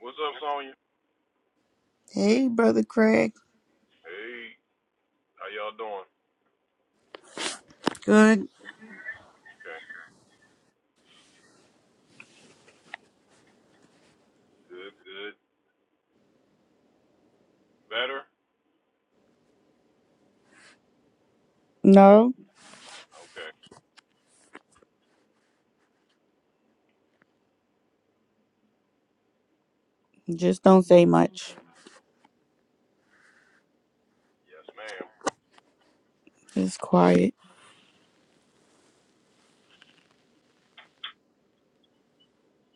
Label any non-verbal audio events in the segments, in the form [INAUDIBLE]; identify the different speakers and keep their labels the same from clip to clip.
Speaker 1: What's up, Sonya?
Speaker 2: Hey, brother Craig.
Speaker 1: Hey, how y'all doing?
Speaker 2: Good.
Speaker 1: Okay, good, good. Better?
Speaker 2: No,
Speaker 1: Okay.
Speaker 2: just don't say much.
Speaker 1: Yes, ma'am.
Speaker 2: Just quiet.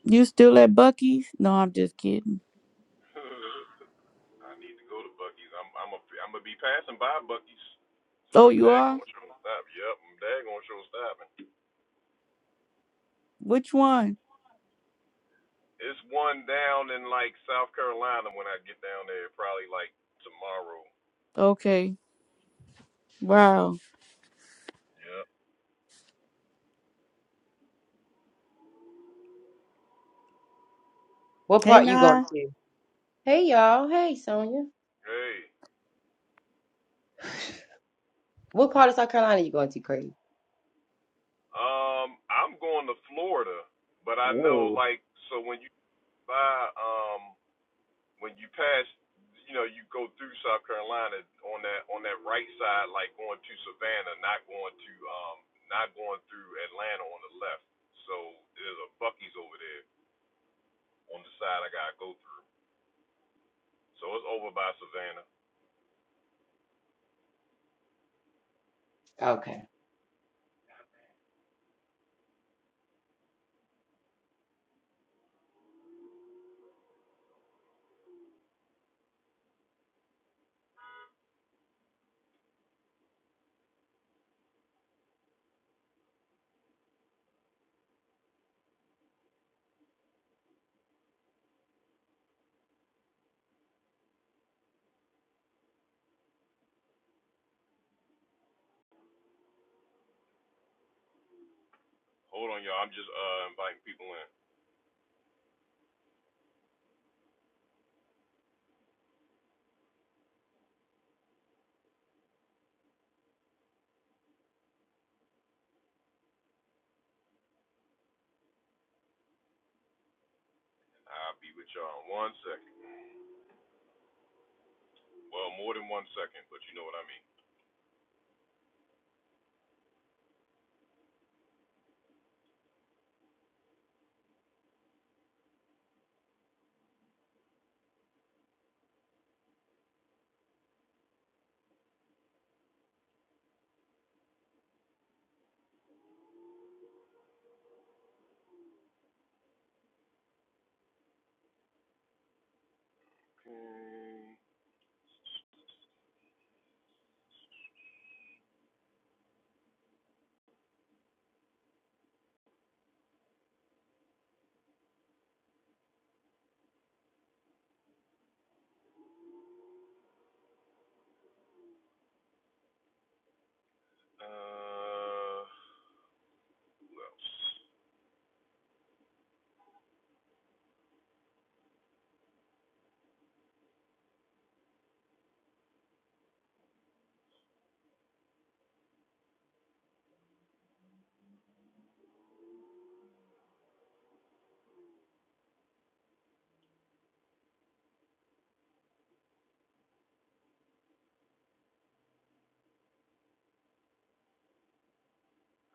Speaker 2: You still at Bucky's? No, I'm just kidding.
Speaker 1: [LAUGHS] I need to go to Bucky's. I'm I'm a, I'm gonna be passing by Bucky's, so
Speaker 2: Oh,
Speaker 1: I'm
Speaker 2: you are?
Speaker 1: daggone sure stop. Yep, I'm daggone sure stopping.
Speaker 2: Which one?
Speaker 1: It's one down in like South Carolina when I get down there, probably like tomorrow.
Speaker 2: Okay. Wow.
Speaker 1: Yep.
Speaker 3: What
Speaker 2: Hey,
Speaker 3: part you going
Speaker 2: Nye.
Speaker 3: to? Hey y'all. Hey Sonya.
Speaker 1: Hey,
Speaker 3: What part of South Carolina you going to, Craig?
Speaker 1: um, I'm going to Florida, but I know
Speaker 3: Hello.
Speaker 1: like so when you buy um when you pass, you know, you go through South Carolina on that on that right side, like going to Savannah, not going to um, not going through Atlanta on the left. So there's a Bucky's over there on the side I gotta go through. So it's over by Savannah.
Speaker 3: Okay.
Speaker 1: Hold on, y'all. I'm just uh inviting people in. I'll be with y'all in one second. Well, more than one second, but you know what I mean. Okay. Uh,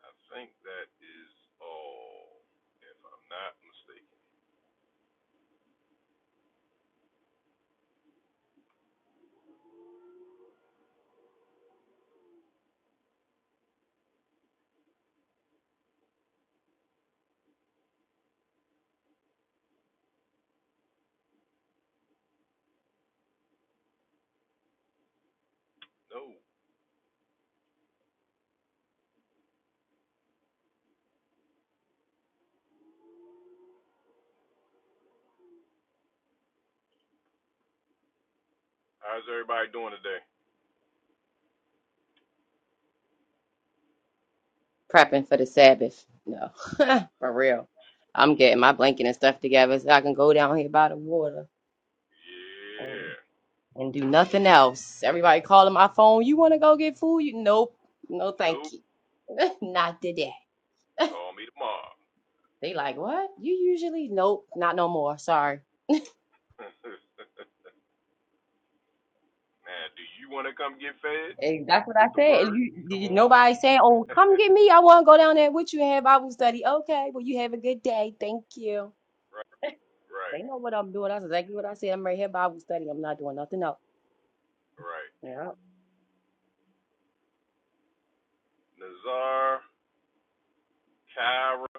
Speaker 1: I think that is all, if I'm not mistaken. No. How's everybody doing today?
Speaker 3: Prepping for the Sabbath. No. [LAUGHS] for real. I'm getting my blanket and stuff together so I can go down here by the water and,
Speaker 1: Yeah.
Speaker 3: and do nothing else. Everybody calling my phone. You want to go get food? You nope. No, thank
Speaker 1: Nope.
Speaker 3: you. [LAUGHS] Not today.
Speaker 1: Call me tomorrow.
Speaker 3: They like, what? You usually? Nope. Not no more. Sorry.
Speaker 1: [LAUGHS] Man, do you want to come get fed
Speaker 3: Hey, that's what I
Speaker 1: with the
Speaker 3: said. And
Speaker 1: word?
Speaker 3: You, did
Speaker 1: Come
Speaker 3: you,
Speaker 1: on. [LAUGHS]
Speaker 3: nobody saying, "Oh,
Speaker 1: right,
Speaker 3: come get me. I want to go down there with you and have Bible study." Okay, well, you have a good day. Thank you.
Speaker 1: right,
Speaker 3: They know what I'm doing. That's exactly what I said. I'm right here Bible study. I'm not doing nothing else.
Speaker 1: right.
Speaker 3: Yeah.
Speaker 1: Nazar, Kyra,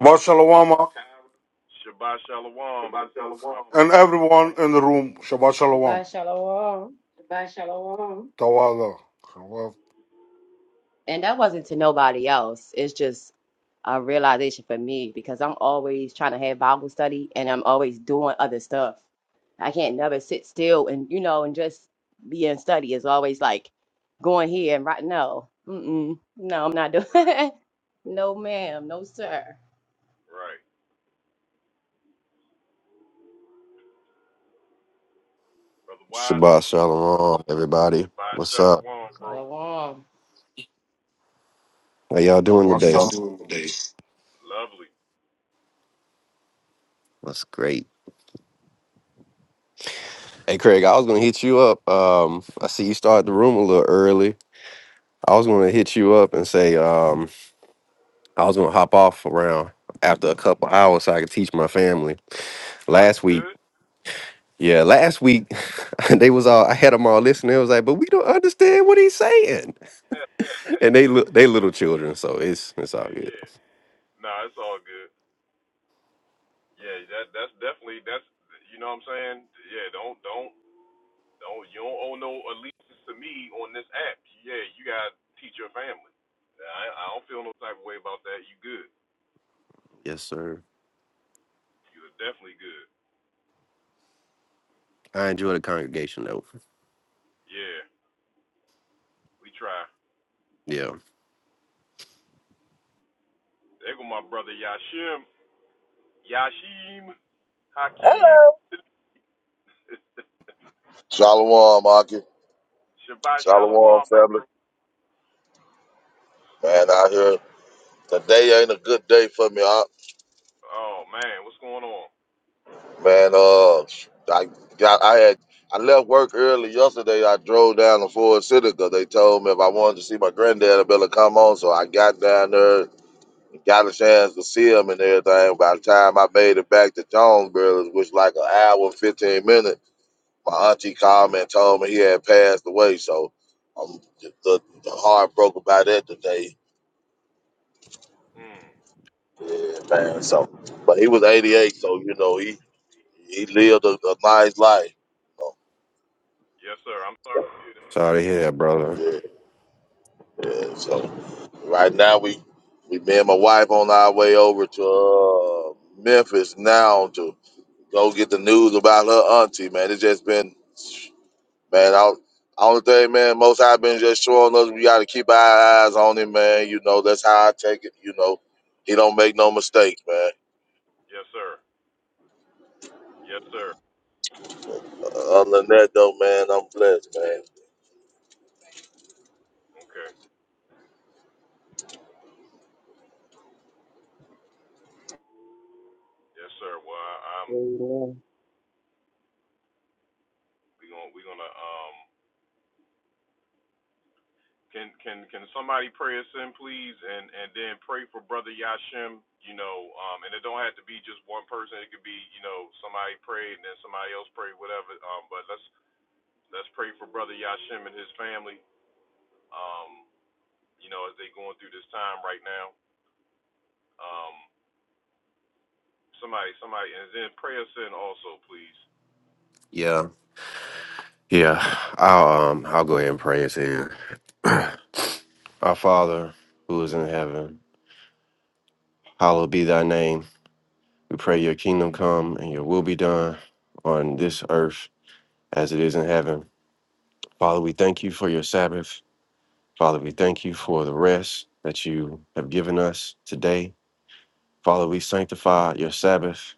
Speaker 4: Shabbat Shalom uh,
Speaker 1: Shabbat Shalom, my
Speaker 4: and
Speaker 1: brother.
Speaker 4: everyone in the room. Shabbat Shalom.
Speaker 3: Shabbat shalom.
Speaker 4: Tawada. Shabbat
Speaker 3: And that wasn't to nobody else. It's just a realization for me because I'm always trying to have Bible study and I'm always doing other stuff. I can't never sit still and you know and just be in study. It's always like going here and right no, mm-mm, no, I'm not doing.
Speaker 1: Right,
Speaker 3: [LAUGHS] no, ma'am, no, sir.
Speaker 1: right. Brother Wiseman,
Speaker 5: Shabbat shalom, everybody.
Speaker 1: Shabbat
Speaker 5: What's
Speaker 1: Shalom,
Speaker 5: up?
Speaker 1: bro.
Speaker 3: Shalom.
Speaker 5: How y'all
Speaker 4: Shabbat Yeah,
Speaker 5: doing
Speaker 4: y'all
Speaker 5: today?
Speaker 4: Shalom. do it.
Speaker 1: Lovely.
Speaker 5: What's great? Hey, Craig, I was gonna hit you up. Um, I see you started the room a little early. I was gonna hit you up and say, um, I was gonna hop off around after a couple hours so I could teach my family.
Speaker 1: No, you
Speaker 5: Last week,
Speaker 1: good?
Speaker 5: yeah, last week [LAUGHS] they was all I had them all listening. It was like, but we don't understand what he's saying, [LAUGHS]
Speaker 1: [LAUGHS]
Speaker 5: and they look they little children, so it's it's all
Speaker 1: yeah,
Speaker 5: good.
Speaker 1: yeah. No, it's all good. Yeah, that that's definitely that's you know what I'm saying. Yeah, don't don't No, you don't owe no allegiance to me on this app. Yeah, you got to teach your family. Nah, I, I don't feel no type of way about that. You good.
Speaker 5: Yes, sir.
Speaker 1: You're definitely good.
Speaker 5: I enjoy the congregation though.
Speaker 1: Yeah, we try.
Speaker 5: Yeah.
Speaker 1: There go my brother Yashim, Yashim, Hakeem,
Speaker 6: Hello.
Speaker 7: Shalom, Aki.
Speaker 1: Shabbat Shalom,
Speaker 7: Shalom,
Speaker 1: my
Speaker 7: family.
Speaker 1: bro.
Speaker 7: Man, out here today ain't a good day for me. I,
Speaker 1: Oh man, what's going on?
Speaker 7: man, uh, I got I had I left work early yesterday. I drove down to Ford City 'cause they told me if I wanted to see my granddad, I better come on. So I got down there, got a chance to see him and everything. By the time I made it back to Jonesboro, which was like an hour and fifteen minutes, my auntie called me and told me he had passed away. So I'm just uh, heartbroken by that today.
Speaker 1: Mm,
Speaker 7: Yeah, man. So, but he was
Speaker 1: yeah.
Speaker 7: 88, so you know he he lived a, a nice life. So,
Speaker 1: Yes, sir. I'm sorry.
Speaker 5: Sorry to hear that, brother.
Speaker 7: yeah, yeah. So right now we we me and my wife on our way over to uh, Memphis now to go get the news about her auntie. Man, it's just been man. I only thing, man, most I've been just showing us we got to keep our eyes on him, man. You know that's how I take it. You know. He don't make no mistakes, man.
Speaker 1: Yes, sir. Yes, sir.
Speaker 7: Other than that, though, man, I'm blessed, man.
Speaker 1: Okay. Yes, sir. Well, I, I'm.
Speaker 3: Amen.
Speaker 1: We gonna we gonna um Can can can somebody pray us in, please, and and then pray for Brother Yashim. You know, um, and it don't have to be just one person. It could be you know somebody pray and then somebody else pray, whatever. Um, but let's let's pray for Brother Yashim and his family. Um, you know, as they going through this time right now. Um, somebody somebody, and then pray us in also, please.
Speaker 5: Yeah. Yeah, I'll um I'll go ahead and pray us in. [CLEARS THROAT] Our Father, who is in heaven, hallowed be thy name. We pray your kingdom come and your will be done on this earth as it is in heaven. Father, we thank you for your Sabbath. Father, we thank you for the rest that you have given us today. Father, we sanctify your Sabbath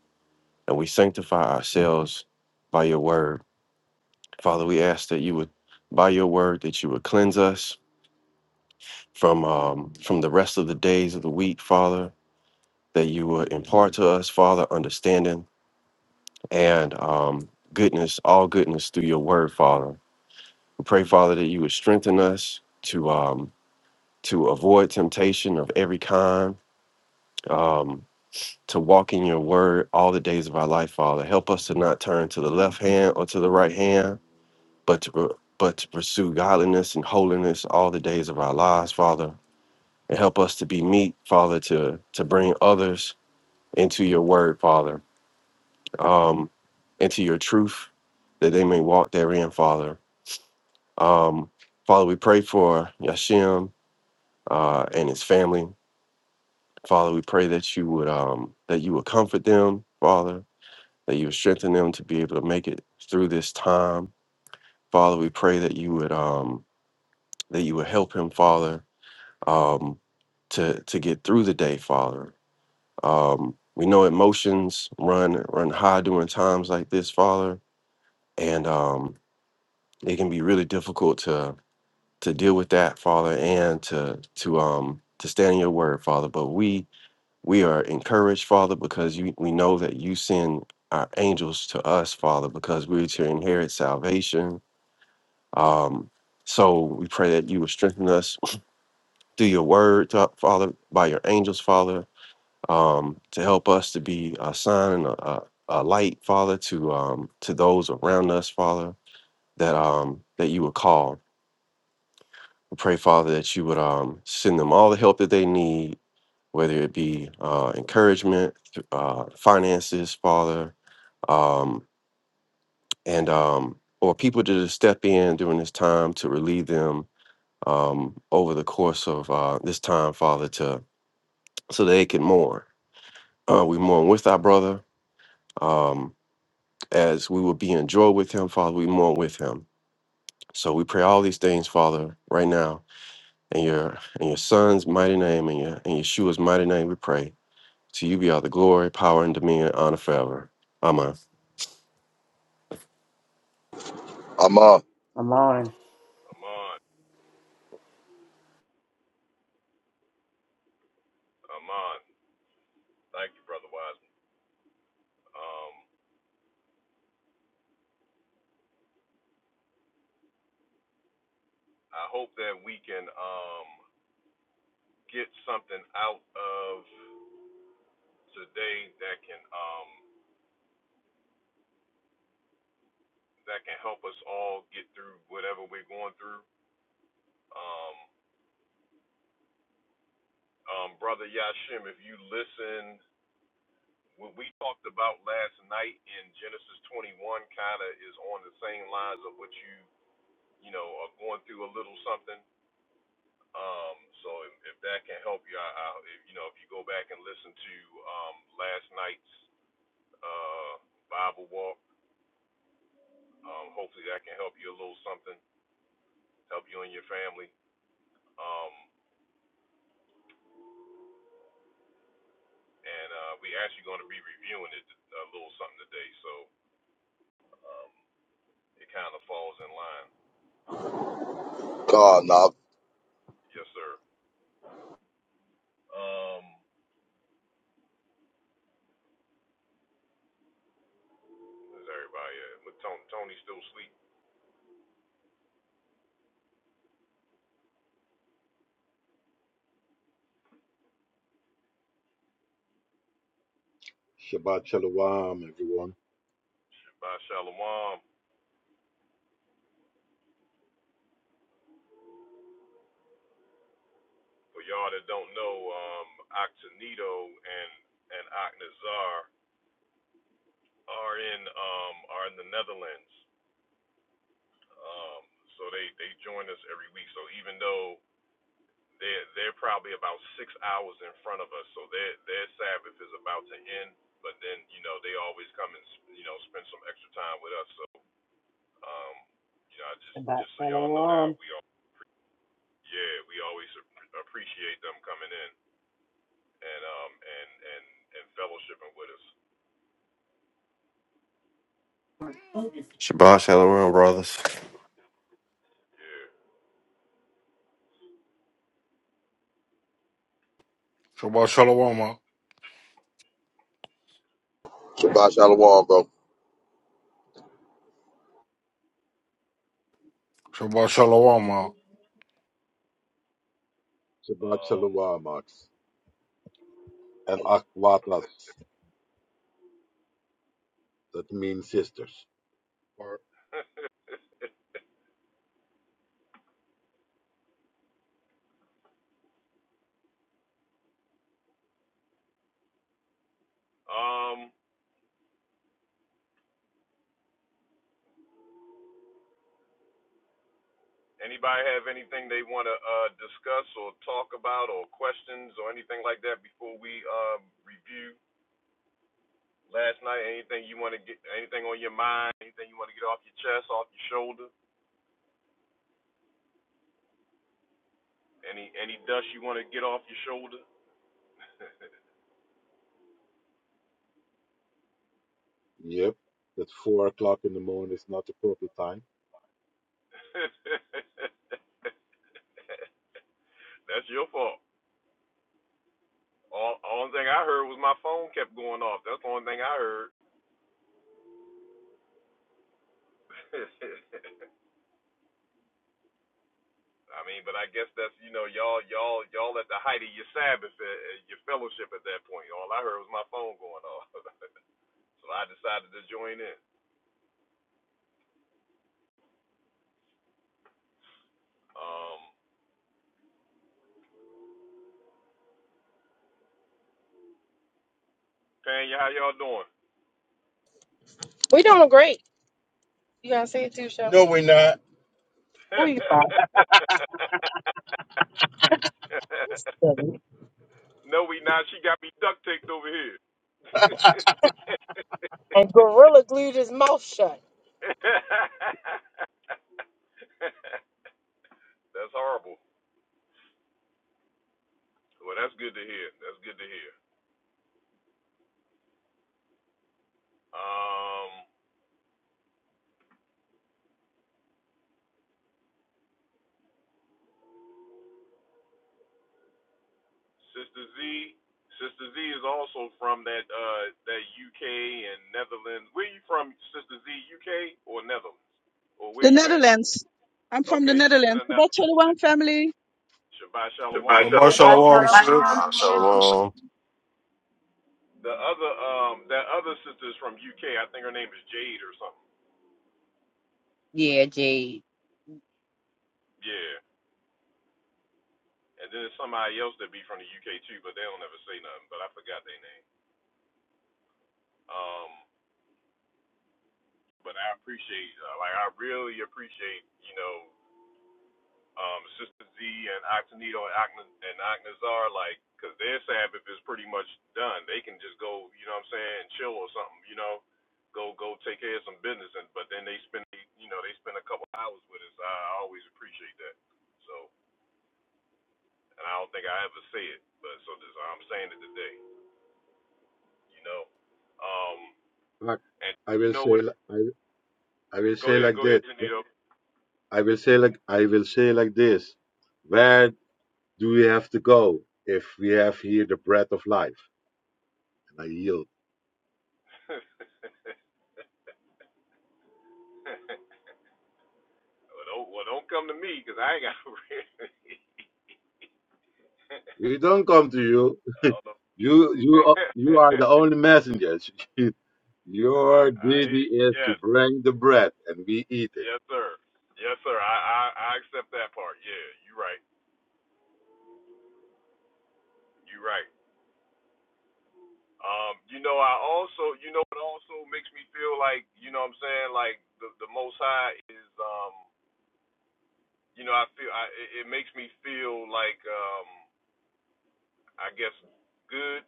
Speaker 5: and we sanctify ourselves by your word. Father, we ask that you would by your word that you would cleanse us from um, from the rest of the days of the week, Father, that you would impart to us, Father, understanding and um, goodness, all goodness through your word, Father. We pray, Father, that you would strengthen us to um, to avoid temptation of every kind, um, to walk in your word all the days of our life, Father. Help us to not turn to the left hand or to the right hand, but to but to pursue godliness and holiness all the days of our lives, Father. and help us to be meek, Father, to to bring others into your word, Father, um, into your truth, that they may walk therein, Father. Um, Father, we pray for Yashim uh, and his family. Father, we pray that you would um, that you would comfort them, Father, that you would strengthen them to be able to make it through this time. Father, we pray that you would um, that you would help him, Father, um, to to get through the day, Father. Um, we know emotions run run high during times like this, Father, and um, it can be really difficult to to deal with that, Father, and to to um to stand in Your Word, Father. But we we are encouraged, Father, because you, we know that You send our angels to us, Father, because we're to inherit salvation. Um, so we pray that You would strengthen us through Your Word, uh, Father, by Your angels, Father um, to help us to be a sign and a, a, a light, Father, to um, to those around us, Father, that um, that you would call. We pray, Father, that you would um, send them all the help that they need, whether it be uh, encouragement, uh, finances, Father, um, and um, or people to just step in during this time to relieve them um, over the course of uh, this time, Father, to so they can mourn. Uh, we mourn with our brother. Um, as we will be in joy with him, Father, we mourn with him. So we pray all these things, Father, right now. In your in your son's mighty name and your in Yeshua's mighty name we pray. To you be all the glory, power, and dominion, and honor forever. Amen.
Speaker 7: I'm on.
Speaker 3: I'm on.
Speaker 1: Amon, Amon, thank you, Brother Wiseman. Um, I hope that we can um get something out of today that can um, that can help us all get through whatever we're going through. Um, um, Brother Yashim, if you listen, what we talked about last night in Genesis 21 kind of is on the same lines of what you you know are going through a little something. Um, so if, if that can help you, I, I, if, you know, if you go back and listen to um, last night's uh, Bible walk, um, hopefully that can help you a little something, help you and your family. Um, and uh, we actually going to be reviewing it a little something today, so um, it kind of falls in line.
Speaker 7: God, nah.
Speaker 1: Yes, sir. Um, is everybody? Uh, Tony, Tony still asleep.
Speaker 8: Shabbat Shalom, everyone.
Speaker 1: By Shalom. For y'all that don't know, um, Octanito and and Aknazar are in um, are in the Netherlands. Um, so they they join us every week. So even though They're they're probably about six hours in front of us, so their their Sabbath is about to end. But then you know they always come and you know spend some extra time with us. So um, you know I just
Speaker 3: Shabbat
Speaker 1: just so y'all know that
Speaker 3: shalom.
Speaker 1: we all yeah we always ap- appreciate them coming in and um and and and fellowshipping with us.
Speaker 5: Shabbat shalom, brothers.
Speaker 1: Yeah.
Speaker 4: Shabbat Shalom. uh,
Speaker 7: Shabbat shalom, bro.
Speaker 4: Shabbat Shalom. uh.
Speaker 8: Shabbat
Speaker 1: Um.
Speaker 8: Shalom, Ox. And Akwatas, that means sisters. Or
Speaker 1: [LAUGHS] um. Anybody have anything they want to uh, discuss or talk about or questions or anything like that before we um, review Last night, anything you want to get, anything on your mind, anything you want to get off your chest, off your shoulder, any any dust you want to get off your shoulder.
Speaker 8: Yep, That four o'clock in the morning is not the proper time.
Speaker 1: [LAUGHS] That's your fault. All only thing I heard was my phone kept going off. That's the only thing I heard. [LAUGHS] I mean, but I guess that's you know y'all y'all y'all at the height of your Sabbath, uh, uh, your fellowship at that point. All I heard was my phone going off, [LAUGHS] so I decided to join in. Um, Panya, how y'all
Speaker 6: We doing great. You gotta say it too, Chef. No, we're not. We about
Speaker 1: doing? [LAUGHS]
Speaker 6: to-
Speaker 1: No, we not. She got me duct taped over here. [LAUGHS]
Speaker 6: And Gorilla glued his mouth shut.
Speaker 1: that's horrible. Well, that's good to hear. That's good to hear. Um, Sister Z, Sister Z is also from that uh that UK and Netherlands. Where you from, Sister Z? UK or Netherlands? Or
Speaker 9: The
Speaker 1: where you at?
Speaker 9: Netherlands. I'm from the
Speaker 1: Okay, she's in
Speaker 9: Netherlands.
Speaker 1: the
Speaker 9: But only
Speaker 1: Netherlands too.
Speaker 9: one family.
Speaker 1: Shabbat Shalom.
Speaker 4: Shabbat
Speaker 3: Shabbat
Speaker 4: Shalom,
Speaker 3: shalom,
Speaker 5: Shabbat
Speaker 3: sis.
Speaker 4: sis.
Speaker 5: shalom.
Speaker 1: The other um that other sister is from UK. I think her name is Jade or something.
Speaker 3: Yeah, Jade.
Speaker 1: Yeah. And then there's somebody else that be from the UK too, but they don't ever say nothing. But I forgot their name. Um, but I appreciate, uh, like, I really appreciate, you know, um, Sister Z and Octanito and Agna- and Agnazar, like, cause their Sabbath is pretty much done. They can just go, you know what I'm saying, chill or something, you know, go go take care of some business. And but then they spend, you know, they spend a couple hours with us. I always appreciate that. So, and I don't think I ever say it, but so this, I'm saying it today, you know. Um,
Speaker 8: But
Speaker 1: And
Speaker 8: I
Speaker 1: you
Speaker 8: will
Speaker 1: know
Speaker 8: say,
Speaker 1: what?
Speaker 8: li- I, I will
Speaker 1: Go
Speaker 8: say
Speaker 1: ahead,
Speaker 8: like
Speaker 1: go ahead,
Speaker 8: this.
Speaker 1: Janito. [LAUGHS]
Speaker 8: I will say like, I will say like this. Where do we have to go if we have here the bread of life? And I yield.
Speaker 1: well, don't, well, don't come to me because I ain't got no red
Speaker 8: We don't come to you.
Speaker 1: [LAUGHS] I don't know.
Speaker 8: You, you,
Speaker 1: [LAUGHS]
Speaker 8: you are the only messengers. [LAUGHS]
Speaker 1: I,
Speaker 8: Your
Speaker 1: I hear
Speaker 8: duty
Speaker 1: you.
Speaker 8: is to
Speaker 1: Yes,
Speaker 8: bring the bread and we eat it.
Speaker 1: yes, sir. Yes, sir. I, I, I accept that part. Yeah, you right. You right. Um, you know, I also, you know, it also makes me feel like, you know, what I'm saying, like the the Most High is, um, you know, I feel, I, it, it makes me feel like, um, I guess good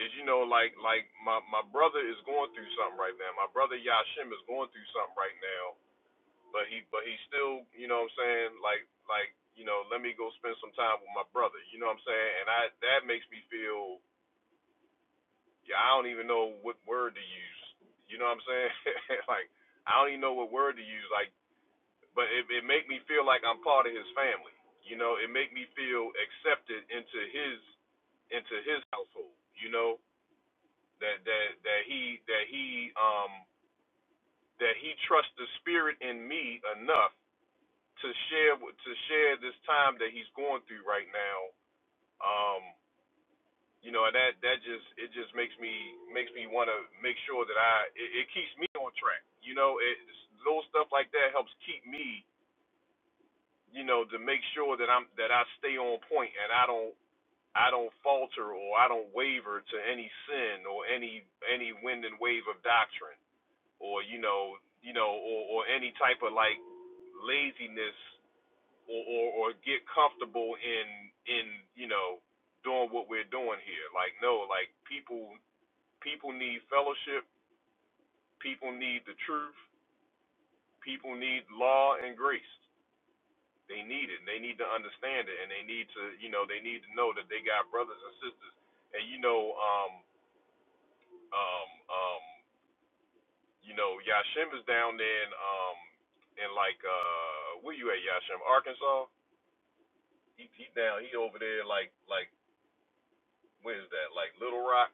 Speaker 1: is you know like like my my brother is going through something right now. My brother Yashim is going through something right now, but he but he still you know what I'm saying like like you know let me go spend some time with my brother. You know what I'm saying? And I that makes me feel yeah I don't even know what word to use. You know what I'm saying? [LAUGHS] like I don't even know what word to use. Like but it it make me feel like I'm part of his family. You know it make me feel accepted into his into his household. You know that that that he that he um that he trusts the spirit in me enough to share with- to share this time that he's going through right now um you know and that that just it just makes me makes me want to make sure that I it, it keeps me on track you know it little stuff like that helps keep me you know to make sure that I'm that I stay on point and I don't I don't falter or I don't waver to any sin or any any wind and wave of doctrine or you know, you know, or, or any type of like laziness or, or or get comfortable in in you know doing what we're doing here. Like no, like people people need fellowship, people need the truth, people need law and grace. They need it. and They need to understand it, and they need to you know they need to know that they got brothers and sisters. And you know, um, um, um, You know, Yashim is down there in um in like uh where you at Yashim, Arkansas? He he down he over there like like where is that? Like Little Rock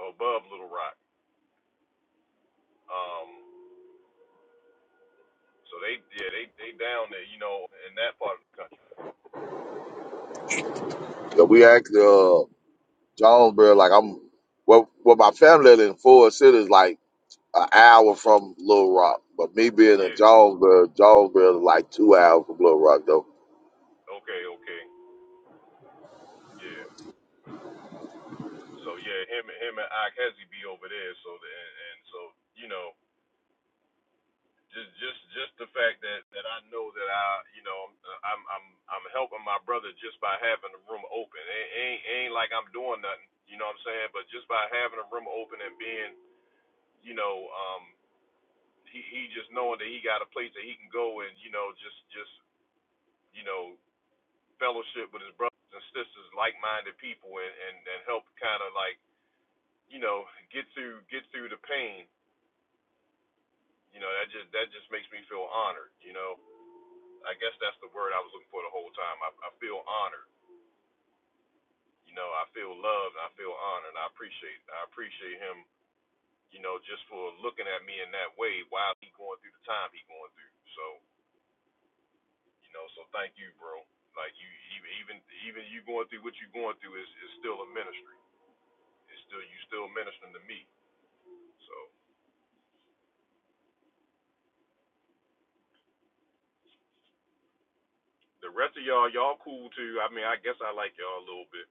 Speaker 1: or above Little Rock. Um so they yeah, they they down there, you know, in that part of the country.
Speaker 7: Yeah, we actually, uh, Jonesboro, like I'm, well, well, my family live in Ford City is like an hour from Little Rock, but me being in
Speaker 1: Yeah.
Speaker 7: Jonesboro, Jonesboro is like two hours from Little Rock, though.
Speaker 1: Okay, okay. Yeah. So yeah, him and him and Ike Hezzy be over there so the, and, and so, you know, just just just the fact that that I know that I you know I'm I'm I'm helping my brother just by having the room open. It ain't it ain't like I'm doing nothing, you know what I'm saying? But just by having the room open and being, you know, um he he just knowing that he got a place that he can go and you know just just you know fellowship with his brothers and sisters, like-minded people and and and help kind of like, you know, get through get through the pain. You know, that just that just makes me feel honored, you know. I guess that's the word I was looking for the whole time. I, I feel honored. You know, I feel loved and I feel honored. And I appreciate I appreciate him, you know, just for looking at me in that way while he going through the time he going through. So, you know, so thank you, bro. Like you even even even you going through what you going through is, is still a ministry. It's still you still ministering to me. So the rest of y'all, y'all cool too. I mean, I guess I like y'all a little bit.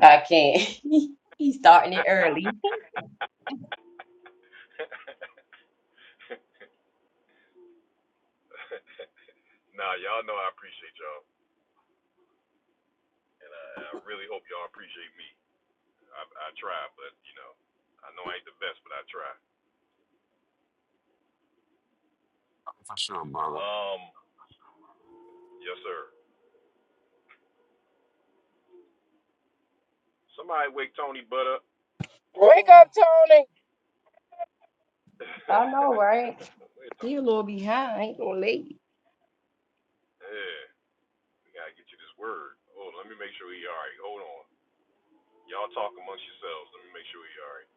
Speaker 3: I can't. [LAUGHS] He's starting it early.
Speaker 1: [LAUGHS] nah, y'all know I appreciate y'all. And I, I really hope y'all appreciate me. I, I try, but you know, I know I ain't the best, but I try.
Speaker 5: For sure, brother.
Speaker 1: Um, yes, sir. Somebody wake Tony Butt up.
Speaker 6: Wake up, Tony.
Speaker 3: I know, right?
Speaker 1: [LAUGHS] Wait,
Speaker 3: He
Speaker 1: Tony.
Speaker 3: a little behind. I Ain't gonna late.
Speaker 1: Yeah, we gotta get you this word. Oh, let me make sure he alright. Hold on. Y'all talk amongst yourselves. Let me make sure he alright.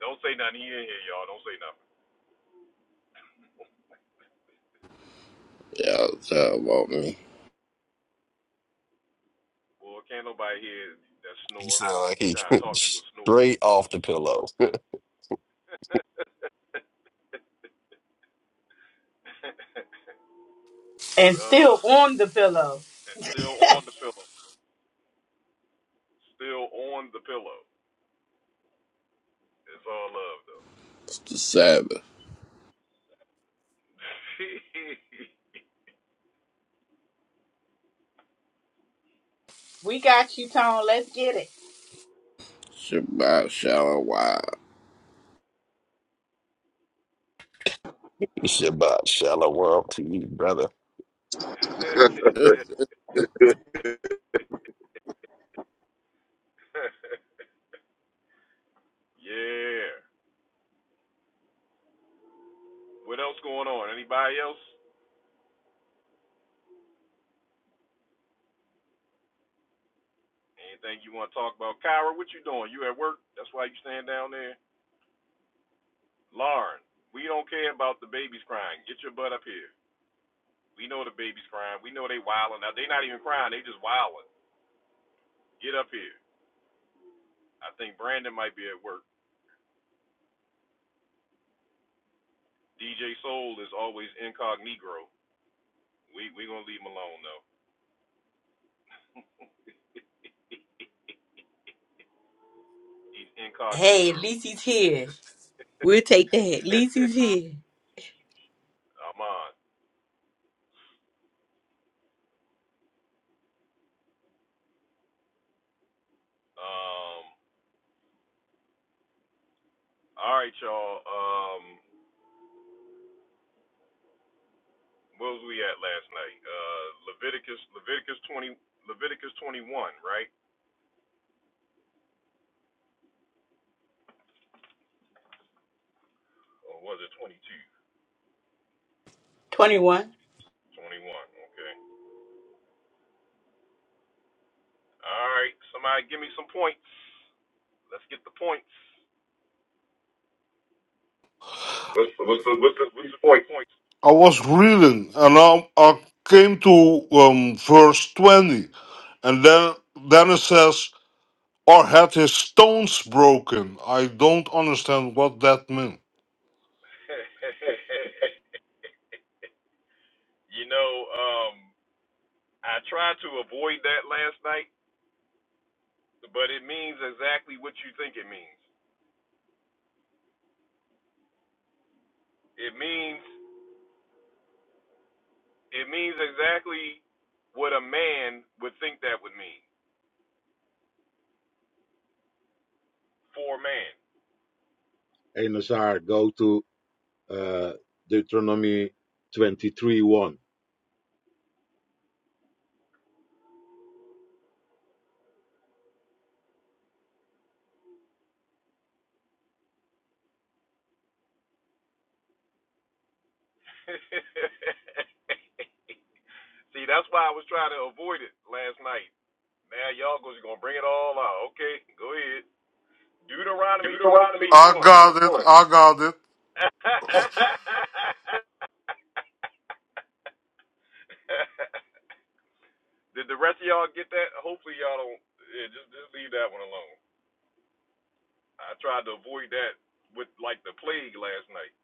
Speaker 1: Don't say nothing. He in here, y'all. Don't say nothing.
Speaker 10: Y'all tell about me.
Speaker 1: Well, can't nobody hear that
Speaker 5: He
Speaker 1: snore.
Speaker 5: sounded like he
Speaker 1: Trying to
Speaker 5: [LAUGHS]
Speaker 1: talk through a snore.
Speaker 5: straight off the pillow.
Speaker 1: [LAUGHS]
Speaker 2: And
Speaker 1: oh
Speaker 2: still
Speaker 1: boy.
Speaker 2: on the pillow.
Speaker 1: still on the pillow. Still on the pillow. It's all love though.
Speaker 10: It's the Sabbath.
Speaker 1: [LAUGHS]
Speaker 2: We got you, Tone. Let's get it.
Speaker 10: Shabbat shalom. Why?
Speaker 5: Shabbat shalom world to you, brother.
Speaker 7: [LAUGHS]
Speaker 10: [LAUGHS]
Speaker 1: [LAUGHS] yeah. What else going on? Anybody else? Anything you want to talk about? Kyra, what you doing? You at work? That's why you stand down there. Lauren, we don't care about the babies crying. Get your butt up here. We know the babies crying. We know they wilding Now They not even crying. They just wilding. Get up here. I think Brandon might be at work. DJ Soul is always incognito. We we gonna leave him alone though. He's
Speaker 2: Hey,
Speaker 1: incognito.
Speaker 2: Lisi's here. We'll take that.
Speaker 1: [LAUGHS]
Speaker 2: Lisi's here.
Speaker 1: I'm on. Um. All right, y'all. Um. What was we at last night? Uh, Leviticus, Leviticus 20, Leviticus 21, right? Or was it 22?
Speaker 2: 21.
Speaker 1: 21. Okay. All right. Somebody give me some points. Let's get the points. What's what's a, what's a few points?
Speaker 4: I was reading and I, I came to um, verse 20 and then then it says, or had his stones broken. I don't understand what that means.
Speaker 1: [LAUGHS] you know, um, I tried to avoid that last night, but it means exactly what you think it means. It means it means exactly what a man would think that would mean for a man.
Speaker 8: Hey, Nazar, go to uh, Deuteronomy 23 1,
Speaker 1: [LAUGHS] See, that's why I was trying to avoid it last night. Now y'all goes gonna bring it all out. Okay, go ahead. Deuteronomy 22
Speaker 4: Deuteronomy
Speaker 1: and
Speaker 4: I
Speaker 1: 1.
Speaker 4: got it. 24. I got it. [LAUGHS]
Speaker 1: [LAUGHS] Did the rest of y'all get that? Hopefully y'all don't. Yeah, just just leave that one alone. I tried to avoid that with like the plague last night.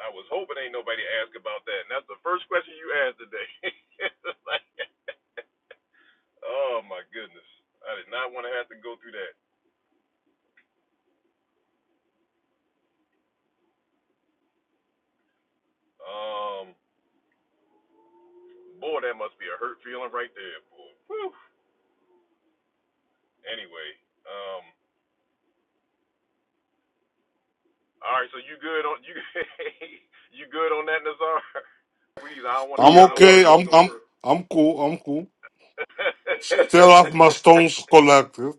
Speaker 1: I was hoping ain't nobody asked about that. And that's the first question you asked today. [LAUGHS] Like, oh my goodness. I did not want to have to go through that. Um, boy, that must be a hurt feeling right there, boy. Anyway, um, all right. So you good on you? [LAUGHS] you good on that, Nazar? [LAUGHS] Please, I don't
Speaker 4: I'm
Speaker 1: want
Speaker 4: yeah, I
Speaker 1: to go
Speaker 4: was
Speaker 1: no
Speaker 4: okay.
Speaker 1: further.
Speaker 4: wasn't I'm I'm over I'm cool. I'm cool.
Speaker 1: [LAUGHS]
Speaker 4: [LAUGHS] Still have my stones collected.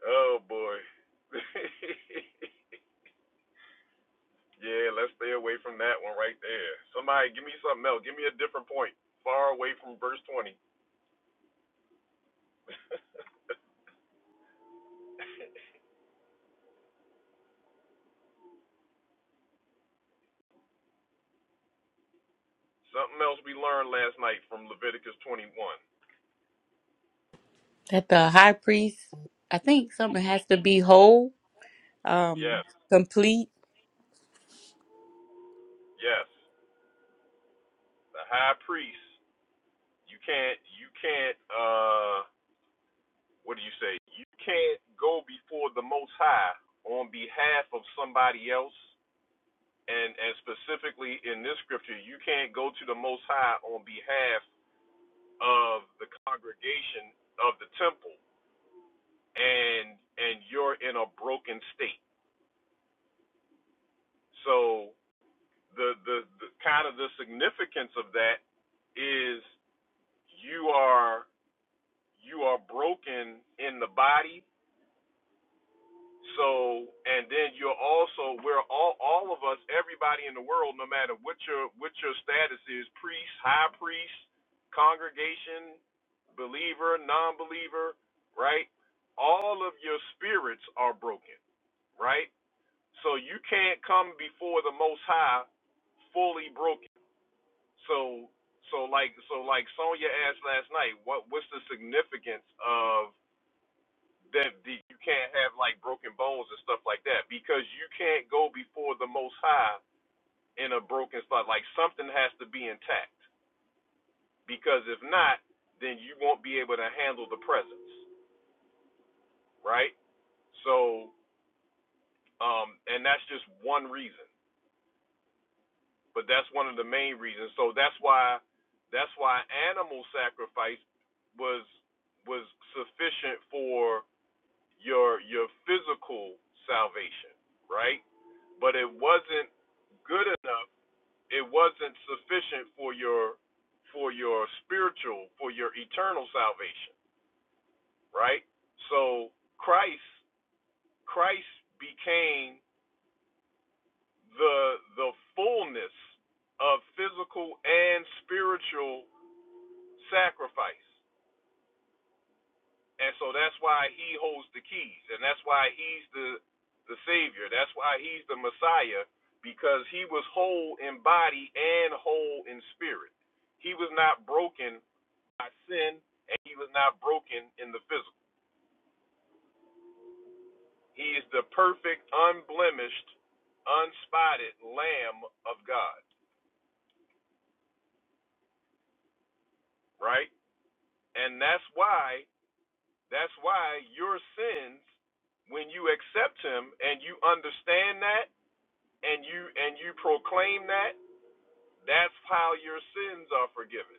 Speaker 1: oh boy. [LAUGHS] yeah, let's stay away from that one right there. Somebody, give me something else. Give me a different point, far away from verse 20. Something else we learned last night from Leviticus 21.
Speaker 2: That the high priest, I think something has to be whole, um,
Speaker 1: Yes,
Speaker 2: complete,
Speaker 1: yes. The high priest. You can't. You can't. Uh what do you say? You can't go before the Most High on behalf of somebody else, and and specifically in this scripture, you can't go to the Most High on behalf of the congregation of the temple, and and you're in a broken state. So the the, the kind of the significance of that is you are you are broken in the body So, and then you're also we're all all of us, everybody in the world, no matter what your what your status is, priest, high priest, congregation, believer, non-believer, right? All of your spirits are broken, right? So you can't come before the Most High fully broken. So, so like so like Sonia asked last night, what what's the significance of that the, you can't have like broken bones and stuff like that because you can't go before the Most High in a broken spot. Like something has to be intact because if not, then you won't be able to handle the presence, right? So, um, and that's just one reason, but that's one of the main reasons. So that's why that's why animal sacrifice was was sufficient for your your physical salvation, right? but it wasn't good enough. It wasn't sufficient for your for your spiritual, for your eternal salvation, right? So Christ Christ became the the fullness of physical and spiritual sacrifice. And so that's why he holds the keys, and that's why he's the the savior. That's why he's the Messiah because he was whole in body and whole in spirit. He was not broken by sin, and he was not broken in the physical. He is the perfect, unblemished, unspotted Lamb of God, right? And that's why that's why your sins, when you accept him and you understand that and you and you proclaim that, that's how your sins are forgiven.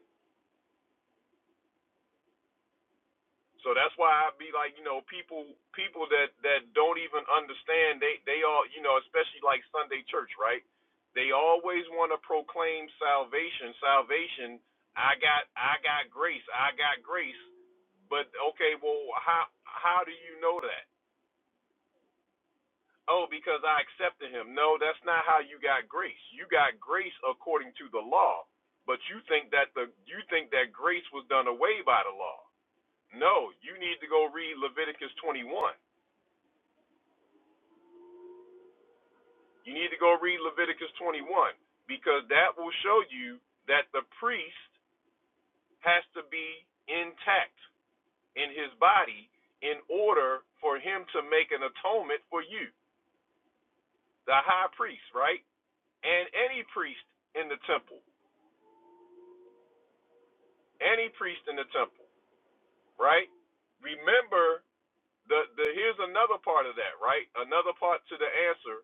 Speaker 1: So that's why I be like, you know, people people that that don't even understand they they all, you know, especially like Sunday church, right? They always want to proclaim salvation, salvation. I got I got grace, I got grace. But okay, well, how how do you know that? Oh, because I accepted him. No, that's not how you got grace. You got grace according to the law, but you think that the you think that grace was done away by the law. No, you need to go read Leviticus 21. You need to go read Leviticus 21 because that will show you that the priest has to be intact in his body in order for him to make an atonement for you, the high priest, right? And any priest in the temple Any priest in the temple, right? Remember the the here's another part of that, right? Another part to the answer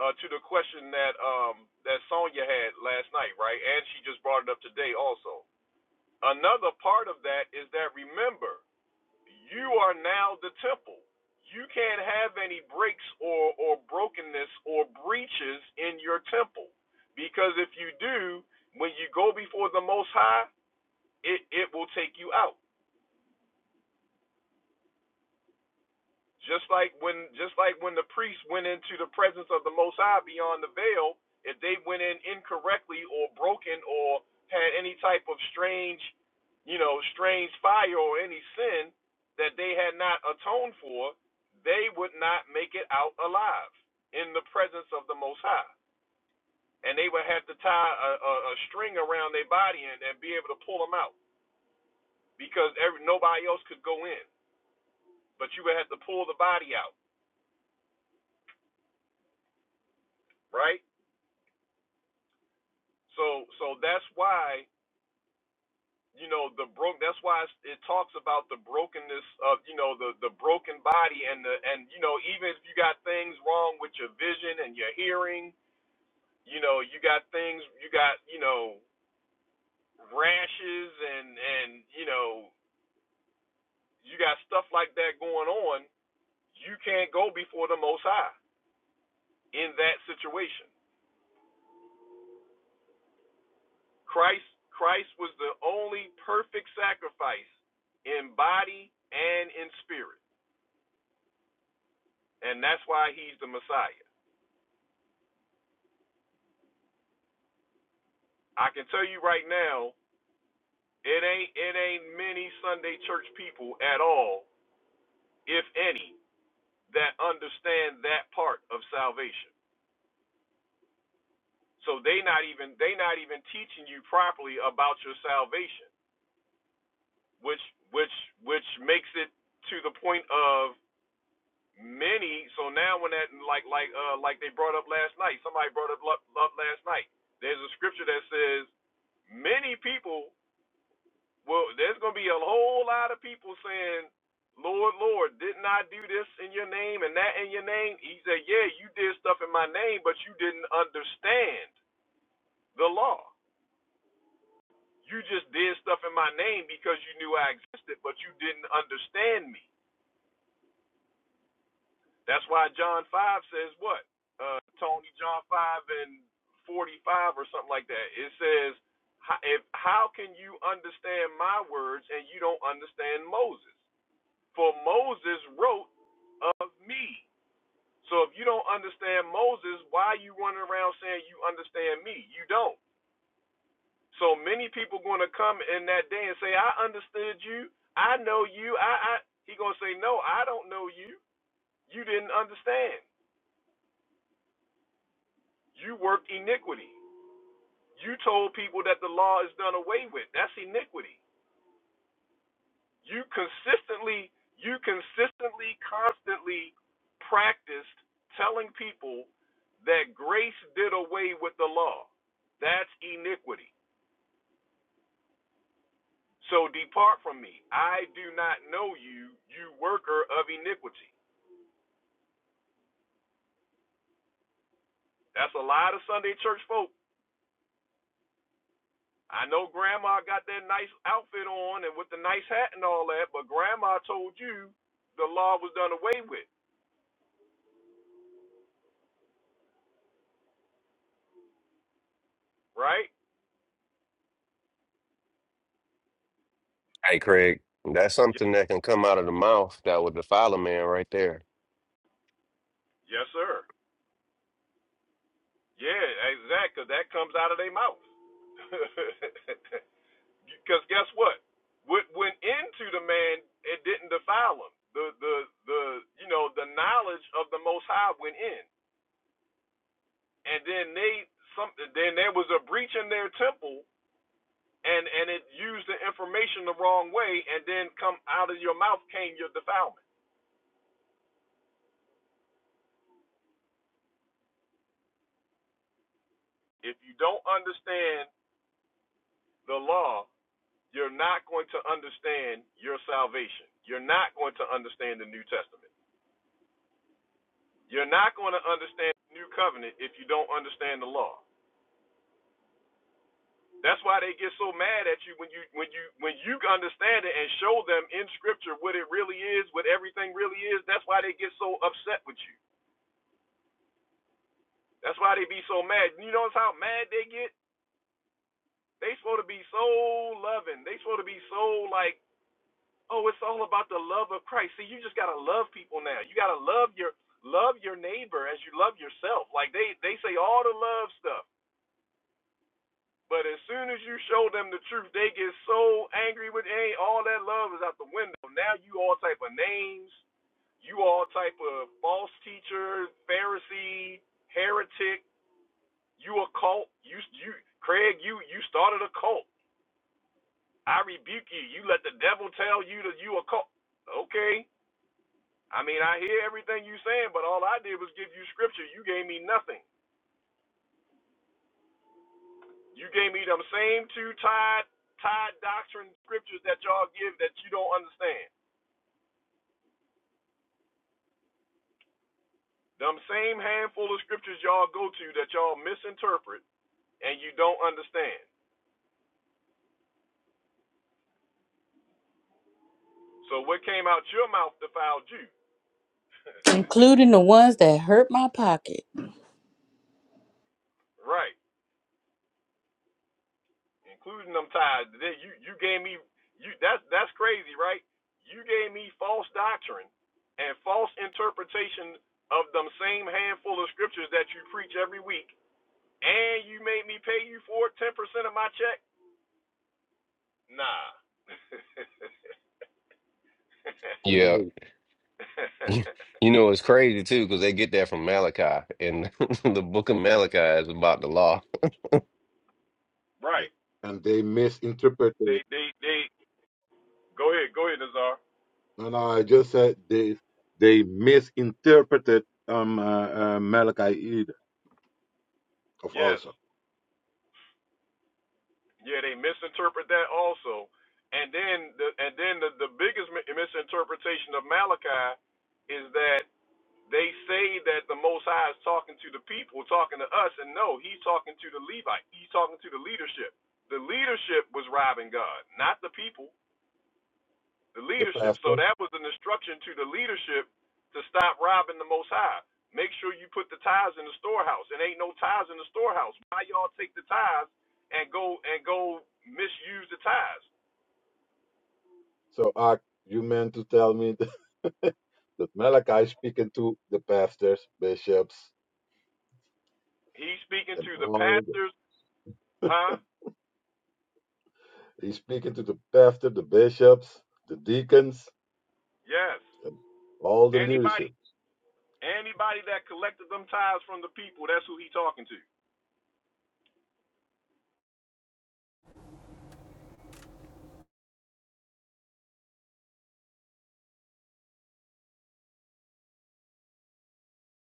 Speaker 1: uh, to the question that um that Sonya had last night, right? And she just brought it up today also. Another part of that is that remember, you are now the temple. You can't have any breaks or or brokenness or breaches in your temple because if you do, when you go before the Most High, it it will take you out. Just like when just like when the priests went into the presence of the most high beyond the veil, if they went in incorrectly or broken or had any type of strange, you know, strange fire or any sin that they had not atoned for, they would not make it out alive in the presence of the most high. And they would have to tie a, a, a string around their body and, and be able to pull them out because every, nobody else could go in. But you would have to pull the body out, right? So so that's why you know the broke. That's why it's, it talks about the brokenness of you know the the broken body and the and you know even if you got things wrong with your vision and your hearing, you know you got things you got you know rashes and and you know you got stuff like that going on. You can't go before the Most High in that situation. Christ Christ was the only perfect sacrifice in body and in spirit and that's why he's the Messiah. I can tell you right now, it ain't it ain't many Sunday church people at all, if any, that understand that part of salvation. So they not even they not even teaching you properly about your salvation, which which which makes it to the point of many. So now when that like like uh like they brought up last night, somebody brought up up up last night. There's a scripture that says many people Well, there's going to be a whole lot of people saying, Lord, Lord, didn't I do this in your name and that in your name? He said, Yeah, you did stuff in my name, but you didn't understand the law. You just did stuff in my name because you knew I existed, but you didn't understand me. That's why John 5 says what? Uh, Tony, John 5 and 45 or something like that. It says, "How- if, How can you understand my words and you don't understand Moses? For Moses wrote of me. So if you don't understand Moses, why are you running around saying you understand me? You don't. So many people going to come in that day and say, I understood you. I know you. I, I. He going to say, no, I don't know you. You didn't understand. You worked iniquity. You told people that the law is done away with. That's iniquity. You consistently, you consistently, constantly practiced telling people that grace did away with the law. That's iniquity. So depart from me. I do not know you, you worker of iniquity. That's a lot of Sunday church folk. I know grandma got that nice outfit on and with the nice hat and all that, but grandma told you the law was done away with, right?
Speaker 5: Hey, Craig, that's something that can come out of the mouth that would defile a man right there.
Speaker 1: Yes, sir. Yeah, exact, 'cause that comes out of their mouth. [LAUGHS] Because guess what? What went into the man, it didn't defile him. The the the you know the knowledge of the Most High went in, and then they some then there was a breach in their temple, and and it used the information the wrong way, and then come out of your mouth came your defilement. If you don't understand the law, you're not going to understand your salvation. You're not going to understand the New Testament. You're not going to understand the new covenant if you don't understand the law. That's why they get so mad at you when you when you when you understand it and show them in scripture what it really is, what everything really is. That's why they get so upset with you. That's why they be so mad. You notice how mad they get? They supposed to be so loving. They supposed to be so like, oh, it's all about the love of Christ. See, you just gotta love people now. You gotta love your love your neighbor as you love yourself. Like they they say all the love stuff. But as soon as you show them the truth, they get so angry with it. all that love is out the window. Now you all type of names, you all type of false teacher, Pharisee, heretic, you a cult. You you Craig, you you started a cult. I rebuke you. You let the devil tell you that you a cult. Okay. I mean, I hear everything you saying, but all I did was give you scripture. You gave me nothing. You gave me them same two tied tied doctrine scriptures that y'all give that you don't understand. Them same handful of scriptures y'all go to that y'all misinterpret and you don't understand. So what came out your mouth defiled you. [LAUGHS]
Speaker 2: including the ones that hurt my pocket.
Speaker 1: right. Including them tithes. You you gave me you that's that's crazy, right? You gave me false doctrine and false interpretation of them same handful of scriptures that you preach every week, and you made me pay you for it, ten percent of my check? Nah.
Speaker 5: Yeah.
Speaker 8: 28.
Speaker 5: [LAUGHS]
Speaker 1: [LAUGHS]
Speaker 5: You know, it's crazy too, because they get that from Malachi, and [LAUGHS] the book of Malachi is about the law.
Speaker 1: right.
Speaker 8: And they
Speaker 1: They
Speaker 8: misinterpreted.
Speaker 1: they they Go ahead, go ahead, Nazar.
Speaker 8: No, no, I just said they They misinterpreted um, uh, uh, Malachi either, of
Speaker 1: Yes,
Speaker 8: also.
Speaker 1: yeah, they misinterpret that also, and then the and then the, the biggest mi- misinterpretation of Malachi is that they say that the Most High is talking to the people, talking to us, and no, he's talking to the Levite, he's talking to the leadership. The leadership was robbing God, not the people. the
Speaker 8: the
Speaker 1: leadership. So
Speaker 8: pastors.
Speaker 1: that was an instruction to the leadership to stop robbing the Most High. Make sure you put the tithes in the storehouse. It ain't no tithes in the storehouse. Why y'all take the tithes and go and go misuse the tithes?
Speaker 8: So Ak, you meant to tell me [LAUGHS] that, that Malachi is speaking to the pastors, bishops,
Speaker 1: He's speaking
Speaker 8: and
Speaker 1: to the
Speaker 8: all. The,
Speaker 1: pastors, huh?
Speaker 8: he's speaking to the pastor, the bishops, the deacons.
Speaker 1: Yes.
Speaker 8: All the leadership.
Speaker 1: Anybody, anybody that collected them tithes from the people, that's who he talking to.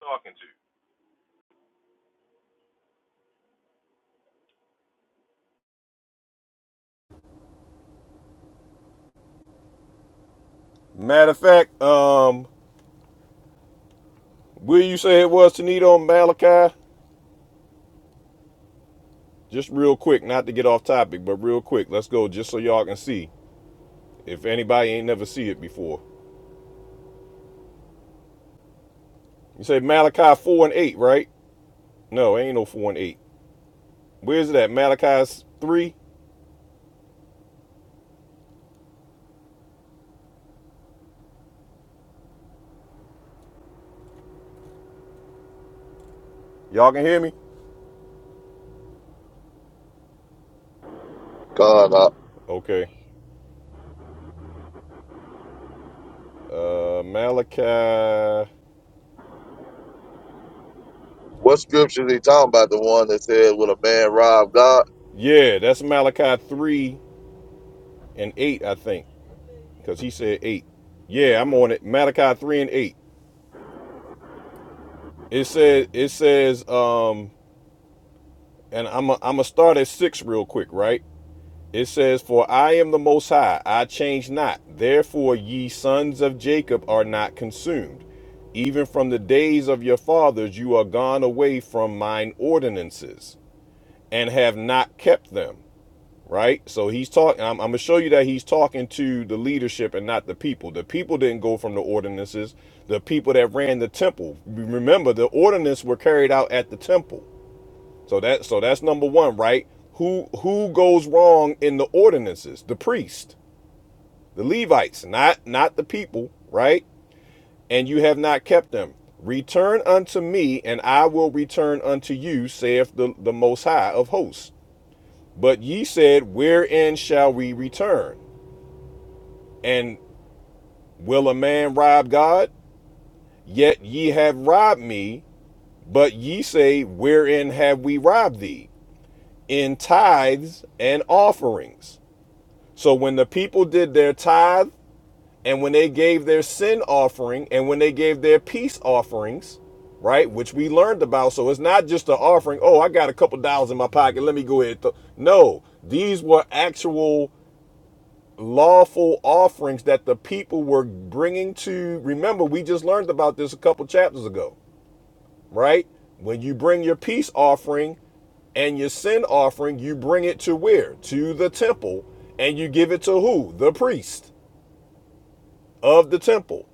Speaker 1: Talking to. Matter of fact, um, will you say it was Tanito and Malachi? Just real quick, not to get off topic, but real quick, let's go just so y'all can see. If anybody ain't never see it before. You say Malachi 4 and 8, right? No, ain't no 4 and 8. Where's it at? Malachi 3? Y'all can hear me?
Speaker 7: God, nah.
Speaker 1: Okay. Uh Malachi.
Speaker 7: What scripture is he talking about? The one that says, "Will a man rob God?"
Speaker 1: Yeah, that's Malachi 3 and 8, I think. Because he said 8. Yeah, I'm on it. Malachi 3 and 8. It says it says um and I'm i am i gonna start at 6 real quick, right? It says, For I am the Most High, I change not. Therefore, ye sons of Jacob are not consumed. Even from the days of your fathers, you are gone away from mine ordinances and have not kept them. Right? So he's talking, I'm, I'm going to show you that he's talking to the leadership and not the people. The people didn't go from the ordinances, the people that ran the temple. Remember, the ordinances were carried out at the temple. So that so that's number one, right? Who who goes wrong in the ordinances? The priest, the Levites, not not the people, right? And you have not kept them. Return unto me, and I will return unto you, saith the, the Most High of hosts. But ye said, Wherein shall we return? And will a man rob God? Yet ye have robbed me. But ye say, Wherein have we robbed thee? In tithes and offerings. So when the people did their tithe and when they gave their sin offering and when they gave their peace offerings, right, which we learned about, so it's not just an offering, oh, I got a couple dollars in my pocket, let me go ahead. th-" No, these were actual lawful offerings that the people were bringing to remember we just learned about this a couple chapters ago right when you bring your peace offering and your sin offering you bring it to where to the temple and you give it to who the priest of the temple.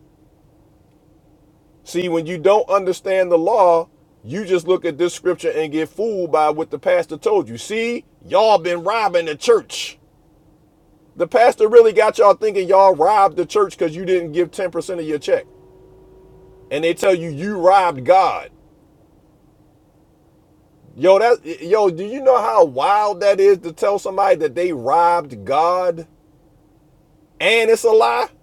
Speaker 1: See, when you don't understand the law, you just look at this scripture and get fooled by what the pastor told you. See, y'all been robbing the church. The pastor really got y'all thinking y'all robbed the church because you didn't give 10% of your check. And they tell you you robbed God. Yo, that yo, do you know how wild that is to tell somebody that they robbed God? And it's a lie? [LAUGHS]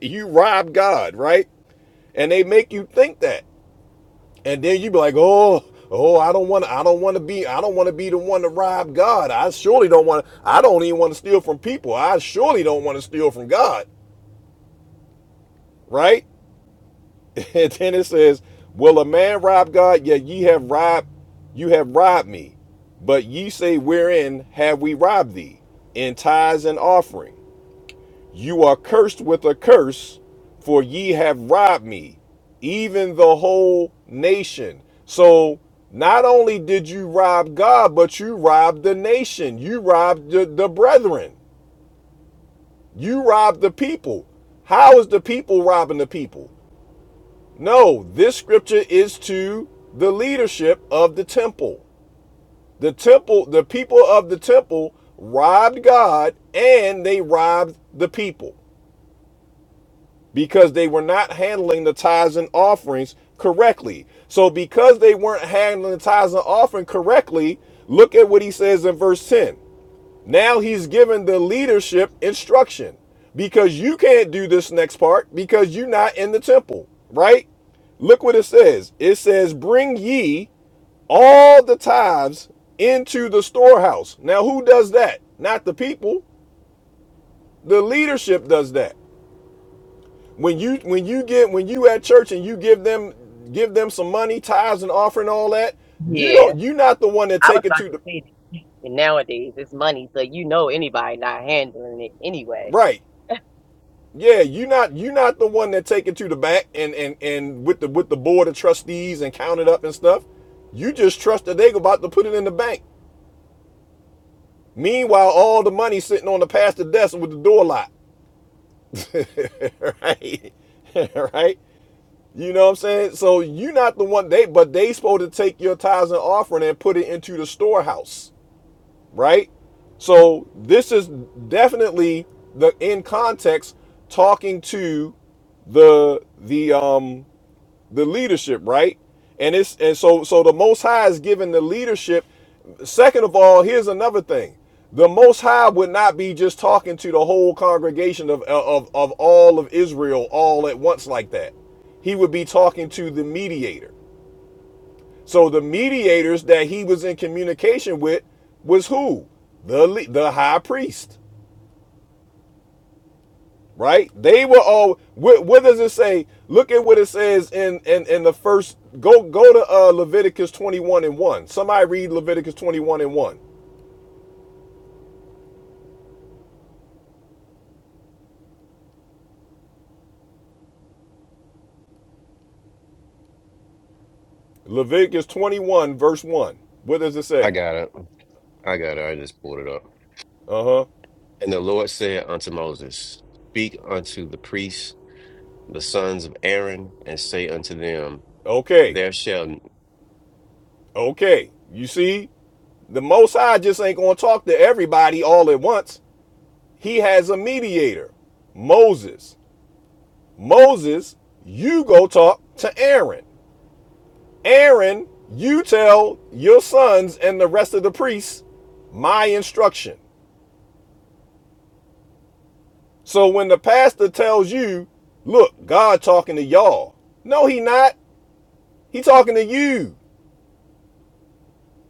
Speaker 1: You robbed God, right? And they make you think that. and then you be like, oh, oh, I don't want to, I don't want to be, I don't want to be the one to rob God. I surely don't want, to, I don't even want to steal from people. I surely don't want to steal from God, right? [LAUGHS] And then it says, will a man rob God? Yet ye have robbed, you have robbed me. But ye say, wherein have we robbed thee? In tithes and offering. You are cursed with a curse, for ye have robbed me, even the whole nation. So not only did you rob God, but you robbed the nation. You robbed the, the brethren. You robbed the people. How is the people robbing the people? No, this scripture is to the leadership of the temple. The temple, the people of the temple robbed God and they robbed the people. because they were not handling the tithes and offerings correctly. So, because they weren't handling the tithes and offering correctly, look at what he says in verse 10. Now he's given the leadership instruction because you can't do this next part because you're not in the temple, right? Look what it says. It says, Bring ye all the tithes into the storehouse. Now, who does that? Not the people. The leadership does that. When you when you get when you at church and you give them give them some money, tithes and offering all that, you
Speaker 3: Yeah,
Speaker 1: don't you not the one that
Speaker 3: I was
Speaker 1: take it
Speaker 3: about
Speaker 1: to
Speaker 3: to
Speaker 1: the
Speaker 3: say that. And nowadays, it's money, so you know anybody not handling it anyway.
Speaker 1: right. Yeah, you not you not the one that take it to the back and and and with the with the board of trustees and count it up and stuff. You just trust that they about to put it in the bank. Meanwhile, all the money sitting on the pastor desk with the door locked. [LAUGHS] right? [LAUGHS] right? You know what I'm saying? So you're not the one they but they supposed to take your tithes and offering and put it into the storehouse, right? So this is definitely the in context talking to the the um the leadership, right? And it's and so so the most high is given the leadership. Second of all, here's another thing. The most high would not be just talking to the whole congregation of of, of all of Israel all at once like that. He would be talking to the mediator. So the mediators that he was in communication with was who? The the high priest. right? They were all. What, what does it say? Look at what it says in in in the first. Go go to uh, Leviticus twenty one and one. Somebody read Leviticus twenty one and one. Leviticus twenty one verse one. What does it
Speaker 5: I
Speaker 1: say?
Speaker 5: got it. I got it. I just pulled it up.
Speaker 1: Uh huh.
Speaker 5: And the Lord said unto Moses, Speak unto the priests, the sons of Aaron, and say unto them,
Speaker 1: Okay.
Speaker 5: There shall
Speaker 1: Okay. You see, the Most High just ain't gonna talk to everybody all at once. He has a mediator, Moses. Moses, you go talk to Aaron. Aaron, you tell your sons and the rest of the priests my instruction. So when the pastor tells you, look, God talking to y'all. No, he not. He talking to you.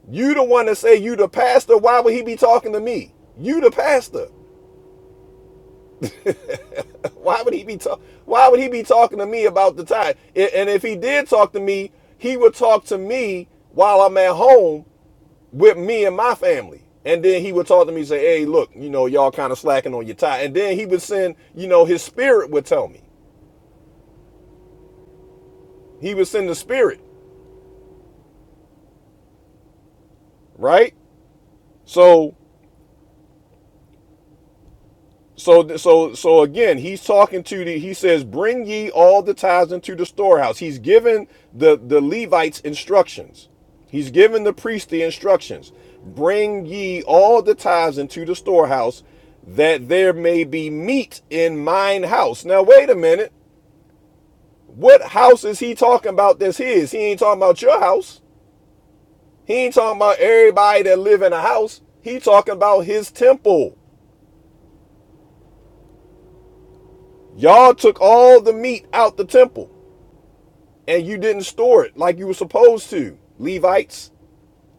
Speaker 1: You the one that say you the pastor. Why would he be talking to me? You the pastor. [LAUGHS] Why would he be talk? Why would he be talking to me about the tithe? And if he did talk to me, he would talk to me while I'm at home with me and my family. And then he would talk to me and say, hey, look, you know, y'all kind of slacking on your tie. And then he would send, you know, his spirit would tell me. He would send the spirit, right? So, so, so, so again, he's talking to the, he says, bring ye all the tithes into the storehouse. He's given the, the Levites instructions. He's given the priest the instructions. Bring ye all the tithes into the storehouse that there may be meat in mine house. Now, wait a minute. What house is he talking about that's his? He ain't talking about your house. He ain't talking about everybody that live in a house. He talking about his temple. Y'all took all the meat out the temple and you didn't store it like you were supposed to, Levites,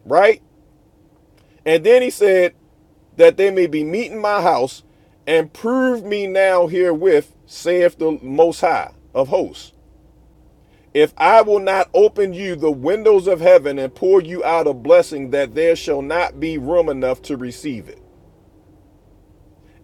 Speaker 1: right? And then he said that they may be meat in my house and prove me now herewith, saith the Most High of hosts. If I will not open you the windows of heaven and pour you out a blessing that there shall not be room enough to receive it.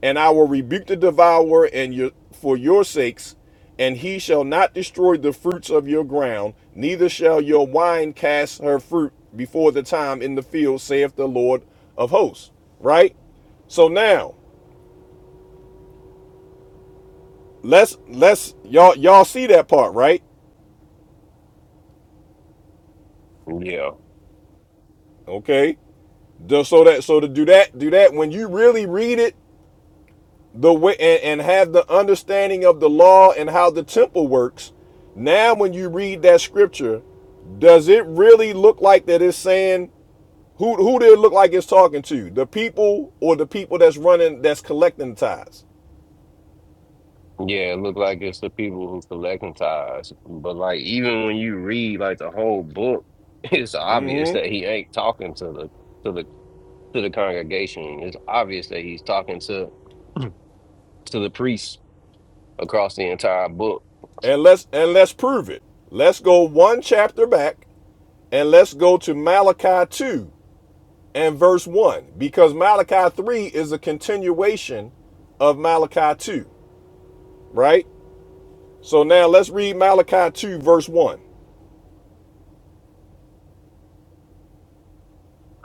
Speaker 1: And I will rebuke the devourer and your, for your sakes, and he shall not destroy the fruits of your ground, neither shall your wine cast her fruit before the time in the field, saith the Lord of hosts. Right? So now, let's let's y'all y'all see that part, right?
Speaker 5: yeah,
Speaker 1: Okay. Do- So that so to do that, do that when you really read it the way and, and have the understanding of the law and how the temple works now when you read that scripture does it really look like that it's saying who who did it look like it's talking to the people or the people that's running that's collecting tithes
Speaker 5: yeah. It look like it's the people who collecting tithes, but like even when you read like the whole book, [LAUGHS] it's obvious
Speaker 1: hmm
Speaker 5: that he ain't talking to the to the to the congregation. It's obvious that he's talking to to the priests across the entire book.
Speaker 1: and let's and let's prove it let's go one chapter back and let's go to malachi 2 and verse 1 because malachi 3 is a continuation of malachi 2 right So now let's read Malachi 2, verse 1.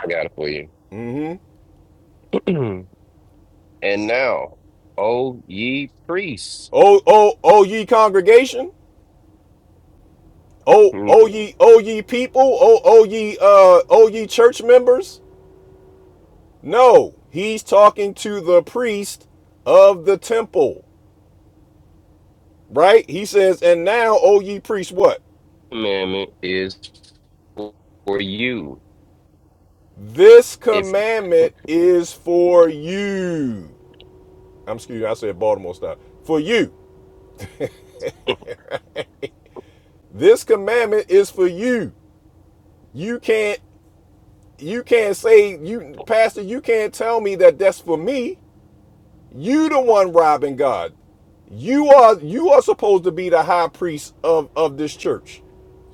Speaker 5: I got it for you.
Speaker 1: Mm-hmm.
Speaker 5: [CLEARS THROAT] and now, O ye priests.
Speaker 1: Oh, oh, oh, ye congregation. Oh, oh, ye, oh, ye people. Oh, oh, ye, uh, oh, ye church members. No, he's talking to the priest of the temple, right? He says, and now, oh, ye priests, what?
Speaker 5: commandment is for you.
Speaker 1: This
Speaker 5: If
Speaker 1: commandment is for you. I'm excuse me, I said Baltimore style. For you. This commandment is for you. You can't you can't say you pastor you can't tell me that that's for me you the one robbing god you are you are supposed to be the high priest of of this church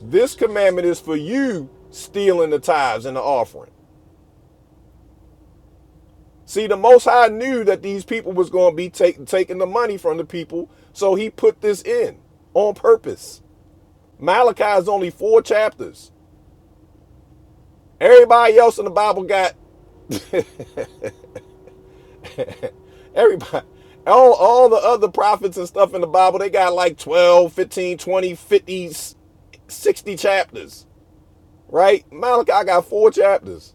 Speaker 1: this commandment is for you stealing the tithes and the offering see the most high knew that these people was going to be take, taking the money from the people so he put this in on purpose malachi is only four chapters everybody else in the bible got Everybody, all, all the other prophets and stuff in the Bible, they got like 12, 15, 20, 50, 60 chapters, right? Malachi got four chapters.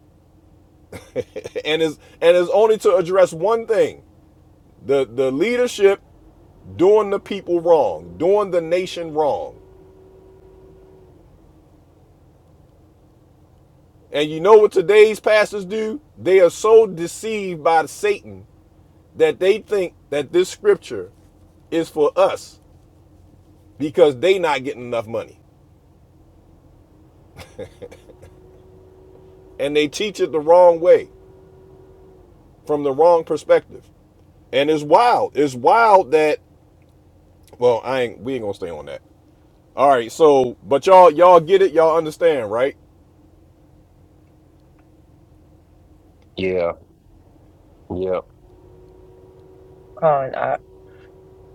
Speaker 1: [LAUGHS] And is and is only to address one thing. The the leadership doing the people wrong, doing the nation wrong. And you know what today's pastors do? They are so deceived by Satan that they think that this scripture is for us because they not getting enough money. and they teach it the wrong way from the wrong perspective. And it's wild. It's wild that well, I ain't we ain't gonna stay on that. All right, so but y'all y'all get it, y'all understand, right?
Speaker 5: yeah, yeah.
Speaker 3: Con, I,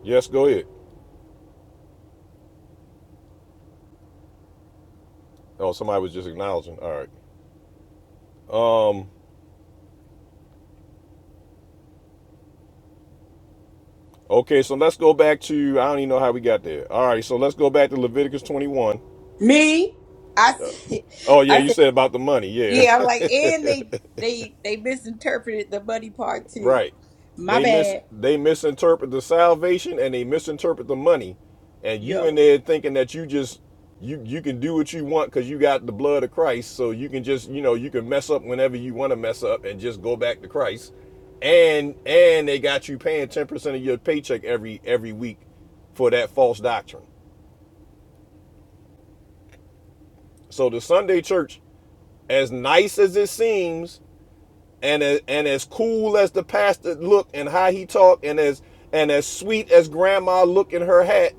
Speaker 1: Yes, go ahead. Oh, somebody was just acknowledging. All right. Um okay, so let's go back to I don't even know how we got there. All right, so let's go back to Leviticus 21.
Speaker 2: Me, I
Speaker 1: Uh,
Speaker 2: said,
Speaker 1: Oh
Speaker 2: [LAUGHS]
Speaker 1: yeah,
Speaker 2: I
Speaker 1: you
Speaker 2: said,
Speaker 1: said about the money. Yeah. [LAUGHS]
Speaker 2: yeah. I'm like, and they they they misinterpreted the money part too.
Speaker 1: Right.
Speaker 2: My
Speaker 1: They mis
Speaker 2: bad.
Speaker 1: they misinterpret the salvation and they misinterpret the money. And you
Speaker 2: Yeah.
Speaker 1: in there thinking that you just you you can do what you want because you got the blood of Christ. So you can just, you know, you can mess up whenever you want to mess up and just go back to Christ. And and they got you paying 10% of your paycheck every every week for that false doctrine. So the Sunday church, as nice as it seems, and as, and as cool as the pastor looked and how he talked and as and as sweet as grandma looked in her hat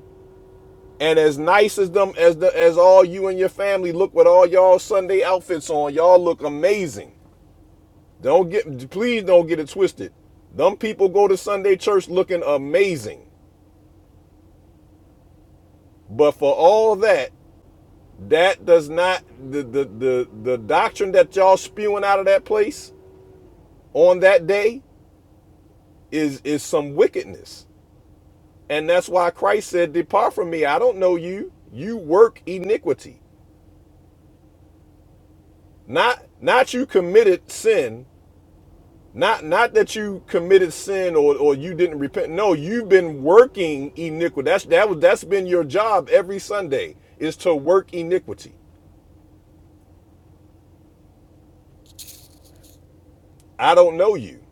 Speaker 1: and as nice as them as the as all you and your family look with all y'all Sunday outfits on y'all look amazing don't get please don't get it twisted them people go to Sunday church looking amazing but for all that that does not the the the, the doctrine that y'all spewing out of that place on that day is is some wickedness And that's why Christ said, Depart from me. I don't know you. You work iniquity. Not not you committed sin. Not not that you committed sin or, or you didn't repent. No, you've been working iniquity. That's that was that's been your job every Sunday is to work iniquity. I don't know you,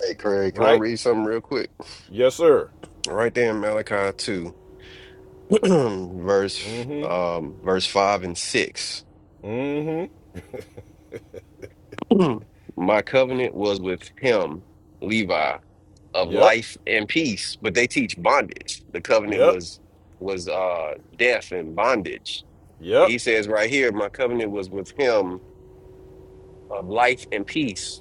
Speaker 5: Hey Craig, can I
Speaker 1: right?
Speaker 5: read something real quick?
Speaker 1: Yes, sir.
Speaker 5: Right there in Malachi 2, [CLEARS THROAT] verse
Speaker 1: Mm-hmm.
Speaker 5: um verse 5 and 6.
Speaker 1: Mm-hmm.
Speaker 5: [CLEARS THROAT] My covenant was with him, Levi, of
Speaker 1: Yep.
Speaker 5: life and peace, but they teach bondage. The covenant
Speaker 1: Yep.
Speaker 5: was was uh death and bondage.
Speaker 1: Yep.
Speaker 5: He says right here, my covenant was with him of life and peace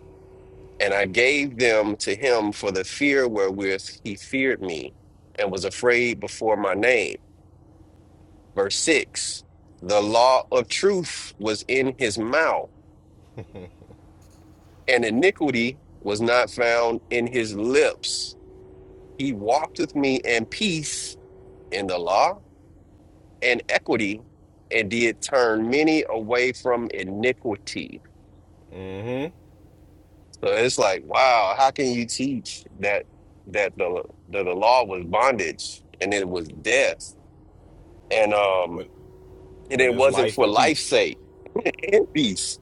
Speaker 5: And I gave them to him for the fear wherewith he feared me and was afraid before my name. Verse 6 The law of truth was in his mouth, and iniquity was not found in his lips. He walked with me in peace in the law and equity, and did turn many away from iniquity.
Speaker 1: Mm-hmm.
Speaker 5: So it's like, wow, how can you teach that that the that the law was bondage and it was death? and um
Speaker 1: When
Speaker 5: and
Speaker 1: when
Speaker 5: it
Speaker 1: there's
Speaker 5: wasn't
Speaker 1: life
Speaker 5: for
Speaker 1: and
Speaker 5: life's
Speaker 1: peace.
Speaker 5: sake [LAUGHS] and peace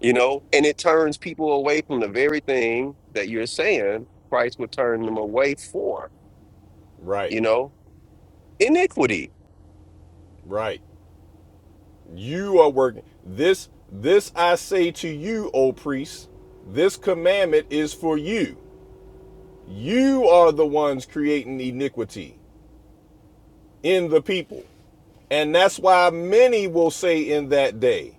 Speaker 5: you know and it turns people away from the very thing that you're saying christ would turn them away for
Speaker 1: Right.
Speaker 5: you know iniquity
Speaker 1: Right. You are working. This this I say to you, O priests, this commandment is for you. You are the ones creating iniquity in the people. And that's why many will say in that day,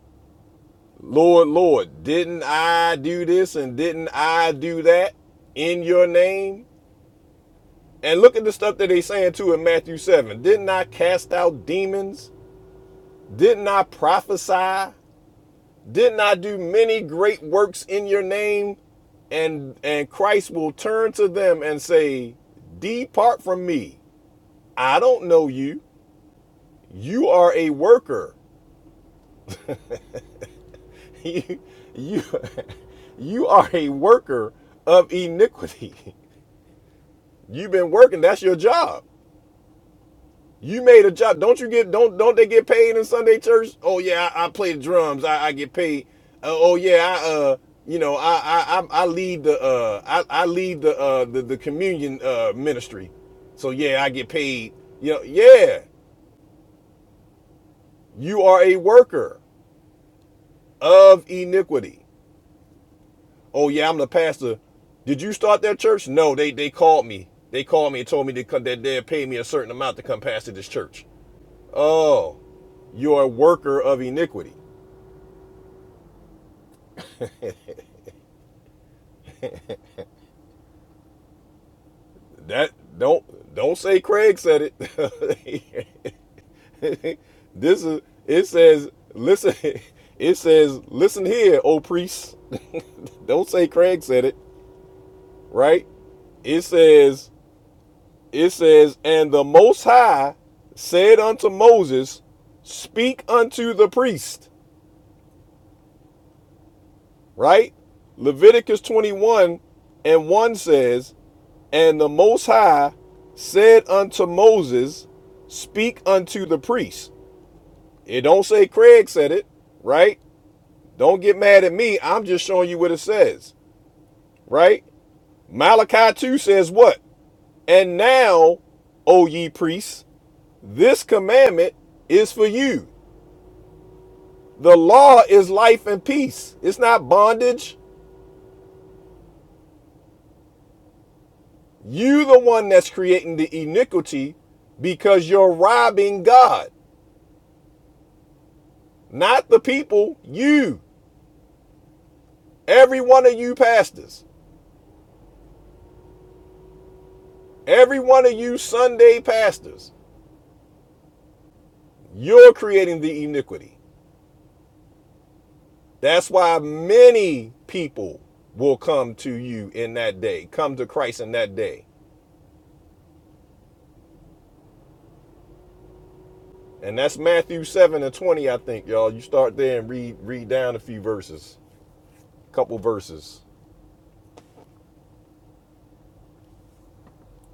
Speaker 1: Lord, Lord, didn't I do this and didn't I do that in your name? And look at the stuff that they saying too in Matthew 7. Didn't I cast out demons? Didn't I prophesy? Didn't I do many great works in your name? And and Christ will turn to them and say, Depart from me. I don't know you. You are a worker. [LAUGHS] you, you [LAUGHS] you are a worker of iniquity. [LAUGHS] You've been working, that's your job. You made a job. Don't you get don't don't they get paid in Sunday church? Oh yeah, I, I play the drums. I, I get paid. Uh, oh yeah, I uh you know I I I, lead the uh I, I lead the uh the, the communion uh ministry. So yeah, I get paid. You know yeah, you are a worker of iniquity. Oh yeah, I'm the pastor. Did you start that church? No, they they called me. They called me and told me to come, that they'd pay me a certain amount to come pastor this church. Oh, you're a worker of iniquity. That don't don't say Craig said it. [LAUGHS] this is it says listen [LAUGHS] it says listen here, O priest. [LAUGHS] don't say Craig said it, right? It says it says and the most high said unto Moses, speak unto the priest, right? Leviticus 21 and 1 says, And the Most High said unto Moses, Speak unto the priest. It don't say Craig said it, right? Don't get mad at me. I'm just showing you what it says, right? Malachi 2 says what? And now, O ye priests, this commandment is for you. The law is life and peace. It's not bondage. You the one that's creating the iniquity because you're robbing God, not the people, you. Every one of you pastors, every one of you Sunday pastors, you're creating the iniquity. That's why many people will come to you in that day, come to Christ in that day. And that's Matthew 7 and 20, I think, y'all. You start there and read read down a few verses, a couple verses.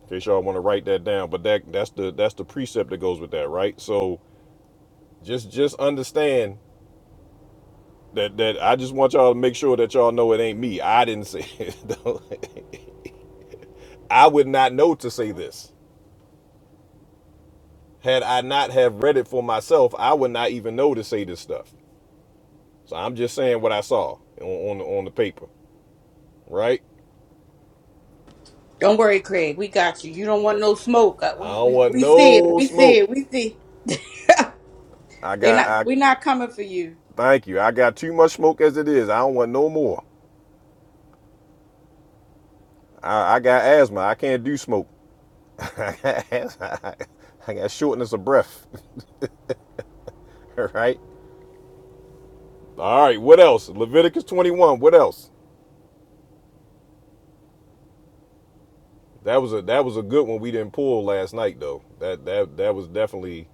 Speaker 1: In case y'all want to write that down. But that that's the that's the precept that goes with that, right? So just just understand that that I just want y'all to make sure that y'all know it ain't me. I didn't say it. [LAUGHS] Don't- I would not know to say this. Had I not have read it for myself, I would not even know to say this stuff. So I'm just saying what I saw on on, the- on the paper, right?
Speaker 2: Don't worry, Craig. We got you. You don't want no smoke. Uh,
Speaker 1: I
Speaker 2: We
Speaker 1: don't
Speaker 2: we
Speaker 1: want
Speaker 2: we see it.
Speaker 1: no
Speaker 2: We see
Speaker 1: smoke.
Speaker 2: it. We see. [LAUGHS]
Speaker 1: I
Speaker 2: they
Speaker 1: got
Speaker 2: not.
Speaker 1: I
Speaker 2: We not coming for you.
Speaker 1: thank you. I got too much smoke as it is. I don't want no more. I, I got asthma. I can't do smoke. [LAUGHS] I got asthma. I got shortness of breath. [LAUGHS] right? All right, what else? Leviticus 21, what else? That was a that was a good one we didn't pull last night though. That that that was definitely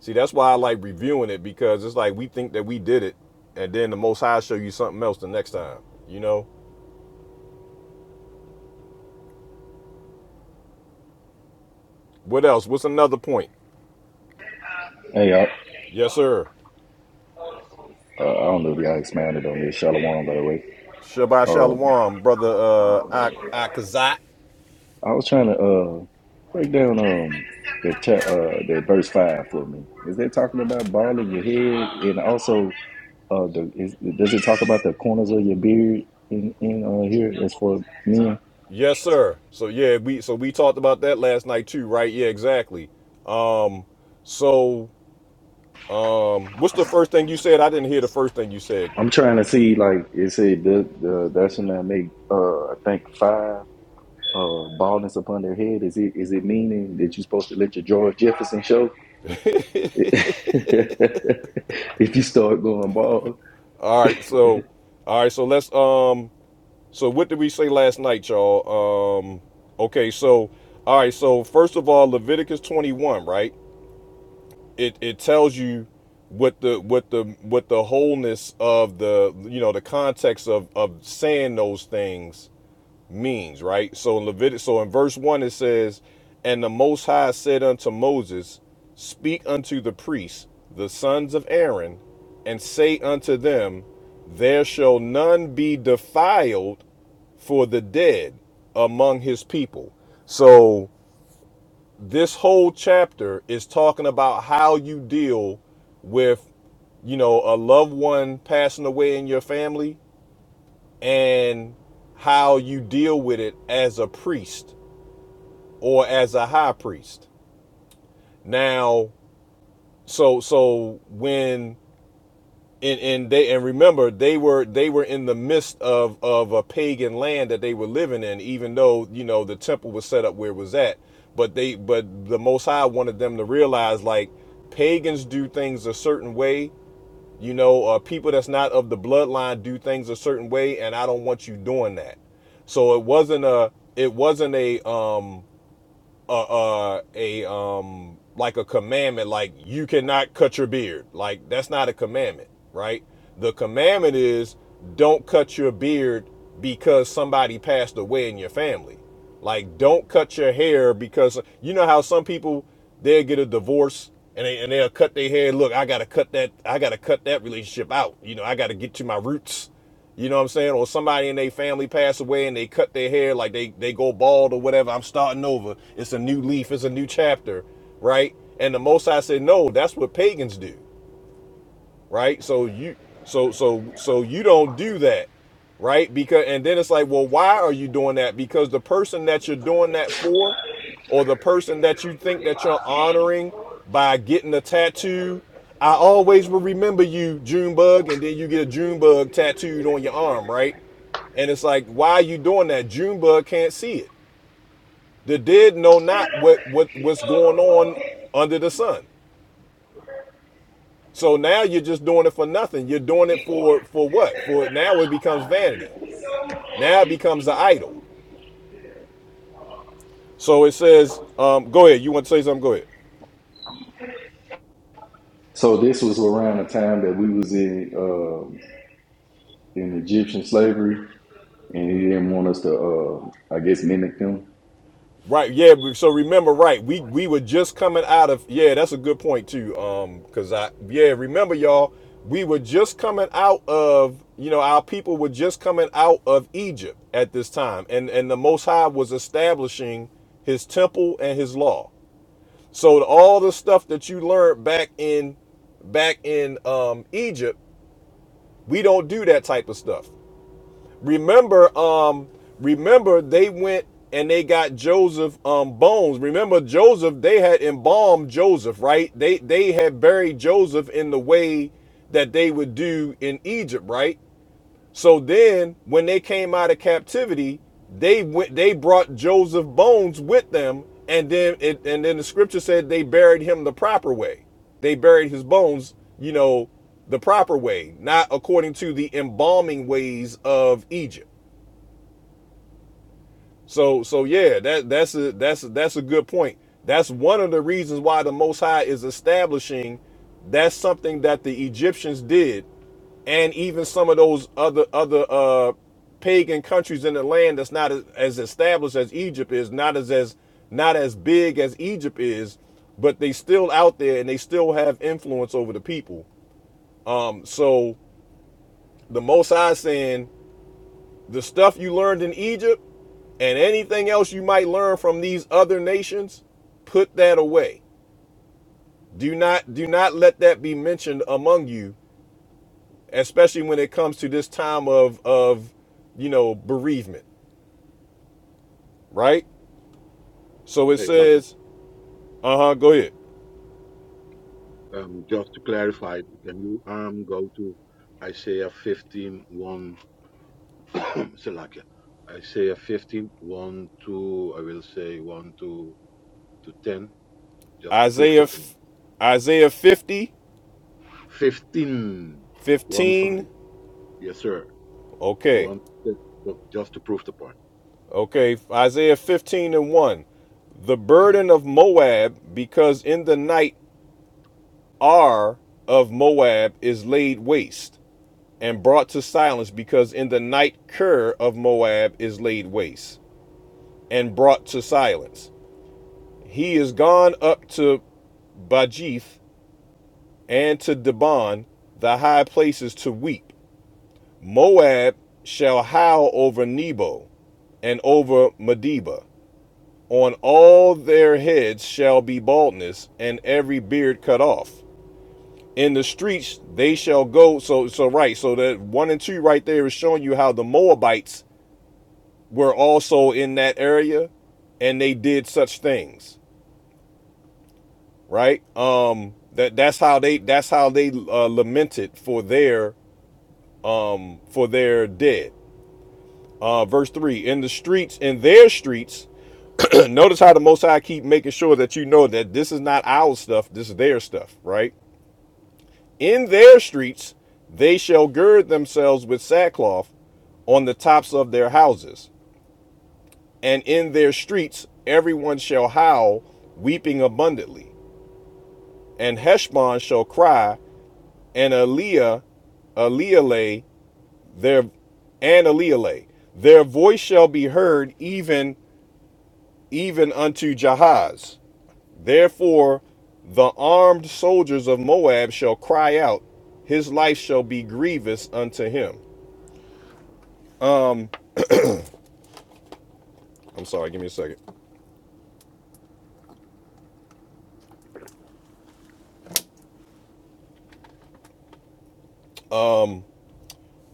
Speaker 1: See, that's why I like reviewing it because it's like we think that we did it, and then the Most High show you something else the next time. You know, what else? What's another point?
Speaker 11: Hey, I,
Speaker 1: Yes, sir.
Speaker 11: uh, I don't know if y'all expanded on this. Shalom, by the way.
Speaker 1: Shabbat
Speaker 11: Um,
Speaker 1: shalom, brother uh, Akazat.
Speaker 11: I was trying to uh, break down um, the cha- uh, the verse five for me. Is that talking about ball in your head, and also uh, the, is, does it talk about the corners of your beard in, in uh, here as for men?
Speaker 1: Yes, sir. So yeah, we so we talked about that last night too, right? Yeah, exactly. Um, so um, what's the first thing you said? I didn't hear the first thing you said.
Speaker 11: I'm trying to see like it said the the that's when I make uh, I think five uh, baldness upon their head. Is it is it meaning that you're supposed to let your George Jefferson show? [LAUGHS] if you start going bald.
Speaker 1: All right, so all right, so let's um So what did we say last night, y'all? Um, okay, so all right, so first of all, Leviticus 21, right? It it tells you what the what the what the wholeness of the you know the context of of saying those things means, right? So in Leviticus, so in verse one it says, "And the Most High said unto Moses, Speak unto the priests, the sons of Aaron, and say unto them, There shall none be defiled for the dead among his people. So this whole chapter is talking about how you deal with you know a loved one passing away in your family and how you deal with it as a priest or as a high priest. Now so so when and and they and remember they were they were in the midst of of a pagan land that they were living in even though you know the temple was set up where it was at but they but the most high wanted them to realize like pagans do things a certain way you know uh, people that's not of the bloodline do things a certain way and i don't want you doing that so it wasn't a it wasn't a um a, a, a um like a commandment like you cannot cut your beard like that's not a commandment right the commandment is don't cut your beard because somebody passed away in your family like don't cut your hair because you know how some people they'll get a divorce and, they, and they'll cut their hair look i gotta cut that i gotta cut that relationship out you know i gotta get to my roots you know what I'm saying? Or somebody in their family pass away and they cut their hair, like they they go bald or whatever. I'm starting over. It's a new leaf. It's a new chapter, right? And the Most High said, no, that's what pagans do right? So you so so so you don't do that, right? Because and then it's like, well, why are you doing that? Because the person that you're doing that for, or the person that you think that you're honoring by getting a tattoo, I always will remember you, Junebug, and then you get a Junebug tattooed on your arm, right? And it's like, why are you doing that? Junebug can't see it. The dead know not what what what's going on under the sun. So now you're just doing it for nothing. You're doing it for for what? For now it becomes vanity. Now it becomes an idol. So it says, um, go ahead. You want to say something? Go ahead.
Speaker 11: So this was around the time that we was in um in Egyptian slavery, and he didn't want us to, uh, I guess, mimic them.
Speaker 1: Right. Yeah. So remember, right? We we were just coming out of. Yeah, that's a good point too. Um, because I yeah remember y'all, we were just coming out of you know our people were just coming out of Egypt at this time, and and the Most High was establishing His temple and His law. So all the stuff that you learned back in back in um, Egypt, we don't do that type of stuff. Remember, um, remember they went and they got Joseph um, bones. Remember Joseph, they had embalmed Joseph, right? They they had buried Joseph in the way that they would do in Egypt, right? So then when they came out of captivity, they went they brought Joseph's bones with them, and then it and then the scripture said they buried him the proper way. They buried his bones, you know, the proper way, not according to the embalming ways of Egypt. So so yeah, that that's a that's a, that's a good point. That's one of the reasons why the Most High is establishing that's something that the Egyptians did and even some of those other other uh, pagan countries in the land that's not as, as established as Egypt is, not as as not as big as Egypt is, but they still out there and they still have influence over the people. Um, so the Most High saying the stuff you learned in Egypt and anything else you might learn from these other nations, put that away. Do not do not let that be mentioned among you, especially when it comes to this time of of you know bereavement. right? So it
Speaker 8: Hey, uh,
Speaker 1: says, uh huh, go ahead.
Speaker 8: um, just to clarify, can you um go to Isaiah 15, 1, [CLEARS THROAT] Salakia, Isaiah 15, one to, I will say 1 to, to 10, just to prove the
Speaker 1: Isaiah,
Speaker 8: point.
Speaker 1: f- Isaiah 50,
Speaker 8: 15, one 5,
Speaker 1: 15.
Speaker 8: yes sir,
Speaker 1: Okay,
Speaker 8: 1, to 10, just to prove the point.
Speaker 1: okay. Isaiah 15 and 1. The burden of Moab, because in the night R of Moab is laid waste and brought to silence, because in the night Ker of Moab is laid waste and brought to silence. He is gone up to Bajith and to Debon, the high places, to weep Moab shall howl over Nebo and over Medeba. On all their heads shall be baldness, and every beard cut off. In the streets they shall go. So, so right. So that one and two right there is showing you how the Moabites were also in that area, and they did such things. Right. Um. That that's how they that's how they uh, lamented for their um for their dead. Uh, verse three. In the streets, in their streets And notice how the Most High keep making sure that you know that this is not our stuff, this is their stuff, right? In their streets, they shall gird themselves with sackcloth on the tops of their houses, and in their streets everyone shall howl, weeping abundantly. And Heshbon shall cry, and Eliah, Elieleh, their and Elieleh, their voice shall be heard even even unto Jahaz Therefore, the armed soldiers of Moab shall cry out, his life shall be grievous unto him. I'm sorry, give me a second.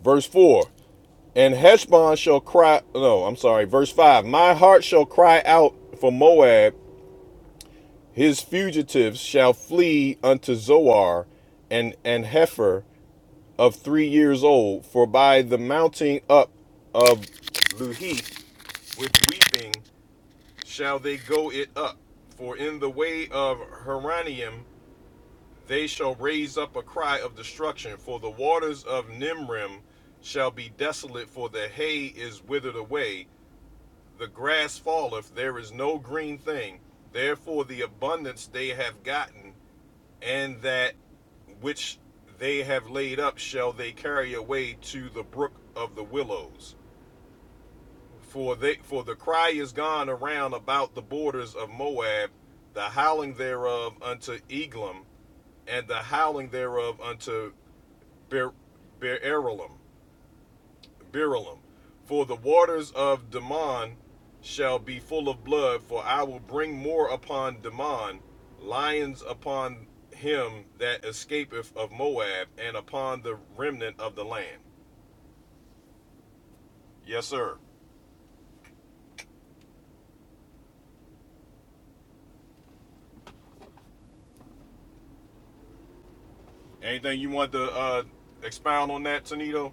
Speaker 1: Verse 4 And Heshbon shall cry, no, I'm sorry, verse 5 My heart shall cry out for Moab, his fugitives shall flee unto Zoar and, and Hefer of three years old, for by the mounting up of Luhith with weeping shall they go it up. For in the way of Heranium they shall raise up a cry of destruction, for the waters of Nimrim shall be desolate, for the hay is withered away, the grass falleth, there is no green thing. Therefore the abundance they have gotten, and that which they have laid up shall they carry away to the brook of the willows. For they for the cry is gone around about the borders of Moab, the howling thereof unto Eglam, and the howling thereof unto Ber Beeralim. Beralim. For the waters of Daman shall be full of blood, for I will bring more upon Daman, lions upon him that escapeth of Moab, and upon the remnant of the land. Yes, sir. Anything you want to uh, expound on that, Tonito?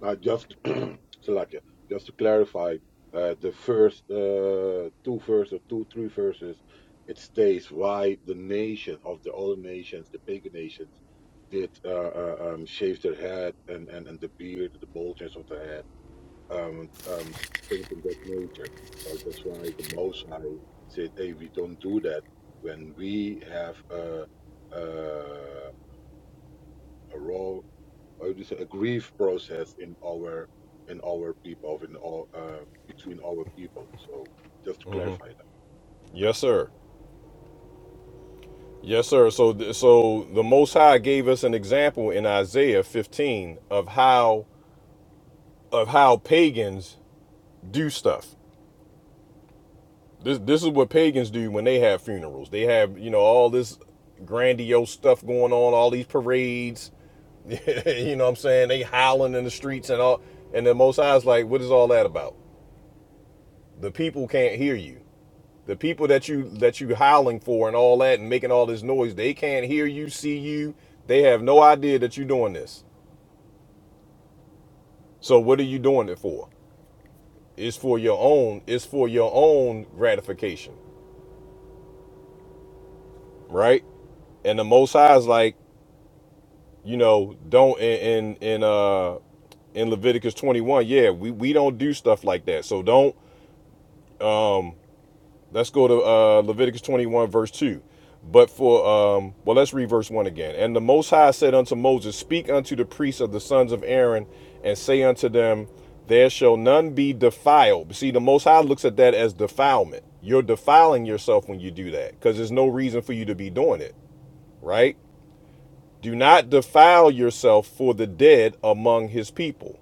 Speaker 8: Now, just [CLEARS THROAT] Salakia, just to clarify, uh, the first uh, two verses, two, three verses, it states why the nation of the other nations, the pagan nations, did uh, uh, um, shave their head and, and, and the beard, the bulges of the head, um, um, things in that nature. So that's why the Most High said, hey, we don't do that when we have a, uh, a a law how do you say, a grief process in our in our people in all um, between our people. So just to clarify that. Okay.
Speaker 1: Yes, sir. Yes, sir. So, th- so the Most High gave us an example in Isaiah 15 of how of how pagans do stuff. This this is what pagans do when they have funerals. They have you know all this grandiose stuff going on, all these parades. [LAUGHS] you know what I'm saying? They howling in the streets and all. And the Most High is like, what is all that about? The people can't hear you. The people that you that you howling for and all that and making all this noise, they can't hear you, see you. They have no idea that you're doing this. So what are you doing it for? It's for your own. It's for your own gratification, right? And the Most High is like, you know, don't in in, in uh in Leviticus 21, yeah, we we don't do stuff like that. So don't. um, Let's go to uh, Leviticus 21, verse 2. But for, um, well, let's read verse 1 again. And the Most High said unto Moses, Speak unto the priests of the sons of Aaron, and say unto them, There shall none be defiled. See, the Most High looks at that as defilement. You're defiling yourself when you do that because there's no reason for you to be doing it, right? Do not defile yourself for the dead among his people.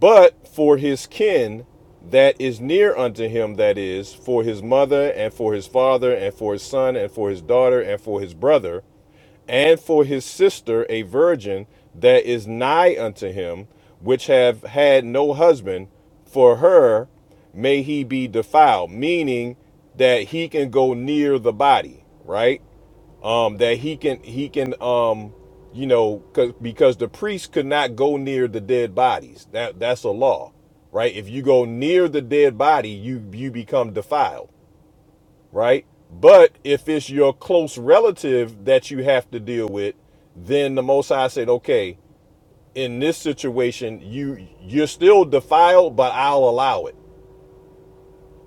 Speaker 1: But for his kin that is near unto him, that is, for his mother, and for his father, and for his son, and for his daughter, and for his brother, and for his sister, a virgin that is nigh unto him, which have had no husband, for her may he be defiled, meaning that he can go near the body, right? um, that he can he can um, you know 'cause- because the priest could not go near the dead bodies. That that's a law, right? If you go near the dead body, you you become defiled, right? But if it's your close relative that you have to deal with, then the Most High said, okay, in this situation, you you're still defiled, but I'll allow it.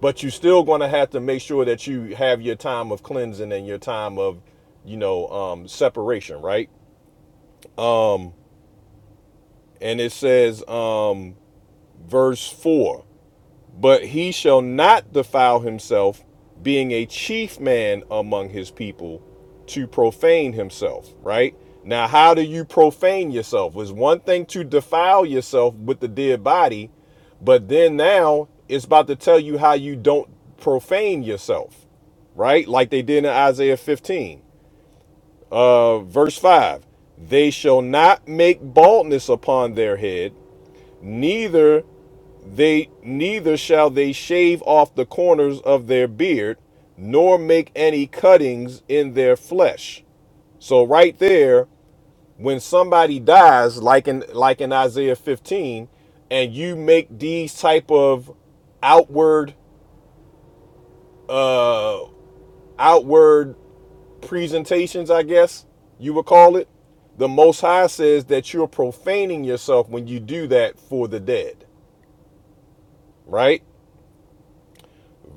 Speaker 1: But you're still going to have to make sure that you have your time of cleansing and your time of you know um, separation right Um, and it says um, verse 4 but he shall not defile himself being a chief man among his people to profane himself right now how do you profane yourself it's one thing to defile yourself with the dead body but then now it's about to tell you how you don't profane yourself right? Like they did in Isaiah 15. Uh, verse 5 They shall not make baldness upon their head, neither they neither shall they shave off the corners of their beard nor make any cuttings in their flesh so right there when somebody dies like in like in isaiah 15 and you make these type of outward uh outward presentations i guess you would call it the most high says that you're profaning yourself when you do that for the dead right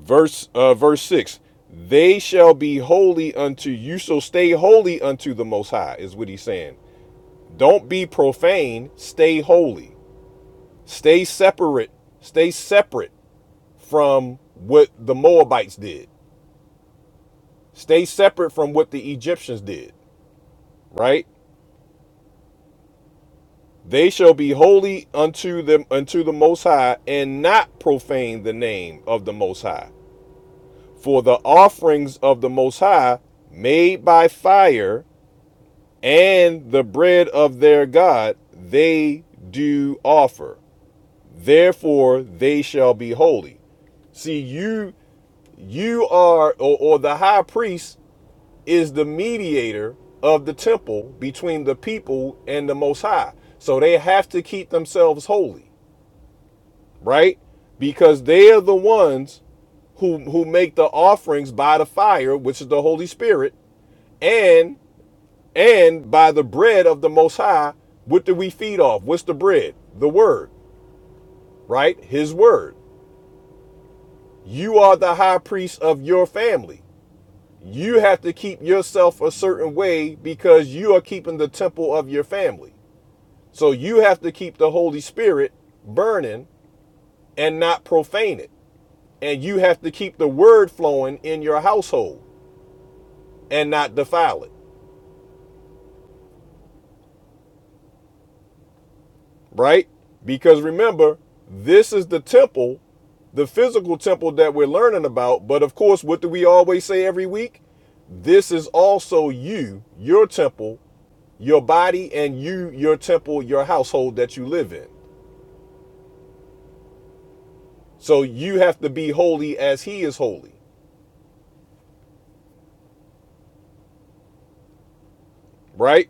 Speaker 1: verse uh, verse 6 they shall be holy unto you so stay holy unto the most high is what he's saying don't be profane stay holy stay separate stay separate from what the moabites did stay separate from what the egyptians did right they shall be holy unto them unto the most high and not profane the name of the most high for the offerings of the most high made by fire and the bread of their God they do offer. Therefore they shall be holy. See, you you are or, or the high priest is the mediator of the temple between the people and the most high. So they have to keep themselves holy, right? Because they are the ones who who make the offerings by the fire, which is the Holy Spirit, and And by the bread of the Most High, what do we feed off? What's the bread? The word, right? His word. You are the high priest of your family. You have to keep yourself a certain way because you are keeping the temple of your family. So you have to keep the Holy Spirit burning and not profane it. And you have to keep the word flowing in your household and not defile it. right? Because remember, this is the temple, the physical temple that we're learning about. But of course, what do we always say every week? This is also you, your temple, your body, and you, your temple, your household that you live in. So you have to be holy as he is holy, right?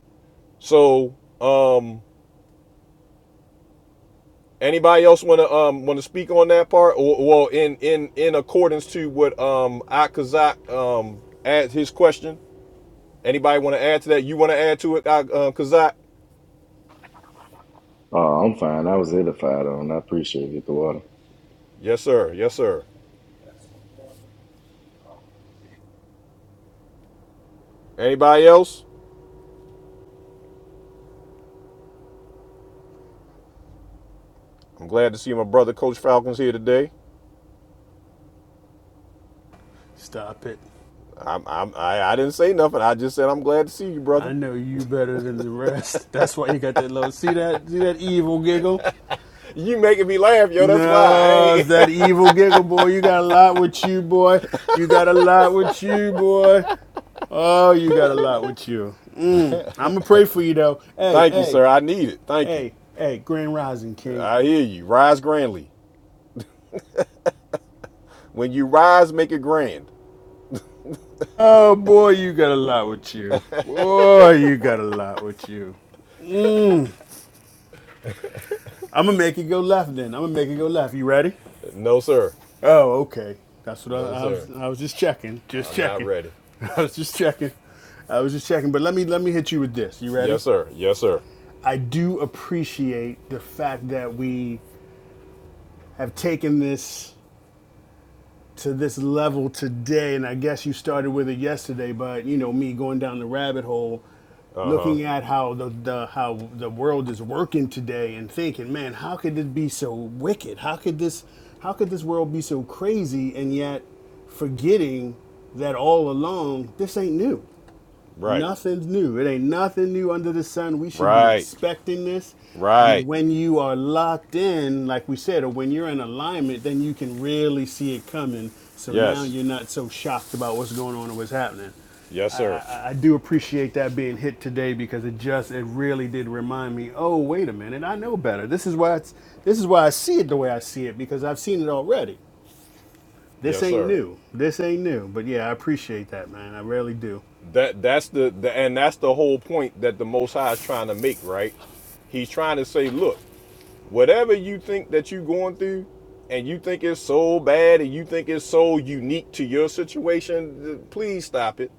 Speaker 1: So, um, anybody else want to um want to speak on that part, or well, in in in accordance to what um Akazak um asked his question? Anybody want to add to that? You want to add to it, uh, uh, Kazak?
Speaker 11: Uh, I'm fine. I was edified on. I appreciate it, the water.
Speaker 1: Yes, sir. Yes, sir. Anybody else? I'm glad to see my brother, Coach Falcons, here today.
Speaker 12: Stop it.
Speaker 1: I'm, I'm, I, I didn't say nothing. I just said I'm glad to see you,
Speaker 12: I
Speaker 1: brother.
Speaker 12: know you better than the rest. [LAUGHS] That's why you got that low. See that? See that evil giggle?
Speaker 1: You making me laugh, yo. That's why. I
Speaker 12: No, it's
Speaker 1: ain't.
Speaker 12: that evil giggle, boy. You got a lot with you, boy. You got a lot with you, boy. Oh, you got a lot with you. Mm. I'm gonna pray for you though.
Speaker 1: [LAUGHS]
Speaker 12: Hey,
Speaker 1: Thank you,
Speaker 12: hey,
Speaker 1: sir. I need it. Thank you.
Speaker 12: hey, hey, Grand Rising King.
Speaker 1: I hear you. Rise grandly. When you rise, make it grand.
Speaker 12: Oh boy, you got a lot with you. Boy, you got a lot with you. Mm. I'm gonna make it go left then. I'm gonna make it go left. You ready?
Speaker 1: No, sir.
Speaker 12: Oh, okay. That's what
Speaker 1: No,
Speaker 12: I, I
Speaker 1: sir.
Speaker 12: was. I was just checking. Just
Speaker 1: I'm not
Speaker 12: checking.
Speaker 1: ready.
Speaker 12: [LAUGHS] I was just checking. I was just checking. But let me let me hit you with this. You ready?
Speaker 1: Yes, sir. Yes, sir.
Speaker 12: I do appreciate the fact that we have taken this to this level today, and I guess you started with it yesterday, but you know me going down the rabbit hole,
Speaker 1: Uh huh.
Speaker 12: looking at how the, the how the world is working today, and thinking, man, how could this be so wicked? How could this how could this world be so crazy? And yet, forgetting that all along, this ain't new.
Speaker 1: Right.
Speaker 12: Nothing's new. It ain't nothing new under the sun. We should be
Speaker 1: Right.
Speaker 12: expecting this. And
Speaker 1: Right.
Speaker 12: when you are locked in, like we said, or when you're in alignment, then you can really see it coming. So now
Speaker 1: Yes.
Speaker 12: you're not so shocked about what's going on and what's happening.
Speaker 1: Yes, sir.
Speaker 12: I, I do appreciate that being hit today because it just it really did remind me. Oh, wait a minute, I know better. This is why it's this is why I see it the way I see it because I've seen it already. This
Speaker 1: Yes,
Speaker 12: ain't
Speaker 1: sir.
Speaker 12: new. This ain't new. But yeah, I appreciate that, man. I really do.
Speaker 1: That that's the, the and that's the whole point that the Most High is trying to make, right? He's trying to say, look, whatever you think that you're going through, and you think it's so bad, and you think it's so unique to your situation, th- please stop it.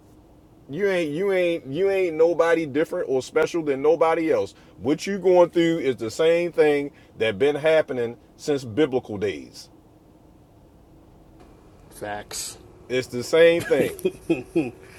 Speaker 1: You ain't you ain't you ain't nobody different or special than nobody else. What you going through is the same thing that been happening since biblical days.
Speaker 12: Facts.
Speaker 1: It's the same thing.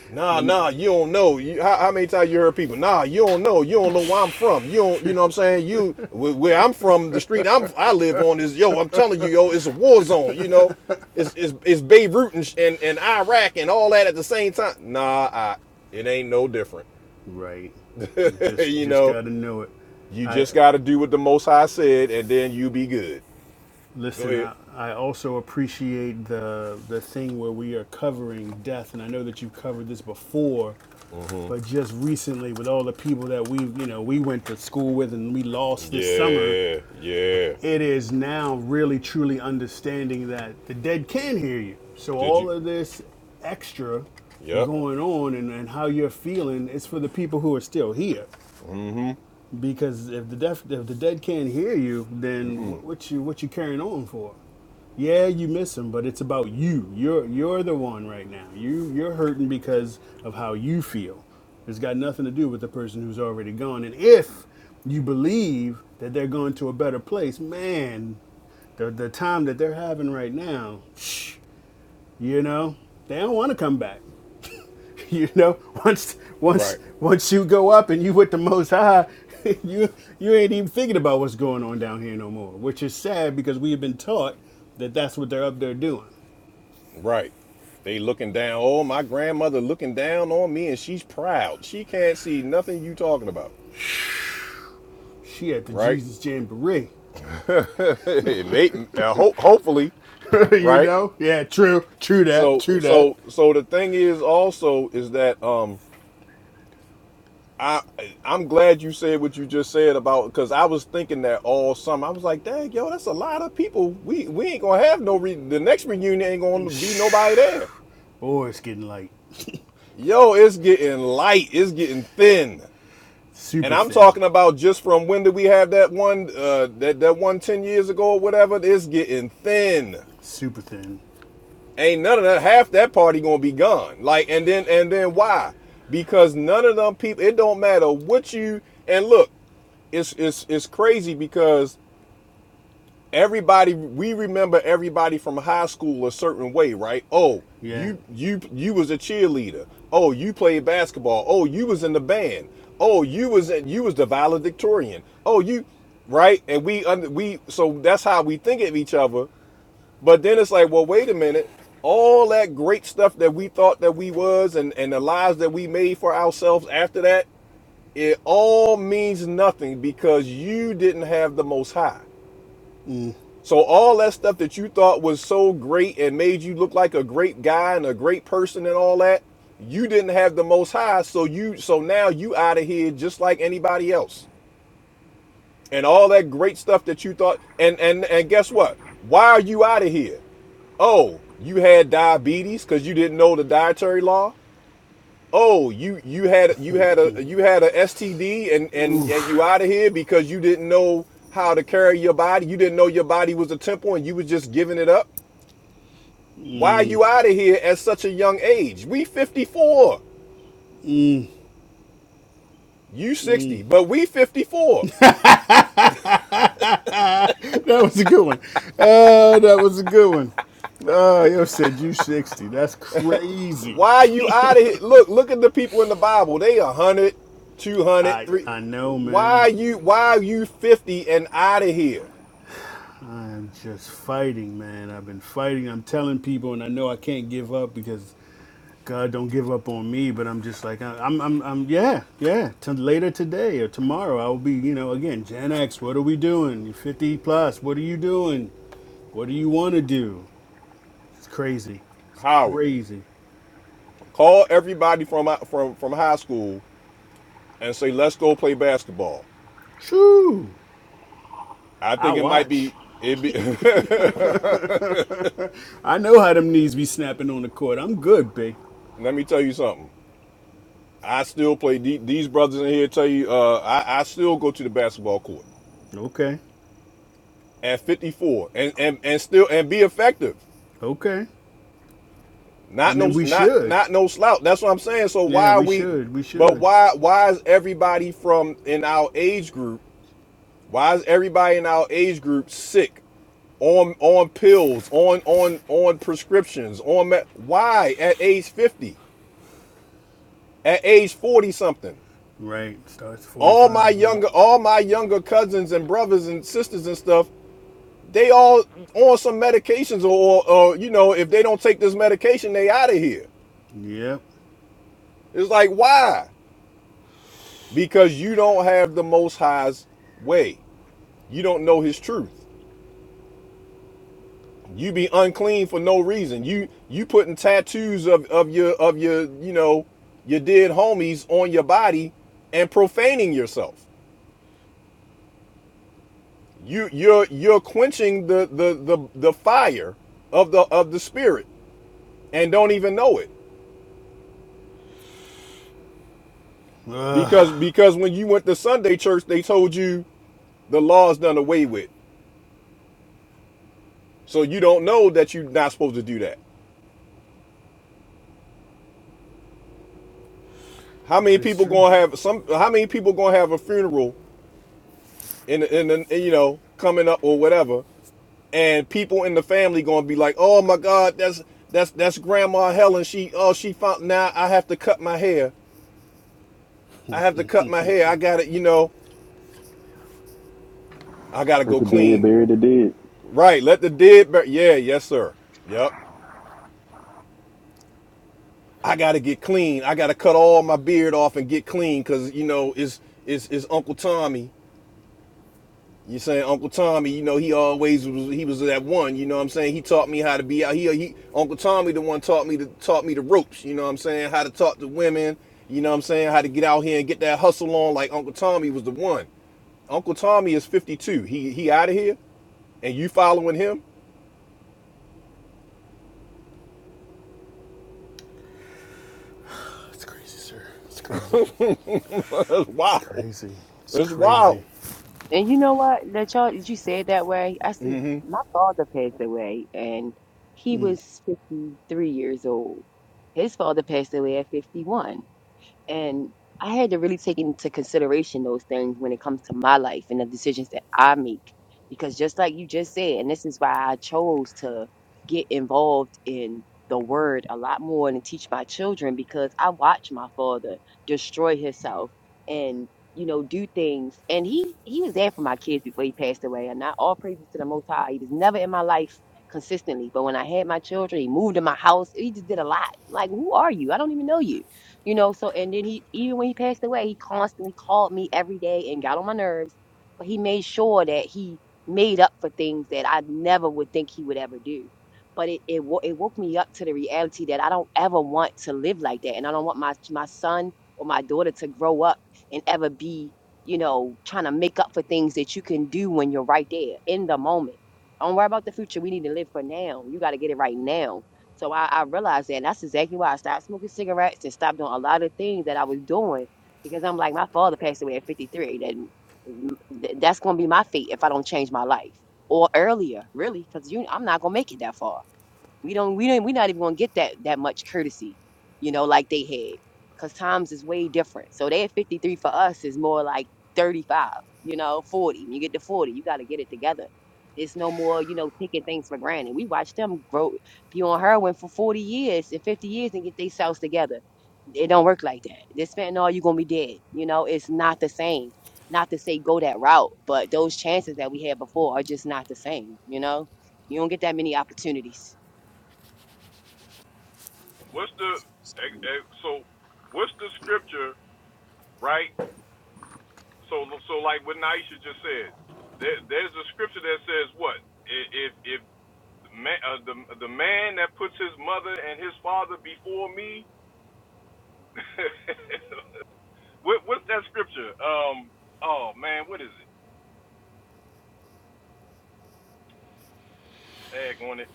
Speaker 1: Nah,
Speaker 12: Let. me,
Speaker 1: nah, you don't know. You, how, how many times you heard people? Nah, you don't know. You don't know where I'm from. You don't, you know what I'm saying? You where, where I'm from, the street I'm I live on is yo. I'm telling you, yo, it's a war zone. You know, it's it's, it's Beirut and, and and Iraq and all that at the same time. Nah, I, it ain't no different.
Speaker 12: Right.
Speaker 1: [LAUGHS]
Speaker 12: Just
Speaker 1: you
Speaker 12: just
Speaker 1: know,
Speaker 12: got to know it.
Speaker 1: you
Speaker 12: I
Speaker 1: just got to do what the Most High said, and then you be good. Go
Speaker 12: listen.
Speaker 1: ahead.
Speaker 12: I I also appreciate the the thing where we are covering death, and I know that you've covered this before, but just recently with all the people that we've you know we went to school with and we lost this summer,
Speaker 1: Yeah, yeah.
Speaker 12: it is now really truly understanding that the dead can hear you. So
Speaker 1: Did you?
Speaker 12: all of this extra
Speaker 1: Yep.
Speaker 12: going on and, and how you're feeling is for the people who are still here because if the deaf if the dead can't hear you, then wh- what you what you carrying on for? Yeah, you miss him, but it's about you. You're you're the one right now. You you're hurting because of how you feel. It's got nothing to do with the person who's already gone. And if you believe that they're going to a better place, man, the the time that they're having right now, you know, they don't want to come back. [LAUGHS] you know once once
Speaker 1: Right.
Speaker 12: once you go up and you with the most high [LAUGHS] you you ain't even thinking about what's going on down here no more which is sad because we have been taught that that's what they're up there doing
Speaker 1: Right. They looking down. Oh, my grandmother looking down on me and she's proud. She can't see nothing you talking about.
Speaker 12: she at the
Speaker 1: Right?
Speaker 12: jesus jamboree
Speaker 1: [LAUGHS] it may uh, ho- hopefully,
Speaker 12: [LAUGHS] you
Speaker 1: right?
Speaker 12: know yeah true true that
Speaker 1: So
Speaker 12: true that
Speaker 1: so so the thing is also is that um I I'm glad you said what you just said about cuz I was thinking that all summer. I was like, "Dang, yo, that's a lot of people. We we ain't going to have no re- the next reunion ain't going to be nobody there."
Speaker 12: or it's getting like
Speaker 1: Yo, it's getting light. It's getting thin. And
Speaker 12: super
Speaker 1: I'm
Speaker 12: thin
Speaker 1: talking about just from when did we have that one uh that, that one 10 years ago or whatever, it's getting thin.
Speaker 12: super thin
Speaker 1: Ain't none of that half that party gonna be gone. Like and then and then why? Because none of them people it don't matter what you and look, it's it's it's crazy because everybody we remember everybody from high school a certain way right oh
Speaker 12: yeah
Speaker 1: you you you was a cheerleader oh you played basketball oh you was in the band oh you was in, you was the valedictorian oh you right and we under we so that's how we think of each other but then it's like well wait a minute all that great stuff that we thought that we was and and the lives that we made for ourselves after that it all means nothing because you didn't have the most high so all that stuff that you thought was so great and made you look like a great guy and a great person and all that, you didn't have the most high. So you so now you out of here just like anybody else. And all that great stuff that you thought and and and guess what? Why are you out of here? Oh, you had diabetes because you didn't know the dietary law? oh you you had you had a you had a std and and, and you out of here because you didn't know how to carry your body you didn't know your body was a temple and you was just giving it up why are you out of here at such a young age we 54 you 60 but we 54
Speaker 12: [LAUGHS] that was a good one uh that was a good one Oh, yo said you 60 that's crazy
Speaker 1: why are you out of here look look at the people in the bible they 100 200
Speaker 12: i i know
Speaker 1: why are
Speaker 12: man
Speaker 1: you why are you 50 and out of here
Speaker 12: I'm just fighting, man. I've been fighting. I'm telling people, and I know I can't give up because God don't give up on me. But I'm just like, I- I'm, I'm, I'm yeah, yeah. T- later today or tomorrow, I will be, you know, again, Gen X. What are we doing? You're 50 plus. What are you doing? What do you want to do? It's crazy. It's
Speaker 1: howard
Speaker 12: crazy.
Speaker 1: call everybody from from from high school and say, let's go play basketball.
Speaker 12: True.
Speaker 1: I
Speaker 12: I
Speaker 1: think it might
Speaker 12: watch.
Speaker 1: be, it be,
Speaker 12: [LAUGHS] I know how them knees be snapping on the court. I'm good, B.
Speaker 1: [LAUGHS] let me tell you something. I still play, these brothers in here tell you, uh, I, I still go to the basketball court
Speaker 12: Okay.
Speaker 1: at 54 and, and, and still, and be effective.
Speaker 12: Okay. I
Speaker 1: Not
Speaker 12: mean,
Speaker 1: no,
Speaker 12: we
Speaker 1: not,
Speaker 12: should.
Speaker 1: not no slouch. That's what I'm saying. So
Speaker 12: Yeah,
Speaker 1: why are
Speaker 12: we
Speaker 1: we,
Speaker 12: should. We
Speaker 1: but
Speaker 12: should.
Speaker 1: why, why is everybody from in our age group Why is everybody in our age group sick, on on pills, on on on prescriptions, on me- why at age fifty, at age forty something?
Speaker 12: Right. Starts
Speaker 1: All my
Speaker 12: 45 now.
Speaker 1: younger, all my younger cousins and brothers and sisters and stuff, they all on some medications or or you know if they don't take this medication, they out of here.
Speaker 12: Yep.
Speaker 1: It's like why? Because you don't have the Most High's way. You don't know His truth. You be unclean for no reason. You you putting tattoos of, of your of your you know your dead homies on your body and profaning yourself. You you're you're quenching the the the, the fire of the of the spirit and don't even know it
Speaker 12: Ugh,
Speaker 1: because because when you went to Sunday church they told you the law's done away with. So you don't know that you're not supposed to do that. How
Speaker 12: that
Speaker 1: many
Speaker 12: is
Speaker 1: people
Speaker 12: true.
Speaker 1: gonna have some? How many people gonna have a funeral in in, in you know coming up or whatever? and people in the family gonna be like, "Oh my God, that's that's that's Grandma Helen. She oh she found now. I have to cut my hair. I have to cut my hair. I got to You know, I gotta
Speaker 11: Let
Speaker 1: go
Speaker 11: the dead
Speaker 1: clean.
Speaker 11: bury the dead.
Speaker 1: Right? Let the dead. Bur- yeah. Yes, sir. Yep. I gotta get clean. I gotta cut all my beard off and get clean because you know it's it's it's Uncle Tommy. You saying Uncle Tommy? You know he always was. He was that one. You know what I'm saying? He taught me how to be out. here. he Uncle Tommy, the one taught me to taught me the ropes. You know what I'm saying? How to talk to women. You know what I'm saying? How to get out here and get that hustle on. Like Uncle Tommy was the one. Uncle Tommy is 52. He he out of here, and you following him?
Speaker 12: It's crazy, sir. It's crazy.
Speaker 1: [LAUGHS] That's
Speaker 12: It's
Speaker 1: wild.
Speaker 12: crazy. It's
Speaker 1: That's
Speaker 12: crazy.
Speaker 1: wild.
Speaker 3: and you know what? That y'all that you said that way. I said my father passed away, and he was fifty three years old. His father passed away at fifty one. And I had to really take into consideration those things when it comes to my life and the decisions that I make. Because just like you just said, and this is why I chose to get involved in the word a lot more and teach my children because I watched my father destroy himself and you know do things and he he was there for my kids before he passed away and not all praises to the most high he was never in my life consistently but when i had my children he moved to my house he just did a lot like who are you i don't even know you you know. So and then he even when he passed away, he constantly called me every day and got on my nerves, but he made sure that he made up for things that I never would think he would ever do. But it it, wo- it woke me up to the reality that I don't ever want to live like that, and I don't want my my son or my daughter to grow up and ever be you know trying to make up for things that you can do when you're right there in the moment. Don't worry about the future. We need to live for now. You got to get it right now so I, I realized that. And that's exactly why I stopped smoking cigarettes and stopped doing a lot of things that I was doing because I'm like, my father passed away at 53. Then th- that's going to be my fate if I don't change my life or earlier, really, because you, I'm not going to make it that far. We don't we don't we not even gonna get that that much courtesy, you know, like they had. Cause times is way different. So they at 53 for us is more like 35, you know, 40. When you get to 40, you gotta get it together. It's no more, you know, taking things for granted. We watched them grow be on heroin for 40 years and 50 years and get themselves together. It don't work like that. This fentanyl, you gonna be dead. You know, it's not the same. Not to say go that route, but those chances that we had before are just not the same, you know? You don't get that many opportunities
Speaker 1: What's the eh, eh, so? What's the scripture? Right? So, so like what Naisha just said, there, there's a scripture that says what? If if the man, uh, the the man that puts his mother and his father before me, [LAUGHS] what, what's that scripture? Um, oh man, what is it? Dag on it.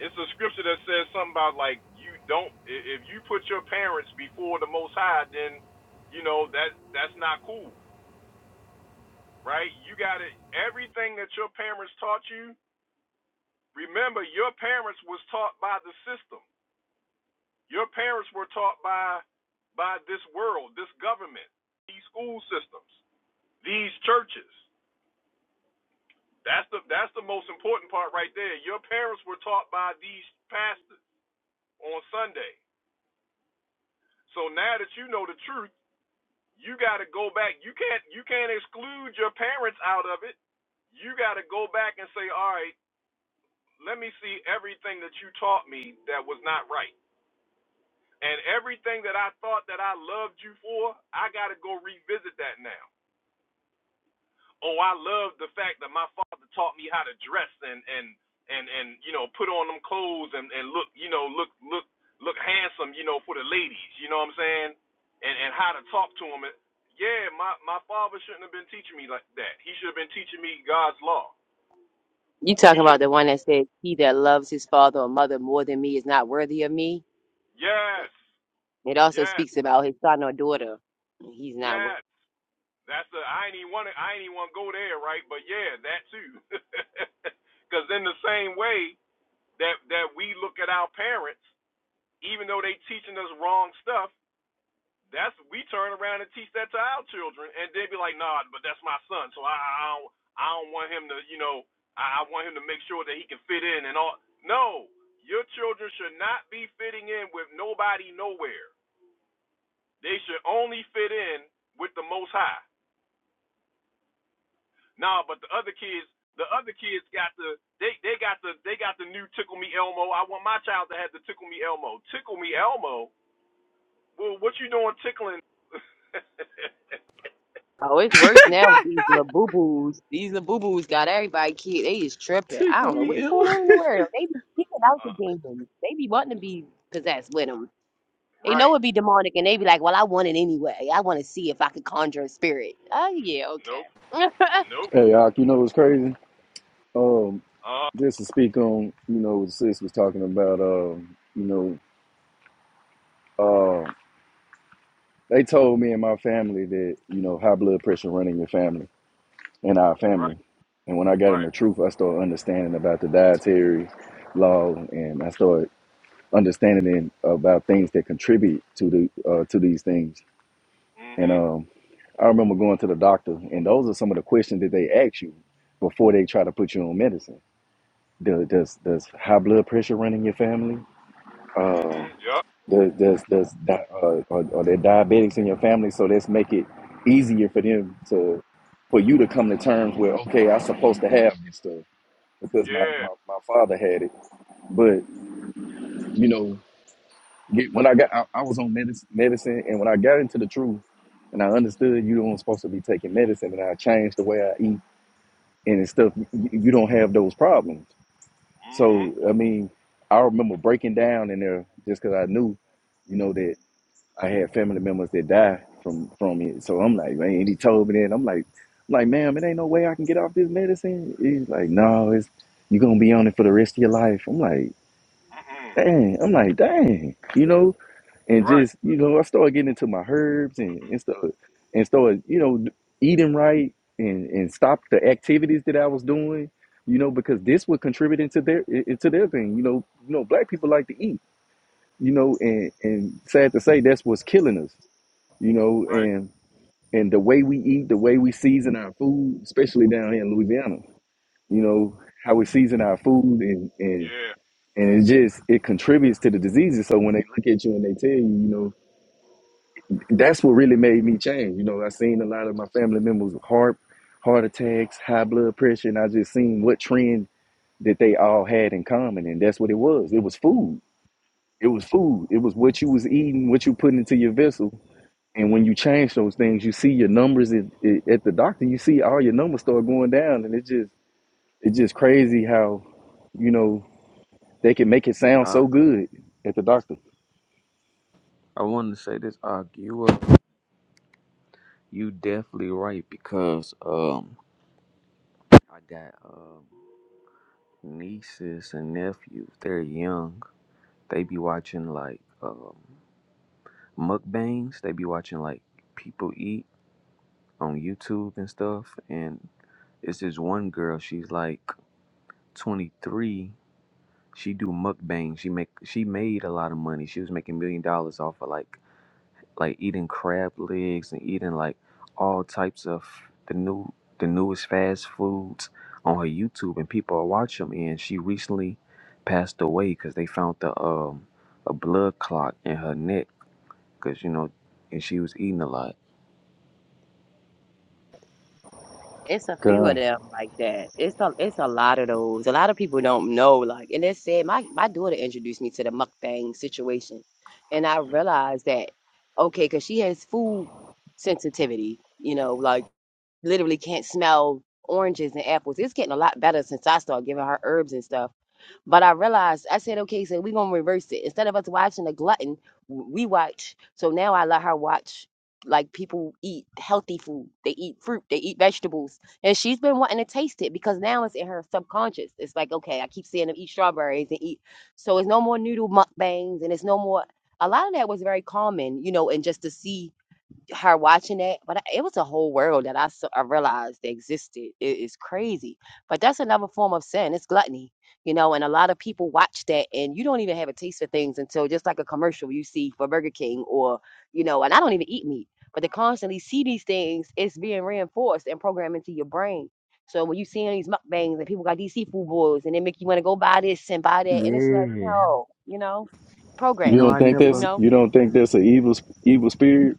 Speaker 1: It's a scripture that says something about like you don't i- if you put your parents before the Most High, then you know that that's not cool, right? You got to everything that your parents taught you remember your parents was taught by the system your parents were taught by by this world this government these school systems these churches that's the that's the most important part right there your parents were taught by these pastors on sunday so now that you know the truth you got to go back you can't you can't exclude your parents out of it you got to go back and say all right let me see everything that you taught me that was not right And everything that I thought that I loved you for, I got to go revisit that now. Oh, I love the fact that my father taught me how to dress and and and and you know put on them clothes and and look you know look look look handsome you know for the ladies. You know what I'm saying? And and how to talk to them. Yeah, my my father shouldn't have been teaching me like that. He should have been teaching me God's law.
Speaker 3: You
Speaker 1: He
Speaker 3: talking
Speaker 1: should.
Speaker 3: about the
Speaker 1: Have,
Speaker 3: one that said, He that loves his father or mother more than me is not worthy of me?
Speaker 1: yes,
Speaker 3: It also
Speaker 1: yes,
Speaker 3: speaks about his son or daughter. He's not wor-
Speaker 1: yes. That's the I ain't even want to I ain't even want to go there, right? But yeah, that too. [LAUGHS] Because in the same way that that we look at our parents, even though they teaching us wrong stuff, that's we turn around and teach that to our children, and they be like, nah, but that's my son, so I I don't, I don't want him to, you know, I, I want him to make sure that he can fit in and all. No, your children should not be fitting in with nobody nowhere. They should only fit in with the Most High. Nah, but the other kids, the other kids got the they they got the they got the new Tickle Me Elmo. I want my child to have the Tickle Me Elmo. Tickle Me Elmo. Well, what you doing tickling? [LAUGHS] uh,
Speaker 3: Oh, it's worse now with these little
Speaker 13: [LAUGHS]
Speaker 3: boo boos. These little boo boos got everybody kid. They is tripping. I don't
Speaker 13: Tickle
Speaker 3: know
Speaker 13: me
Speaker 3: what's
Speaker 13: ill.
Speaker 3: going on in the world. They be kicking out the demons. They be wanting to be possessed with them. They know
Speaker 1: right.
Speaker 3: it be demonic and they be like, Well, I want it anyway. I want to see if I could conjure a spirit. Oh, yeah, okay.
Speaker 1: Nope.
Speaker 3: [LAUGHS]
Speaker 1: Nope.
Speaker 11: Hey, Ak, you know what's crazy? Um,
Speaker 1: Uh.
Speaker 11: just to speak on, you know, what Sis was talking about, um, you know, uh, they told me and my family that, you know, high blood pressure running your family. in our family.
Speaker 1: Right.
Speaker 11: And when I got
Speaker 1: Right.
Speaker 11: into truth, I started understanding about the dietary law, and I started understanding about things that contribute to the uh, to these things. And
Speaker 1: Mhm.
Speaker 11: um, I remember going to the doctor, and those are some of the questions that they ask you before they try to put you on medicine. Do- Does does high blood pressure run in your family? Um,
Speaker 1: Mm, yup.
Speaker 11: does does, does di- uh, are, are there diabetics in your family? So let's make it easier for them to for you to come to terms with. Okay, I'm supposed to have this stuff because my,
Speaker 1: Yeah.
Speaker 11: my, my father had it. But you know, get, when I got I, I was on medicine, medicine, and when I got into the truth, and I understood you don't supposed to be taking medicine, and I changed the way I eat and it's stuff. You, you don't have those problems.
Speaker 1: Mhm.
Speaker 11: So I mean, I remember breaking down in there just because I knew, you know, that I had family members that died from from it. So I'm like, man, and he told me that and I'm like. I'm Like, ma'am, it ain't no way I can get off this medicine. He's like, no, it's you're gonna be on it for the rest of your life. I'm like,
Speaker 1: Mm,
Speaker 11: dang, I'm like, dang, you know, and
Speaker 1: right.
Speaker 11: just, you know, I started getting into my herbs and, and stuff and started, you know, eating right and, and stopped the activities that I was doing, you know, because this would contribute into their into their thing. You know, you know, black people like to eat, you know, and, and sad to say that's what's killing us, you know,
Speaker 1: Right.
Speaker 11: and and the way we eat, the way we season our food, especially down here in Louisiana, you know, how we season our food and and
Speaker 1: Yeah.
Speaker 11: and it just it contributes to the diseases. So when they look at you and they tell you, you know, that's what really made me change. You know, I seen a lot of my family members with heart heart attacks, high blood pressure, and I just seen what trend that they all had in common, and that's what it was. It was food. It was food. It was what you was eating, what you putting into your vessel. And when you change those things, you see your numbers at, at the doctor. You see all your numbers start going down, and it's just it's just crazy how, you know, they can make it sound
Speaker 13: I
Speaker 11: so good at the doctor.
Speaker 13: I wanted to say this, Og. You uh, you definitely right because um, I got um nieces and nephews. They're young. They be watching like um mukbangs. They be watching like people eat on YouTube and stuff. And it's this one girl. She's like 23. She do mukbangs. She make she made a lot of money. She was making million dollars off of like like eating crab legs and eating like all types of the new the newest fast foods on her YouTube, and people are watching. them. And she recently passed away because they found the um a blood clot in her neck because you know, and she was eating a lot.
Speaker 3: It's a few
Speaker 11: God.
Speaker 3: of them like that. It's a it's a lot of those. A lot of people don't know. Like, and it said my my daughter introduced me to the mukbang situation, and I realized that okay, because she has food sensitivity. You know, like literally can't smell oranges and apples. It's getting a lot better since I started giving her herbs and stuff. But I realized, I said, okay, so we're going to reverse it. Instead of us watching a glutton, we watch. So now I let her watch like people eat healthy food. They eat fruit, they eat vegetables. And she's been wanting to taste it because now it's in her subconscious. It's like, okay, I keep seeing them eat strawberries and eat. So it's no more noodle mukbangs and it's no more. A lot of that was very common, you know, and just to see her watching it, but it was a whole world that I, s- I realized that existed. It is crazy, but that's another form of sin. It's gluttony, you know. And a lot of people watch that, and you don't even have a taste for things until just like a commercial you see for Burger King or you know. And I don't even eat meat, but to constantly see these things, it's being reinforced and programmed into your brain. So when you see these mukbangs and people got these seafood boils, and they make you want to go buy this and buy that, and it's like
Speaker 13: Yeah,
Speaker 3: no, you know,
Speaker 13: you
Speaker 11: You
Speaker 13: know,
Speaker 11: don't
Speaker 3: programming,
Speaker 13: I
Speaker 11: think
Speaker 3: you
Speaker 11: that's
Speaker 13: never.
Speaker 3: know.
Speaker 11: you don't think that's an evil sp- evil spirit?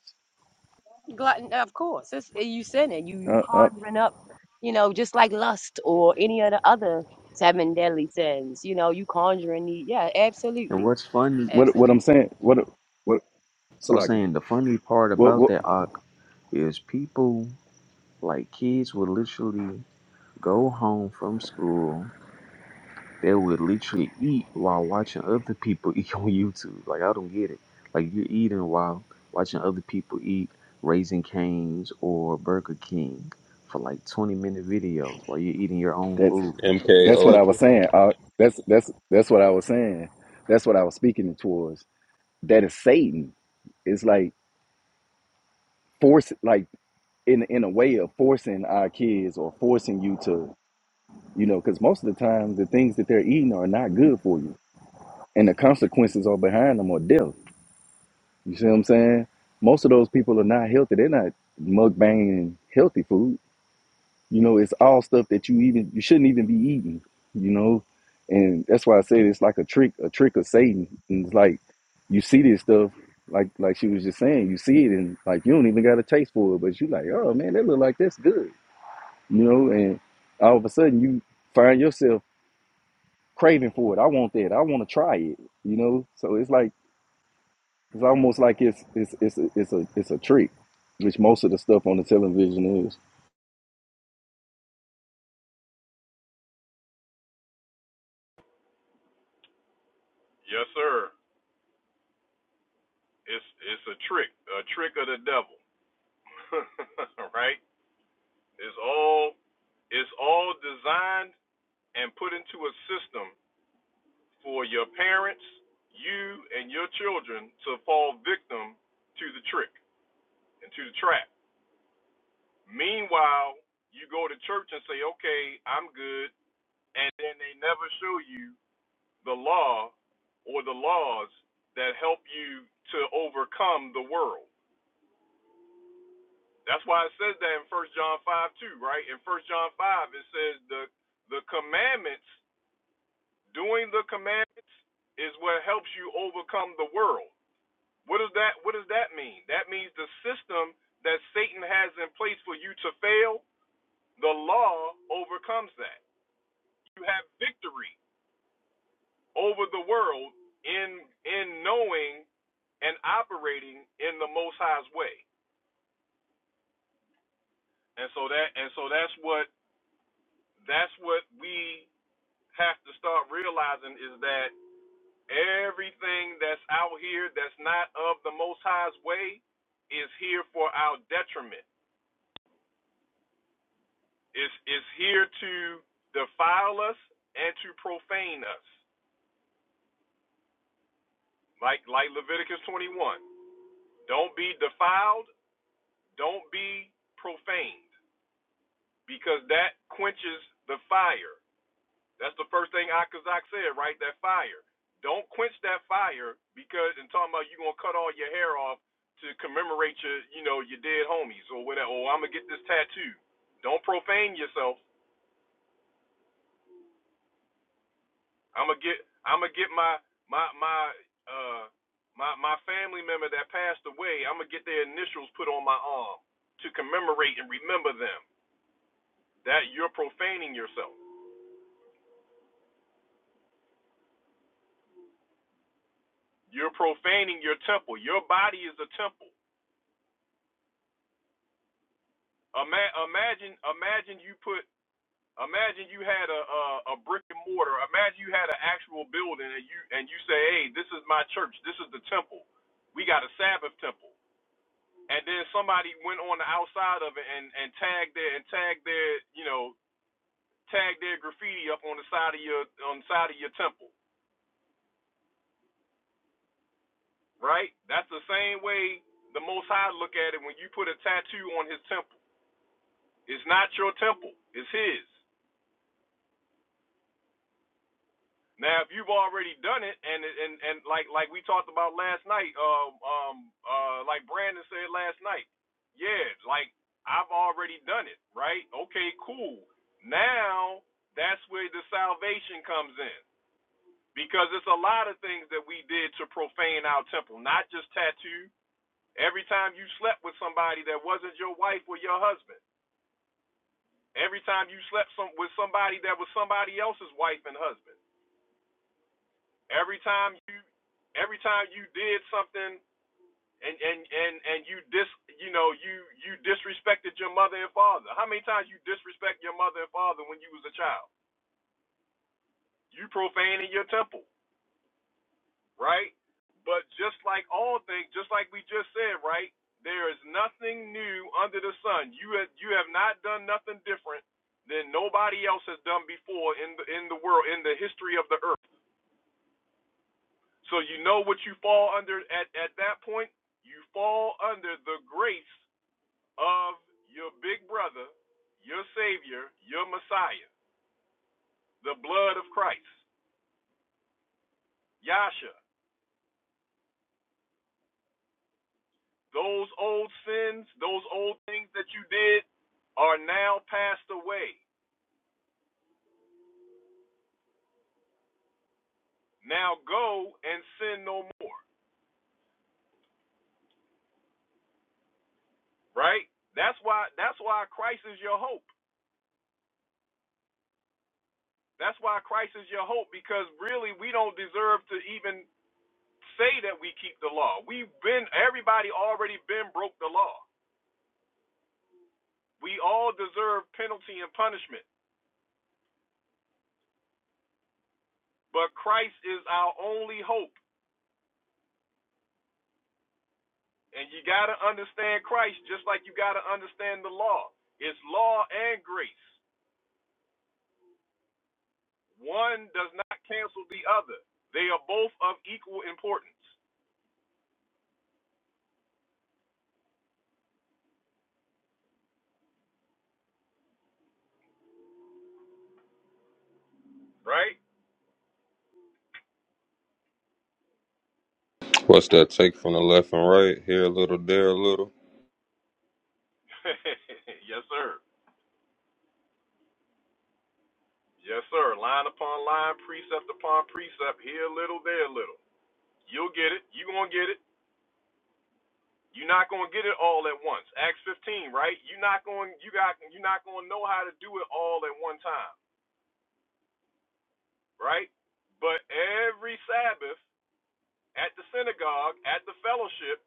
Speaker 3: glutton of course it's, eh, you sinning you you
Speaker 11: Uh, uh,
Speaker 3: conjuring up you know just like lust or any of the other seven deadly sins you know you conjuring the yeah
Speaker 13: And
Speaker 3: absolutely
Speaker 13: what's funny,
Speaker 11: what what I'm
Speaker 3: absolutely
Speaker 11: saying? What what
Speaker 13: I was
Speaker 11: Salaki?
Speaker 13: saying the funny part
Speaker 11: What
Speaker 13: about
Speaker 11: what?
Speaker 13: that Ak, is people like kids would literally go home from school They would literally eat while watching other people eat [LAUGHS] on YouTube. Like I don't get it. Like you're eating while watching other people eat Raising Cane's or Burger King for like 20 minute videos while you're eating your own
Speaker 11: That's
Speaker 13: food
Speaker 14: MK
Speaker 11: that's what I
Speaker 14: Ultra.
Speaker 11: was saying. Uh, that's that's that's what I was saying. That's what I was speaking towards. That is Satan. It's like force, like in in a way of forcing our kids or forcing you to, you know, because most of the time the things that they're eating are not good for you, and the consequences are behind them or death. You see what I'm saying? Most of those people are not healthy. They're not mukbanging healthy food. You know, it's all stuff that you even you shouldn't even be eating. You know, and that's why I said it's like a trick, a trick of Satan. And it's like you see this stuff, like like she was just saying, you see it and like you don't even got a taste for it, but you like, oh man, that look like that's good. You know, and all of a sudden you find yourself craving for it. I want that. I want to try it. You know, so it's like It's almost like it's it's it's a, it's a it's a trick, which most of the stuff on the television is.
Speaker 1: Yes, sir. It's it's a trick, a trick of the devil. [LAUGHS] right. It's all it's all designed and put into a system for your parents, you, and your children to fall victim to the trick and to the trap. Meanwhile, you go to church and say, okay, I'm good, and then they never show you the law or the laws that help you to overcome the world. That's why it says that in 1 John 5 too, right? In 1 John 5, it says the the commandments, doing the commandments is what helps you overcome the world. What does that what does that mean? That means the system that Satan has in place for you to fail, the law overcomes that. You have victory over the world in in knowing and operating in the most high's way. And so that and so that's what that's what we have to start realizing is that everything that's out here that's not of the most high's way is here for our detriment is is here to defile us and to profane us. Like like Leviticus 21. Don't be defiled, don't be profaned, because that quenches the fire. That's the first thing Akazak said, right? That fire. Don't quench that fire because and talking about you gonna cut all your hair off to commemorate your, you know, your dead homies or whatever. Or I'm gonna get this tattoo. Don't profane yourself I'm gonna get I'm gonna get my my my uh my my family member that passed away. I'm gonna get their initials put on my arm to commemorate and remember them. That you're profaning yourself. You're profaning your temple. Your body is a temple. Ima- imagine imagine you put imagine you had a, a a brick and mortar. Imagine you had an actual building and you and you say, "Hey, this is my church. This is the temple. We got a Sabbath temple." and then somebody went on the outside of it and and tagged their and tagged their you know tagged their graffiti up on the side of your on the side of your temple right that's the same way the most high look at it when you put a tattoo on his temple it's not your temple it's his Now, if you've already done it, and and and like like we talked about last night, um um uh like Brandon said last night, yeah, like I've already done it, right? Okay, cool. Now that's where the salvation comes in because it's a lot of things that we did to profane our temple, not just tattoo. Every time you slept with somebody that wasn't your wife or your husband, every time you slept some, with somebody that was somebody else's wife and husband every time you every time you did something and and and and you dis you know you you disrespected your mother and father how many times you disrespect your mother and father when you was a child you profaning your temple right but just like all things just like we just said right there is nothing new under the sun you have you have not done nothing different than nobody else has done before in the in the world in the history of the earth So you know what you fall under at, at that point? You fall under the grace of your big brother, your savior, your messiah, the blood of Christ, Yasha. Those old sins, those old things that you did are now passed away. Now go and sin no more, right? That's why that's why Christ is your hope. That's why Christ is your hope because really we don't deserve to even say that we keep the law. We've been everybody already been broke the law. We all deserve penalty and punishment, but Christ is our only hope. And you got to understand Christ just like you got to understand the law. It's law and grace. One does not cancel the other. They are both of equal importance, right?
Speaker 14: What's that take from the left and right? Here a little, there a little.
Speaker 1: [LAUGHS] yes, sir. Yes, sir. Line upon line, precept upon precept, here a little, there a little. You'll get it. you going to get it. You're not gonna get it all at once. Acts 15, right? You're not going you got you're not gonna know how to do it all at one time, right? But every Sabbath at the synagogue, at the fellowship,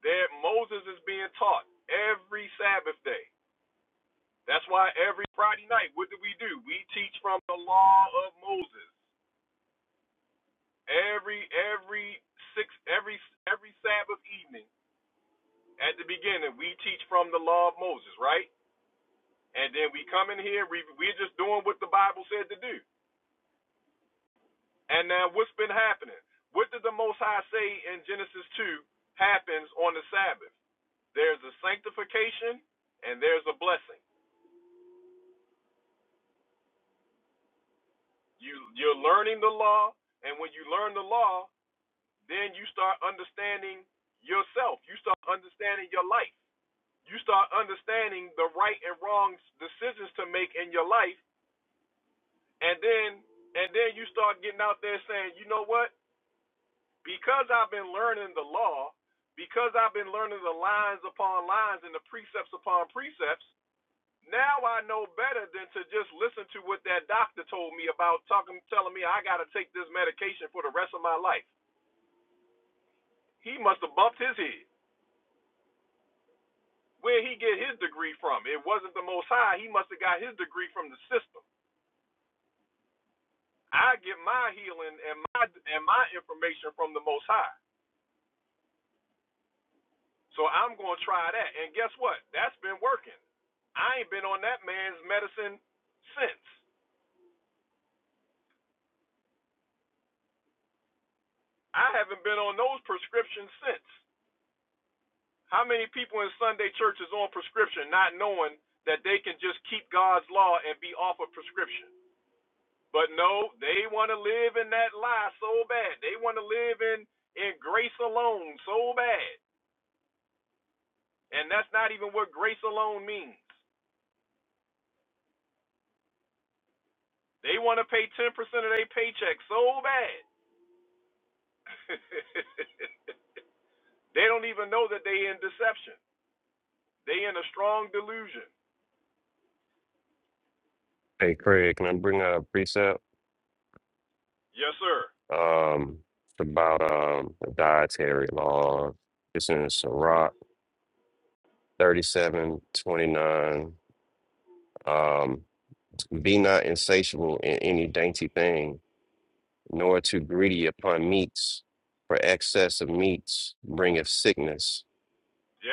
Speaker 1: there Moses is being taught every Sabbath day. That's why every Friday night, what do we do? We teach from the law of Moses. Every every six every every Sabbath evening at the beginning, we teach from the law of Moses, right? And then we come in here, we, we're just doing what the Bible said to do. And now what's been happening? What did the Most High say in Genesis 2 happens on the Sabbath? There's a sanctification and there's a blessing. You, you're learning the law, and when you learn the law, then you start understanding yourself. You start understanding your life. You start understanding the right and wrong decisions to make in your life, and then and then you start getting out there saying, you know what? because I've been learning the law, because I've been learning the lines upon lines and the precepts upon precepts, now I know better than to just listen to what that doctor told me about talking telling me I gotta take this medication for the rest of my life. He must have bumped his head. Where he get his degree from? It wasn't the most high, he must have got his degree from the system. I get my healing and my and my information from the most high. So I'm going to try that. And guess what? That's been working. I ain't been on that man's medicine since. I haven't been on those prescriptions since. How many people in Sunday church is on prescription not knowing that they can just keep God's law and be off of prescription? But no, they want to live in that lie so bad. They want to live in in grace alone so bad. And that's not even what grace alone means. They want to pay 10% of their paycheck so bad. [LAUGHS] They don't even know that they in deception. They in a strong delusion.
Speaker 5: hey craig can i bring out a precept
Speaker 1: Yes, sir.
Speaker 5: um it's about um the dietary law it's in Sirach 37 29. um be not insatiable in any dainty thing nor too greedy upon meats, for excess of meats bringeth sickness,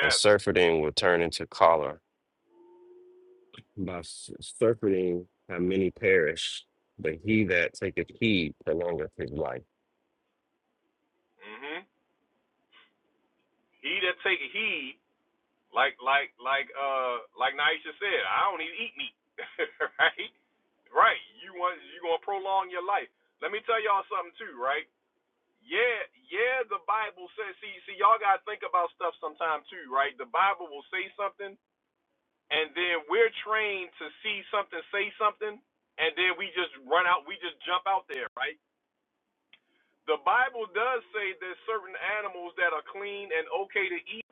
Speaker 5: and surfeiting will turn into choler. By s- surfeiting, how many perish, but he that taketh heed prolongeth his life.
Speaker 1: hmm He that take heed, like like like uh like Naisha said, I don't even eat meat. [LAUGHS] right? Right. You want you gonna prolong your life. Let me tell y'all something too, right? Yeah, yeah, the Bible says see see y'all gotta think about stuff sometime too, right? The Bible will say something and then we're trained to see something, say something, and then we just run out, we just jump out there, right? the Bible does say there's certain animals that are clean and okay to eat,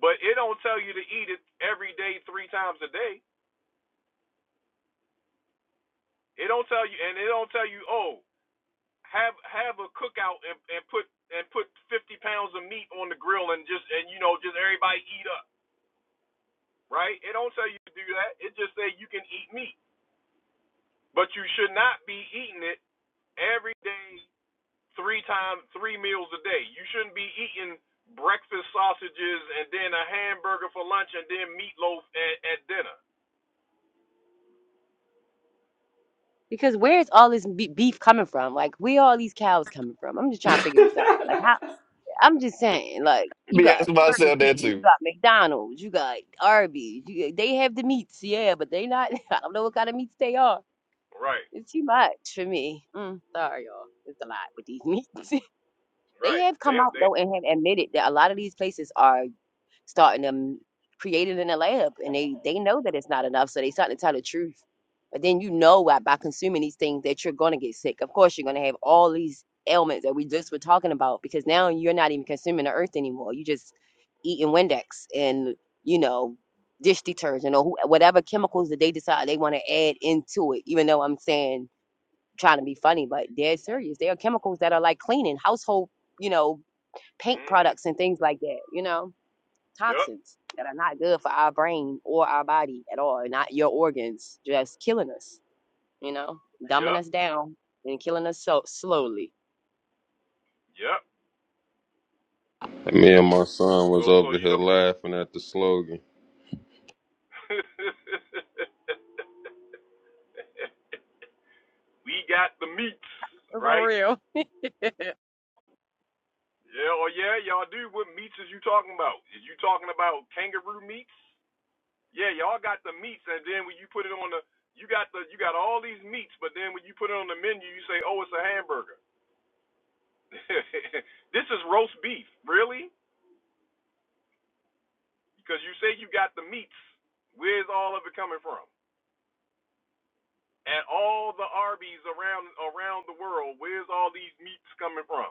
Speaker 1: but it don't tell you to eat it every day, three times a day. It don't tell you, and it don't tell you, oh, have have a cookout and, and put and put 50 pounds of meat on the grill and just and you know just everybody eat up, right? It don't tell you to do that. It just say you can eat meat, but you should not be eating it every day three times three meals a day. You shouldn't be eating breakfast sausages and then a hamburger for lunch and then meatloaf at, at dinner.
Speaker 3: because where's all this be- beef coming from like where all these cows coming from i'm just trying to figure this out like how i'm just saying like you
Speaker 5: Be
Speaker 3: got
Speaker 5: asking
Speaker 3: burger
Speaker 5: myself that
Speaker 3: king you
Speaker 5: too.
Speaker 3: got mcdonald's you got arby's you, they have the meats yeah but they not [LAUGHS] i don't know what kind of meats they are
Speaker 1: Right,
Speaker 3: it's too much for me mm, sorry y'all it's a lot with these [LAUGHS] meats They
Speaker 1: right.
Speaker 3: have come
Speaker 1: They
Speaker 3: out
Speaker 1: they.
Speaker 3: though and have admitted that a lot of these places are starting to create it in the lab, and they they know that it's not enough, so they starting to tell the truth. But then you know why by consuming these things that you're gonna get sick. Of course, you're gonna have all these ailments that we just were talking about because now you're not even consuming the earth anymore. You just eating Windex and you know dish detergent or wh- whatever chemicals that they decide they want to add into it. Even though I'm saying trying to be funny, but they're serious. They are chemicals that are like cleaning household, you know, paint
Speaker 1: Mhm.
Speaker 3: products and things like that, you know,
Speaker 1: Yep.
Speaker 3: toxins that are not good for our brain or our body at all, not your organs, just killing us, you know, dumbing
Speaker 1: Yep.
Speaker 3: us down and killing us so slowly.
Speaker 1: Yep.
Speaker 14: And me and my son
Speaker 1: So
Speaker 14: was
Speaker 1: so
Speaker 14: over
Speaker 1: you
Speaker 14: here
Speaker 1: know.
Speaker 14: laughing at the slogan.
Speaker 1: [LAUGHS] we got the meats,
Speaker 3: For
Speaker 1: right?
Speaker 3: real. [LAUGHS]
Speaker 1: Yeah, oh yeah, y'all do. What meats is you talking about? Is you talking about kangaroo meats? Yeah, y'all got the meats, and then when you put it on the, you got the, you got all these meats, but then when you put it on the menu, you say, oh, it's a hamburger. [LAUGHS] this is roast beef, really? Because you say you got the meats. Where's all of it coming from? And all the Arby's around around the world, where's all these meats coming from?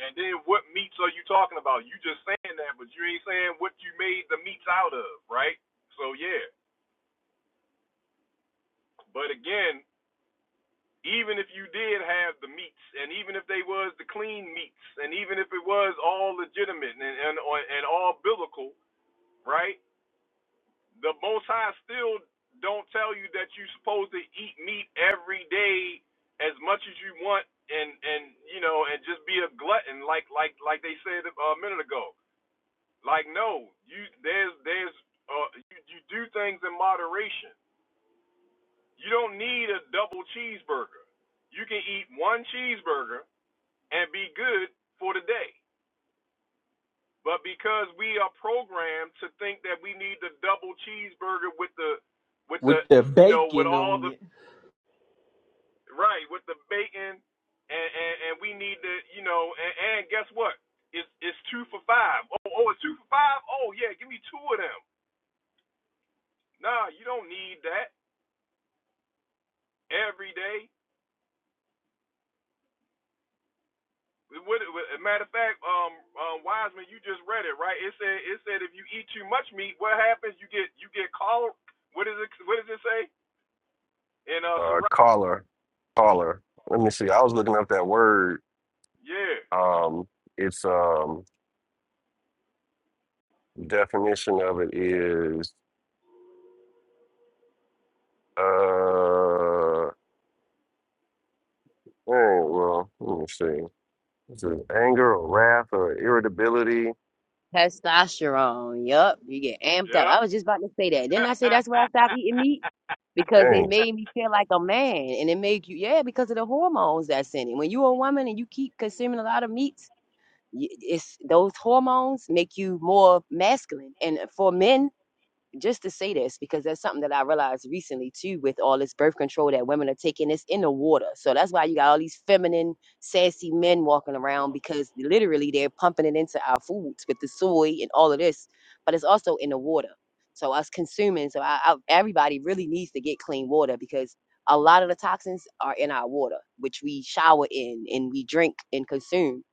Speaker 1: And then what meats are you talking about? You just saying that, but you ain't saying what you made the meats out of, right? So yeah. But again, even if you did have the meats, and even if they was the clean meats, and even if it was all legitimate and and, and all biblical, right? The Most High still don't tell you that you're supposed to eat meat every day as much as you want, and and you know, and just be a glutton like like like they said uh, a minute ago. Like no, you there's there's uh, you, you do things in moderation. You don't need a double cheeseburger. You can eat one cheeseburger and be good for the day. But because we are programmed to think that we need the double cheeseburger with the with
Speaker 13: with
Speaker 1: the
Speaker 13: the
Speaker 1: you know with
Speaker 13: bacon
Speaker 1: all
Speaker 13: on
Speaker 1: the
Speaker 13: it.
Speaker 1: right with the bacon and and, and we need the you know and, and guess what it's it's two for five. Oh, oh, it's two for five. Oh yeah, give me two of them. Nah, you don't need that every day. What, a matter of fact, um, um, Wiseman, you just read it, right? It said, it said, if you eat too much meat, what happens? You get, you get called. What does it, what does it say? In uh,
Speaker 5: Uh,
Speaker 1: Sirach?
Speaker 5: choler, choler. Let me see. I was looking up that word.
Speaker 1: Yeah,
Speaker 5: Um, its um definition of it is uh. eh, Well, let me see. Is it anger or wrath or irritability?
Speaker 3: Testosterone, yup, you get amped up.
Speaker 1: yeah.
Speaker 3: I was just about to say that. Didn't I say that's why I stopped eating meat? Because it
Speaker 5: Dang.
Speaker 3: made me feel like a man and it made you, yeah, because of the hormones that's in it. When you're a woman and you keep consuming a lot of meat. y- it's those hormones make you more masculine. And for men, just to say this, because that's something that I realized recently too, with all this birth control that women are taking, it's in the water. So that's why you got all these feminine, sassy men walking around because literally they're pumping it into our foods with the soy and all of this, but it's also in the water. So us consuming, so I, I, everybody really needs to get clean water because a lot of the toxins are in our water, which we shower in and we drink and consume.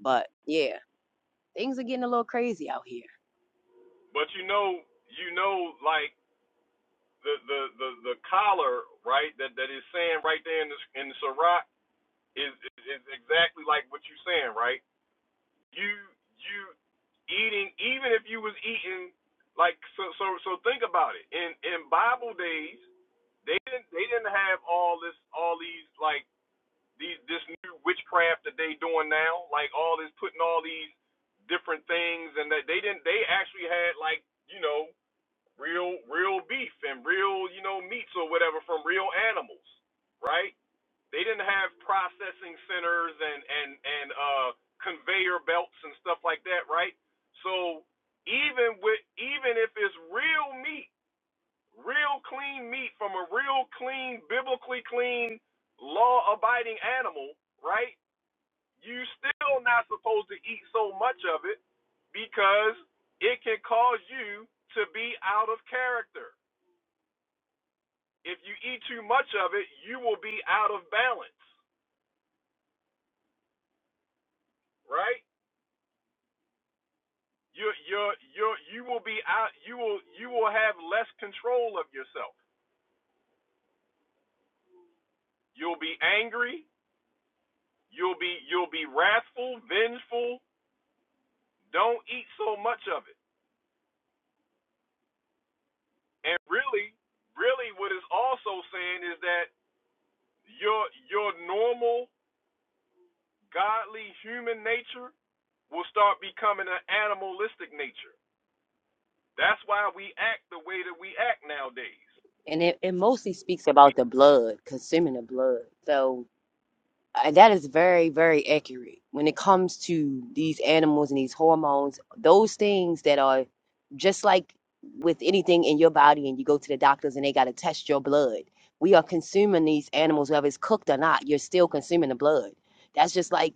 Speaker 3: But yeah, things are getting a little crazy out here.
Speaker 1: But you know, you know, like the the the, the collar, right? That that is saying right there in the in the Sirach is, is is exactly like what you're saying, right? you you eating even if you was eating like so so so think about it in in bible days they didn't they didn't have all this all these like these this new witchcraft that they doing now like all this putting all these different things and that they didn't they actually had like you know real real beef and real you know meats or whatever from real animals right they didn't have processing centers and and and uh, conveyor belts and stuff like that, right? So even with even if it's real meat, real clean meat from a real clean, biblically clean, law-abiding animal, right? You still not supposed to eat so much of it because it can cause you to be out of character. If you eat too much of it, you will be out of balance, right? you you you you will be out you will you will have less control of yourself you'll be angry you'll be you'll be wrathful vengeful don't eat so much of it and really really what it's also saying is that your your normal godly human nature will start becoming an animalistic nature that's why we act the way that we act nowadays
Speaker 3: And it, it mostly speaks
Speaker 1: we
Speaker 3: about the blood, consuming the blood. So uh, that is very, very accurate when it comes to these animals and these hormones, those things that are just like with anything in your body, and you go to the doctors and they got to test your blood. We are consuming these animals, whether it's cooked or not, you're still consuming the blood. That's just like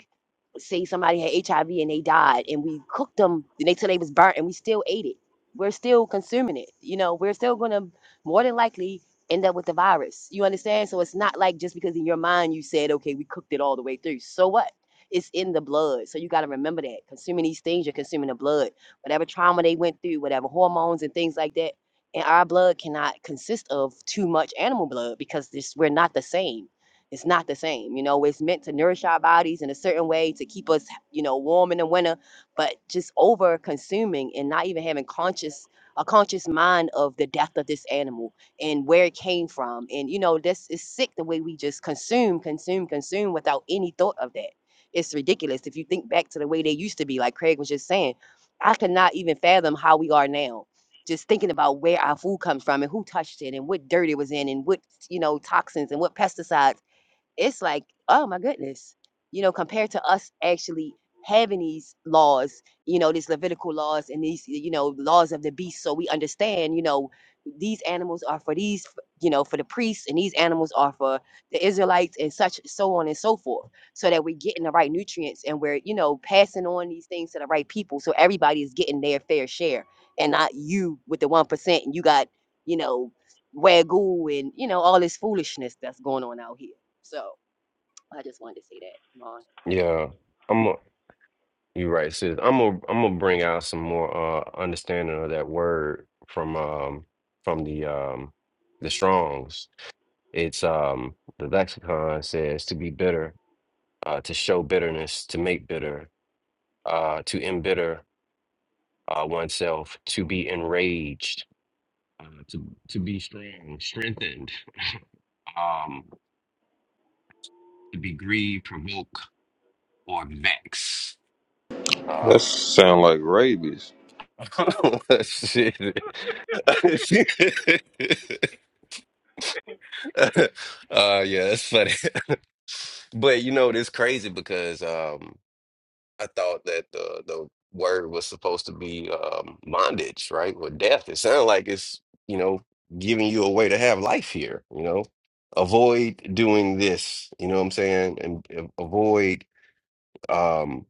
Speaker 3: say somebody had HIV and they died, and we cooked them and they till they was burnt, and we still ate it. We're still consuming it. You know, we're still gonna more than likely end up with the virus. You understand? So it's not like just because in your mind you said, okay, we cooked it all the way through. So what? It's in the blood. So you got to remember that. Consuming these things, you're consuming the blood. Whatever trauma they went through, whatever hormones and things like that. And our blood cannot consist of too much animal blood because this, we're not the same it's not the same. You know, it's meant to nourish our bodies in a certain way to keep us, you know, warm in the winter, but just over consuming and not even having conscious a conscious mind of the death of this animal and where it came from. And you know, this is sick the way we just consume, consume, consume without any thought of that. It's ridiculous. If you think back to the way they used to be, like Craig was just saying, I cannot even fathom how we are now just thinking about where our food comes from and who touched it and what dirt it was in and what you know toxins and what pesticides it's like, oh my goodness, you know, compared to us actually having these laws, you know, these Levitical laws and these, you know, laws of the beast. So we understand, you know, these animals are for these, you know, for the priests and these animals are for the Israelites and such, so on and so forth. So that we're getting the right nutrients and we're, you know, passing on these things to the right people. So everybody is getting their fair share and not you with the 1% and you got, you know, Wagyu and you know all this foolishness that's going on out here. So I just wanted to say that. Come on,
Speaker 5: Yeah. I'm a, you're right, sis. I'm gonna I'm gonna bring out some more uh understanding of that word from um from the um the Strongs. It's um the lexicon says to be bitter, uh to show bitterness, to make bitter, uh to embitter uh oneself, to be enraged, uh, to to be strong, strengthened, um to be grieved, provoke, or vex.
Speaker 14: That sound like rabies.
Speaker 5: [LAUGHS] Oh Shit. [LAUGHS] uh yeah, that's funny. [LAUGHS] But you know, it's crazy because um I thought that the the word was supposed to be um bondage, right? Or death. It sounds like it's, you know, giving you a way to have life here, you know. Avoid doing this, you know what I'm saying? And uh, avoid um,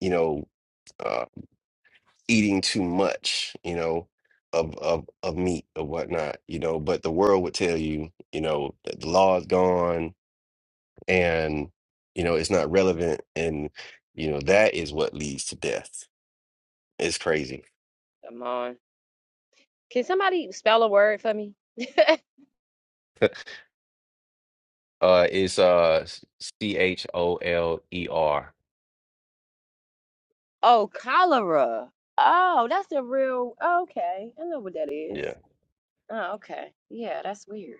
Speaker 5: you know, uh, eating too much, you know, of of of meat or whatnot, you know. But the world would tell you, you know, that the law is gone and you know it's not relevant, and you know that is what leads to death. It's crazy.
Speaker 3: Come on. Can somebody spell a word for me?
Speaker 5: [LAUGHS] Uh, it's uh C H O L E R.
Speaker 3: Oh, cholera. Oh, that's the real. Okay, I know what that is.
Speaker 5: Yeah.
Speaker 3: Oh, okay. Yeah, that's weird.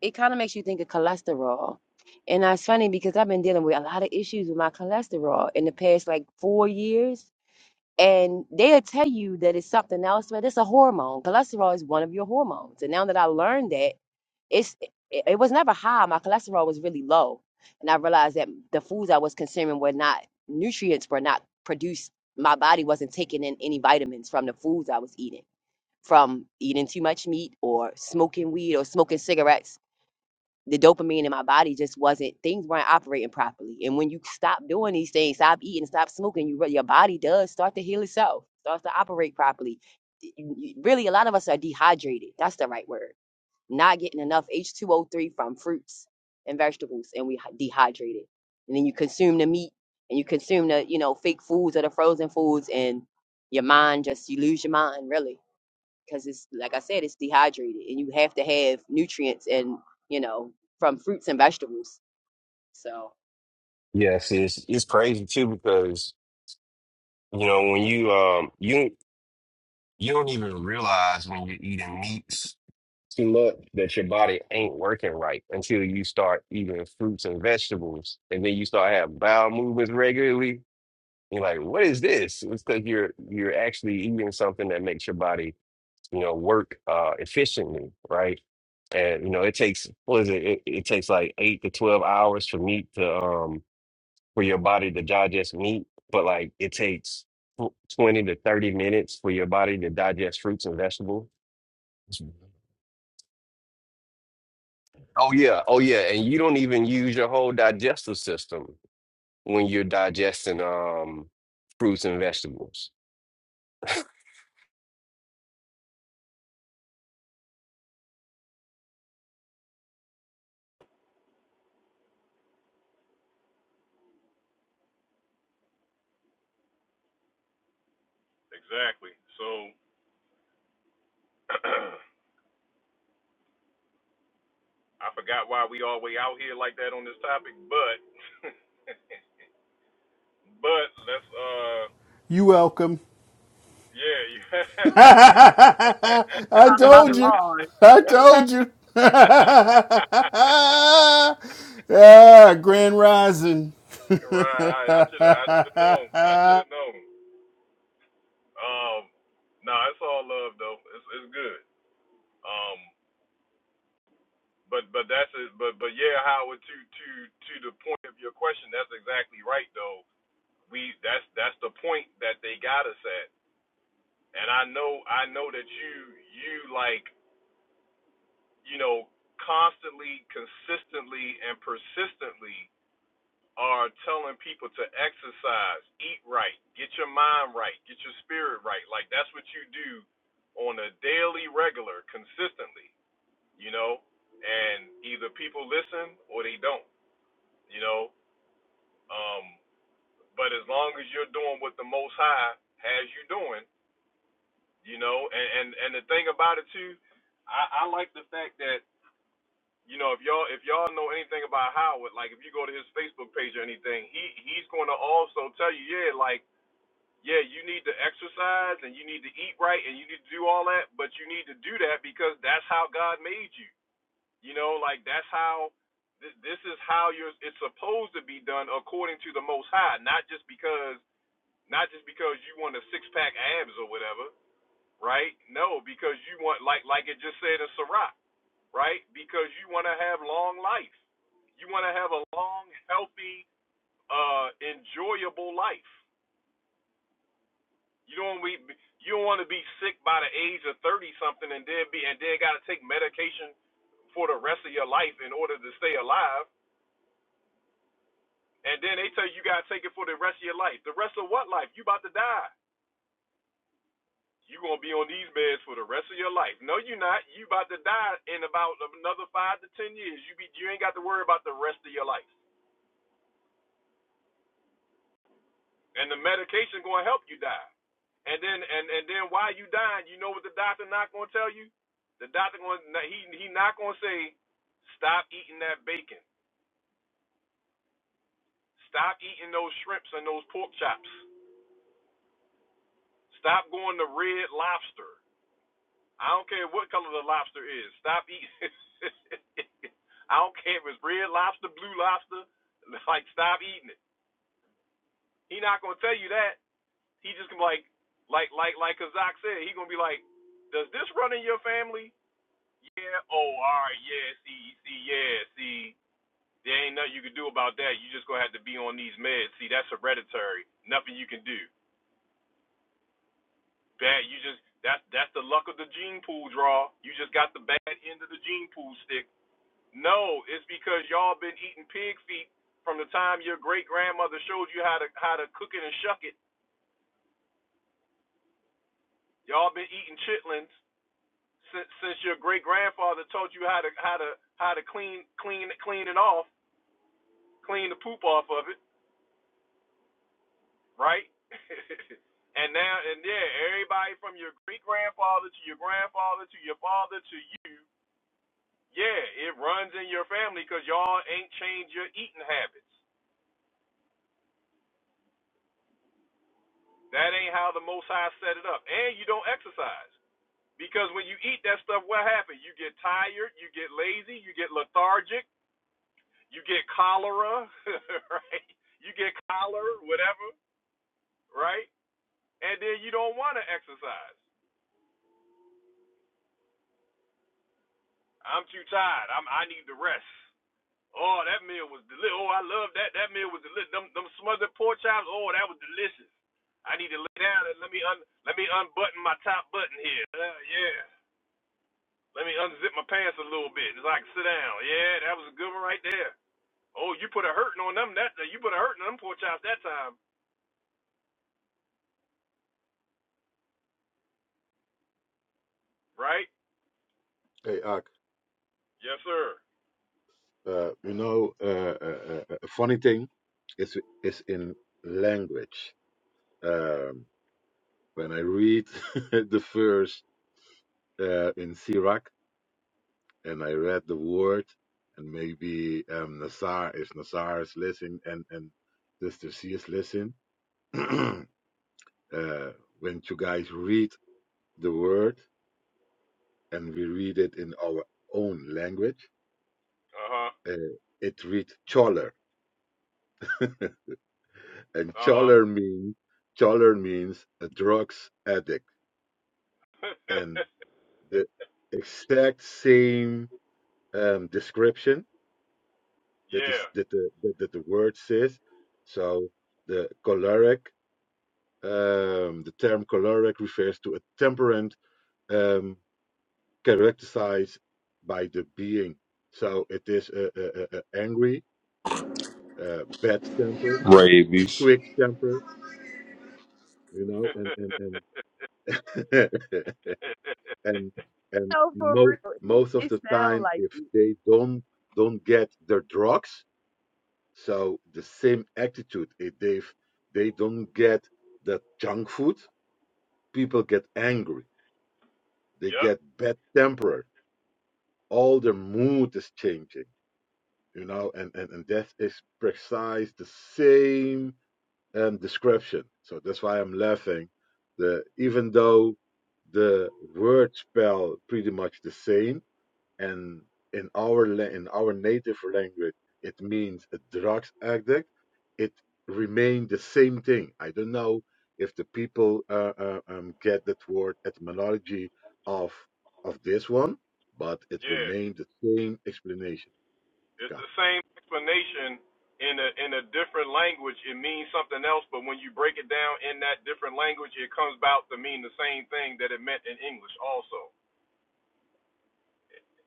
Speaker 3: It kind of makes you think of cholesterol. And that's funny because I've been dealing with a lot of issues with my cholesterol in the past like four years. and they'll tell you that it's something else, but it's a hormone. Cholesterol is one of your hormones. And now that I learned that, it's it, it was never high. My cholesterol was really low, and I realized that the foods I was consuming were not nutrients were not produced. My body wasn't taking in any vitamins from the foods I was eating, from eating too much meat or smoking weed or smoking cigarettes the dopamine in my body just wasn't things weren't operating properly and when you stop doing these things stop eating stop smoking you re- your body does start to heal itself starts to operate properly Y- y- really a lot of us are dehydrated that's the right word not getting enough h2o3 from fruits and vegetables and we hy- dehydrated and then you consume the meat and you consume the you know fake foods or the frozen foods and your mind just you lose your mind really because it's like I said, it's dehydrated, and you have to have nutrients and you know from fruits and vegetables. So
Speaker 5: Yes, it's it's crazy too because you know when you um you you don't even realize when you're eating meats to look that your body ain't working right until you start eating fruits and vegetables, and then you start having bowel movements regularly. You're like, what is this? It's because you're you're actually eating something that makes your body, you know, work uh, efficiently, right? And you know, it takes what is it? it? It takes like eight to twelve hours for meat to um for your body to digest meat, but like it takes tw- twenty to thirty minutes for your body to digest fruits and vegetables Oh yeah, oh yeah, and you don't even use your whole digestive system when you're digesting um fruits and vegetables.
Speaker 1: exactly so [CLEARS THROAT] I forgot why we all way out here like that on this topic, but [LAUGHS] but let's uh
Speaker 12: You welcome.
Speaker 1: yeah [LAUGHS]
Speaker 12: [LAUGHS] I
Speaker 3: Talking about
Speaker 12: told
Speaker 3: the
Speaker 12: you. I
Speaker 3: laws.
Speaker 12: told you. [LAUGHS] ah, Grand Rising. [LAUGHS] hey,
Speaker 1: right I should have I should have known I should have known um no it's all love though it's it's good um but but that's it but but yeah Howard to to to the point of your question that's exactly right though we that's that's the point that they got us at and I know I know that you you like you know, constantly, consistently, and persistently are telling people to exercise, eat right, get your mind right, get your spirit right. Like that's what you do on a daily, regular, consistently, you know? And either people listen or they don't, you know? Um, but as long as you're doing what the Most High has you doing, you know, and, and, and the thing about it too, I, I like the fact that you know, if y'all if y'all know anything about Howard, like if you go to his Facebook page or anything, he he's going to also tell you, yeah, like yeah, you need to exercise and you need to eat right and you need to do all that, but you need to do that because that's how God made you. You know, like that's how th- this is how you're it's supposed to be done according to the Most High, not just because not just because you want a six pack abs or whatever, right? No, because you want like like it just said in Sirach right? Because you want to have long life. You want to have a long, healthy, uh, enjoyable life. You don't we you don't want to be sick by the age of thirty something and then be and then got to take medication for the rest of your life in order to stay alive. And then they tell you you got to take it for the rest of your life. The rest of what life? You about to die. You gonna be on these beds for the rest of your life. No, you're not. You about to die in about another five to ten years. You be you ain't got to worry about the rest of your life. and the medication going to help you die. And then and and then while you dying, you know what the doctor not going to tell you? The doctor going he he not going to say stop eating that bacon. Stop eating those shrimps and those pork chops. Stop going to red lobster. I don't care what color the lobster is. Stop eating. [LAUGHS] I don't care if it's red lobster, blue lobster. Like stop eating it. He not going to tell you that. He just gonna be like, like, like, like Kazak said, he gonna be like, does this run in your family? Yeah. Oh, all right. Yeah. See, see, yeah. See, there ain't nothing you can do about that. You just gonna have to be on these meds. See, that's hereditary. Nothing you can do. Bad. You just that's that's the luck of the gene pool draw. You just got the bad end of the gene pool stick. No, it's because y'all been eating pig feet from the time your great grandmother showed you how to how to cook it and shuck it. Y'all been eating chitlins since since your great grandfather taught you how to how to how to clean clean clean it off, clean the poop off of it, right? [LAUGHS] and now and yeah, everybody from your great grandfather to your grandfather to your father to you, yeah, it runs in your family because y'all ain't changed your eating habits. That ain't how the Most High set it up, and you don't exercise because when you eat that stuff, what happens? You get tired, you get lazy, you get lethargic you get cholera, [LAUGHS] right? You get cholera, whatever, right? And then you don't want to exercise. I'm too tired. I'm I need to rest. Oh, that meal was delicious. Oh, I love that. That meal was delicious. Them them smothered pork chops. Oh, that was delicious. I need to lay down and let me un let me unbutton my top button here. Uh, yeah. Let me unzip my pants a little bit so I can sit down. Yeah, that was a good one right there. Oh, you put a hurting on them that you put a hurting on them pork chops that time, right?
Speaker 8: Hey, Ak,
Speaker 1: Yes, sir.
Speaker 8: uh, you know, uh, uh, uh, a funny thing is is in language. Um, when I read [LAUGHS] the verse uh, in Sirach and I read the word, and maybe um, Nassar if Nassar is listening and and Sister C is listening. [CLEARS THROAT] uh, when you guys read the word and we read it in our own language,
Speaker 1: Uh huh.
Speaker 8: uh, it reads choler. [LAUGHS] and
Speaker 1: Uh huh.
Speaker 8: choler means choler means a drugs addict.
Speaker 1: [LAUGHS]
Speaker 8: And the exact same um, description that
Speaker 1: yeah.
Speaker 8: is that the that, that the word says. So the choleric, um, the term choleric refers to a temperament um, characterized by the being. So it is a uh, uh, uh, angry, uh, bad temper.
Speaker 14: Rabies.
Speaker 8: quick tempered, you know, and and and [LAUGHS] and
Speaker 3: [LAUGHS]
Speaker 8: and
Speaker 3: no, for
Speaker 8: most
Speaker 3: real.
Speaker 8: most of
Speaker 3: This
Speaker 8: the
Speaker 3: sound
Speaker 8: time,
Speaker 3: like
Speaker 8: if they don't don't get their drugs, so the same attitude. If they they don't get the junk food, people get angry.
Speaker 1: [LAUGHS]
Speaker 8: They
Speaker 1: yep.
Speaker 8: get bad tempered. All their mood is changing, you know, and and and that is precise the same and description. So that's why I'm laughing. The even though the word spell pretty much the same, and in our in our native language it means a drugs addict, it remained the same thing. I don't know if the people uh, uh, um, get that word etymology of of this one, but it
Speaker 1: Yeah.
Speaker 8: remained the same explanation.
Speaker 1: It's
Speaker 8: Yeah.
Speaker 1: the same explanation in a in a different language. It means something else, but when you break it down in that different language, it comes about to mean the same thing that it meant in English. Also,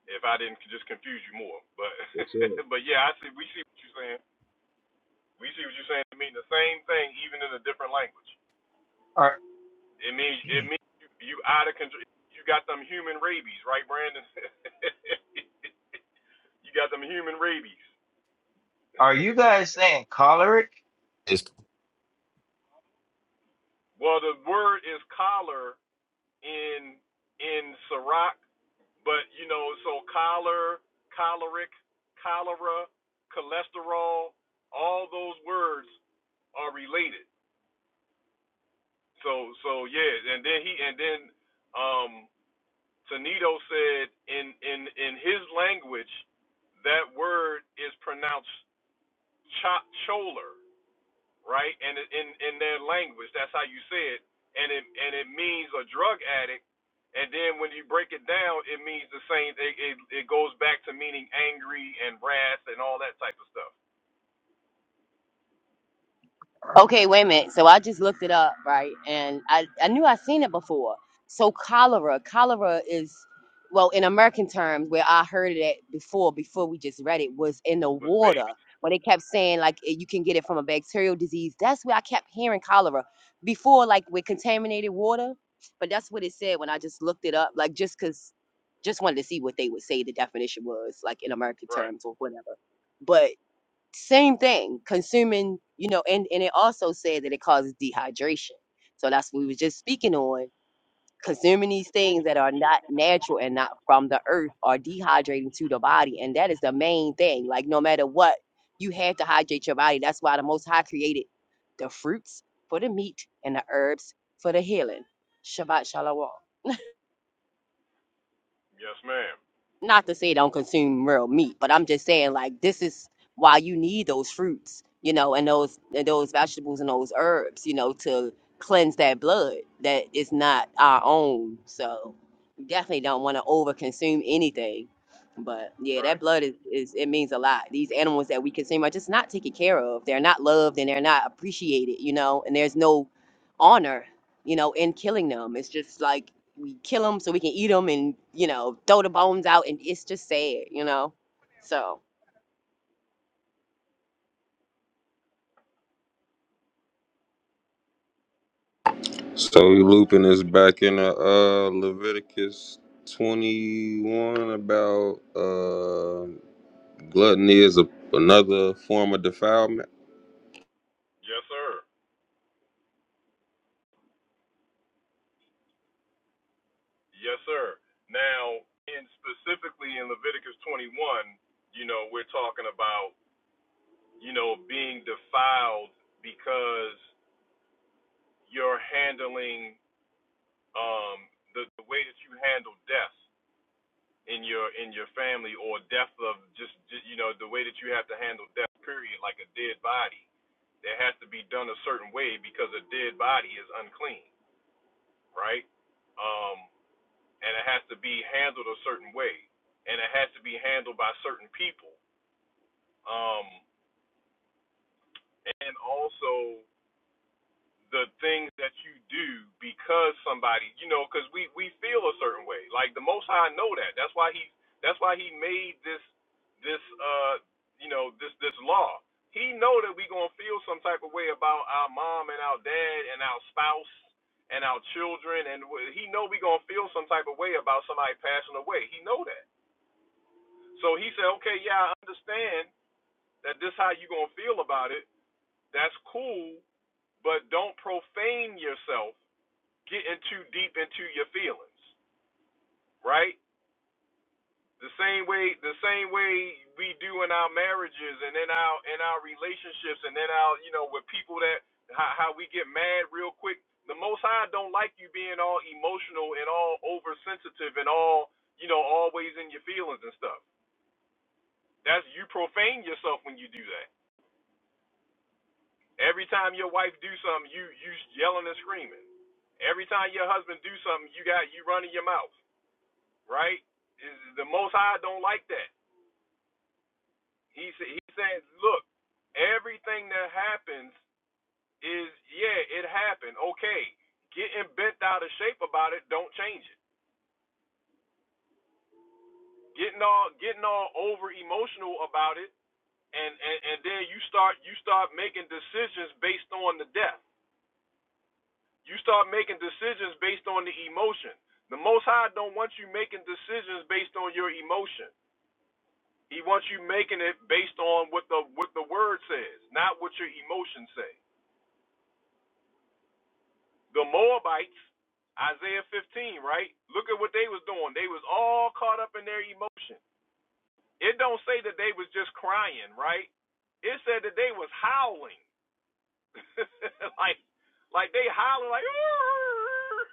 Speaker 1: if I didn't just confuse you more, but
Speaker 8: Yes, sir.
Speaker 1: [LAUGHS] but yeah, I see. We see what you're saying. We see what you're saying. It means the same thing, even in a different language.
Speaker 15: Are
Speaker 1: It means
Speaker 15: [CLEARS THROAT]
Speaker 1: it means you, you out of control. You got them human rabies, right, Brandon? [LAUGHS] you got them human rabies.
Speaker 15: are you guys saying choleric?
Speaker 5: It's
Speaker 1: Well, the word is collar in in Sirach, but you know, so collar, choleric, cholera, cholesterol, all those words are related. So so yeah, and then he and then um Tonito said in in in his language that word is pronounced cho- choler. right? And it- in in their language, that's how you say it, and it and it means a drug addict. And then when you break it down, it means the same. It it, it goes back to meaning angry and wrath and all that type of stuff
Speaker 3: Okay, wait a minute. So I just looked it up, right? And I, I knew i seen it before. So cholera, cholera is, well, in American terms, where I heard it at before, before we just read it, was in the
Speaker 1: with
Speaker 3: water.
Speaker 1: babies,
Speaker 3: When they kept saying like eh, you can get it from a bacterial disease, that's where I kept hearing cholera before, like with contaminated water. But that's what it said when I just looked it up, like just cause, just wanted to see what they would say the definition was, like in American
Speaker 1: right?
Speaker 3: terms or whatever same thing consuming you know and and it also said that it causes dehydration so that's what we were just speaking on consuming these things that are not natural and not from the earth are dehydrating to the body and that is the main thing like no matter what you have to hydrate your body that's why the most high created the fruits for the meat and the herbs for the healing shabbat shalom
Speaker 1: Yes, ma'am.
Speaker 3: not to say don't consume real meat, but I'm just saying like this is why you need those fruits, you know, and those and those vegetables and those herbs, you know, to cleanse that blood that is not our own. So you definitely don't want to overconsume anything. But yeah, that
Speaker 1: Right.
Speaker 3: blood is, is it means a lot. These animals that we consume are just not taken care of. They're not loved and they're not appreciated, you know, and there's no honor, you know, in killing them. It's just like we kill them so we can eat them and you know throw the bones out and it's just sad you know so
Speaker 14: So he looping us back in the uh, Leviticus 21 about uh, gluttony is a, another form of defilement.
Speaker 1: Yes, sir. Yes, sir. Now, in specifically in Leviticus 21, you know, we're talking about you know being defiled because you're handling um, the, the way that you handle death in your in your family or death of just, just you know the way that you have to handle death period like a dead body that has to be done a certain way because a dead body is unclean right um and it has to be handled a certain way and it has to be handled by certain people um and also the things that you do because somebody, you know, because we we feel a certain way. Like the Most High know that. That's why he that's why he made this this uh you know this this law. He know that we gonna feel some type of way about our mom and our dad and our spouse and our children, and he know we gonna feel some type of way about somebody passing away. He know that. So he said, okay, yeah, I understand that this how you gonna feel about it. That's cool, but don't profane yourself getting too deep into your feelings, right? The same way the same way we do in our marriages and in our in our relationships and in our you know with people that how, how we get mad real quick. The Most High don't like you being all emotional and all oversensitive and all you know always in your feelings and stuff. That's you profane yourself when you do that. Every time your wife do something, you you yelling and screaming. Every time your husband do something, you got you running your mouth. right? The Most High don't like that. He sa- he saying, look, everything that happens is yeah, it happened. Okay, getting bent out of shape about it, don't change it. Getting all getting all over emotional about it, and, and and then you start you start making decisions based on the death. You start making decisions based on the emotion. The Most High don't want you making decisions based on your emotion. He wants you making it based on what the what the word says, not what your emotions say. The Moabites, Isaiah 15, right? Look at what they was doing. They was all caught up in their emotion. It don't say that they was just crying, right? It said that they was howling, [LAUGHS] like like they howling like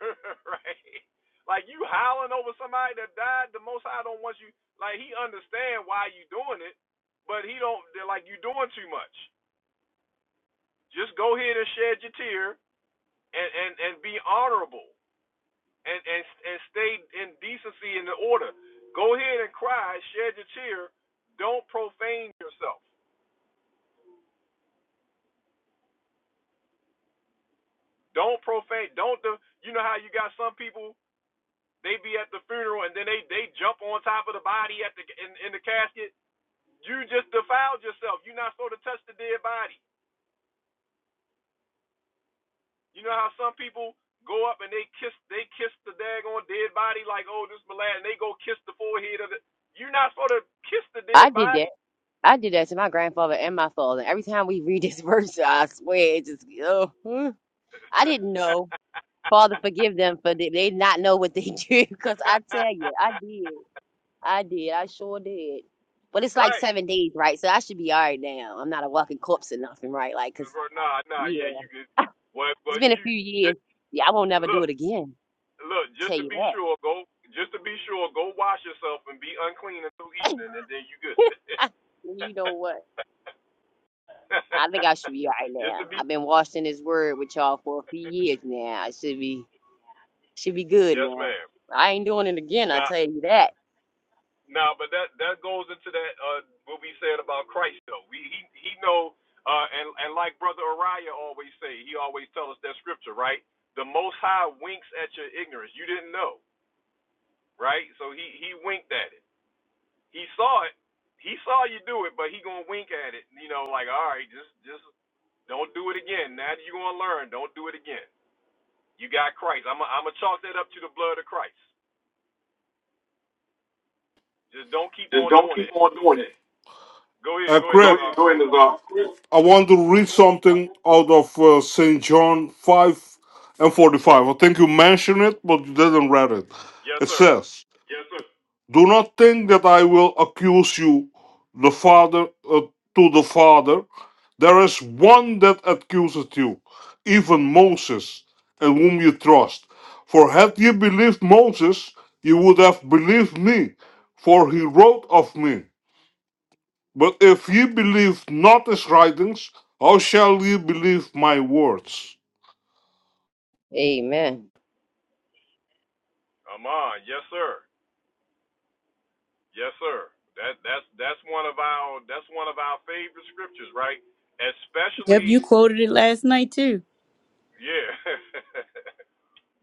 Speaker 1: [LAUGHS] right, like you howling over somebody that died. The Most High don't want you. Like he understand why you doing it, but he don't. They're like you doing too much. Just go ahead and shed your tear and, and, and be honorable and, and and stay in decency and in order. Go ahead and cry, shed your tear. Don't profane yourself. Don't profane. Don't the. You know how you got some people they be at the funeral and then they they jump on top of the body at the in, in the casket. You just defiled yourself. You're not supposed to touch the dead body. You know how some people go up and they kiss they kiss the daggone dead body like, oh, this is my lad, and they go kiss the forehead of the. You're not supposed to kiss the
Speaker 3: i
Speaker 1: dead
Speaker 3: did that
Speaker 1: body,
Speaker 3: i did that to my grandfather and my father every time we [LAUGHS] read this verse i swear it just oh, hmm. i didn't know father forgive them for they, they not know what they [LAUGHS] did because i tell you i did i did i sure did but it's like
Speaker 1: right?
Speaker 3: seven days right so i should be all right now i'm not a walking corpse or nothing right like because
Speaker 1: nah, nah, yeah,
Speaker 3: yeah
Speaker 1: you could. Well,
Speaker 3: it's
Speaker 1: but
Speaker 3: been a
Speaker 1: you
Speaker 3: few years
Speaker 1: just
Speaker 3: yeah i won't never do
Speaker 1: look,
Speaker 3: it again
Speaker 1: look, just
Speaker 3: tell
Speaker 1: to
Speaker 3: you
Speaker 1: be sure, go, just to be sure, go wash yourself and be unclean until
Speaker 3: that [LAUGHS]
Speaker 1: evening, and then you good.
Speaker 3: [LAUGHS] Well, you know what? I think I should be all right
Speaker 1: [LAUGHS] just
Speaker 3: now.
Speaker 1: to be,
Speaker 3: I've been watching this word with y'all for a few years now. I should be should be good
Speaker 1: yes,
Speaker 3: now.
Speaker 1: ma'am.
Speaker 3: I ain't doing it again, I
Speaker 1: Nah.
Speaker 3: tell you that.
Speaker 1: No, but that that goes into that uh what we said about Christ though. We he he know uh and and like brother Uriah always say, he always tell us that scripture, right? The most high winks at your ignorance. You didn't know, right? So he he winked at it. He saw it. He saw you do it, but he going to wink at it, you know, like, "All right, just just don't do it again. Now that you going to learn, don't do it again." You got Christ. I'm i I'm gonna chalk that up to the blood of Christ. Just don't keep
Speaker 4: Just
Speaker 1: on
Speaker 4: don't
Speaker 1: doing
Speaker 4: keep
Speaker 1: it.
Speaker 4: on doing it.
Speaker 1: Go ahead,
Speaker 4: Uh, Go
Speaker 1: go ahead,
Speaker 4: Greg, ahead,
Speaker 1: Nazar.
Speaker 4: go ahead, Nazar. I want to read something out of uh, St. John 5 and 45. I think you mentioned it, but you didn't read it.
Speaker 1: Yes,
Speaker 4: It
Speaker 1: sir.
Speaker 4: says, Yes, sir. Do not think that I will accuse you, the Father, uh, to the Father. There is one that accuses you, even Moses, in whom you trust. For had ye believed Moses, you would have believed me, for he wrote of me. But if ye believe not his writings, how shall ye believe my words?
Speaker 3: Amen.
Speaker 1: Amen. yes sir, yes sir. That that's that's one of our that's one of our favorite scriptures, right?
Speaker 2: Yep, you
Speaker 1: Especially,
Speaker 2: quoted it last night too.
Speaker 1: yeah. [LAUGHS]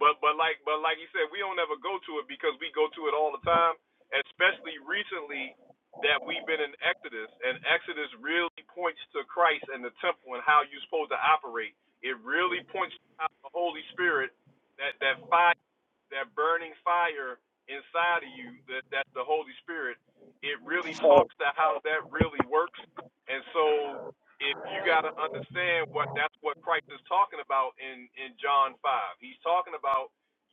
Speaker 1: but but like but like you said, we don't ever go to it because we go to it all the time. Especially recently that we've been in Exodus, and Exodus really points to Christ and the temple and how you're supposed to operate. It really points to the Holy Spirit, that that fire that burning fire inside of you that that's the Holy Spirit, it really
Speaker 3: But, all
Speaker 1: talks to how that really works. And so if you gotta understand what that's what Christ is talking about in, in John five. He's talking about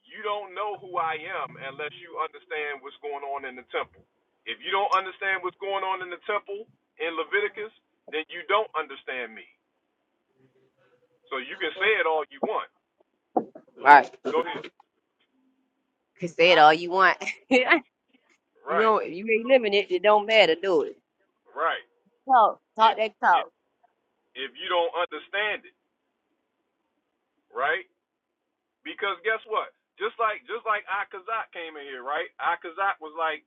Speaker 1: you don't know who I am unless you understand what's going on in the temple. If you don't understand what's going on in the temple in Leviticus, then you don't understand me. So you can say it all you want.
Speaker 3: right.
Speaker 1: Go ahead.
Speaker 3: Can say it all you want. [LAUGHS] you
Speaker 1: Right,
Speaker 3: won't, you ain't living it, it don't matter, do it.
Speaker 1: right.
Speaker 3: Talk.
Speaker 1: If
Speaker 3: Talk that talk.
Speaker 1: if you don't understand it, right? Because guess what? Just like just like Akazak came in here, right? Akazak was like,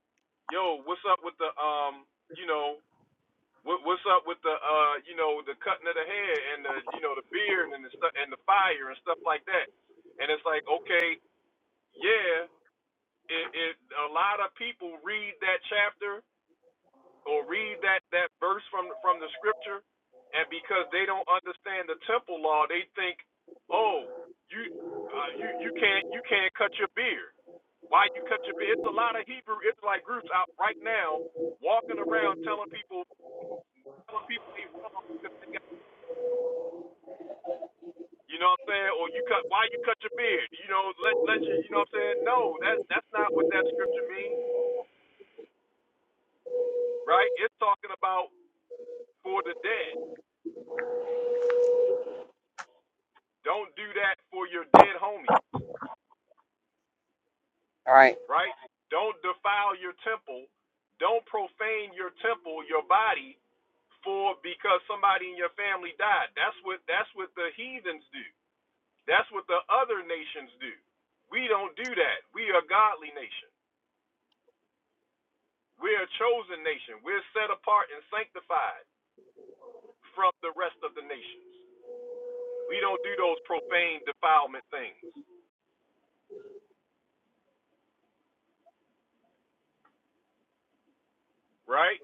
Speaker 1: "Yo, what's up with the um, you know, what, what's up with the uh, you know, the cutting of the hair and the you know the beard and the stuff and the fire and stuff like that." And it's like, okay, yeah, it, it a lot of people read that chapter or read that that verse from from the scripture, and because they don't understand the temple law, they think, oh, you uh, you you can't you can't cut your beard. Why you cut your beard? It's a lot of Hebrew Israelite groups out right now walking around telling people telling people they wrong because they got you know what I'm saying, or you cut why you cut your beard? You know, let let you you know what I'm saying. No, that's that's not what that scripture means, right? It's talking about for the dead. Don't do that for your dead homies
Speaker 3: All right.
Speaker 1: right? Don't defile your temple. Don't profane your temple, your body, for because somebody in your family died. That's what that's what the heathens do. That's what the other nations do. We don't do that. We are a godly nation. We're a chosen nation. We're set apart and sanctified from the rest of the nations. We don't do those profane defilement things, right?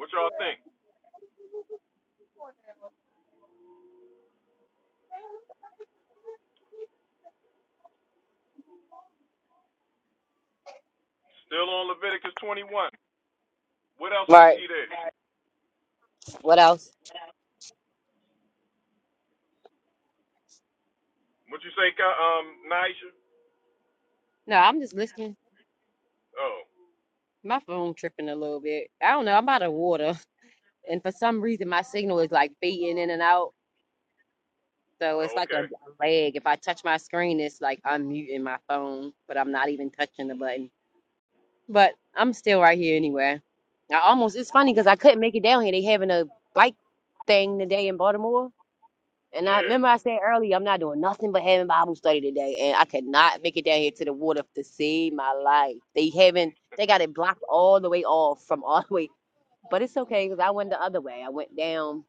Speaker 1: What y'all think? Still on Leviticus 21. What else
Speaker 3: All
Speaker 1: we
Speaker 3: right.
Speaker 1: see there?
Speaker 3: What else?
Speaker 1: What you say, um, Nigel?
Speaker 3: No, I'm just listening.
Speaker 1: Oh,
Speaker 3: My phone tripping a little bit. I don't know. I'm out of water. And for some reason my signal is like fading in and out. So
Speaker 1: oh,
Speaker 3: it's like a,
Speaker 1: okay.
Speaker 3: a lag. If I touch my screen, it's like I'm muting my phone, but I'm not even touching the button. But I'm still right here anyway. I almost, it's funny because I couldn't make it down here. They having a bike thing today in Baltimore. And I
Speaker 1: Yeah,
Speaker 3: remember I said earlier, I'm not doing nothing but having Bible study today. And I could not make it down here to the water to save my life. They haven't, they got it blocked all the way off from all the way. But it's okay because I went the other way. I went down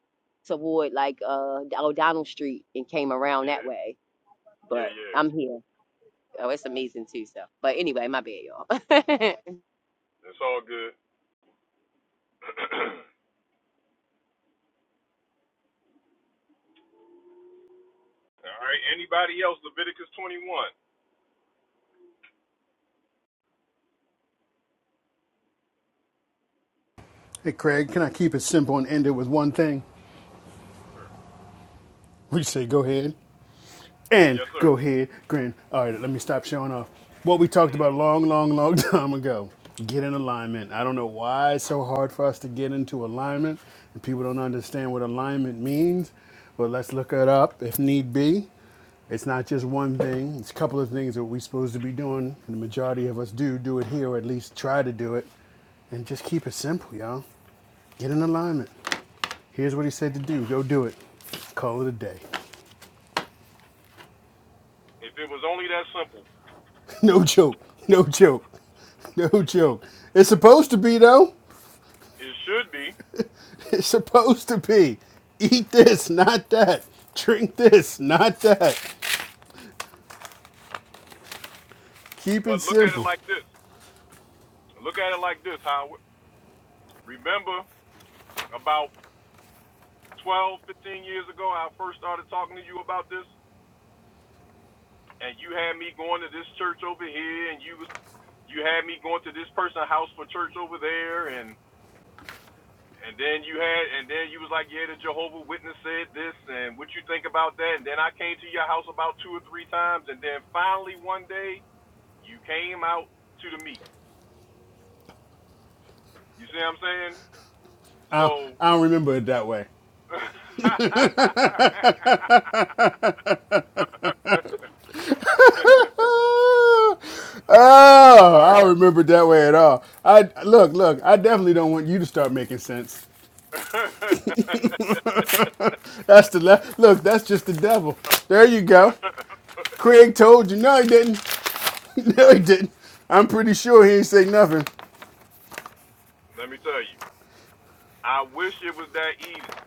Speaker 3: toward like uh O'Donnell Street and came around that
Speaker 1: yeah,
Speaker 3: way
Speaker 1: yeah,
Speaker 3: but
Speaker 1: yeah.
Speaker 3: I'm here. Oh, it's amazing too. So, but anyway, my bad, y'all.
Speaker 1: It's all good. All right. Anybody else? Leviticus 21.
Speaker 12: Craig, can I keep it simple and end it with one thing?
Speaker 1: Sure.
Speaker 12: We say go ahead. And
Speaker 1: Yes, sir.
Speaker 12: go ahead, grin. All right, let me stop showing off. What we talked
Speaker 1: hmm
Speaker 12: about a long, long, long [LAUGHS] time ago. Get in alignment. I don't know why it's so hard for us to get into alignment, and people don't understand what alignment means. But let's look it up if need be. It's not just one thing. It's a couple of things that we're supposed to be doing, and the majority of us do do it here, or at least try to do it. And just keep it simple, y'all. Get in alignment. Here's what he said to do. Go do it. Call it a day.
Speaker 1: If it was only that simple,
Speaker 12: No joke. No joke. No joke. It's supposed to be though.
Speaker 1: it should be.
Speaker 12: It's supposed to be. Eat this, not that. Drink this, not that. Keep it
Speaker 1: But look at it
Speaker 12: simple.
Speaker 1: like this. Look at it like this, Howard. Remember about 12, 15 years ago, I first started talking to you about this, and you had me going to this church over here, and you was you had me going to this person's house for church over there, and And then you had, and then you was like, yeah, the Jehovah Witness said this, and what you think about that? And then I came to your house about two or three times, and then finally one day you came out to the meeting. You see what I'm saying?
Speaker 12: I
Speaker 1: So
Speaker 12: I don't remember it that way.
Speaker 1: [LAUGHS]
Speaker 12: Ah,
Speaker 1: that's
Speaker 12: Oh,
Speaker 1: all
Speaker 12: I
Speaker 1: right. [LAUGHS]
Speaker 12: don't remember it that way at all. I look, look. I definitely don't want you to start making sense. That's the le- look. That's just the devil. There you go. Craig told you. No, he didn't. [LAUGHS] No, he didn't. I'm pretty sure he ain't say nothing.
Speaker 1: Let me tell you, I wish it was that easy.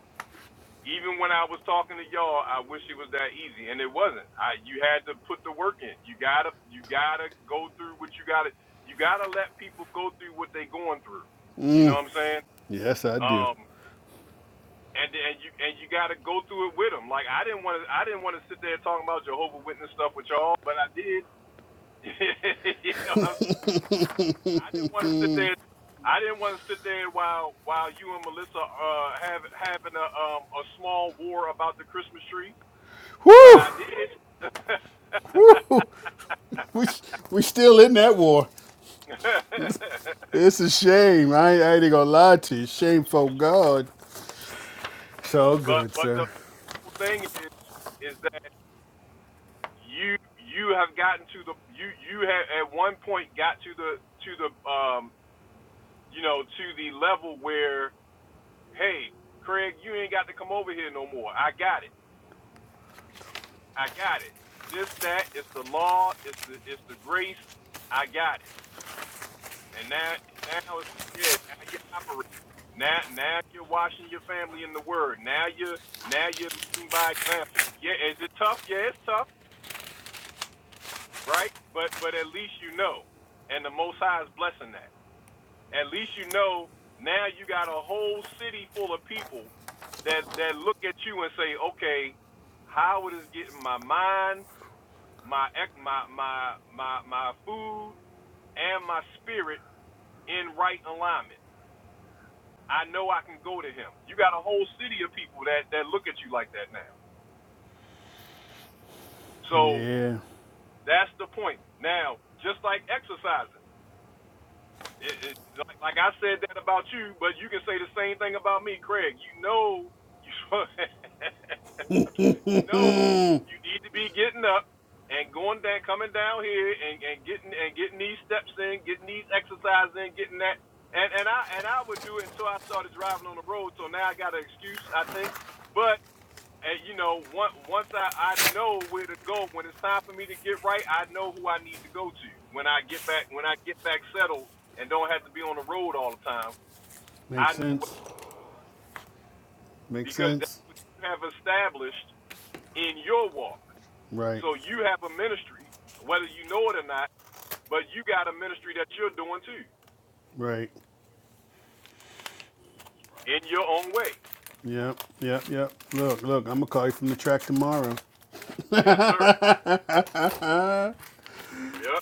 Speaker 1: Even when I was talking to y'all, I wish it was that easy, and it wasn't. I you had to put the work in. You gotta you gotta go through what you gotta you gotta let people go through what they going through. You know what I'm saying?
Speaker 12: Yes, I do.
Speaker 1: Um, and and you and you gotta go through it with them. Like I didn't want to I didn't want to sit there talking about Jehovah Witness stuff with y'all, but I did. [LAUGHS] you know what I'm saying? I didn't want to sit there. I didn't want to sit there while while you and Melissa uh have having a um a small war about the Christmas tree. But
Speaker 12: Woo!
Speaker 1: I did. [LAUGHS]
Speaker 12: Woo! [LAUGHS] We, we still in that war. It's a shame. I, ain't- I ain't gonna lie to you. Shameful God. It's all
Speaker 1: but
Speaker 12: good,
Speaker 1: but
Speaker 12: sir.
Speaker 1: the thing is is that you you have gotten to the you you have at one point got to the to the um you know to the level where hey Craig you ain't got to come over here no more I got it I got it this that it's the law it's the it's the grace I got it And now, now, it's- yeah, now you're operating. Now, now you're washing your family in the word. Now you're, now you're leading by example. Yeah, is it tough? Yeah, it's tough, right? But, but at least you know, and the Most High is blessing that. At least you know. Now you got a whole city full of people that that look at you and say, okay, Howard is getting my mind, my my my my my food, and my spirit in right alignment. I know I can go to him. You got a whole city of people that that look at you like that now. So
Speaker 12: Yeah.
Speaker 1: that's the point. Now, just like exercising, it, it, like, like I said that about you, but you can say the same thing about me, Craig. You know, you [LAUGHS] know, you need to be getting up and going down, coming down here and, and getting and getting these steps in, getting these exercises in, getting that. And and I and I would do it until I started driving on the road. So now I got an excuse, I think, but And you know, once once I I know where to go when it's time for me to get right, I know who I need to go to. When I get back when I get back settled and don't have to be on the road all the time, I
Speaker 12: Makes
Speaker 1: know
Speaker 12: sense.
Speaker 1: what,
Speaker 12: Makes
Speaker 1: because
Speaker 12: sense.
Speaker 1: that's what you have established in your walk.
Speaker 12: Right.
Speaker 1: So you have a ministry, whether you know it or not, but you got a ministry that you're doing too
Speaker 12: Right.
Speaker 1: in your own way.
Speaker 12: Yep. Yep. Yep. Look, look, I'm gonna call you from the track tomorrow.
Speaker 1: Yes, sir. Yep.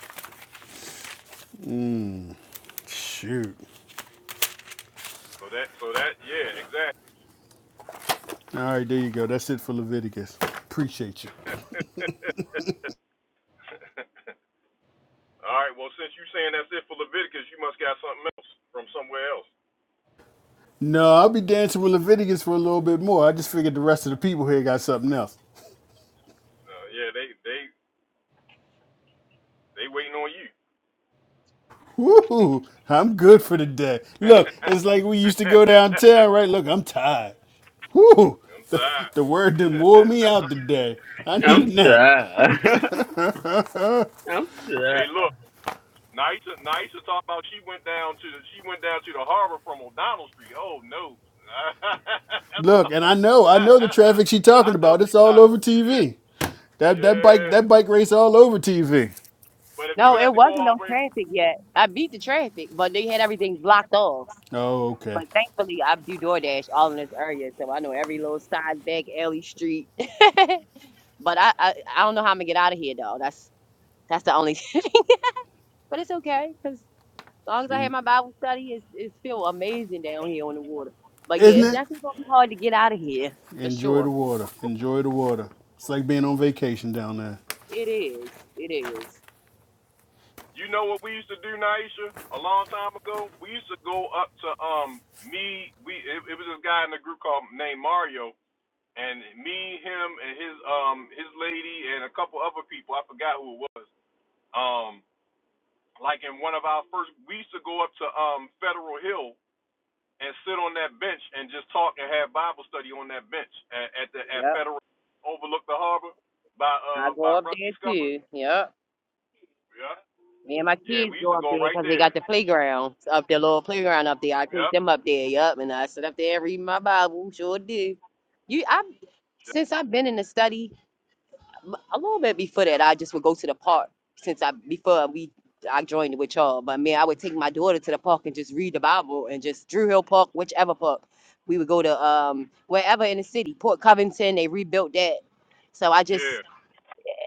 Speaker 12: Shoot.
Speaker 1: So that so that yeah, exactly.
Speaker 12: All right, there you go. That's it for Leviticus. Appreciate you.
Speaker 1: All right. Well, since you are saying that's it for Leviticus, you must got something else from somewhere else.
Speaker 12: No, I'll be dancing with Leviticus for a little bit more. I just figured the rest of the people here got something else.
Speaker 1: Uh, yeah, they they They waiting on you.
Speaker 12: Woo, I'm good for the day. Look, it's like we used to
Speaker 1: [LAUGHS]
Speaker 12: go
Speaker 1: I'm
Speaker 12: downtown, right? Look, I'm tired. Woo, the,
Speaker 1: sorry.
Speaker 12: the word done
Speaker 1: [LAUGHS]
Speaker 12: wore me out today. I need
Speaker 13: I'm-
Speaker 12: a nap.
Speaker 13: [LAUGHS]
Speaker 1: hey, look, Naisa, Naisa talked about she went down to the, she went down to the harbor from O'Donnell Street. Oh no, [LAUGHS] that's a
Speaker 12: Look,
Speaker 1: lot.
Speaker 12: and I know,
Speaker 1: [LAUGHS]
Speaker 12: I know the traffic she talking
Speaker 1: I know
Speaker 12: about.
Speaker 1: she
Speaker 12: It's all
Speaker 1: tired.
Speaker 12: over
Speaker 1: Yeah,
Speaker 12: TV. That that bike
Speaker 1: yeah.
Speaker 12: that bike race all over TV.
Speaker 1: But
Speaker 3: [LAUGHS]
Speaker 1: if
Speaker 3: no,
Speaker 1: you
Speaker 3: it
Speaker 1: had to go
Speaker 3: wasn't
Speaker 1: all
Speaker 3: no
Speaker 1: the way,
Speaker 3: traffic yet. I beat the traffic, but they had everything blocked off.
Speaker 12: Oh, okay.
Speaker 3: But thankfully, I do DoorDash all in this area, so I know every little side back alley street. [LAUGHS] but I, I I don't know how I'm gonna get out of here though. That's that's the only. [LAUGHS] But it's okay because as long as I have
Speaker 12: In-
Speaker 3: my Bible study, it's it's feel amazing down here on the water. But yeah,
Speaker 12: Isn't
Speaker 3: it's
Speaker 12: it?
Speaker 3: definitely gonna be hard to get out of here for
Speaker 12: Enjoy
Speaker 3: sure.
Speaker 12: the water. Enjoy the water. It's like being on vacation down there.
Speaker 3: It is. It is.
Speaker 1: you know what we used to do, Naisha, a long time ago. We used to go up to um me. We it, it was this guy in the group called named Mario and me, him, and his um his lady, and a couple other people. I forgot who it was. Um, like in one of our first, we used to go up to um Federal Hill and sit on that bench and just talk and have Bible study on that bench at, at the
Speaker 3: Yep.
Speaker 1: at Federal overlook the harbor by
Speaker 3: I
Speaker 1: uh
Speaker 3: go
Speaker 1: by
Speaker 3: up
Speaker 1: Rusty
Speaker 3: there
Speaker 1: Scupper.
Speaker 3: too. Yep.
Speaker 1: Yeah.
Speaker 3: Me and my
Speaker 1: Yeah,
Speaker 3: kids
Speaker 1: we used
Speaker 3: go
Speaker 1: to
Speaker 3: up
Speaker 1: go
Speaker 3: there
Speaker 1: right
Speaker 3: because they
Speaker 1: there.
Speaker 3: got the playground up there, little playground up there. I take
Speaker 1: Yep.
Speaker 3: them up there. Yep. And I sit up there and read my Bible. Sure do. You, I, since I've been in the study, m- a little bit before that, I just would go to the park. Since I before we, I joined with y'all. But man, I would take my daughter to the park and just read the Bible and just Drew Hill Park, whichever park. We would go to um wherever in the city, Port Covington. They rebuilt that. So I just
Speaker 1: Yeah.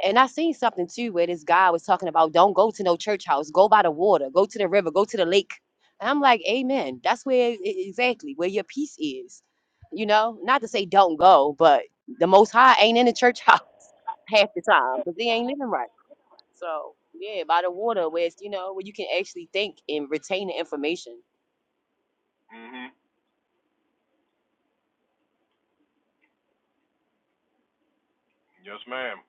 Speaker 3: and I seen something too where this guy was talking about don't go to no church house, go by the water, go to the river, go to the lake. And I'm like, Amen. That's where e- e-, exactly where your peace is. You know, not to say don't go, but the most high ain't in the church house [LAUGHS] half the time because they ain't living right. So yeah, by the water where it's, you know, where you can actually think and retain the information.
Speaker 1: Mhm. Yes, ma'am.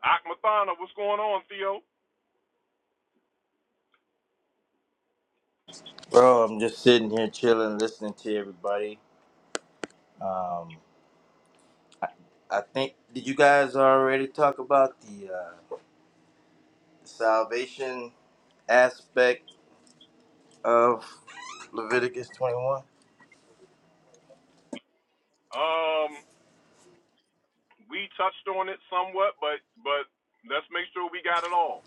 Speaker 1: Akmathana, what's going on, Theo?
Speaker 15: Bro, I'm just sitting here chilling, listening to everybody. I think did you guys already talk about the uh, aspect of Leviticus 21?
Speaker 1: Um, we touched on it somewhat, but but let's make sure we got it all.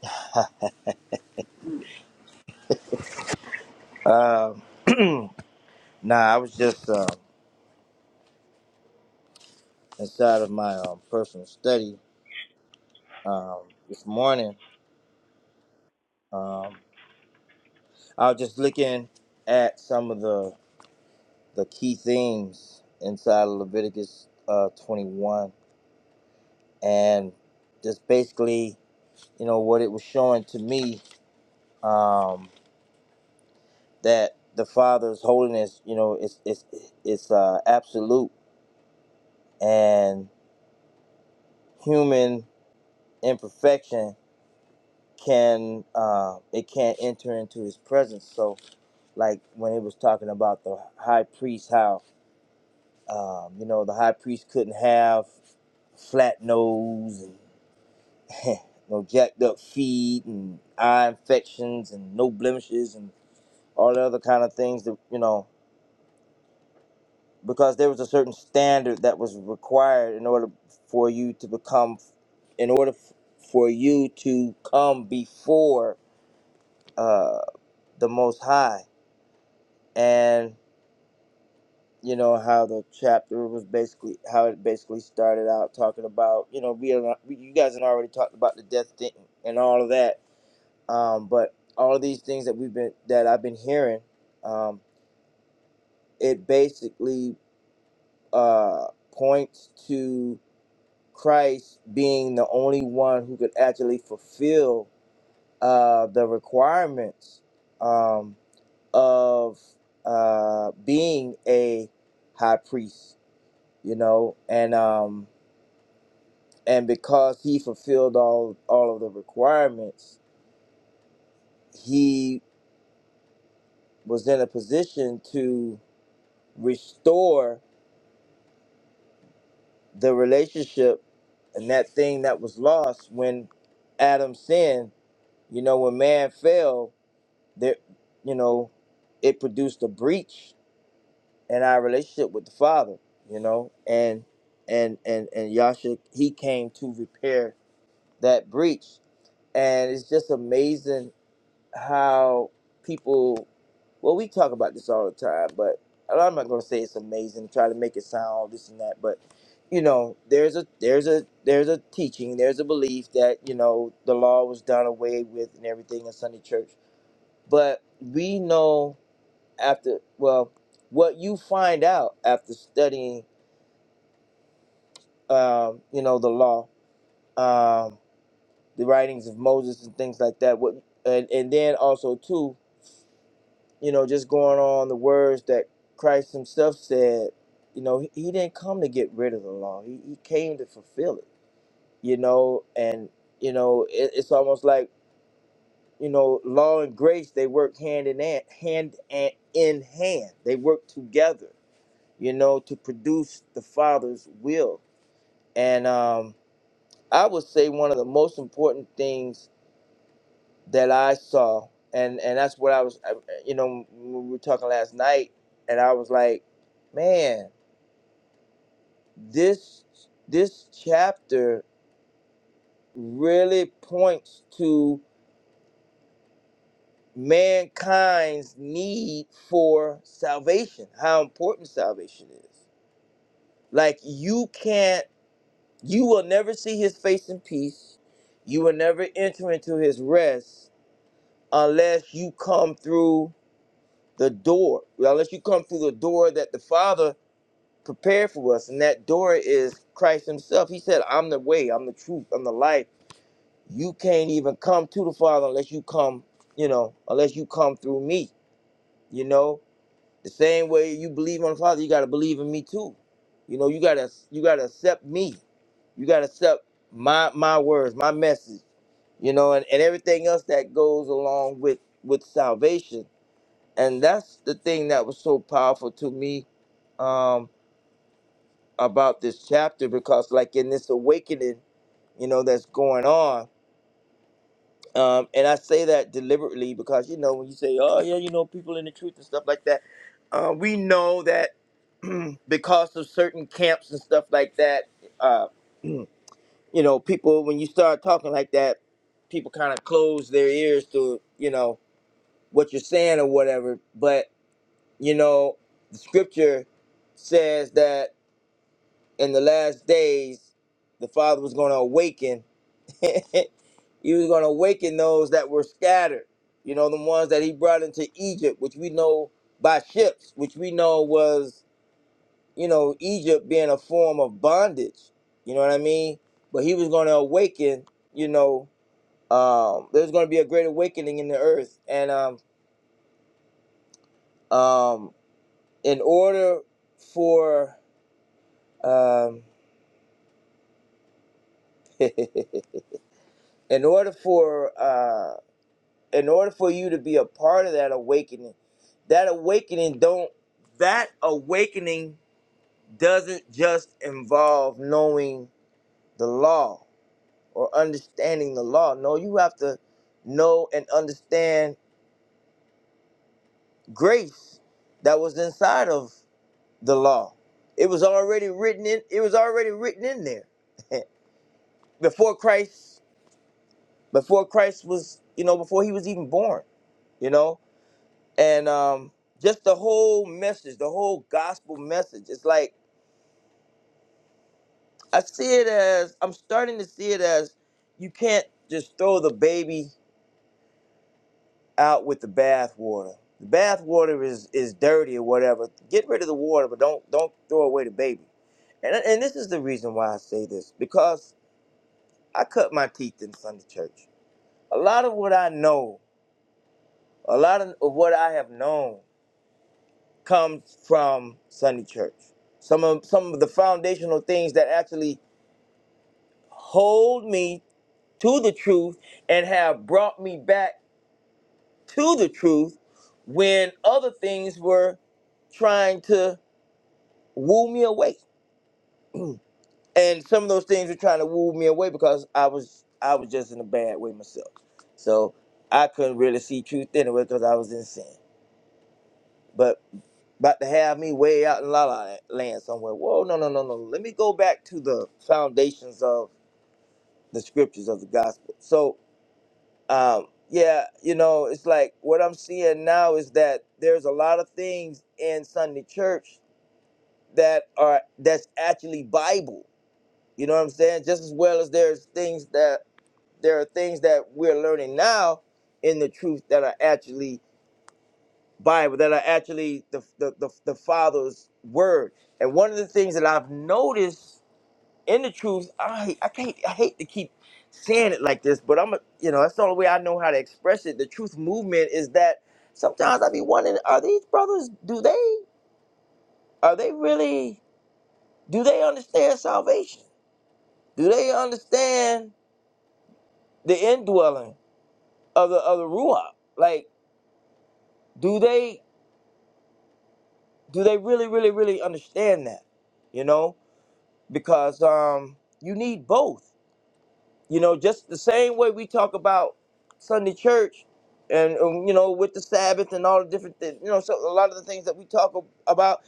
Speaker 15: Um, [CLEARS THROAT] nah, I was just um, inside of my um, personal study um, this morning. Um, I was just looking at some of the the key themes inside of Leviticus uh, 21, and just basically you know what it was showing to me um, that the father's holiness you know it's it's it's uh, absolute and human imperfection can uh, it can't enter into his presence so like when it was talking about the high priest how um, you know the high priest couldn't have flat nose and [LAUGHS] no jacked up feet and eye infections and no blemishes and all the other kind of things that you know because there was a certain standard that was required in order for you to become in order f- for you to come before uh, the most high and you know how the chapter was basically how it basically started out talking about you know we are not, we, you guys had already talked about the death thing and all of that um, but all of these things that we've been that i've been hearing um, it basically uh, points to Christ being the only one who could actually fulfill uh, the requirements um, of uh, being a high priest, you know, and um, and because he fulfilled all all of the requirements, he was in a position to restore the relationship and that thing that was lost when Adam sinned. You know, when man fell, there you know it produced a breach in our relationship with the father you know and and and and yasha he came to repair that breach and it's just amazing how people well we talk about this all the time but i'm not going to say it's amazing try to make it sound all this and that but you know there's a there's a there's a teaching there's a belief that you know the law was done away with and everything in sunday church but we know after well what you find out after studying um, you know the law um, the writings of moses and things like that what and, and then also too you know just going on the words that christ himself said you know he, he didn't come to get rid of the law he, he came to fulfill it you know and you know it, it's almost like you know law and grace they work hand in hand hand and in hand they work together you know, to produce the Father's will. And um, I would say one of the most important things that I saw, and and that's what I was, I- you know, when we were talking last night, and I was like, man, this this chapter really points to mankind's need for salvation, how important salvation is. Like you can't You will never see his face in peace. You will never enter into his rest unless you come through the door, unless you come through the door that the Father prepared for us. And that door is Christ himself. He said, I'm the way, I'm the truth, I'm the life. You can't even come to the Father unless you come, you know, unless you come through me, you know? The same way you believe on the Father, you gotta believe in me too. You know, you gotta you gotta accept me. You gotta accept my my words, my message, you know, and, and everything else that goes along with with salvation. And that's the thing that was so powerful to me um about this chapter because like in this awakening, you know, that's going on, Um, and I say that deliberately because you know when you say, "Oh yeah, you know people in the truth and stuff like that," uh, we know that [CLEARS THROAT] because of certain camps and stuff like that, uh, [CLEARS THROAT] you know, people when you start talking like that, people kind of close their ears to you know what you're saying or whatever. But you know, the scripture says that in the last days, the Father was going to awaken he was going to awaken those that were scattered, you know, the ones that he brought into Egypt, which we know by ships, which we know was, you know, Egypt being a form of bondage. You know what I mean? But he was going to awaken, you know, um, there's going to be a great awakening in the earth. And um, um, in order for, um, [LAUGHS] in order for, uh, in order for you to be a part of that awakening that awakening don't that awakening doesn't just involve knowing the law or understanding the law no you have to know and understand grace that was inside of the law it was already written in it was already written in there [LAUGHS] before christ before christ was you know before he was even born you know and um, just the whole message, the whole gospel message. It's like I see it as I'm starting to see it as you can't just throw the baby out with the bathwater. The bathwater is is dirty or whatever. Get rid of the water, but don't don't throw away the baby. And and this is the reason why I say this because I cut my teeth in Sunday church. A lot of what I know, a lot of, of what I have known comes from Sunday Church. Some of some of the foundational things that actually hold me to the truth and have brought me back to the truth when other things were trying to woo me away. And some of those things were trying to woo me away because I was I was just in a bad way myself. So I couldn't really see truth anyway because I was in sin. But about to have me way out in La La Land somewhere. Whoa, no, no, no, no. Let me go back to the foundations of the scriptures of the gospel. So, um, yeah, you know, it's like what I'm seeing now is that there's a lot of things in Sunday church that are that's actually Bible. You know what I'm saying? Just as well as there's things that there are things that we're learning now in the truth that are actually Bible that are actually the, the, the, the Father's word. And one of the things that I've noticed in the truth, I I can't I hate to keep saying it like this, but I'm a, you know that's the only way I know how to express it. The truth movement is that sometimes I be wondering, are these brothers? Do they are they really? Do they understand salvation? Do they understand the indwelling of the of the ruach? Like, do they do they really really really understand that? You know, because um, you need both. You know, just the same way we talk about Sunday church and, um, you know, with the Sabbath and all the different, things, you know, so a lot of the things that we talk ab- about.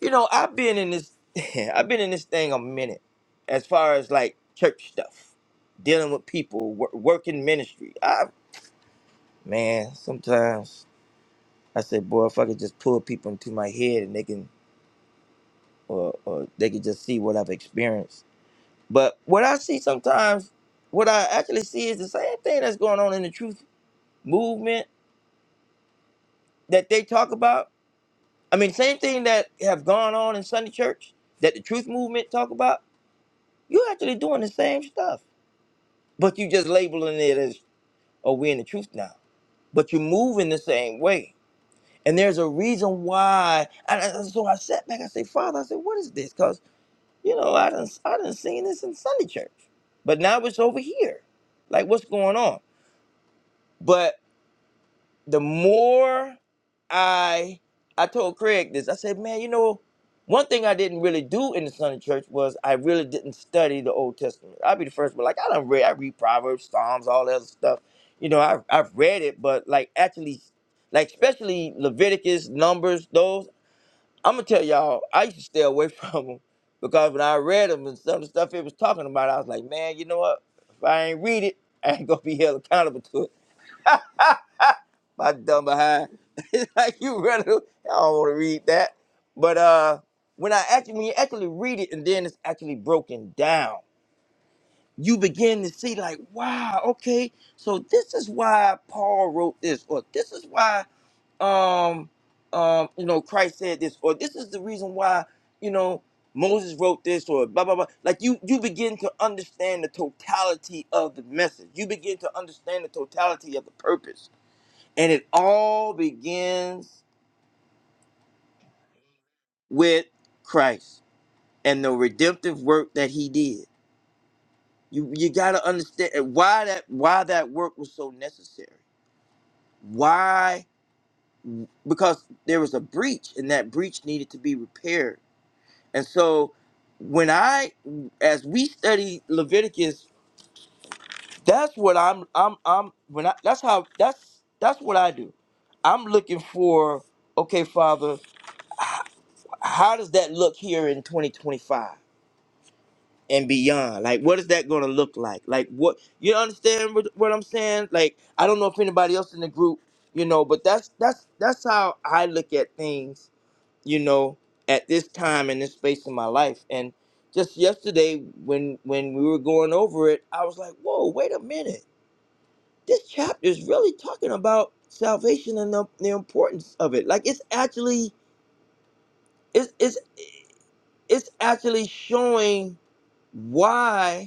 Speaker 15: You know, I've been in this, [LAUGHS] I've been in this thing a minute as far as like church stuff, dealing with people, wor- working ministry. I, man, sometimes I say, boy, if I could just pull people into my head and they can, or, or they could just see what I've experienced But what I see sometimes, what I actually see is the same thing that's going on in the truth movement that they talk about. I mean, same thing that have gone on in Sunday church that the truth movement talk about. you actually doing the same stuff, but you just labeling it as, oh, we in the truth now. But you're moving the same way. And there's a reason why. And I- so I sat back, I say, Father, I said, what is this? Because, you know, I didn't, I didn't seen this in Sunday church. But now it's over here. Like, what's going on? But the more I I told Craig this, I said, man, you know, one thing I didn't really do in the Sunday church was I really didn't study the Old Testament. I'll be the first one. Like I don't read I read Proverbs, Psalms, all that other stuff. You know, I've I've read it, but like actually like especially Leviticus, Numbers, those, I'm gonna tell y'all, I used to stay away [LAUGHS] from them because when I read them and some of the stuff it was talking about, I was like, man, you know what? If I ain't read it, I ain't gonna be held accountable to it my dumb behind. [LAUGHS] it's like you really, I don't want to read that. But uh, when I actually, when you actually read it, and then it's actually broken down, you begin to see like, wow, okay, so this is why Paul wrote this, or this is why, um, um, you know, Christ said this, or this is the reason why, you know, Moses wrote this, or blah blah blah. Like you, you begin to understand the totality of the message. You begin to understand the totality of the purpose and it all begins with Christ and the redemptive work that he did. You you gotta understand why that why that work was so necessary. Why? Because there was a breach and that breach needed to be repaired. And so when I as we study Leviticus, that's what I'm I'm I'm when I that's how that's that's what I do. I'm looking for, okay, Father, h- how does that look here in 2025? and beyond. Like, what is that going to look like? Like, what you understand what, what I'm saying? Like, I don't know if anybody else in the group, you know, but that's that's that's how I look at things, you know, at this time in this space in my life. And just yesterday, when when we were going over it, I was like, whoa, wait a minute. This chapter is really talking about salvation and the, the importance of it. Like, it's actually it's it's it's actually showing why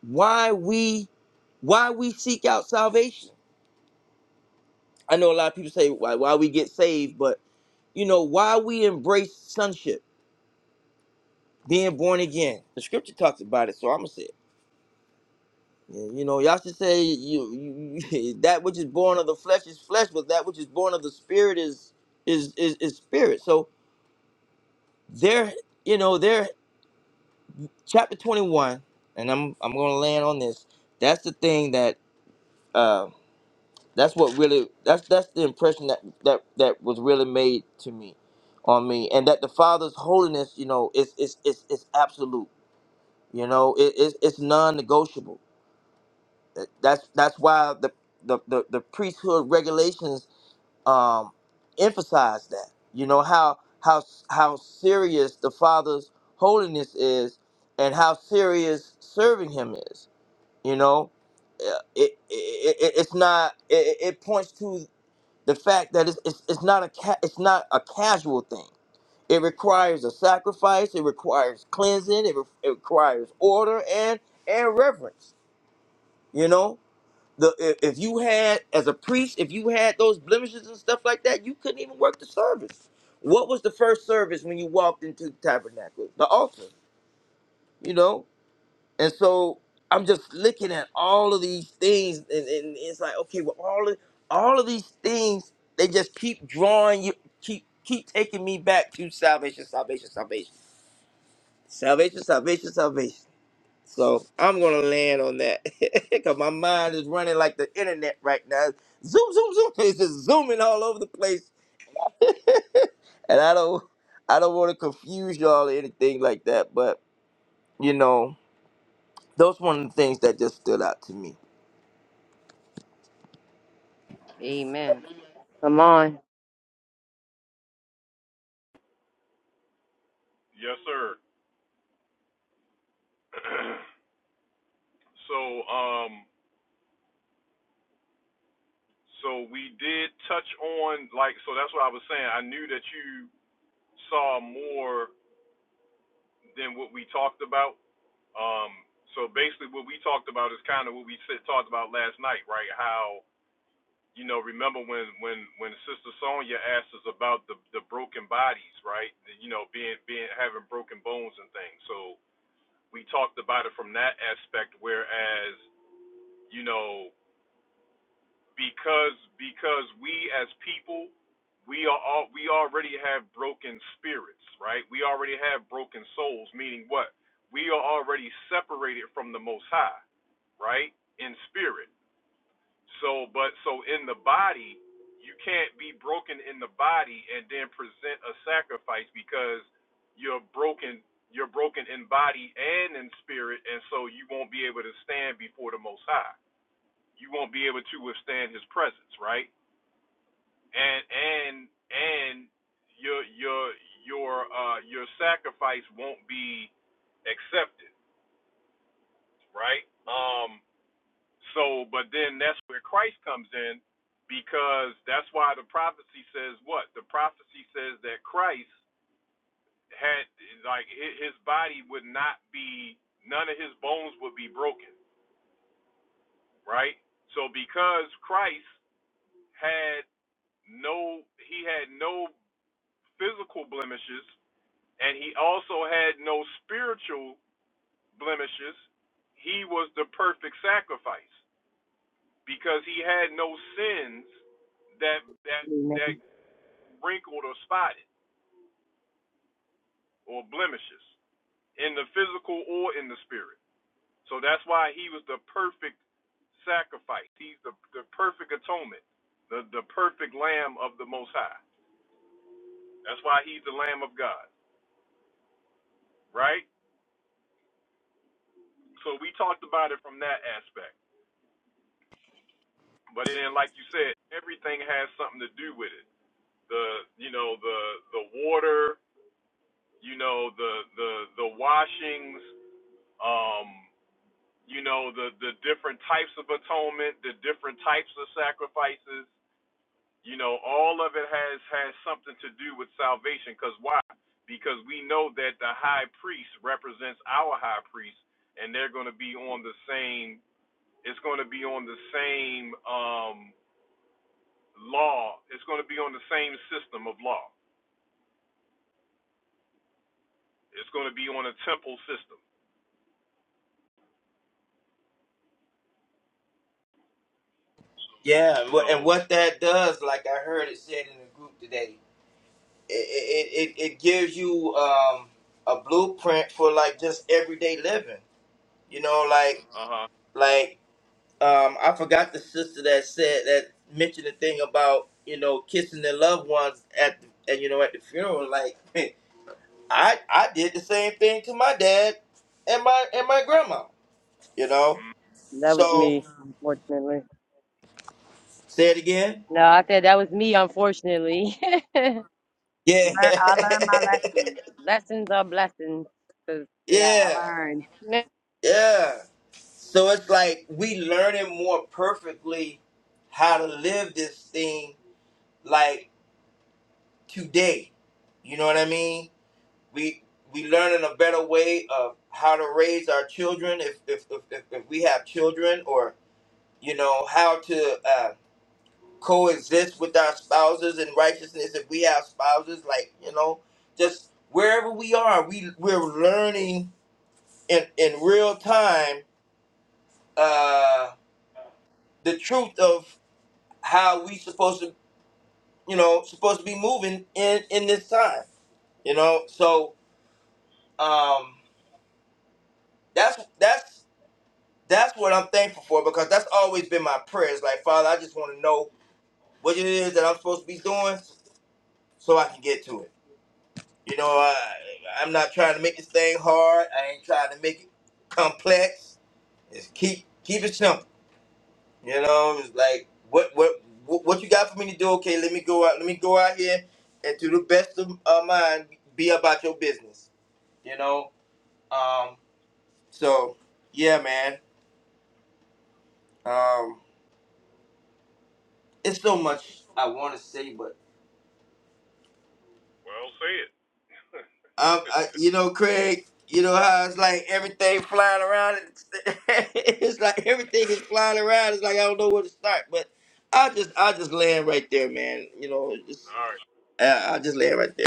Speaker 15: why we why we seek out salvation. I know a lot of people say why why we get saved, but you know why we embrace sonship, being born again. The scripture talks about it, so I'm gonna say it. Yeah, You know, y'all should say you, you [LAUGHS] that which is born of the flesh is flesh, but that which is born of the spirit is is is, is spirit. So there, you know, there chapter 21, and I'm I'm gonna land on this. That's the thing that um, That's what really that's that's the impression that that that was really made to me, on me, and that the Father's holiness, you know, is is is is absolute. You know, it, it's it's non-negotiable. That- That's that's why the the the, the priesthood regulations um emphasize that. You know how how how serious the Father's holiness is, and how serious serving Him is. You know, Uh, it, it, it it's not it, it it points to the fact that it's, it's, it's not a ca- it's not a casual thing. It requires a sacrifice. It requires cleansing. It, re- it requires order and and reverence. You know, the i- if you had as a priest, if you had those blemishes and stuff like that, you couldn't even work the service. What was the first service when you walked into the tabernacle? The altar. You know, and so I'm just looking at all of these things, and, and it's like, okay, well, all of all of these things, they just keep drawing you, keep keep taking me back to salvation, salvation, salvation, salvation, salvation, salvation. So I'm gonna land on that [LAUGHS] because my mind is running like the internet right now. Zoom, zoom, zoom. [LAUGHS] It's just zooming all over the place, and I don't, I don't want to confuse y'all or anything like that. But you know, those one of the things that just stood out to me.
Speaker 3: Amen. Come on.
Speaker 1: Yes, sir. [CLEARS THROAT] so um so we did touch on like so that's what I was saying. I knew that you saw more than what we talked about. Um so basically what we talked about is kind of what we said, talked about last night, right? How you know, remember when when when Sister Sonia asked us about the the broken bodies, right? You know, being being having broken bones and things. So we talked about it from that aspect whereas you know because because we as people we are all, we already have broken spirits right we already have broken souls meaning what we are already separated from the most high right in spirit so, but so in the body, you can't be broken in the body and then present a sacrifice because you're broken. You're broken in body and in spirit, and so you won't be able to stand before the Most High. You won't be able to withstand His presence, right? And and and your your your uh your sacrifice won't be accepted, right? Um. So, but then that's where Christ comes in because that's why the prophecy says what? The prophecy says that Christ had, like, his body would not be, none of his bones would be broken, right? So, because Christ had no, he had no physical blemishes and he also had no spiritual blemishes, he was the perfect sacrifice. because he had no sins that that that
Speaker 3: Amen.
Speaker 1: wrinkled or spotted or blemishes in the physical or in the spirit. So that's why he was the perfect sacrifice. He's the the perfect atonement, the the perfect lamb of the most high. That's why he's the lamb of God, right? So we talked about it from that aspect. But then like you said, everything has something to do with it. The you know, the the water, you know the the the washings um, you know, the, the different types of atonement, the different types of sacrifices, you know, all of it has, has something to do with salvation. Because why? Because we know that the high priest represents our high priest, and they're going to be on the same, it's going to be on the same um, law, it's going to be on the same system of law. It's going to be on a temple system.
Speaker 15: Yeah, wha- and
Speaker 1: So,
Speaker 15: what that does, like I heard it said in the group today, it it, it, it gives you um, a blueprint for like just everyday living. You know, like
Speaker 1: uh huh.
Speaker 15: like um, I forgot the sister that said that mentioned the thing about you know kissing their loved ones at the, and you know at the funeral. Like [LAUGHS] I I did the same thing to my dad and my and my grandma. You know,
Speaker 3: That was
Speaker 15: so
Speaker 3: me, unfortunately.
Speaker 15: say it again.
Speaker 3: No, I said that was me, unfortunately. [LAUGHS]
Speaker 15: Yeah,
Speaker 3: Learn, I learned my lessons. Lessons are blessings. Cause
Speaker 15: [LAUGHS]
Speaker 3: yeah, I
Speaker 15: yeah,
Speaker 3: learned. Yeah,
Speaker 15: yeah. So it's like we learning more perfectly how to live this thing like today. You know what I mean? We we learning a better way of how to raise our children if if if, if, if we have children or you know how to uh, coexist with our spouses in righteousness if we have spouses like you know just wherever we are we we're learning in in real time uh the truth of. how we supposed to you know supposed to be moving in in this time you know so um that's that's that's what i'm thankful for because that's always been my prayers like father i just want to know what it is that i'm supposed to be doing so i can get to it you know i i'm not trying to make this thing hard i ain't trying to make it complex just keep keep it simple You know, it's like what what what what you got for me to do? Okay, let me go out. Let me go out here and to the best of uh, mine, be about your business. You know. Um. So yeah, man. Um. It's so much I want to say, but
Speaker 1: Well, say it.
Speaker 15: um, I, you know, Craig. You know how it's like everything flying around. It's, [LAUGHS] it's like everything is flying around. It's like I don't know where to start. But I just, I just land right there, man. You know,
Speaker 1: All
Speaker 15: just
Speaker 1: right.
Speaker 15: I, I just land right there.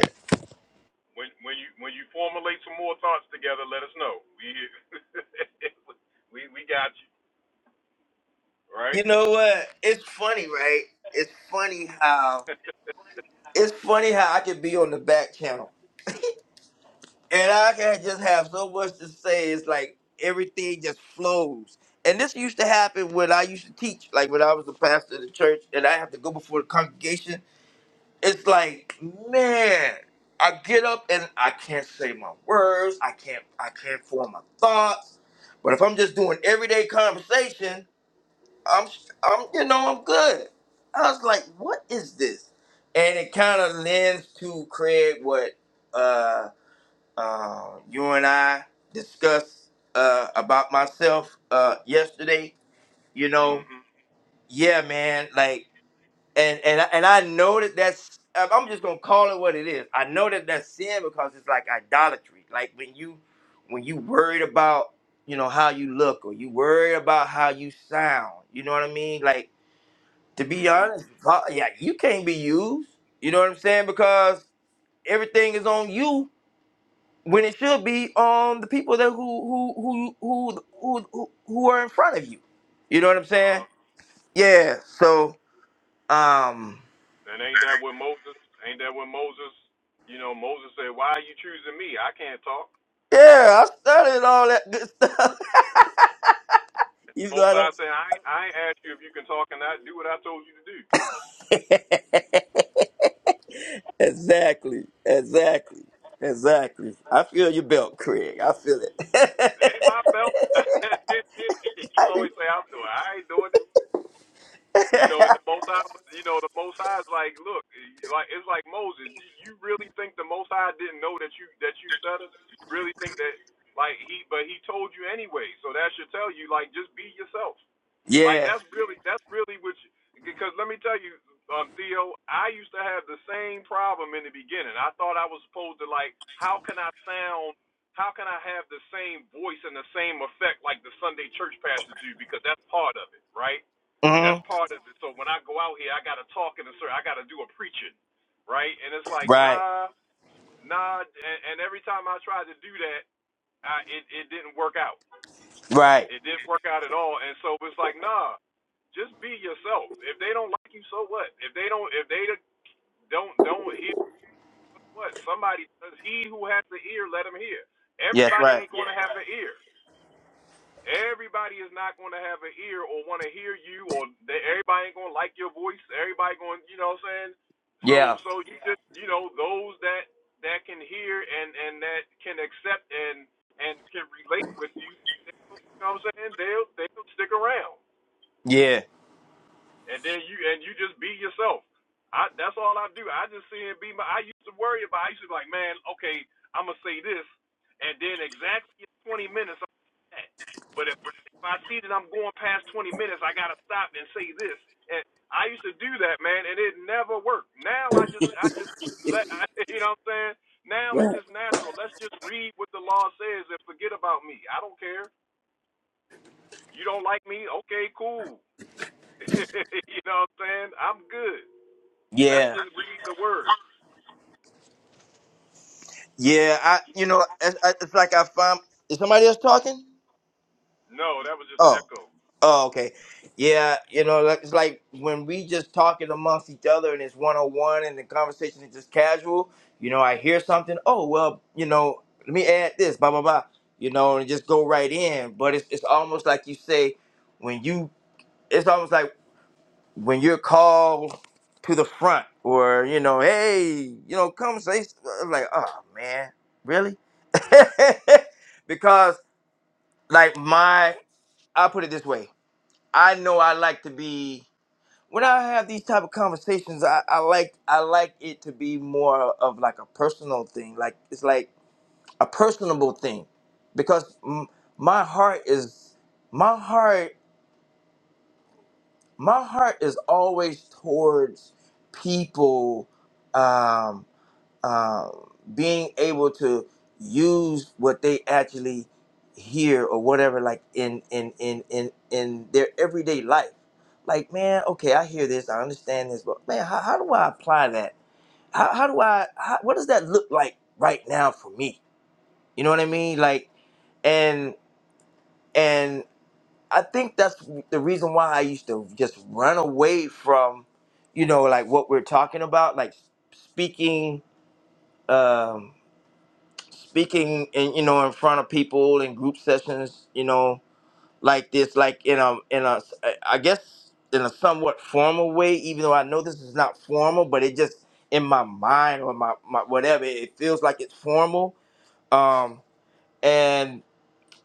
Speaker 1: When when you when you formulate some more thoughts together, let us know. We here. [LAUGHS] we we got you, right?
Speaker 15: You know what? It's funny, right? It's funny how it's funny how I can be on the back channel and I can just have so much to say. It's like everything just flows. And this used to happen when I used to teach, like when I was the pastor of the church, and I have to go before the congregation. It's like, man, I get up and I can't say my words. I can't. I can't form my thoughts. But if I'm just doing everyday conversation. I'm, I'm, you know, I'm good. I was like, what is this? And it kind of lends to Craig what uh, uh, you and I discussed uh, about myself uh, yesterday. You know,
Speaker 1: Mhm.
Speaker 15: yeah, man. Like, and and I- and I know that that's. I'm I'm just gonna call it what it is. I know that that's sin because it's like idolatry. Like when you when you worried about you know how you look or you worried about how you sound. You know what I mean? Like to be
Speaker 1: Mhm.
Speaker 15: honest, because- yeah, you can't be used. You know what I'm saying? Because everything is on you when it should be on the people that who who who who who who, who are in front of you. You know what I'm saying?
Speaker 1: Uh-huh.
Speaker 15: Yeah. So um,
Speaker 1: And ain't that what Moses? Ain't that what Moses? You know, Moses said, "Why are you choosing me? I can't talk."
Speaker 15: yeah, I studied all that good stuff. [LAUGHS] Even though
Speaker 1: Most I said, "I ain't- I ain't asked you if you can talk and not do what I told you to do."
Speaker 15: I don't. [LAUGHS] exactly. Exactly. Exactly. I feel your belt, Craig. I feel
Speaker 1: It Ain't
Speaker 15: it.
Speaker 1: my belt. [LAUGHS] you
Speaker 15: [LAUGHS]
Speaker 1: always say I'm doing. it. I ain't doing it. You know, and the Most High, was- you know, the Most High is like, look, like it's like Moses. You, you really think the Most High didn't know that you that you stutter? You really think that, like he, but he told you anyway. So that should tell you, like, just be yourself. Like
Speaker 15: yeah.
Speaker 1: that's really that's really what. You, because let me tell you, um, Theo, I used to have the same problem in the beginning. I thought I was supposed to like, how can I sound? How can I have the same voice and the same effect like the Sunday church pastors do? Because that's part of it, right? That's
Speaker 15: hmm
Speaker 1: part of it. So when I go out here, I gotta talk in a certain, I gotta do a preaching, right? And it's like
Speaker 15: Right.
Speaker 1: nah, nah. And, and every time I tried to do that, I, it it didn't work out.
Speaker 15: Right.
Speaker 1: It didn't work out at all. And so it's like nah, just be yourself. If they don't like you, so what? If they don't, if they don't don't hear what somebody does, he who has the ear, let him hear.
Speaker 15: Yeah, that's
Speaker 1: Everybody
Speaker 15: right.
Speaker 1: ain't gonna have an ear. Everybody is not going to have an ear or want to hear you, or they, everybody ain't going to like your voice. Everybody going, you know what I'm saying? So,
Speaker 15: Yeah,
Speaker 1: so you Yeah. just, you know, those that that can hear and and that can accept and and can relate with you, you know what I'm saying? They'll they'll stick around
Speaker 15: yeah,
Speaker 1: and then you and you just be yourself. I that's all I do. I just see and be my. I used to worry about. I used to be like, man, okay, I'm gonna say this, and then exactly in 20 minutes I'm gonna say that. But if if I see that I'm going past 20 minutes, I gotta stop and say this. And I used to do that, man, and it never worked. Now I just I just let I, [LAUGHS] you know what I'm saying. Now it's
Speaker 15: Right.
Speaker 1: just natural. Let's just read what the law says and forget about me. I don't care. You don't like me? Okay, cool. [LAUGHS] you know what I'm saying? I'm good. Let's
Speaker 15: yeah,
Speaker 1: just read the word.
Speaker 15: yeah. I, you know, it's, I- it's like I found. Is somebody else talking?
Speaker 1: No, that was just an
Speaker 15: Oh,
Speaker 1: echo.
Speaker 15: oh, okay. Yeah, you know, like- it's like when we just talking amongst each other and it's one on one and the conversation is just casual. You know, I hear something. Oh, well, you know, let me add this. Blah blah blah. You know, and just go right in. But it's it's almost like you say when you. It's almost like when you're called to the front or you know hey you know come say s- I'm like oh man really [LAUGHS] because like my i put it this way i know i like to be when i have these type of conversations i, I like i like it to be more of like a personal thing like it's like a personable thing because m- my heart is my heart my heart is always towards people um, um, being able to use what they actually hear or whatever like in in in in in their everyday life like man okay i hear this i understand this but man how, how do i apply that how, how do i how, what does that look like right now for me you know what i mean like and and I think that's the reason why I used to just run away from, you know, like what we're talking about, like speaking, um, speaking, in, you know, in front of people in group sessions, you know, like this, like in a, in a, I guess in a somewhat formal way, even though I know this is not formal, but it just in my mind or my, my whatever, it feels like it's formal. Um, and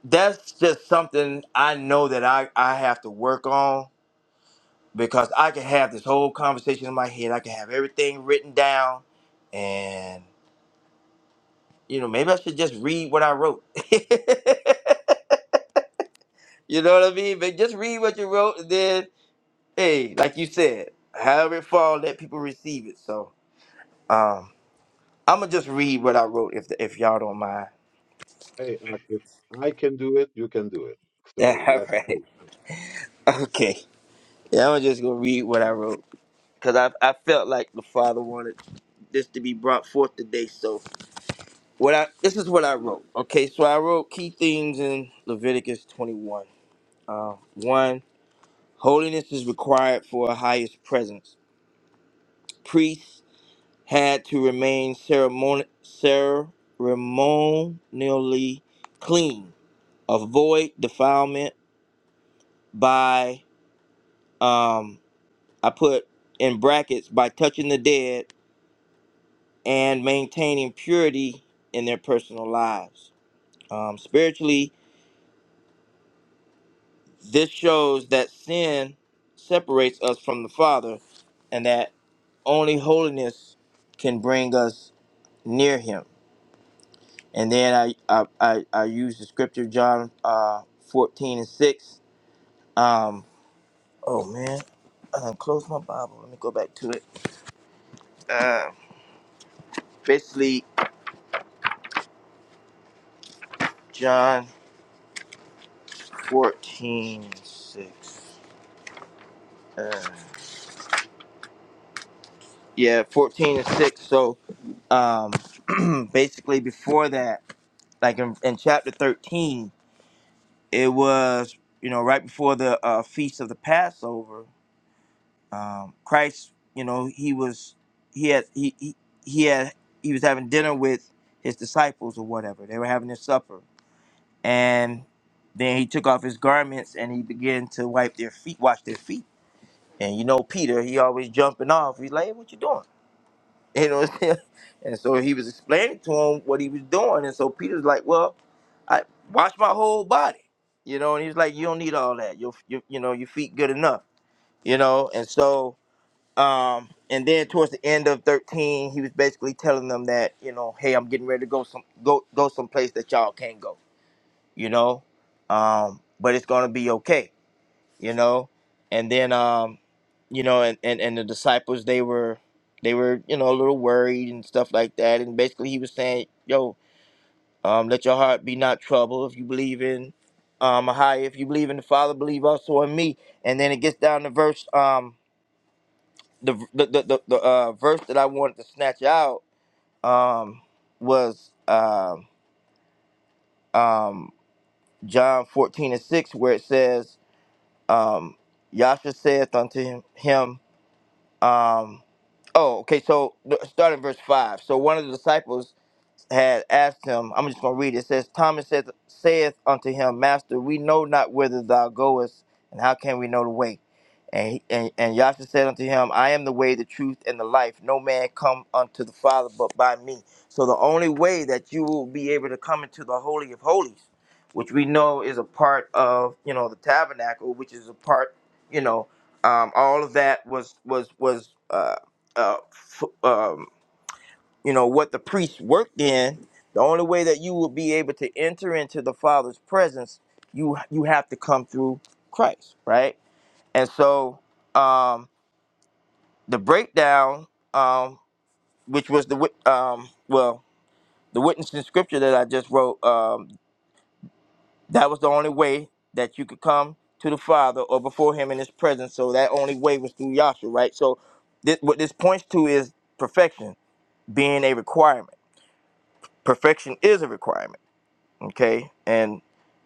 Speaker 15: that's just something I know that I, I have to work on because I can have this whole conversation in my head. I can have everything written down, and you know, maybe I should just read what I wrote. [LAUGHS] you know what I mean? But just read what you wrote, and then hey, like you said, however it fall, let people receive it. So, um, I'm gonna just read what I wrote if if y'all don't mind. [LAUGHS]
Speaker 8: Hey, Ak, if I can do it, you can do it.
Speaker 15: Yeah,
Speaker 8: So
Speaker 15: all
Speaker 8: let's go.
Speaker 15: right, okay. Yeah, I'm just gonna read what I wrote because I I felt like the Father wanted this to be brought forth today, so What I this is what I wrote. Okay, so I wrote key themes in Leviticus 21. Uh, one, holiness is required for a highest presence. Priests had to remain ceremoni- ceremonially clean, avoid defilement by um, I put in brackets by touching the dead and maintaining purity in their personal lives. Um, spiritually, This shows that sin separates us from the Father and that only holiness can bring us near Him. And then I, I, I, I use the scripture, John uh, 14 and 6. Um, oh, man. I done closed my Bible. Let me go back to it. Uh, basically, John 14 and 6. Uh, yeah, 14 and 6. So um, [CLEARS THROAT] basically, before that, like in, in chapter 13, it was you know right before the uh, feast of the passover um, christ you know he was he had he, he he had he was having dinner with his disciples or whatever they were having their supper and then he took off his garments and he began to wipe their feet wash their feet and you know peter he always jumping off he's like hey, what you doing [LAUGHS] You know what I'm saying? And so he was explaining to him what he was doing. And so Peter's like, Well, I wash my whole body. You know, and he was like, You don't need all that. Your you you know, your feet good enough. You know, and so um and then towards the end of 13, he was basically telling them that, you know, hey, I'm getting ready to go some go go someplace that y'all can't go, you know? Um, but it's gonna be okay you know and then um you know and, and and the disciples they were they were you know a little worried and stuff like that and basically he was saying yo um let your heart be not troubled if you believe in um a higher, if you believe in the father believe also in me and then it gets down to verse um the the the, the, the uh verse that i wanted to snatch out um was um um john 14 and 6 where it says um yasha saith unto him Um, oh, okay. So th- start in verse five. So one of the disciples had asked him, I'm just going to read it. It says, Thomas saith, saith unto him, Master, we know not whither thou goest, and how can we know the way? And, he, and, and Yahshua said unto him, I am the way, the truth, and the life. No man come unto the Father but by me. So the only way that you will be able to come into the Holy of Holies, which we know is a part of, you know, the tabernacle, which is a part, you know, um, all of that was was was uh, uh, f- um, you know what the priest worked in the only way that you will be able to enter into the father's presence you you have to come through christ right and so um the breakdown um which was the wit- um well the witness in scripture that i just wrote um that was the only way that you could come to the father or before him in his presence so that only way was through Yahshua, right so this, what this points to is perfection being a requirement perfection is a requirement okay and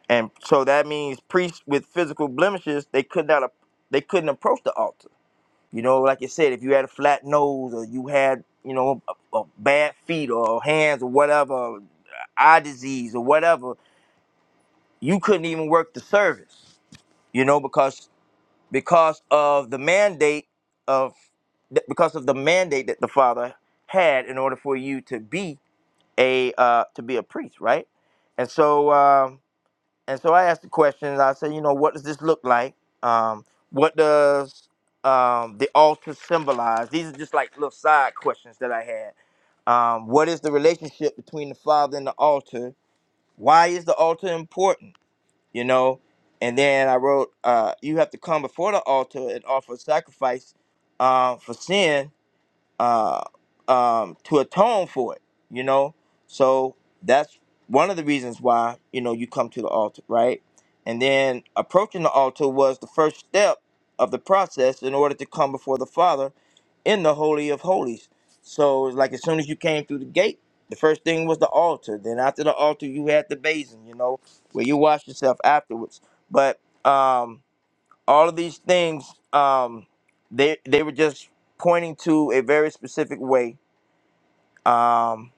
Speaker 15: and so that means priests with physical blemishes they could not ap- they couldn't approach the altar you know like you said if you had a flat nose or you had you know a, a bad feet or hands or whatever eye disease or whatever you couldn't even work the service you know because because of the mandate of th- because of the mandate that the father had in order for you to be a uh, to be a priest right and so Um, And so I asked the questions. I said, you know, what does this look like? Um, what does um, the altar symbolize? These are just like little side questions that I had. Um, what is the relationship between the Father and the altar? Why is the altar important? You know, and then I wrote, uh, you have to come before the altar and offer a sacrifice uh, for sin uh, um, to atone for it, you know. So that's one of the reasons why you know you come to the altar, right? And then approaching the altar was the first step of the process in order to come before the Father in the Holy of Holies. So it's like as soon as you came through the gate, the first thing was the altar. Then after the altar, you had the basin, you know, where you wash yourself afterwards. But um, all of these things um they they were just pointing to a very specific way um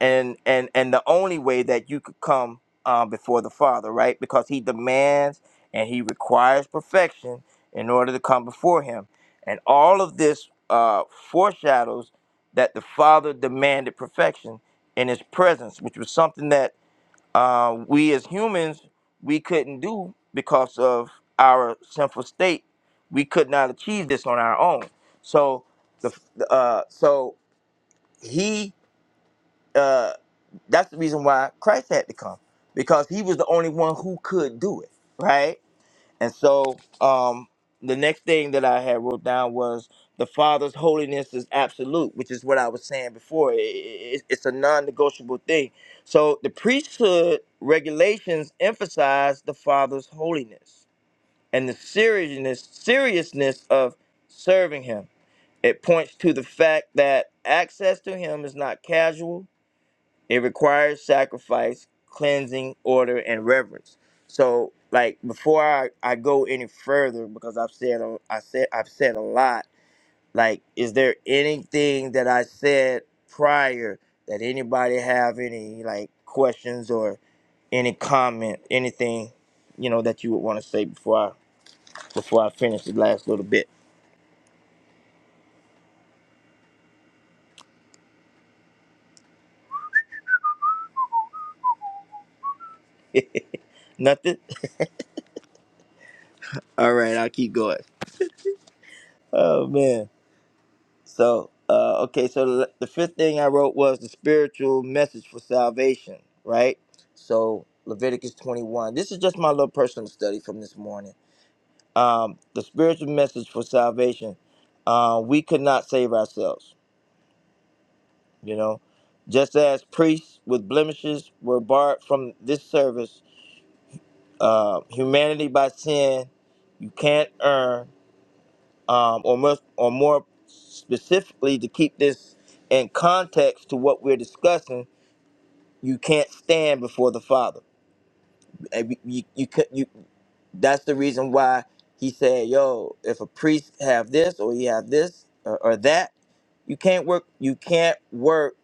Speaker 15: and and and the only way that you could come um before the father right because he demands and he requires perfection in order to come before him and all of this uh foreshadows that the father demanded perfection in his presence which was something that uh, we as humans we couldn't do because of our sinful state. We could not achieve this on our own. So the uh, so he uh, that's the reason why Christ had to come because he was the only one who could do it, right? And so um, the next thing that I had wrote down was the Father's holiness is absolute, which is what I was saying before. I- I- I- It's a non negotiable thing. So the priesthood regulations emphasize the Father's holiness and the seriousness, seriousness of serving Him. It points to the fact that access to Him is not casual it requires sacrifice, cleansing, order, and reverence. So, like before I, I go any further, because I've said a- I said I've said a lot. Like, is there anything that I said prior that anybody have any like questions or any comment, anything you know that you would want to say before I before I finish the last little bit? [LAUGHS] Nothing. [LAUGHS] All right, I'll keep going. Oh man. So, uh, okay, so the the fifth thing I wrote was the spiritual message for salvation, right? So, Leviticus 21. This is just my little personal study from this morning. Um, the spiritual message for salvation. Uh, we could not save ourselves, you know. Just as priests with blemishes were barred from this service, uh, humanity by sin, you can't earn um, or, more, or more specifically, to keep this in context to what we're discussing, you can't stand before the Father. And You, you, you, could- you, that's the reason why he said, "Yo, if a priest have this or he have this or, or that, you can't work. You can't work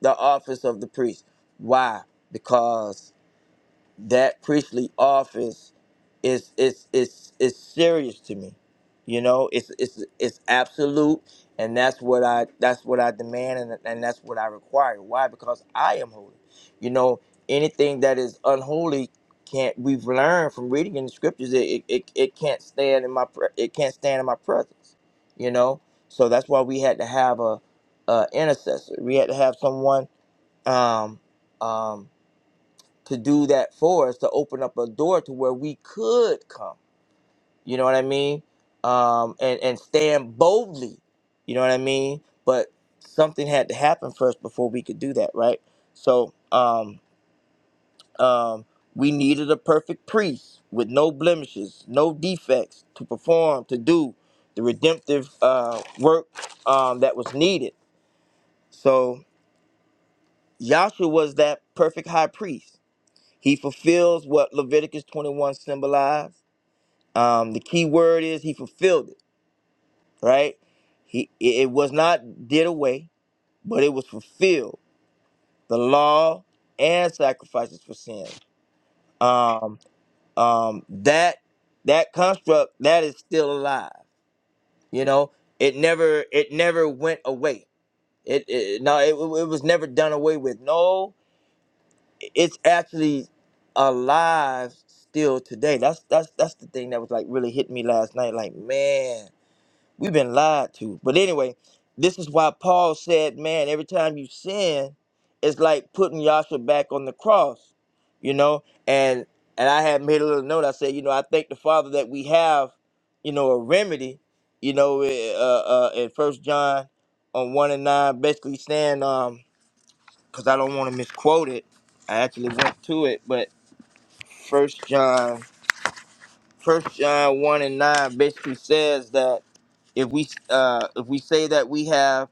Speaker 15: the office of the priest. Why? Because that priestly office is is is is serious to me. You know, it's it's it's absolute, and that's what I that's what I demand, and and that's what I require. Why? Because I am holy. You know, anything that is unholy can't. We've learned from reading in the scriptures, it it, it, it can't stand in my pre- it can't stand in my presence. You know, so that's why we had to have a, a intercessor. We had to have someone um um to do that for us to open up a door to where we could come you know what i mean um and and stand boldly you know what i mean but something had to happen first before we could do that right so um um we needed a perfect priest with no blemishes no defects to perform to do the redemptive uh work um that was needed so Yahshua was that perfect high priest he fulfills what Leviticus 21 symbolized Um, the key word is he fulfilled it, right? He it it was not did away, but it was fulfilled. The law and sacrifices for sin. Um, um, that that construct that is still alive. You know, it never it never went away. It, it no, it, it was never done away with. No, it's actually alive still today. That's that's that's the thing that was like really hitting me last night. Like man We've been lied to. But anyway, this is why Paul said, man, every time you sin, it's like putting Yasha back on the cross, you know? And and I had made a little note. I said, you know, I thank the Father that we have, you know, a remedy, you know, eh, uh, uh, in First John on 1 and 9, basically saying, um, because I don't want to misquote it. I actually went to it, but First John First John one and nine basically says that if we uh if we say that we have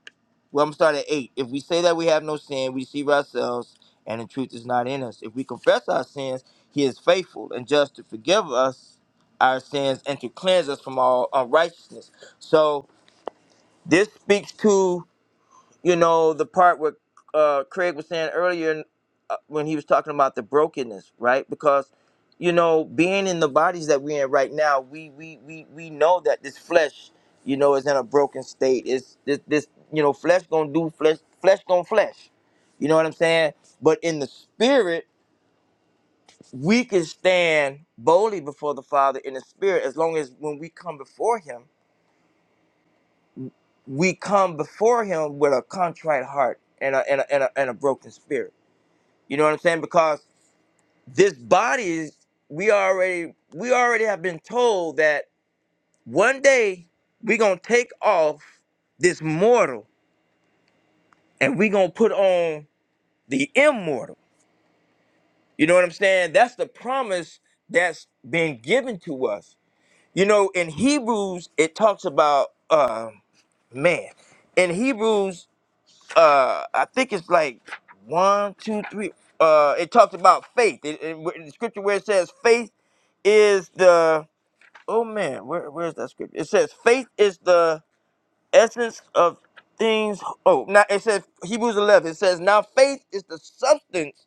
Speaker 15: well I'm starting at eight. If we say that we have no sin, we deceive ourselves and the truth is not in us. If we confess our sins, he is faithful and just to forgive us our sins and to cleanse us from all unrighteousness. So this speaks to you know the part where uh, Craig was saying earlier uh, when he was talking about the brokenness, right? Because you know, being in the bodies that we're in right now, we we we we know that this flesh, you know, is in a broken state. It's this this you know, flesh gonna do flesh, flesh gonna flesh. You know what I'm saying? But in the spirit, we can stand boldly before the Father in the spirit as long as when we come before Him, we come before Him with a contrite heart and a and a, and a, and a broken spirit You know what I'm saying? Because this body is we already we already have been told that one day we're gonna take off this mortal and we're gonna put on the immortal. You know what I'm saying? That's the promise that's been given to us. You know, in Hebrews it talks about uh man. In Hebrews, uh I think it's like one, two, three, uh it talks about faith. It, it, in the scripture where it says faith is the oh man, where where's that scripture? It says faith is the essence of things. Oh, now it says Hebrews eleven. It says now faith is the substance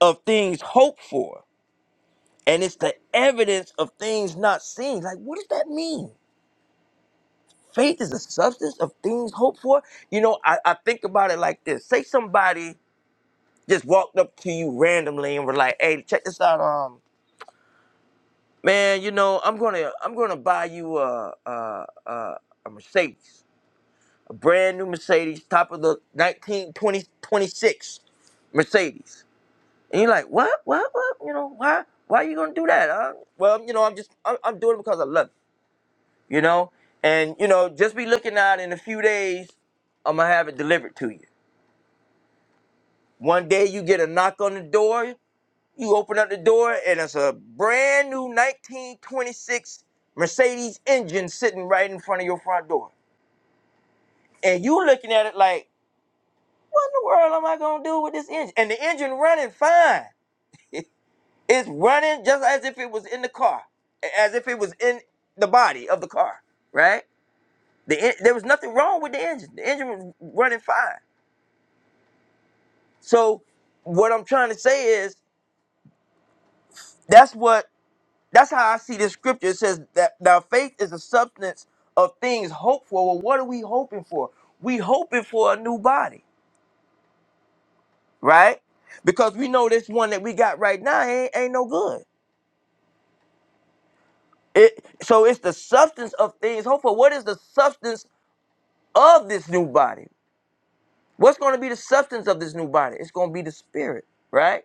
Speaker 15: of things hoped for, and it's the evidence of things not seen. Like, what does that mean? Faith is the substance of things hoped for. You know, I, I think about it like this. Say somebody just walked up to you randomly and were like, "Hey, check this out, um, man. You know, I'm gonna I'm gonna buy you a a a, a Mercedes." brand new Mercedes, top of the nineteen twenty twenty six Mercedes. And you're like, what, what, what? You know, why, why are you gonna do that? Huh? Well, you know, I'm just, I'm, I'm doing it because I love it, you know. And you know, just be looking out. In a few days, I'm gonna have it delivered to you. One day you get a knock on the door, you open up the door, and it's a brand new 1926 Mercedes engine sitting right in front of your front door. And you looking at it like, what in the world am I gonna do with this engine? And the engine running fine. It- It's running just as if it was in the car, a- as if it was in the body of the car, right? The en- there was nothing wrong with the engine. The engine was running fine. So what I'm trying to say is that's what that's how I see this scripture. It says that now faith is the substance of things hoped for. Well, what are we hoping for? We hoping for a new body, right? Because we know this one that we got right now ain't, ain't no good It, so it's the substance of things hoped for. What is the substance of this new body? What's going to be the substance of this new body? It's going to be the spirit, right?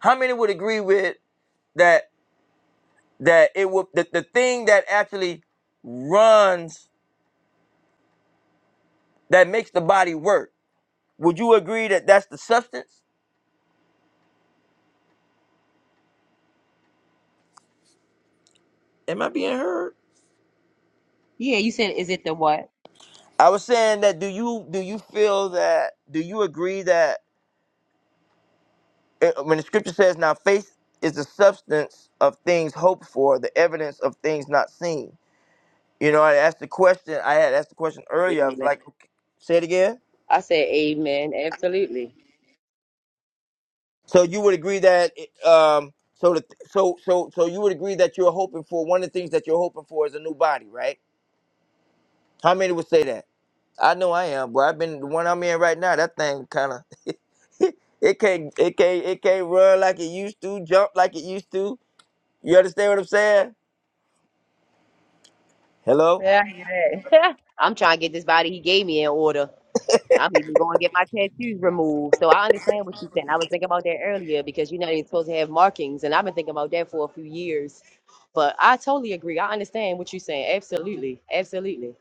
Speaker 15: How many would agree with that? That it will the, the thing that actually runs that makes the body work. Would you agree that that's the substance? Am I being heard?
Speaker 3: you said, is it the what?
Speaker 15: I was saying that. Do you do you feel that? Do you agree that uh, when the scripture says now faith is the substance of things hoped for, the evidence of things not seen? You know, I asked the question. I had asked the question earlier. I was
Speaker 3: Amen.
Speaker 15: like, okay, say it again.
Speaker 3: I said amen. Absolutely.
Speaker 15: So you would agree that it, um, so the, so so so you would agree that you're hoping for one of the things that you're hoping for is a new body, right? How many would say that? I know I am, but I've been the one I'm in right now. That thing kind of [LAUGHS] it can't it can't it can't run like it used to, jump like it used to. You understand what I'm saying? Hello,
Speaker 3: Yeah, I hear that. [LAUGHS] I'm trying to get this body he gave me in order. I'm even going to get my tattoos removed. So I understand what you're saying. I was thinking about that earlier because you know they're supposed to have markings, and I've been thinking about that for a few years. But I totally agree. I understand what you're saying. Absolutely. Absolutely.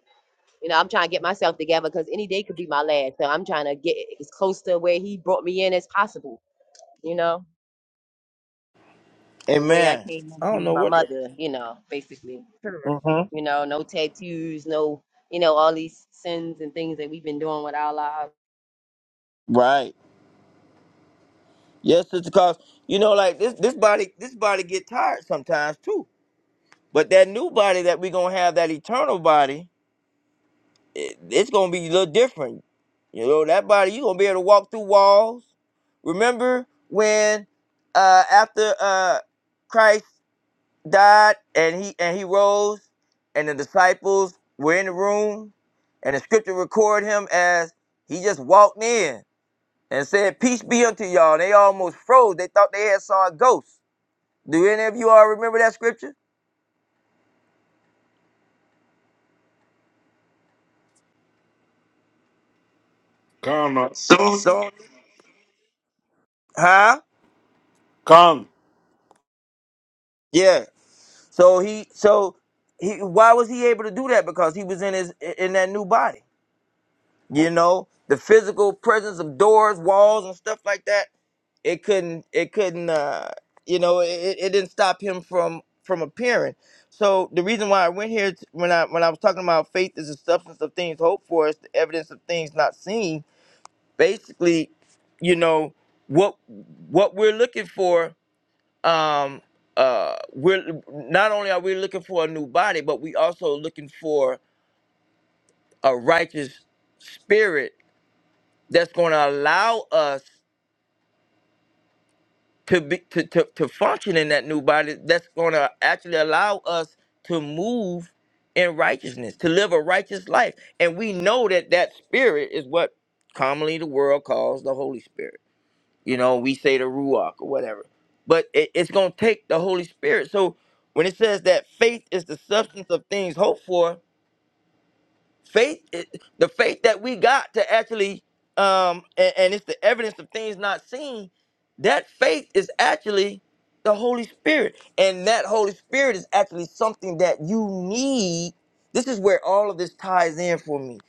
Speaker 3: You know, I'm trying to get myself together because any day could be my last. So I'm trying to get as close to where he brought me in as possible. You know, the way I
Speaker 15: amen.
Speaker 3: came
Speaker 15: I
Speaker 3: into
Speaker 15: don't know
Speaker 3: my
Speaker 15: what.
Speaker 3: mother. You know, basically. Sure.
Speaker 15: Mm-hmm.
Speaker 3: You know, no tattoos, no, you know, all these sins and things that we've been doing with our lives.
Speaker 15: Right. Yes, it's cause you know, like this, this body, this body get tired sometimes too. But that new body that we gonna have, that eternal body, it, it's gonna be a little different. You know, that body, you gonna be able to walk through walls. Remember when, uh, after uh, Christ died and he and he rose, and the disciples were in the room, and the scripture record him as he just walked in and said, "Peace be unto y'all." They almost froze. They thought they had saw a ghost. Do any of you all remember that scripture?
Speaker 4: Can I?
Speaker 15: So, huh?
Speaker 4: Can.
Speaker 15: Yeah. So he, so he, why was he able to do that? Because he was in his in that new body. You know, the physical presence of doors, walls, and stuff like that. It couldn't, it couldn't, uh, you know, it, it it didn't stop him from from appearing. So the reason why I went here t- when I when I was talking about faith is the substance of things hoped for, it's the evidence of things not seen. Basically, you know what what we're looking for um uh we're not only are we looking for a new body but we also looking for a righteous spirit that's going to allow us to be to, to, to function in that new body that's going to actually allow us to move in righteousness to live a righteous life and we know that that spirit is what commonly the world calls the holy spirit you know we say the ruach or whatever but it, it's going to take the holy spirit so when it says that faith is the substance of things hoped for faith i- the faith that we got to actually um and, and it's the evidence of things not seen that faith is actually the holy spirit and that holy spirit is actually something that you need this is where all of this ties in for me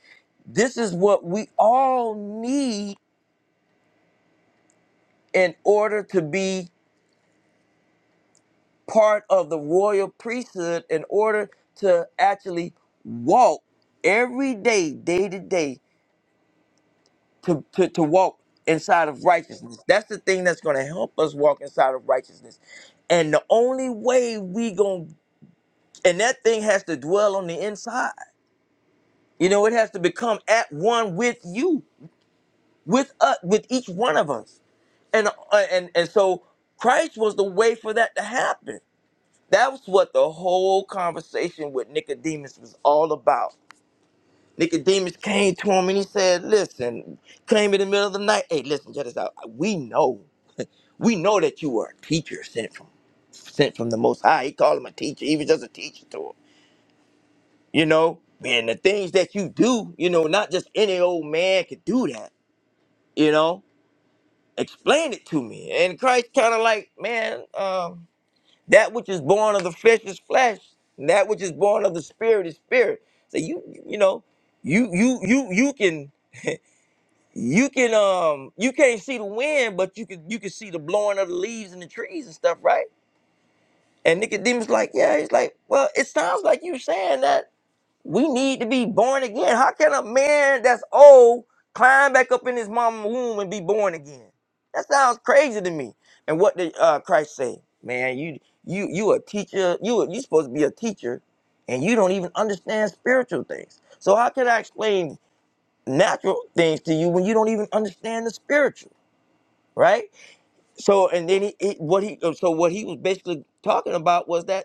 Speaker 15: this is what we all need in order to be part of the royal priesthood in order to actually walk every day, day to day, to, to, to walk inside of righteousness. That's the thing that's going to help us walk inside of righteousness. And the only way we going to, and that thing has to dwell on the inside. You know, it has to become at one with you, with us, with each one of us. And, uh, and, and so Christ was the way for that to happen. That was what the whole conversation with Nicodemus was all about. Nicodemus came to him and he said, Listen, came in the middle of the night. Hey, listen, check this out. We know, [LAUGHS] we know that you are a teacher sent from sent from the most high. He called him a teacher. He was just a teacher to him. You know? And the things that you do, you know, not just any old man could do that, you know. Explain it to me. And Christ kind of like, man, um, That which is born of the flesh is flesh, and that which is born of the spirit is spirit. So you you know, you you you you can you can um you can't see the wind, but you can you can see the blowing of the leaves and the trees and stuff, right? And Nicodemus like, yeah, he's like, well, it sounds like you saying that we need to be born again. How can a man that's old climb back up in his mama's womb and be born again? That sounds crazy to me. And what did uh, Christ say? Man, you you you a teacher. You a- you supposed to be a teacher, and you don't even understand spiritual things. So how can I explain natural things to you when you don't even understand the spiritual, right? So and then he, he what he so what he was basically talking about was that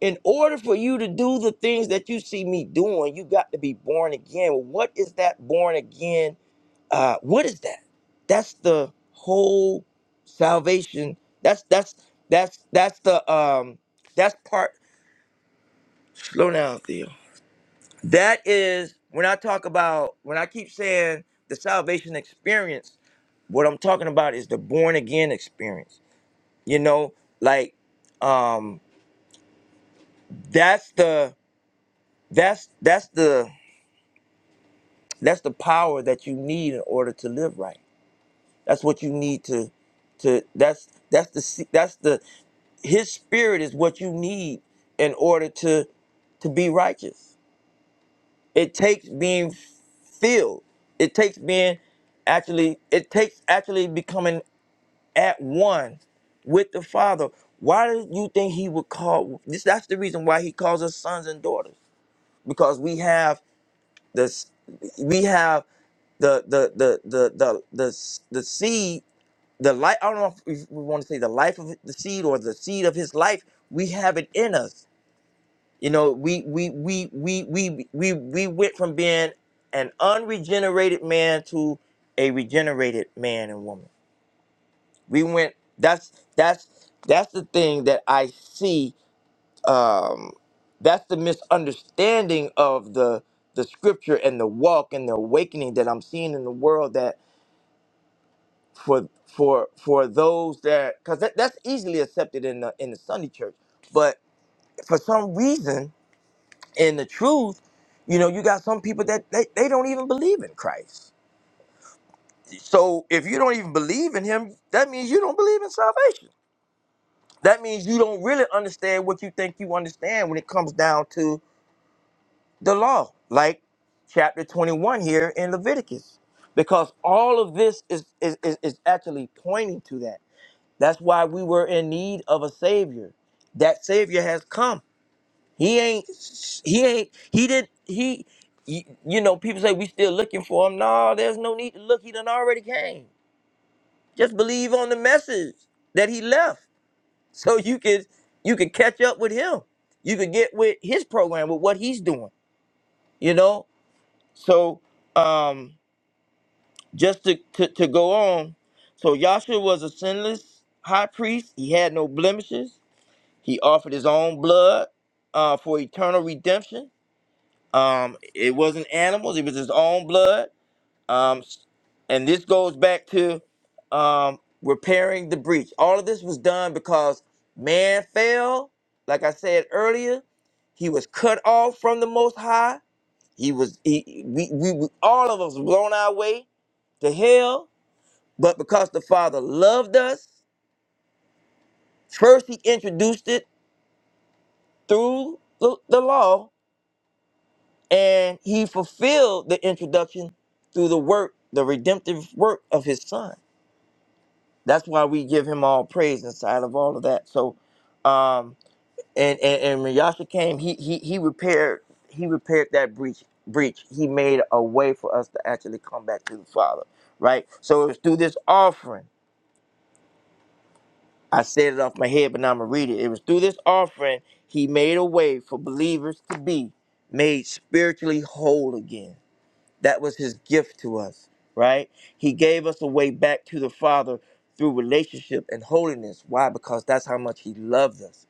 Speaker 15: in order for you to do the things that you see me doing, you got to be born again. Well, What is that born again? Uh, what is that? That's the whole salvation. That's that's that's that's the um that's part. Slow down, Theo. That is when I talk about when I keep saying the salvation experience. What I'm talking about is the born again experience. You know, like um that's the that's that's the That's the power that you need in order to live right. That's what you need to to that's that's the se- that's the his spirit is what you need in order to to be righteous. It takes being filled. It takes being actually it takes actually becoming at one with the Father. Why do you think he would call this that's the reason why he calls us sons and daughters because we have this we have the the the the the the, s- the seed the life i don't know if we want to say the life of the seed or the seed of his life we have it in us you know we we we we we we, we went from being an unregenerated man to a regenerated man and woman we went that's that's that's the thing that i see um that's the misunderstanding of the the scripture and the walk and the awakening that i'm seeing in the world for for for those that because that, that's easily accepted in the in the Sunday church, but for some reason in the truth, you know, you got some people that they, they don't even believe in Christ. So if you don't even believe in Him, that means you don't believe in salvation. That means you don't really understand what you think you understand when it comes down to the law, like chapter twenty one here in Leviticus, because all of this is is, is, is actually pointing to that That's why we were in need of a savior. That savior has come. He ain't. He ain't. He did. He. You you know, people say we still looking for him. No, there's no need to look. He done already came. Just believe on the message that he left, [LAUGHS] so you could you could catch up with him. You could get with his program with what he's doing. You know. So, um, just to to, to go on. So Yahshua was a sinless high priest. He had no blemishes. He offered his own blood uh, for eternal redemption. Um, it wasn't animals; it was his own blood. Um, s- and this goes back to um, repairing the breach. All of this was done because man fell. Like I said earlier, he was cut off from the Most High. He was he, we, we we- all of us blown our way to hell. But because the Father loved us, first He introduced it through the, the law and he fulfilled the introduction through the work, the redemptive work of his son. That's why we give him all praise inside of all of that. So, um, and and, and when Yasha came, he he he repaired he repaired that breach breach. He made a way for us to actually come back to the Father, right? So it was through this offering. I said it off my head, but now I'm gonna read it. It was through this offering he made a way for believers to be made spiritually whole again That was his gift to us, right? He gave us a way back to the Father through relationship and holiness. Why? Because that's how much he loved us.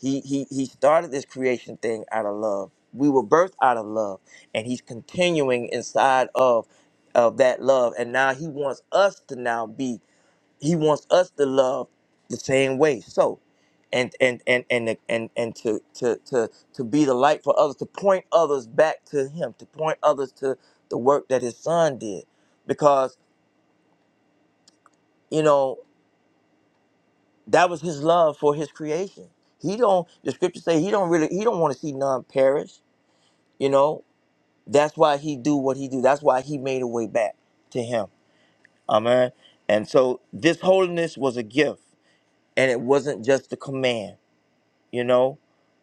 Speaker 15: He he he started this creation thing out of love. We were birthed out of love, and he's continuing inside of of that love. And now he wants us to now be he wants us to love the same way. So, and and and and and and to to to to be the light for others, to point others back to Him, to point others to the work that His Son did, because you know that was His love for His creation. He don't. The Scriptures say He don't really. He don't want to see none perish. You know. That's why He do what He do. That's why He made a way back to Him. Amen. And so this holiness was a gift, and it wasn't just a command. You know,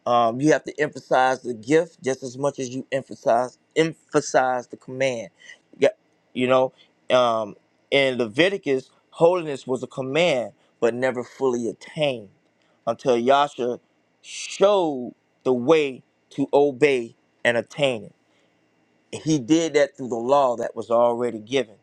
Speaker 15: um, you have to emphasize the gift just as much as you emphasize emphasize the command. Yeah, you know, um, in Leviticus, holiness was a command but never fully attained until Yasha showed the way to obey and attain it. He did that through the law that was already given.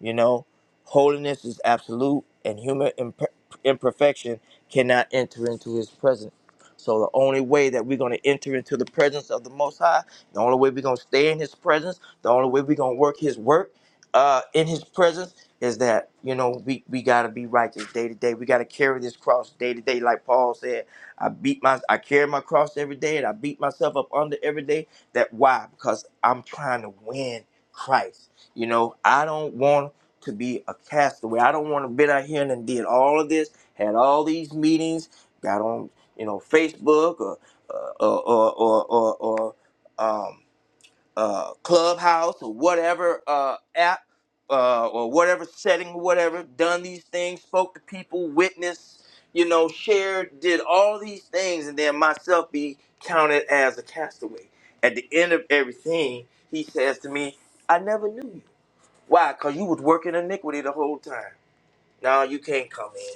Speaker 15: You know, holiness is absolute, and human imp- imperfection cannot enter into His presence. So the only way that we're going to enter into the presence of the Most High, the only way we're going to stay in His presence, the only way we're going to work His work uh, in His presence is that you know we we got to be righteous day to day. We got to carry this cross day to day, like Paul said. I beat my I carry my cross every day, and I beat myself up under every day. That why? Because I'm trying to win Christ. You know, I don't want to be a castaway. I don't want to been out here and did all of this, had all these meetings, got on, you know, Facebook or uh, or or or, or, or um, uh, Clubhouse or whatever uh, app uh, or whatever setting, whatever. Done these things, spoke to people, witnessed, you know, shared, did all these things, and then myself be counted as a castaway. At the end of everything, he says to me, "I never knew you." Why? Because you was working iniquity the whole time. No, you can't come in.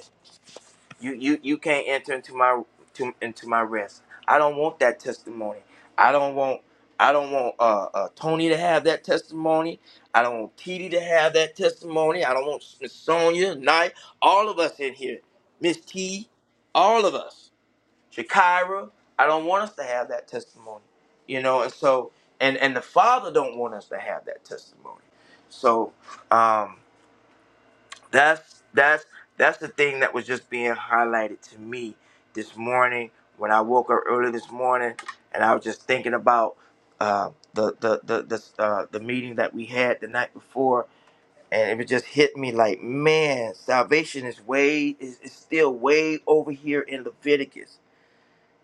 Speaker 15: You you you can't enter into my to, into my rest. I don't want that testimony. I don't want I don't want uh, uh Tony to have that testimony. I don't want Kitty to have that testimony. I don't want Miss Sonia, Knight, all of us in here, Miss T, all of us, Shakira. I don't want us to have that testimony. You know, and so and and the Father don't want us to have that testimony. So. um that's that's that's the thing that was just being highlighted to me this morning when I woke up early this morning and I was just thinking about uh, the the the the, uh, the meeting that we had the night before and it would just hit me like man salvation is way is, is still way over here in Leviticus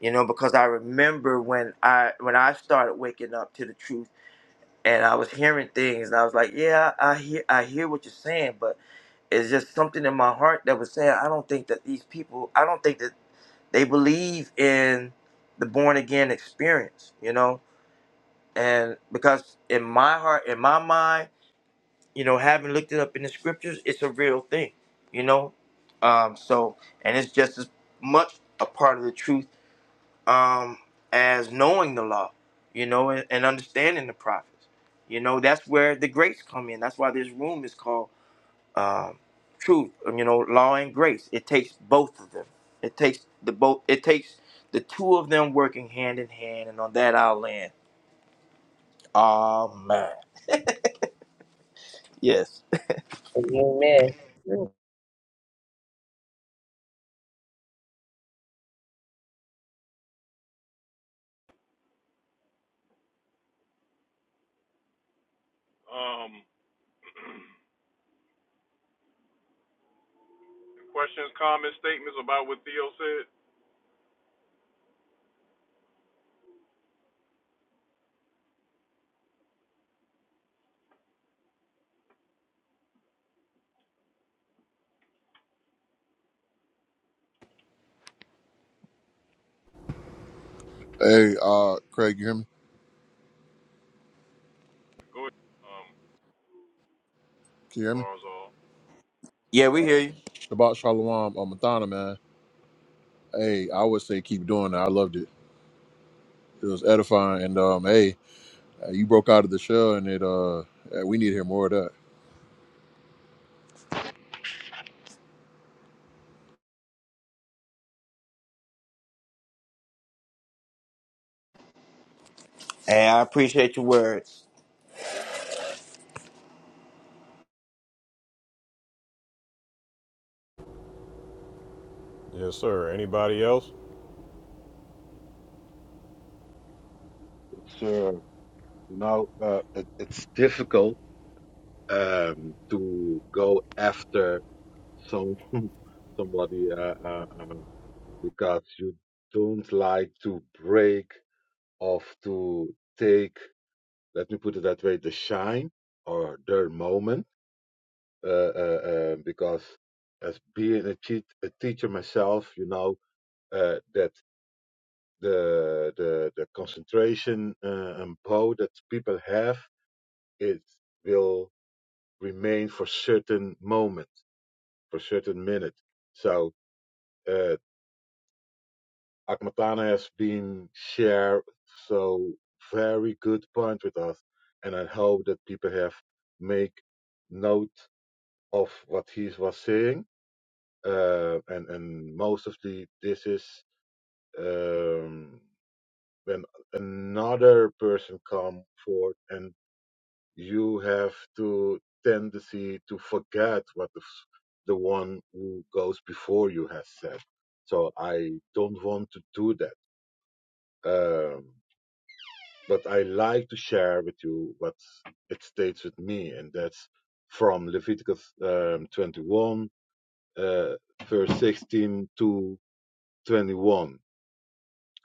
Speaker 15: you know because I remember when I when I started waking up to the truth and I was hearing things and I was like yeah I hear I hear what you're saying but it's just something in my heart that was saying I don't think that these people I don't think that they believe in the born again experience, you know? And because in my heart, in my mind, you know, having looked it up in the scriptures, it's a real thing, you know? Um so and it's just as much a part of the truth um as knowing the law, you know, and, and understanding the prophets. You know, that's where the greats come in. That's why this room is called um, truth, um, you know, law and grace. It takes both of them. It takes the both. It takes the two of them working hand in hand, and on that I'll land. Amen. Yes.
Speaker 3: Amen. What
Speaker 1: Um, questions, comments, statements about what Theo said.
Speaker 16: Hey, uh, Craig, you hear me?
Speaker 1: Go ahead. Um,
Speaker 16: Can you hear me?
Speaker 1: bars all.
Speaker 15: Yeah, we
Speaker 16: Uh,
Speaker 15: hear you,
Speaker 16: Shabbat Shalom, uh, Mathana, man. Hey, I would say keep doing that. I loved it. It was edifying, and um, hey, uh, you broke out of the shell, and it uh, uh, we need to hear more of that.
Speaker 15: and I appreciate your words.
Speaker 1: Yes, sir. Anybody else?
Speaker 8: Sure. You know, uh, it, it's difficult um, to go after some [LAUGHS] somebody uh, uh, um, because you don't like to break off to take, let me put it that way, the shine or their moment. Uh, uh, uh, because as being a, cheat, a teacher myself, you know uh, that the the the concentration uh, and power that people have it will remain for certain moment, for certain minute. So uh, Akmatana has been shared so very good point with us, and I hope that people have make note of what he was saying. Uh, and and most of the this is um, when another person come forward and you have to tendency to forget what the, the one who goes before you has said. So I don't want to do that. Um, but I like to share with you what it states with me, and that's from Leviticus um, 21, uh, verse 16 to 21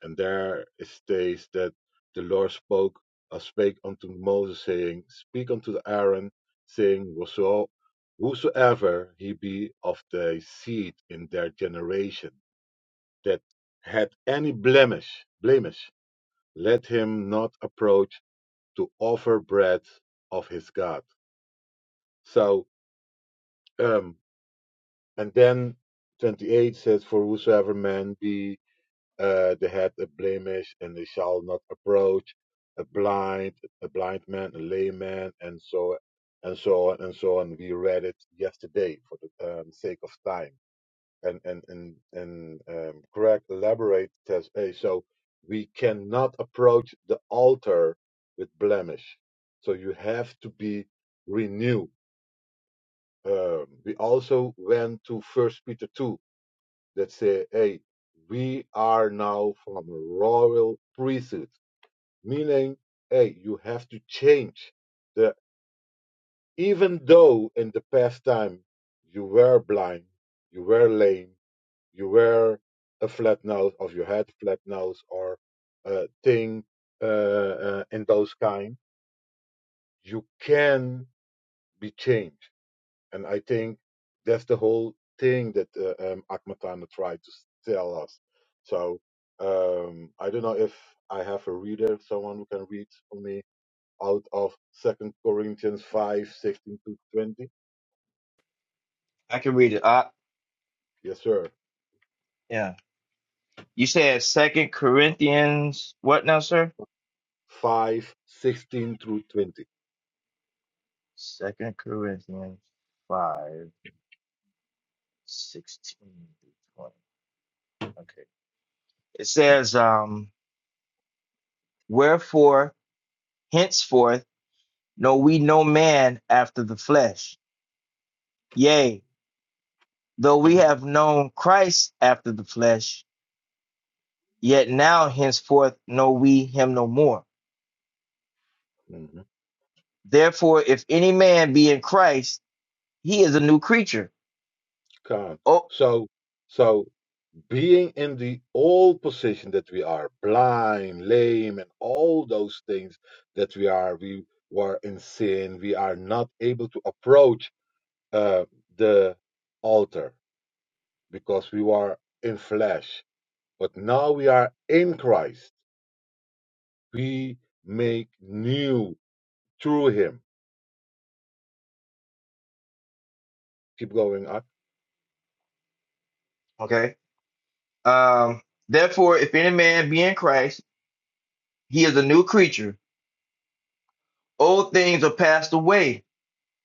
Speaker 8: And there it states that the Lord spoke uh, spake unto Moses, saying, Speak unto Aaron, saying, Whoso, Whosoever he be of the seed in their generation that had any blemish, blemish, let him not approach to offer bread of his God. So, um, and then 28 says, For whosoever man be uh, they had a blemish and they shall not approach a blind a blind man a layman and so and so on and so on we read it yesterday for the um, sake of time and and and, and um, craig elaborates as a so we cannot approach the altar with blemish so you have to be renewed um, we also went to first peter 2 that say, hey, we are now from a royal priesthood, meaning, hey, you have to change. The, even though in the past time you were blind, you were lame, you were a flat nose, of your head flat nose, or a thing uh, uh, in those kind, you can be changed. And I think that's the whole thing that uh, um, Akmatana tried to tell us. So um, I don't know if I have a reader, someone who can read for me out of Second Corinthians five sixteen 16 to 20.
Speaker 15: I can read it. I,
Speaker 8: Yes, sir.
Speaker 15: yeah. You said Second Corinthians. What now, sir?
Speaker 8: Five sixteen through 20.
Speaker 15: Second Corinthians five sixteen through twenty. Okay. It says, um, wherefore henceforth. No, we know man after the flesh. Yea, though we have known Christ after the flesh, yet now henceforth know we him no more.
Speaker 8: Mm-hmm.
Speaker 15: Therefore, if any man be in Christ, he is a new creature. Oh,
Speaker 8: So, so being in the old position that we are blind, lame, and all those things that we are, we were in sin, we are not able to approach uh, the altar because we were in flesh. But now we are in Christ. We make new through Him. Keep going up.
Speaker 15: okay. Um, therefore, if any man be in Christ, he is a new creature. Old things are passed away.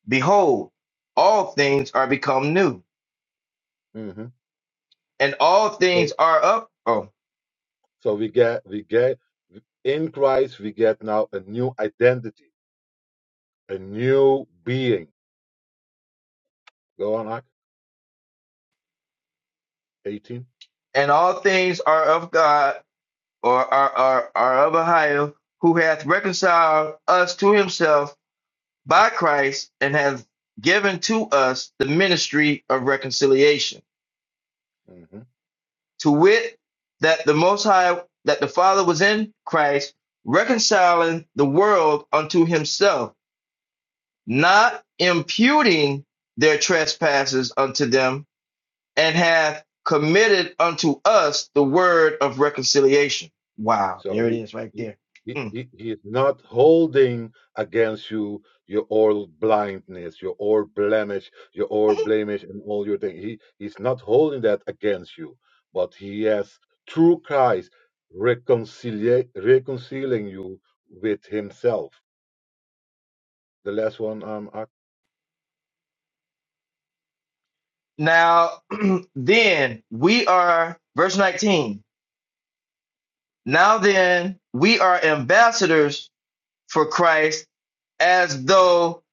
Speaker 15: Behold, all things are become new,
Speaker 8: hmm
Speaker 15: and all
Speaker 8: So,
Speaker 15: things are up. Oh,
Speaker 8: so we get, we get in Christ, we get now a new identity, a new being. Go on, Ak. 18.
Speaker 15: and all things are of God or are, are, are of Ohio, who hath reconciled us to himself by Christ and hath given to us the ministry of reconciliation.
Speaker 8: hmm
Speaker 15: To wit, that the Most High, that the Father was in Christ, reconciling the world unto himself, not imputing their trespasses unto them, and hath committed unto us the word of reconciliation. Wow,
Speaker 8: So
Speaker 15: there it
Speaker 8: he,
Speaker 15: is right
Speaker 8: he,
Speaker 15: there.
Speaker 8: he, he he is not holding against you your all blindness, your all blemish, your all blemish, and all your thing. He, he's not holding that against you, but he has through Christ reconcilia- reconciling you with himself. The last one, um, I-
Speaker 15: Now, [CLEARS THROAT] then we are, verse 19. Now then, we are ambassadors for Christ as though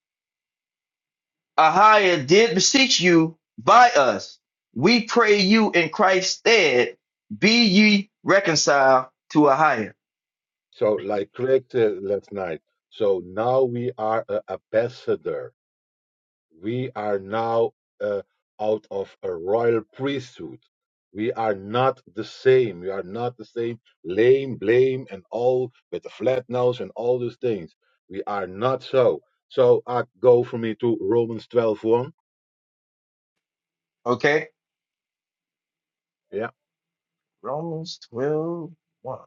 Speaker 15: Ahiah did beseech you by us. We pray you in Christ's stead, be ye reconciled to Ahiah.
Speaker 8: so like Craig said last night. So now we are an ambassador We are now uh, out of a royal priesthood. We are not the same. We are not the same lame, blame, and all with the flat nose and all those things. We are not so. So I go for me to Romans twelve one.
Speaker 15: Okay?
Speaker 8: Yeah.
Speaker 15: Romans twelve one.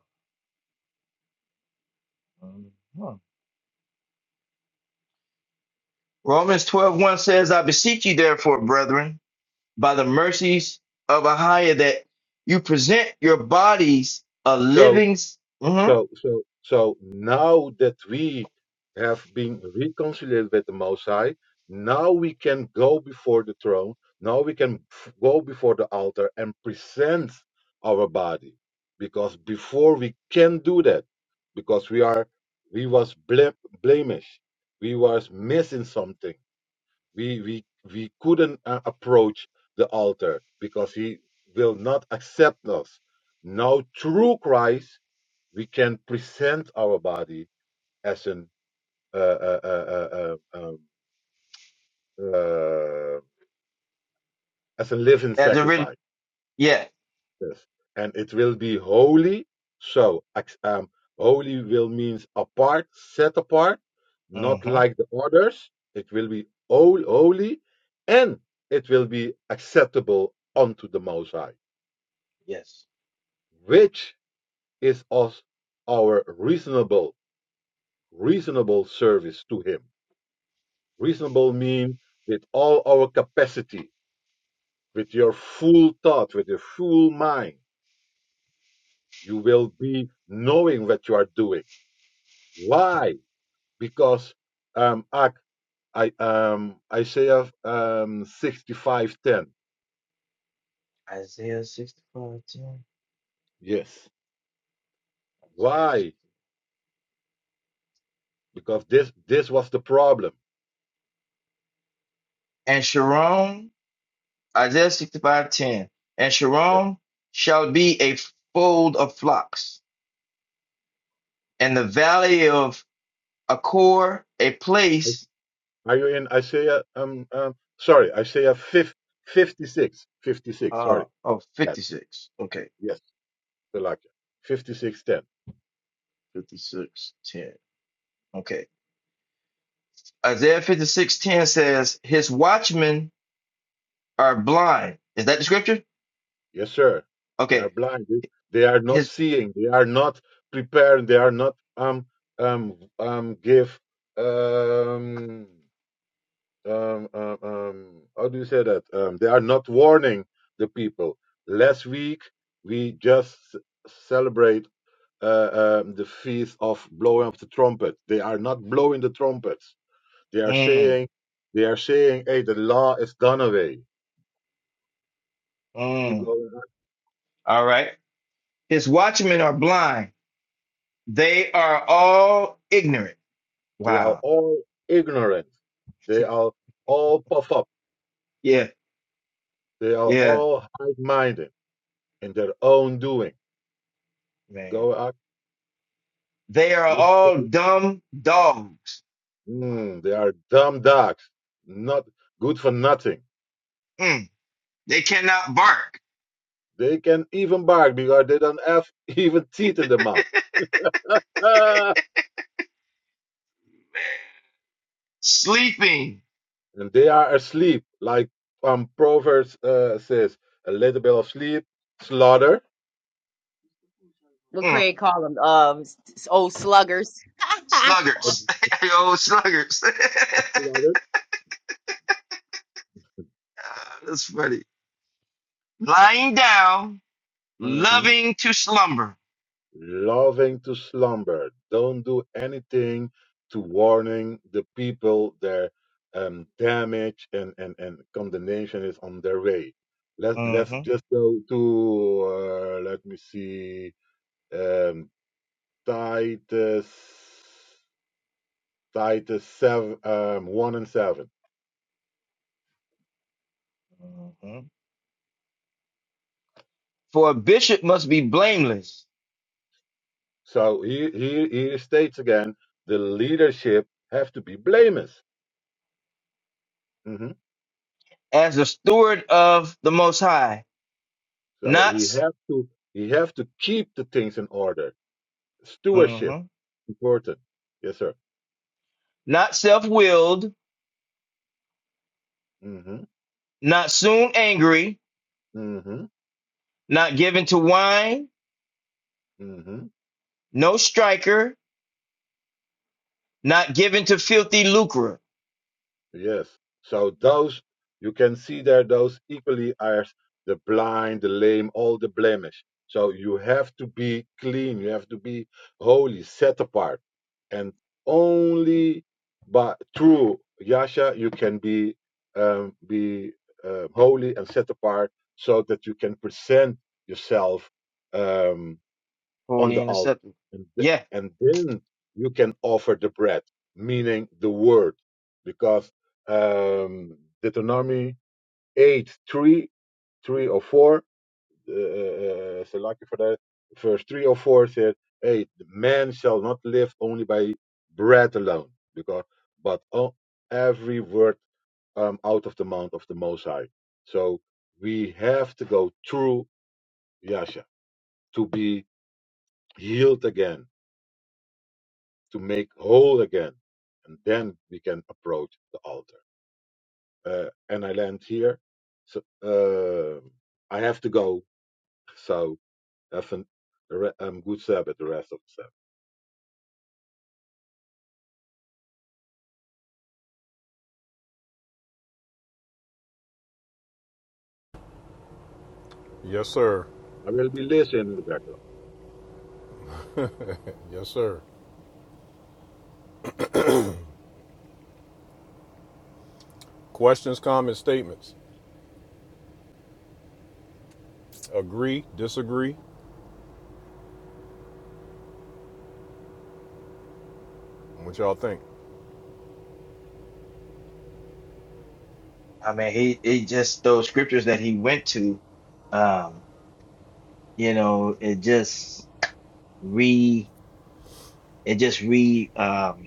Speaker 15: Romans twelve one says, I beseech you, therefore, brethren by the mercies of a higher that you present your bodies a
Speaker 8: So.
Speaker 15: living s- mhm,
Speaker 8: So, so, so now that we have been reconciled with the Most High, now we can go before the throne. Now we can f- go before the altar and present our body, because before we can do that, because we are, we was ble- blemish, we was missing something. We we we couldn't uh, approach the altar because He will not accept us. Now through Christ we can present our body as an uh, uh, uh, uh, uh, uh, as a living
Speaker 15: as a re-
Speaker 8: sacrifice,
Speaker 15: yeah
Speaker 8: Yes. and it will be holy. So, um, holy will means apart, set apart, not
Speaker 15: hmm
Speaker 8: like the others. It will be all holy, and it will be acceptable unto the Most High,
Speaker 15: yes
Speaker 8: which is us our reasonable, reasonable service to Him Reasonable mean with all our capacity, with your full thought, with your full mind, you will be knowing what you are doing. Why? Because um, Ak, I um Isaiah um 65:10.
Speaker 15: Isaiah 65 10
Speaker 8: Yes.
Speaker 15: Isaiah
Speaker 8: Why?
Speaker 15: 65
Speaker 8: Because this this was the problem.
Speaker 15: and Isaiah 65 10 and
Speaker 8: Yes.
Speaker 15: Sharon shall be a fold of flocks and the valley of Accor a place
Speaker 8: Are you in Isaiah um um sorry Isaiah 50, 56 fifty-six.
Speaker 15: uh
Speaker 8: sorry
Speaker 15: of
Speaker 8: that
Speaker 15: 56 okay
Speaker 8: yes Elijah 56:10.
Speaker 15: 56 10 okay Isaiah 56 10 says his watchmen are blind. Is that the scripture?
Speaker 8: Yes, sir. They are
Speaker 15: Okay.
Speaker 8: blind. They they are not
Speaker 15: His
Speaker 8: seeing. They are not prepared. They are not um um um give um um um, um how do you say that? Um, they are not warning the people. Last week we just celebrate uh, um, the feast of blowing of the trumpet. They are not blowing the trumpets. They are
Speaker 15: mm,
Speaker 8: saying they are saying, hey, the law is gone away. Keep
Speaker 15: mm.
Speaker 8: going.
Speaker 15: all right. His watchmen are blind. They are all ignorant.
Speaker 8: They are
Speaker 15: Wow.
Speaker 8: all ignorant. They are all puff up.
Speaker 15: Yeah.
Speaker 8: They are
Speaker 15: Yeah.
Speaker 8: all high minded in their own doing.
Speaker 15: Man.
Speaker 8: Go out,
Speaker 15: They are
Speaker 8: listen.
Speaker 15: all dumb dogs.
Speaker 8: Mm, they are dumb dogs, not good for nothing.
Speaker 15: Mm. They cannot bark.
Speaker 8: They can even bark because they don't have [LAUGHS] even teeth in their mouth. Ah!
Speaker 15: Sleeping.
Speaker 8: And they are asleep, like um, Proverbs uh, says, a little bit of sleep, slaughter.
Speaker 15: Mm.
Speaker 3: Craig call them? Um, s- s- old sluggers. [LAUGHS]
Speaker 15: Sluggards. [LAUGHS] Yo, sluggards.
Speaker 8: Slaughter.
Speaker 15: [LAUGHS] That's funny. Lying down,
Speaker 8: hmm
Speaker 15: loving to slumber.
Speaker 8: loving to slumber, don't do anything to warning the people their um, damage and, and, and condemnation is on their way. Let, let's
Speaker 15: hmm
Speaker 8: just go to, uh, let me see, um, Titus, Titus 7, um, 1 and 7.
Speaker 15: hmm For a bishop must be blameless
Speaker 8: So here, here, here states again, the leadership have to be blameless. hmm
Speaker 15: as a steward of the Most High,
Speaker 8: So
Speaker 15: not
Speaker 8: he have to, he have to keep the things in order Stewardship,
Speaker 15: mhm,
Speaker 8: important. Yes, sir.
Speaker 15: not self-willed,
Speaker 8: hmm
Speaker 15: not soon angry,
Speaker 8: hmm
Speaker 15: not given to wine,
Speaker 8: hmm
Speaker 15: no striker, not given to filthy lucre,
Speaker 8: Yes. So those you can see there, those equally are the blind, the lame, all the blemish. So you have to be clean. You have to be holy, set apart, and only by through Yasha you can be um, be uh, holy and set apart, so that you can present yourself. um, on
Speaker 15: holy
Speaker 8: the
Speaker 15: and
Speaker 8: altar.
Speaker 15: acceptable.
Speaker 8: And, th-
Speaker 15: Yeah,
Speaker 8: and then you can offer the bread, meaning the word, because um, Deuteronomy 8 3 3 or 4, uh, uh, so lucky for that, verse 3 or 4 said, Hey, the man shall not live only by bread alone, because but on every word um, out of the mouth of the Most High. So we have to go through Yasha to be healed again to make whole again. And then we can approach the altar. Uh, and I land here. So uh, I have to go. So have an, a re- um, good Sabbath, the rest of the
Speaker 1: Yes, sir.
Speaker 8: Sabbath. I will be listening in the background.
Speaker 1: Yes, sir. Questions, comments, statements. Agree, disagree. What y'all think?
Speaker 15: I mean, he he just those scriptures that he went to, um, you know, it just re it just re um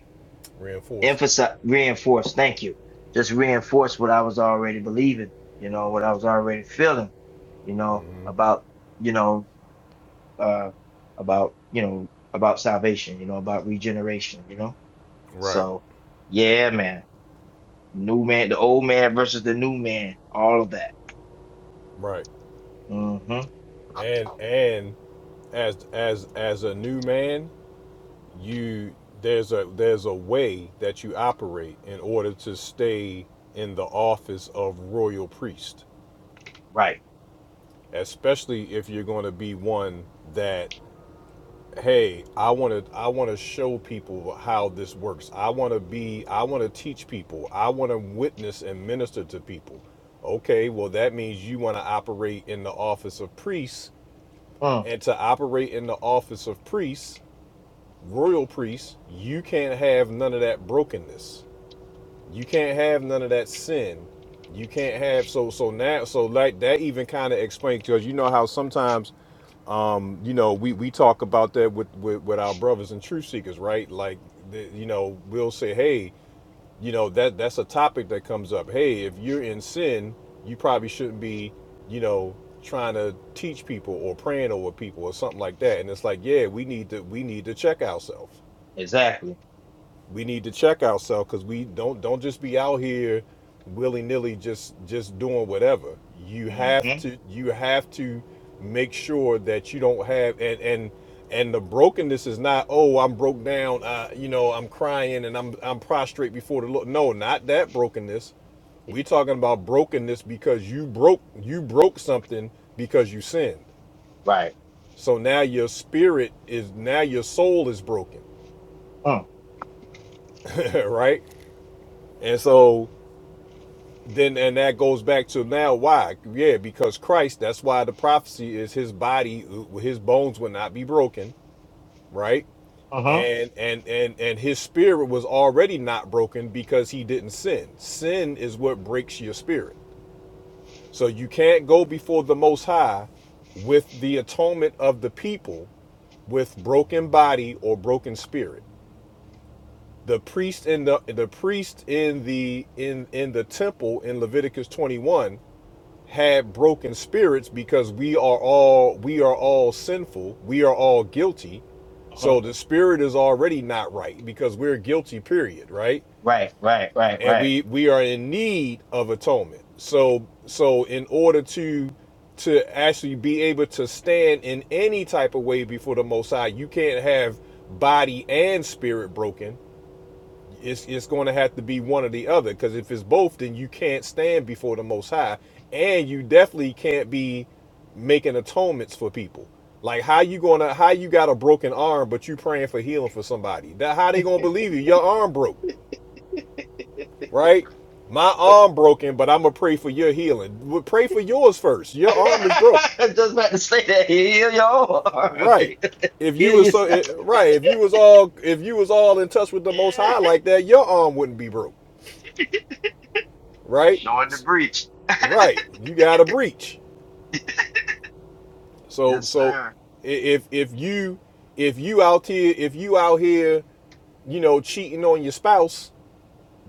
Speaker 1: Reinforced.
Speaker 15: emphasize reinforce thank you just reinforce what i was already believing you know what i was already feeling you know about you know uh about you know about salvation you know about regeneration you know
Speaker 1: Right,
Speaker 15: so yeah man new man the old man versus the new man all of that
Speaker 1: right.
Speaker 15: mm-hmm
Speaker 1: And and as as as a new man, you there's a there's a way that you operate in order to stay in the office of royal priest
Speaker 15: right
Speaker 1: especially if you're going to be one that hey i want to i want to show people how this works i want to be i want to teach people i want to witness and minister to people okay well that means you want to operate in the office of priests,
Speaker 15: mm,
Speaker 1: and to operate in the office of priests, royal priests, you can't have none of that brokenness you can't have none of that sin you can't have so so now so like that even kind of explains because you know how sometimes you know we we talk about that with with, with our brothers and truth seekers right like the, you know we'll say hey you know that that's a topic that comes up hey if you're in sin you probably shouldn't be you know trying to teach people or praying over people or something like that and it's like yeah we need to we need to check ourselves
Speaker 15: exactly
Speaker 1: we need to check ourselves because we don't don't just be out here willy nilly just just doing whatever. You have
Speaker 15: mm-hmm
Speaker 1: to you have to make sure that you don't have and and and the brokenness is not oh I'm broke down uh, you know I'm crying and I'm I'm prostrate before the Lord. No, not that brokenness. We're talking about brokenness because you broke you broke something because you sinned.
Speaker 15: right
Speaker 1: So now your spirit is now your soul is broken,
Speaker 15: mm,
Speaker 1: [LAUGHS] right? And so then and that goes back to now why yeah because christ that's why the prophecy is his body his bones will not be broken right
Speaker 15: uh-huh
Speaker 1: and and and and his spirit was already not broken because he didn't sin sin is what breaks your spirit so you can't go before the most high with the atonement of the people with broken body or broken spirit the priest in the the priest in the in in the temple in leviticus 21 had broken spirits because we are all we are all sinful we are all guilty
Speaker 15: uh-huh
Speaker 1: so the spirit is already not right because we're guilty period right
Speaker 15: right right right
Speaker 1: and
Speaker 15: right
Speaker 1: we we are in need of atonement so so in order to to actually be able to stand in any type of way before the most high you can't have body and spirit broken it's it's going to have to be one or the other because if it's both then you can't stand before the most high and you definitely can't be making atonements for people like how you gonna how you got a broken arm but you praying for healing for somebody that how they gonna believe you your arm broke right my
Speaker 15: [LAUGHS]
Speaker 1: arm broken but i'm gonna pray for your healing well, pray for yours first
Speaker 15: [LAUGHS]
Speaker 1: your arm is broke
Speaker 15: I just about to say that. Here you are.
Speaker 1: right
Speaker 15: [LAUGHS]
Speaker 1: if
Speaker 15: Here
Speaker 1: you
Speaker 15: you
Speaker 1: was so
Speaker 15: say.
Speaker 1: eh, right if you was all if you was all in touch with the most high
Speaker 15: [LAUGHS]
Speaker 1: like that your arm wouldn't be broke right
Speaker 15: Showing the breach.
Speaker 1: Right. You got a breach. So
Speaker 15: Yes,
Speaker 1: so
Speaker 15: sir.
Speaker 1: if if you if you out here if you out here, you know, cheating on your spouse,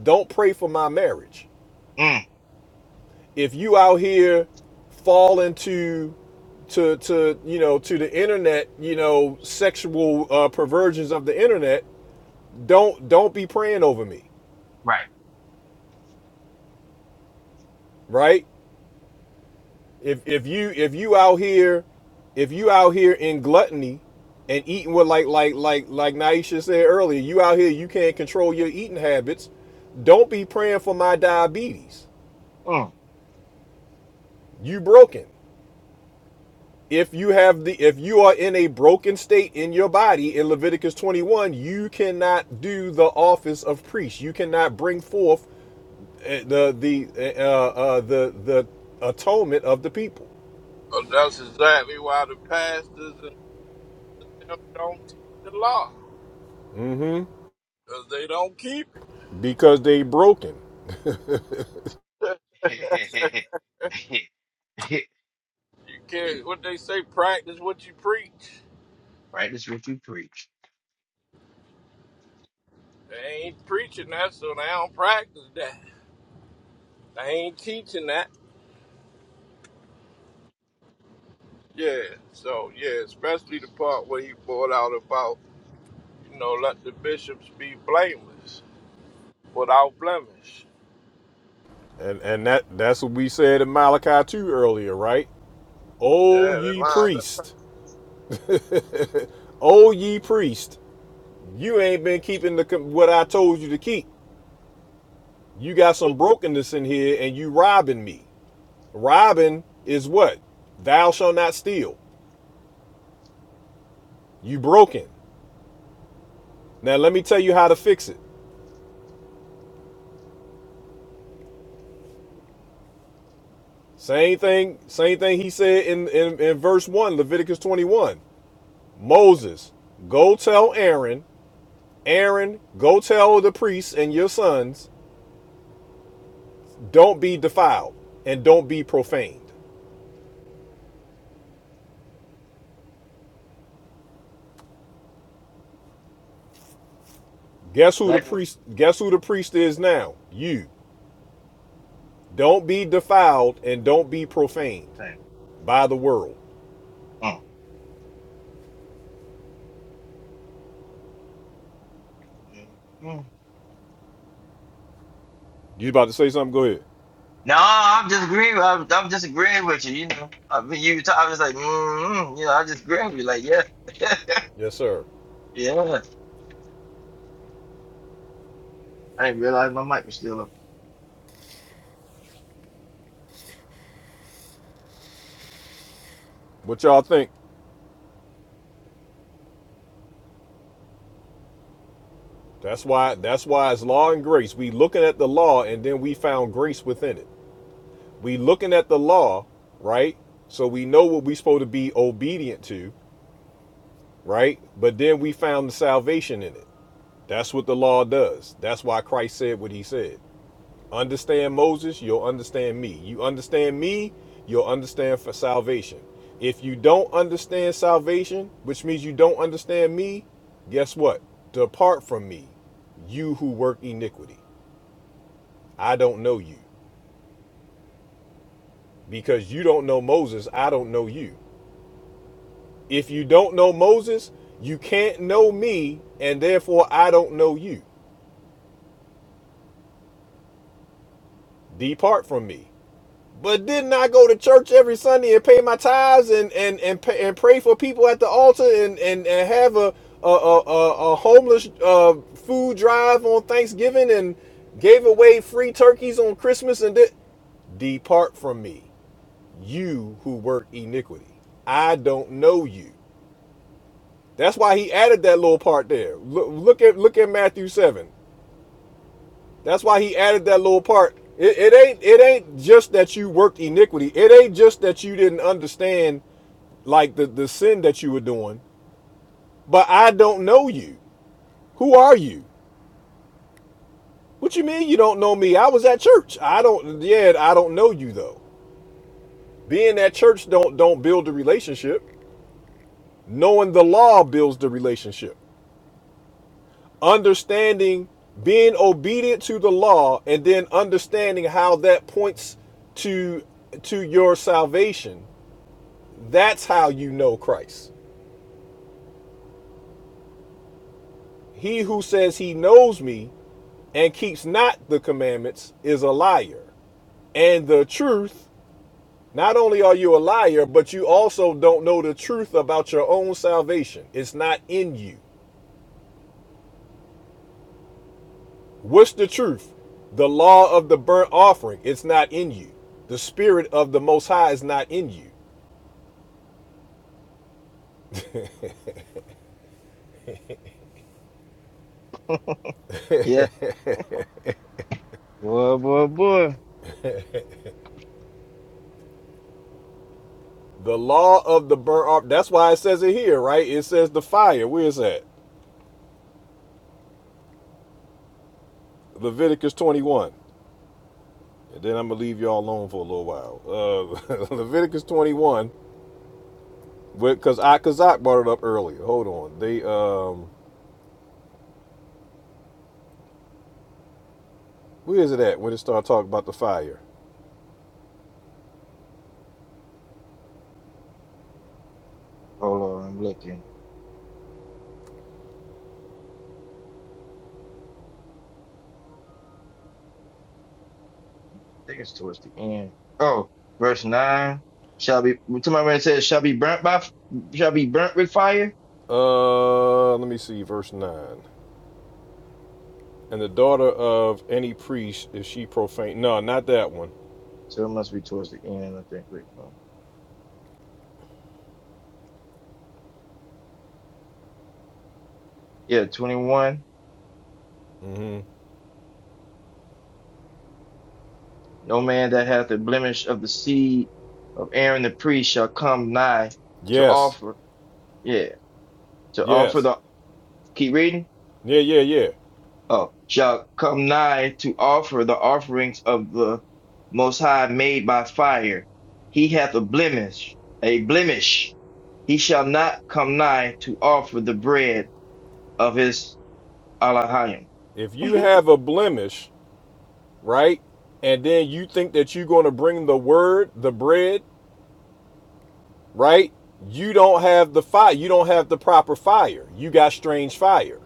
Speaker 1: don't pray for my marriage.
Speaker 15: Mm,
Speaker 1: If you out here fall into to to you know to the internet, you know, sexual uh, perversions of the internet, don't don't be praying over me,
Speaker 15: right.
Speaker 1: right? If if you if you out here, if you out here in gluttony and eating what like like like like Naisha said earlier, you out here you can't control your eating habits. Don't be praying for my diabetes.
Speaker 15: Mm.
Speaker 1: You broken. If you have the if you are in a broken state in your body in Leviticus 21, you cannot do the office of priest. You cannot bring forth uh, the the eh, uh, uh, the the atonement of the people
Speaker 10: Well, that's exactly why the pastors and them don't teach the law.
Speaker 1: Mm-hmm.
Speaker 10: Because they don't keep it.
Speaker 1: because they broken.
Speaker 15: [LAUGHS]
Speaker 10: You can't, what they say, practice what you preach.
Speaker 15: Practice what you preach.
Speaker 10: They ain't preaching that, so they don't practice that. They ain't teaching that. Yeah, so yeah, especially the part where he brought out about, you know, let the bishops be blameless, without blemish.
Speaker 1: And and that that's what we said in Malachi 2 earlier, right? Oh
Speaker 10: Yeah, that
Speaker 1: ye
Speaker 10: lines up
Speaker 1: priest. [LAUGHS] oh ye priest. You ain't been keeping the what I told you to keep. You got some brokenness in here and you robbing me. Robbing is what? Thou shalt not steal. You broken. Now let me tell you how to fix it. Same thing, same thing he said in, in, in verse 1, Leviticus 21. Moses, go tell Aaron Aaron, go tell the priests and your sons, don't be defiled and don't be profaned. Guess who the
Speaker 15: Exactly what
Speaker 1: priest guess who the priest is now? You. Don't be defiled and don't be
Speaker 15: you
Speaker 1: profaned
Speaker 15: preach.
Speaker 1: by the world.
Speaker 15: Mm. Mm.
Speaker 1: You about to say something? Go ahead.
Speaker 15: No, I'm just agreeing. with- I'm, I'm just agreeing with you. You know, I mean, you. Talk, I was like, mm, mm, you know, I just agreeing with you. Like, yeah, [LAUGHS]
Speaker 1: Yes, sir.
Speaker 15: yeah. I didn't realize my mic was still up.
Speaker 1: What y'all think? That's why that's why it's law and grace. We looking at the law and then we found grace within it. We looking at the law, right? So we know what we supposed to be obedient to, right? But then we found the salvation in it. That's what the law does. That's why Christ said what he said. Understand Moses, you'll understand me. You understand me, you'll understand for salvation. If you don't understand salvation, which means you don't understand me, guess what? Depart from me, you who work iniquity. I don't know you. Because you don't know Moses, I don't know you. If you don't know Moses, you can't know me, and therefore I don't know you. Depart from me. But didn't I go to church every Sunday and pay my tithes and and and, pay, and pray for people at the altar and and, and have a a, a, a homeless uh, food drive on Thanksgiving and gave away free turkeys on Christmas and did depart from me, you who work iniquity. I don't know you. That's why he added that little part there. Look, look at look at Matthew seven. That's why he added that little part. It, it ain't it ain't just that you worked iniquity. It ain't just that you didn't understand like the, the sin that you were doing. But I don't know you. Who are you? What you mean you don't know me? I was at church. I don't yeah, I don't know you though. Being at church don't don't build the relationship. Knowing the law builds the relationship. Understanding being obedient to the law and then understanding how that points to to your salvation That's how you know Christ. He who says he knows me and keeps not the commandments is a liar. And the truth, not only are you a liar, but you also don't know the truth about your own salvation. It's not in you. What's the truth? The law of the burnt offering, it's not in you. The spirit of the Most High is not in you.
Speaker 15: Yeah. Boy, boy, boy.
Speaker 1: The law of the burnt offering, that's why it says it here, right? It says the fire. Where is that? Leviticus 21. And then I'm gonna leave y'all alone for a little while. Uh, [LAUGHS] Leviticus 21, because Akazak brought it up earlier. Hold on, they um, where is it at when it started talking about the fire?
Speaker 15: Hold on, I'm looking. think it's towards the end. Oh, verse nine. Shall be To my already says shall be burnt by shall be burnt with fire.
Speaker 1: Uh, let me see, verse nine. And the daughter of any priest, if she profane, no, not that one.
Speaker 15: So it must be towards the end, I think. Wait, no. Yeah, twenty one.
Speaker 1: Mm-hmm.
Speaker 15: No man that hath the blemish of the seed of Aaron the priest shall come nigh to
Speaker 1: Yes,
Speaker 15: offer. Yeah, to offer
Speaker 1: yes,
Speaker 15: the. Keep reading.
Speaker 1: yeah, yeah, yeah.
Speaker 15: oh, shall come nigh to offer the offerings of the Most High made by fire. He hath a blemish, a blemish. He shall not come nigh to offer the bread of his Alahayim.
Speaker 1: If you
Speaker 15: Mhm.
Speaker 1: have a blemish, right, and then you think that you're going to bring the word, the bread, right? You don't have the fire. You don't have the proper fire. You got strange fire.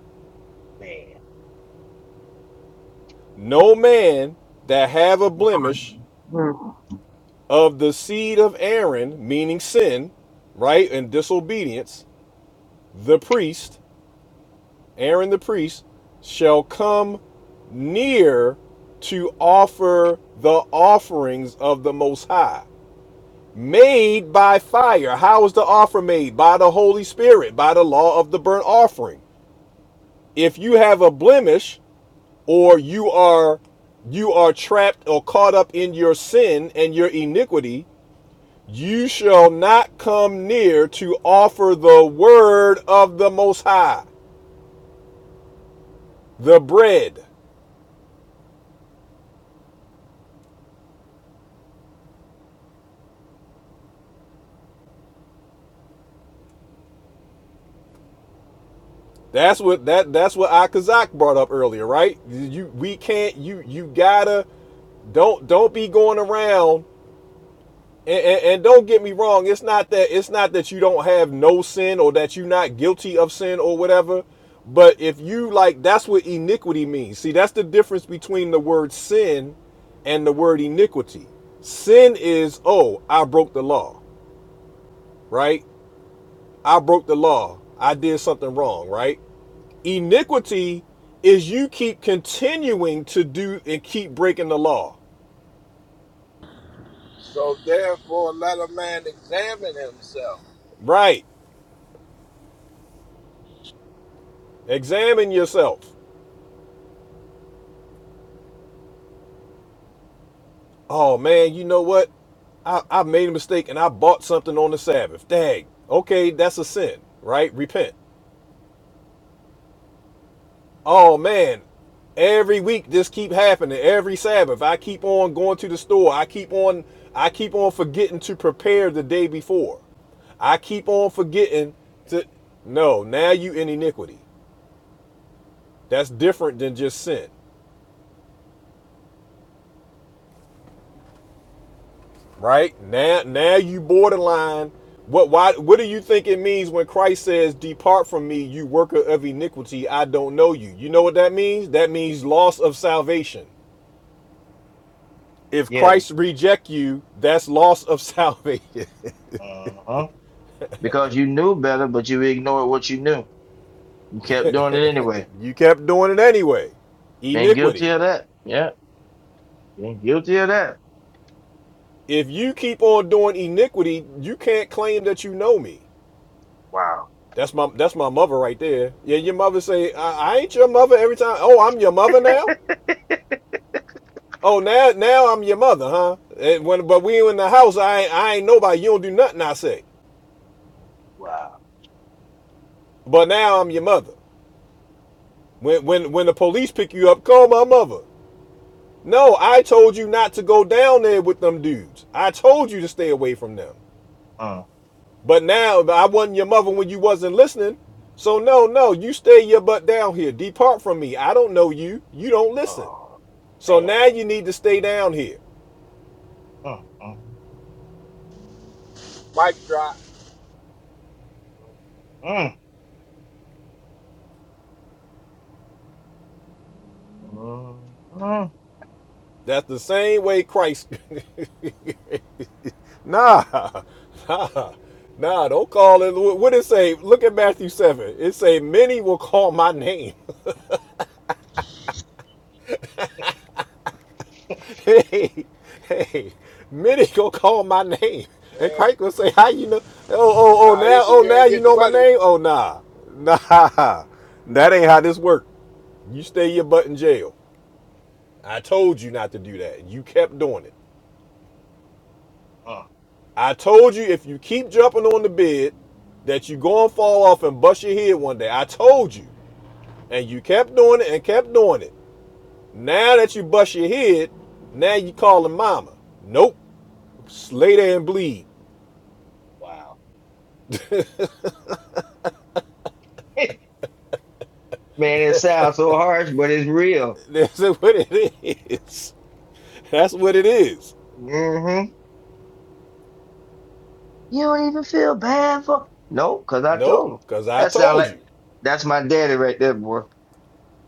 Speaker 15: Man,
Speaker 1: No man that have a blemish
Speaker 3: Mm.
Speaker 1: of the seed of Aaron, meaning sin, right, and disobedience, the priest, Aaron the priest, shall come near to offer the offerings of the Most High. Made by fire. How is the offer made? By the Holy Spirit, by the law of the burnt offering. If you have a blemish, or you are you are trapped or caught up in your sin and your iniquity you shall not come near to offer the word of the most high the bread that's what that that's what akazak brought up earlier right you we can't you you gotta don't don't be going around And, and, and don't get me wrong, it's not that it's not that you don't have no sin or that you're not guilty of sin or whatever. But if you like, that's what iniquity means. See, that's the difference between the word sin and the word iniquity. Sin is, oh, I broke the law, right? I broke the law. I did something wrong, right? Iniquity is you keep continuing to do and keep breaking the law,
Speaker 10: So therefore, let a man examine himself.
Speaker 1: right? Examine yourself. Oh man, you know what? I, I made a mistake and I bought something on the Sabbath. Dang. Okay, that's a sin, right? Repent. Oh man, every week this keep happening. Every Sabbath, I keep on going to the store. I keep on I keep on forgetting to prepare the day before. I keep on forgetting to No, now you in iniquity. That's different than just sin. right now now you borderline what why what do you think it means when christ says depart from me you worker of iniquity i don't know you you know what that means that means loss of salvation if
Speaker 15: yeah,
Speaker 1: christ reject you that's loss of salvation
Speaker 15: uh huh. Because you knew better, but you ignored what you knew. You kept doing it anyway.
Speaker 1: [LAUGHS] you kept doing it anyway
Speaker 15: Been guilty
Speaker 1: iniquity
Speaker 15: of that. Yeah, been guilty of that.
Speaker 1: if you keep on doing iniquity you can't claim that you know me
Speaker 15: Wow,
Speaker 1: that's my that's my mother right there yeah your mother say i, I ain't your mother every time oh i'm your mother now Oh, now now I'm your mother, huh? And when but we in the house, I ain't- I ain't nobody. You don't do nothing I say.
Speaker 15: wow.
Speaker 1: But now I'm your mother. When when when the police pick you up, call my mother. No, I told you not to go down there with them dudes. I told you to stay away from them.
Speaker 15: Uh,
Speaker 1: But now I wasn't your mother when you wasn't listening. So no, no, you stay your butt down here. Depart from me. I don't know you. You don't listen.
Speaker 15: oh
Speaker 1: So
Speaker 15: man.
Speaker 1: now you need to stay down here.
Speaker 15: Uh, uh, mm.
Speaker 10: Mic drop.
Speaker 15: mm. Uh-huh.
Speaker 1: That's the same way Christ [LAUGHS] Nah, [LAUGHS] nah, nah, don't call it. What what it say? Look at Matthew 7. It say, many will call my name. [LAUGHS] hey, hey, many going call my name. And
Speaker 10: Yeah.
Speaker 1: Christ will say, how you know? Oh, oh, oh, now,
Speaker 10: Naisha,
Speaker 1: oh,
Speaker 10: you
Speaker 1: now
Speaker 10: ain't
Speaker 1: you
Speaker 10: getting
Speaker 1: know my
Speaker 10: wedded.
Speaker 1: name? Oh, nah, [LAUGHS] nah, that ain't how this work. You stay your butt in jail. I told you not to do that. You kept doing it.
Speaker 15: Oh,
Speaker 1: I told you if you keep jumping on the bed that you gonna fall off and bust your head one day. I told you. and you kept doing it and kept doing it. Now that you bust your head, now you calling mama. Nope. Lay there and bleed.
Speaker 15: wow. [LAUGHS] Man, it sounds so harsh, but it's real.
Speaker 1: [LAUGHS] That's what it is. That's what it is.
Speaker 15: hmm You don't even feel bad for No, because I
Speaker 1: Nope.
Speaker 15: told him.
Speaker 1: Cause I
Speaker 15: That sound
Speaker 1: told
Speaker 15: like
Speaker 1: you.
Speaker 15: that's my daddy right there, boy.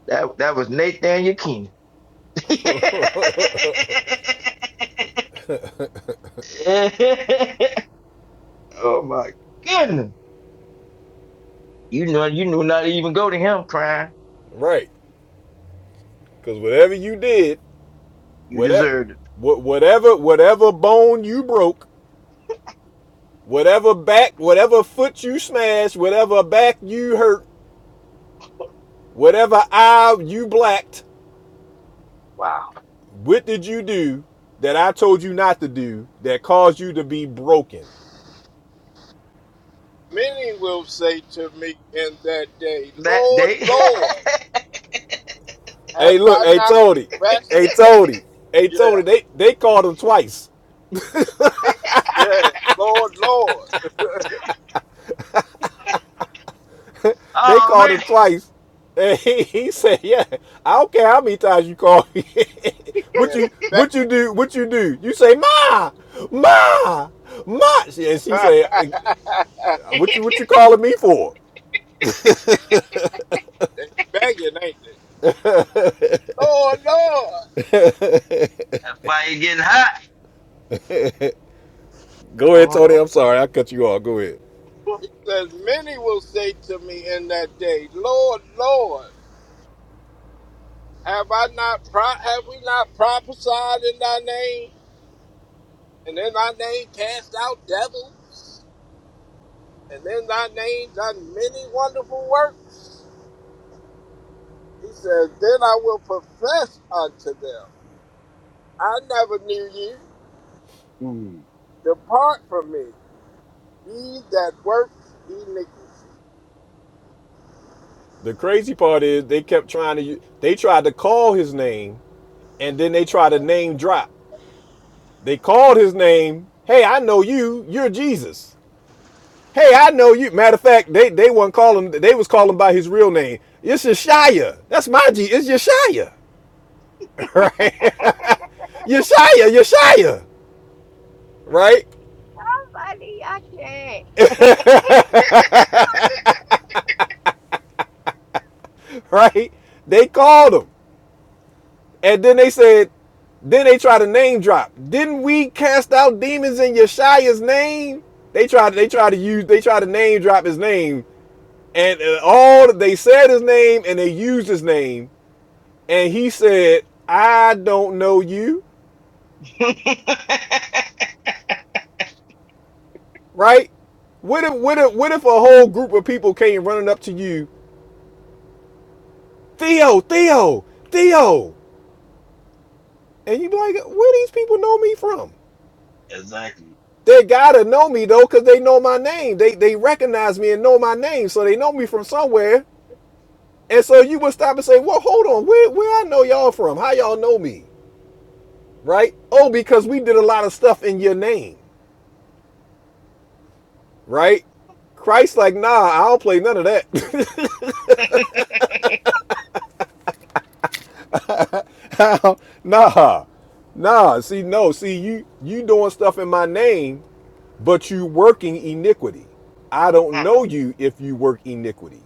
Speaker 15: That that was Nathaniel Keenan. [LAUGHS] oh my goodness. You know you knew not to even go to him crying.
Speaker 1: Right. Cause whatever you did,
Speaker 15: You
Speaker 1: whatever
Speaker 15: deserved it.
Speaker 1: whatever whatever bone you broke, whatever back, whatever foot you smashed, whatever back you hurt, whatever eye you blacked,
Speaker 15: Wow.
Speaker 1: What did you do that I told you not to do that caused you to be broken?
Speaker 10: Many will say to me in that day,
Speaker 15: That
Speaker 10: Lord,
Speaker 15: day. [LAUGHS]
Speaker 10: Lord, have
Speaker 1: Hey, look,
Speaker 10: I
Speaker 1: hey
Speaker 10: not
Speaker 1: Tony, hey
Speaker 10: professed?
Speaker 1: Tony, hey
Speaker 10: Yeah,
Speaker 1: Tony. They they called him twice.
Speaker 10: yeah, Lord, Lord. [LAUGHS]
Speaker 1: They
Speaker 15: oh
Speaker 1: called
Speaker 15: man.
Speaker 1: him twice, [LAUGHS] and he, he said, "Yeah, I don't care how many times you call me. [LAUGHS] what
Speaker 10: yeah,
Speaker 1: you
Speaker 10: they
Speaker 1: what you do? What you do? You say ma, ma, ma." And she
Speaker 10: begging.
Speaker 1: said,
Speaker 10: [LAUGHS]
Speaker 1: "Uh, "What you what you calling me for?"
Speaker 10: they begging, ain't they? Lord, Lord.
Speaker 15: That fire getting hot.
Speaker 1: Go ahead, Tony.
Speaker 15: Mhm.
Speaker 1: I'm sorry, I cut you off. Go ahead.
Speaker 10: He says, Many will say to me in that day, Lord, Lord. Have I not pro- have we not prophesied in thy name? And in thy name cast out devils, and in thy name done many wonderful works. He says, Then I will profess unto them, I never knew you.
Speaker 15: [LAUGHS]
Speaker 10: Depart from me, ye that work iniquity.
Speaker 1: The crazy part is they kept trying to. They tried to call his name and then they try to name drop. They called his name. Hey, I know you. You're Jesus. Hey, I know you. Matter of fact, they they weren't calling. They was calling by his real name. It's Yeshaya. That's my G. It's Yeshaya, right? [LAUGHS] Yeshaya, Yeshaya, right? [LAUGHS]
Speaker 3: Funny, I can't.
Speaker 1: Right? They called him, and then they said, then they try to name drop. Didn't we cast out demons in Yeshaya's name? They tried. They tried to use. They tried to name drop his name and uh, all they said his name and they used his name, and he said, "I don't know you." Right? What if what if what if a whole group of people came running up to you, Theo, Theo, Theo, and you be like, "Where these people know me from?"
Speaker 15: exactly.
Speaker 1: They gotta know me though, cause they know my name. They they recognize me and know my name, so they know me from somewhere. And so you would stop and say, "Well, hold on, where where I know y'all from? How y'all know me?" Right? Oh, because we did a lot of stuff in your name. right? Christ, like, nah, I don't play none of that. [LAUGHS] nah, nah. See, no, see, you you doing stuff in my name, but you working iniquity. I don't
Speaker 15: Mm,
Speaker 1: know you if you work iniquity.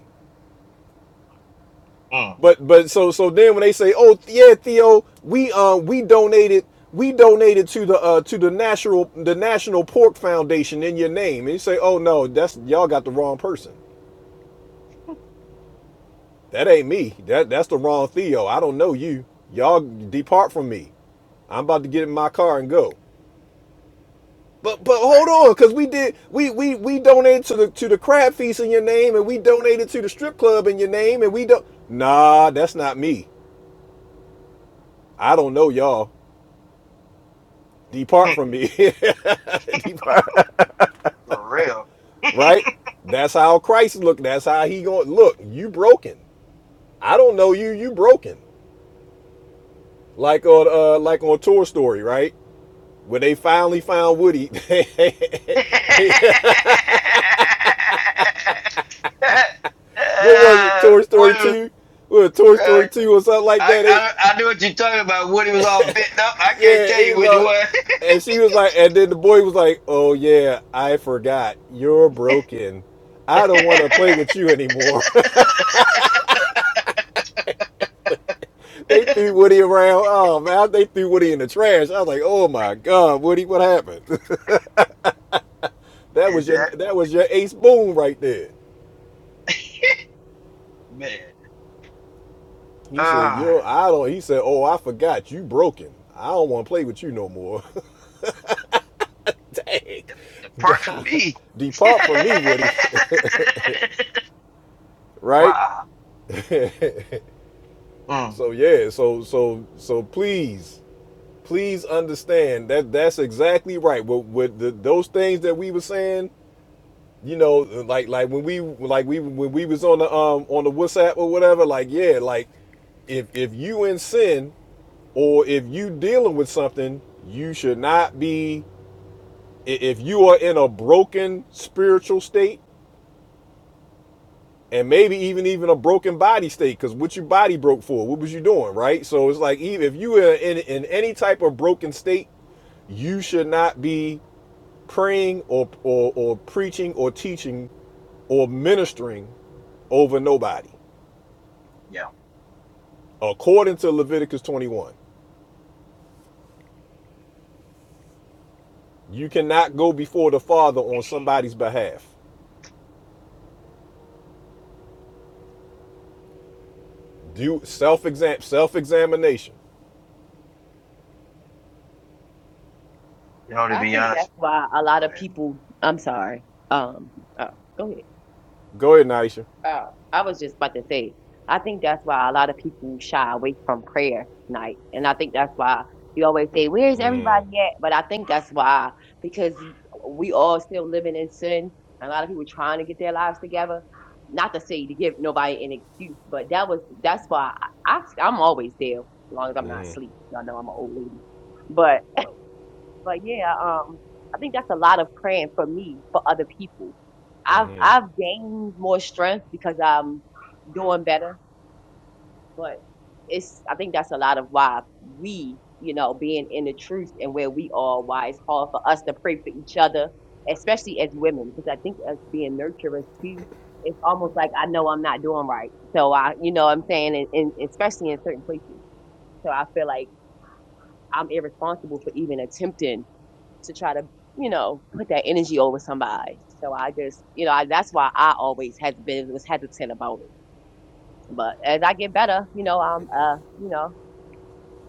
Speaker 15: mm,
Speaker 1: But but so so then when they say, oh yeah, Theo, we um we donated we donated to the uh to the national the National Pork Foundation in your name, and you say, oh no, that's y'all got the wrong person. That ain't me. That that's the wrong Theo. I don't know you. Y'all depart from me. I'm about to get in my car and go. But but
Speaker 15: right.
Speaker 1: hold on, cause we did we we we donated to the to the crab feast in your name, and we donated to the strip club in your name, and we don't. Nah, that's not me. I don't know y'all. Depart from me. [LAUGHS] depart.
Speaker 15: [LAUGHS] For real.
Speaker 1: Right. That's how Christ looked. That's how he going. Look, you broken. I don't know you. You broken. Like on uh like on Tour Story, right? When they finally found Woody, [LAUGHS]
Speaker 15: [LAUGHS]
Speaker 1: yeah. what was it?
Speaker 15: uh,
Speaker 1: Toy Story
Speaker 15: Woody,
Speaker 1: two, what was it, Toy
Speaker 15: uh,
Speaker 1: Story two or something like
Speaker 15: I,
Speaker 1: that. They,
Speaker 15: I I knew what you're talking about. Woody was all bent up. I can't
Speaker 1: yeah,
Speaker 15: tell
Speaker 1: he
Speaker 15: you
Speaker 1: was
Speaker 15: which
Speaker 1: like,
Speaker 15: one.
Speaker 1: and she was like, and then the boy was like, "Oh yeah, I forgot. You're broken.
Speaker 15: [LAUGHS]
Speaker 1: I don't want to play with you anymore." [LAUGHS] they threw Woody around. Oh man, they threw Woody in the trash. I was like, "Oh my god, Woody, what happened?" [LAUGHS] that
Speaker 15: Is
Speaker 1: was your
Speaker 15: that
Speaker 1: that was your ace boom right there.
Speaker 15: man?
Speaker 1: He said,
Speaker 15: Uh,
Speaker 1: "Yo, I don't." He said, "Oh, I forgot. You broken. I don't want to play with you no more." [LAUGHS] dang,
Speaker 15: the, the
Speaker 1: [LAUGHS]
Speaker 15: part for
Speaker 1: God,
Speaker 15: me. [LAUGHS]
Speaker 1: depart from me, Woody. [LAUGHS] right?
Speaker 15: wow.
Speaker 1: [LAUGHS]
Speaker 15: Mm,
Speaker 1: so yeah, so so so please, please understand that that's exactly right. With, with the, those things that we were saying, you know, like like when we like we when we was on the um on the WhatsApp or whatever, like yeah, like if if you in sin or if you dealing with something, you should not be i- if you are in a broken spiritual state and maybe even even a broken body state because what your body broke for what was you doing right so it's like even if you are in, in any type of broken state you should not be praying or, or or preaching or teaching or ministering over nobody
Speaker 15: yeah.
Speaker 1: according to leviticus 21 you cannot go before the father on somebody's behalf do self-exam self-examination
Speaker 15: You know, to
Speaker 3: I
Speaker 15: be
Speaker 3: think
Speaker 15: honest.
Speaker 3: that's why a lot
Speaker 15: Go
Speaker 3: of
Speaker 15: ahead. [LAUGHS]
Speaker 3: people. I'm sorry. Um, oh, go ahead.
Speaker 1: go ahead naisha
Speaker 3: Oh, I was just about to say, I think that's why a lot of people shy away from prayer night. And I think that's why you always say, Where's everybody at? But I think that's why, because we all still living in sin. A lot of people trying to get their lives together. Not to say to give nobody an excuse, but that was that's why I, I I'm always there as long as I'm not asleep. Y'all know I'm an old lady. but. But yeah, um, I think that's a lot of praying for me for other people. I've I've gained more strength because I'm doing better, but it's I think that's a lot of why we, you know, being in the truth and where we are, why it's hard for us to pray for each other, especially as women, because I think as being nurturers too, it's almost like I know I'm not doing right, so I, you know, what I'm saying, and, and especially in certain places, so I feel like I'm irresponsible for even attempting to try to you know put that energy over somebody so i just you know I, that's why i always has been was hesitant about it but as i get better you know i'm uh you know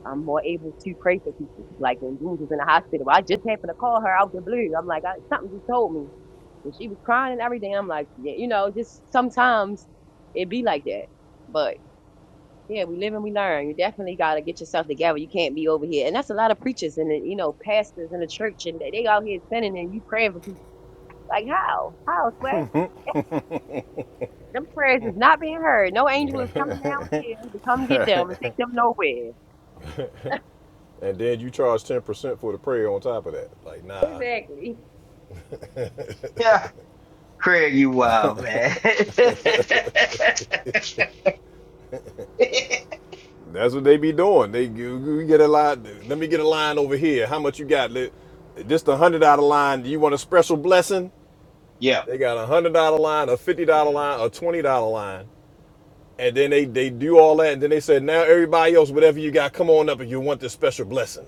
Speaker 3: i'm more able to pray for people like when Jules was in the hospital i just happened to call her out the blue i'm like I, something just told me and she was crying and everything i'm like yeah, you know just sometimes it be like that but yeah, we live and we learn. You definitely got to get yourself together. You can't be over here. And that's a lot of preachers and, uh, you know, pastors in the church and they they out here sinning and you praying for Like how? How, Sway? Them prayers is not being heard. No angel is coming down here to come get them and take them nowhere.
Speaker 1: and then you charge 10% for the prayer on top of that like nah
Speaker 3: Exactly. [LAUGHS]
Speaker 15: Yeah, Craig, you wild man. [LAUGHS]
Speaker 1: That's what they be doing. They you, you get a line. Let me get a line over here. How much you got? Let- Just a hundred dollar line. Do you want a special blessing?
Speaker 15: yeah,
Speaker 1: They got a hundred dollar line, a fifty dollar line, a twenty dollar line, and then they they do all that, and then they said, now everybody else, whatever you got, come on up if you want this special blessing.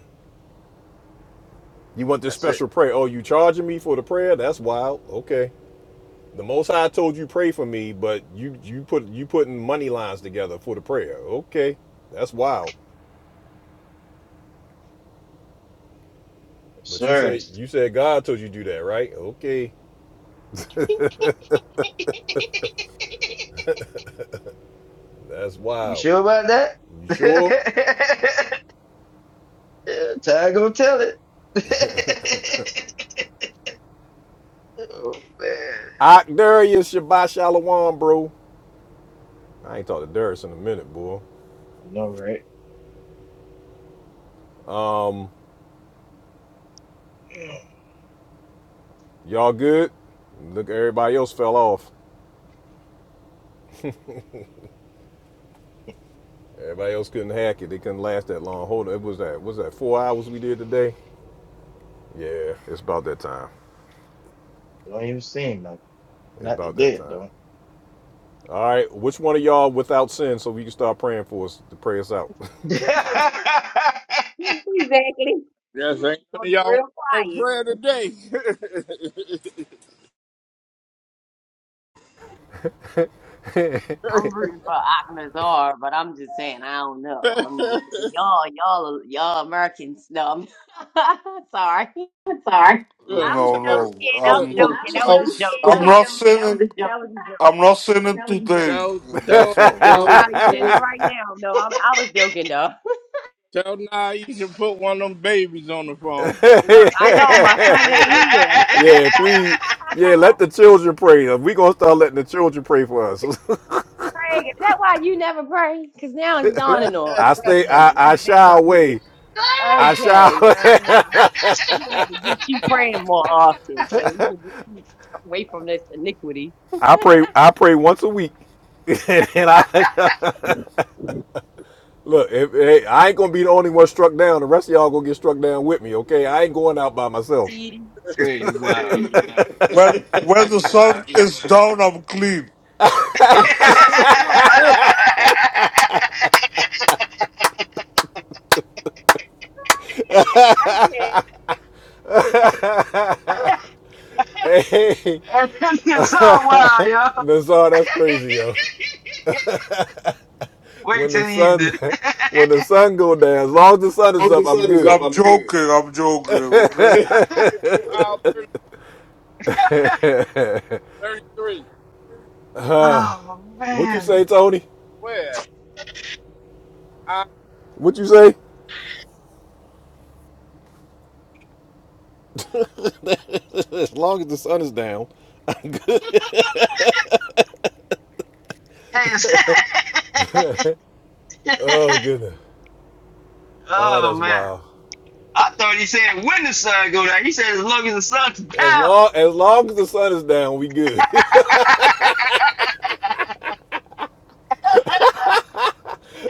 Speaker 1: You want this
Speaker 15: that's it,
Speaker 1: special prayer? Oh, you charging me for the prayer? That's wild. Okay. The Most High told you pray for me, but you you put you putting money lines together for the prayer. Okay, that's wild.
Speaker 15: yes,
Speaker 1: But you
Speaker 15: sir.
Speaker 1: said you said God told you to do that, right? Okay, that's
Speaker 15: You
Speaker 1: wild.
Speaker 15: sure about that?
Speaker 1: You sure?
Speaker 15: [LAUGHS] Time gonna tell it. [LAUGHS] oh man,
Speaker 1: Ak Darius Shabbat Shalom, bro. I ain't talked to Darius in a minute, boy.
Speaker 15: I know, right?
Speaker 1: Um, y'all good? Look, everybody else fell off. Everybody else couldn't hack it. They couldn't last that long. Hold on, it was that was that four hours we did today? Yeah, it's about that time.
Speaker 15: Don't even seem like it.
Speaker 1: It's
Speaker 15: not the
Speaker 1: about that
Speaker 15: dead,
Speaker 1: time.
Speaker 15: though.
Speaker 1: All right, which one of y'all without sin, so we can start praying for us to pray us out?
Speaker 15: [LAUGHS] not
Speaker 3: Exactly.
Speaker 10: Yes, ain't none
Speaker 3: It's
Speaker 10: of
Speaker 3: Gonna get
Speaker 10: y'all want
Speaker 3: real
Speaker 10: no
Speaker 3: quiet.
Speaker 10: prayer today.
Speaker 3: I'm rooting for Akhlazar, but I'm just saying I don't know. I'm
Speaker 10: [LAUGHS]
Speaker 3: just, y'all, y'all, y'all Americans. No, I'm [LAUGHS] sorry.
Speaker 4: I'm sorry.
Speaker 10: look,
Speaker 3: I'm
Speaker 4: No,
Speaker 10: tell,
Speaker 4: no.
Speaker 3: joking. I'm
Speaker 4: I'm
Speaker 10: look,
Speaker 4: not.
Speaker 3: joking. That was
Speaker 4: I'm
Speaker 3: a joke.
Speaker 4: I'm, not i sinning. I'm
Speaker 3: That was a joke.
Speaker 4: not sinning today.
Speaker 10: tell, tell.
Speaker 4: That's all.
Speaker 3: He's
Speaker 10: uh,
Speaker 4: Tell,
Speaker 3: probably sitting
Speaker 4: tell
Speaker 3: right now. No, i I was joking though.
Speaker 10: Tell now you should put one of them babies on the phone.
Speaker 3: [LAUGHS] Look, I know my son
Speaker 1: [LAUGHS]
Speaker 3: ain't here. [LAUGHS]
Speaker 1: Yeah, please. Yeah, let the children pray. We gonna start letting the children pray for us. [LAUGHS]
Speaker 3: Craig, is that why you never pray? Because now it's dawning on me.
Speaker 1: I
Speaker 3: Wait a
Speaker 1: stay.
Speaker 3: minute,
Speaker 1: I
Speaker 3: let's
Speaker 1: I
Speaker 3: back
Speaker 1: shy
Speaker 3: up here.
Speaker 1: away. I shy.
Speaker 3: Okay,
Speaker 1: Away.
Speaker 3: uh, we had to get you praying more often so we can get you away from this iniquity.
Speaker 1: [LAUGHS] I pray. I pray once a week. [LAUGHS] and then I [LAUGHS] look. If, hey, I ain't gonna be the only one struck down. The rest of y'all gonna get struck down with me. Okay, I ain't going out by myself.
Speaker 3: TD.
Speaker 15: Craig, you wild.
Speaker 4: When when the [LAUGHS]
Speaker 15: You wild.
Speaker 4: sun is down, I'm clean.
Speaker 15: [LAUGHS]
Speaker 3: Yeah, I
Speaker 1: [LAUGHS] hey,
Speaker 15: And this is so
Speaker 1: [LAUGHS]
Speaker 15: wild, yo. [LAUGHS]
Speaker 1: Nazar, that's crazy, yo.
Speaker 15: Wait
Speaker 1: When the
Speaker 15: till the
Speaker 1: sun,
Speaker 15: evening.
Speaker 1: [LAUGHS] when the
Speaker 15: [LAUGHS]
Speaker 1: sun go down, as long as the sun is
Speaker 4: Once the
Speaker 1: up, I'm
Speaker 4: sun is up,
Speaker 1: good.
Speaker 4: I'm I'm good. joking. I'm joking. Okay.
Speaker 10: Wow,
Speaker 1: [LAUGHS]
Speaker 10: 33.
Speaker 1: [SIGHS] Uh,
Speaker 15: oh
Speaker 1: What you
Speaker 15: man.
Speaker 1: say, Tony?
Speaker 10: Where? I
Speaker 1: What you say? [LAUGHS] as long as the sun is down.
Speaker 15: Hey, [LAUGHS]
Speaker 1: Oh goodness. Oh,
Speaker 15: oh
Speaker 1: that's
Speaker 15: man.
Speaker 1: wild.
Speaker 15: I thought he said when the sun go down. He said as long as the sun's
Speaker 1: As
Speaker 15: down.
Speaker 1: long as long as the sun is down, we good. [LAUGHS]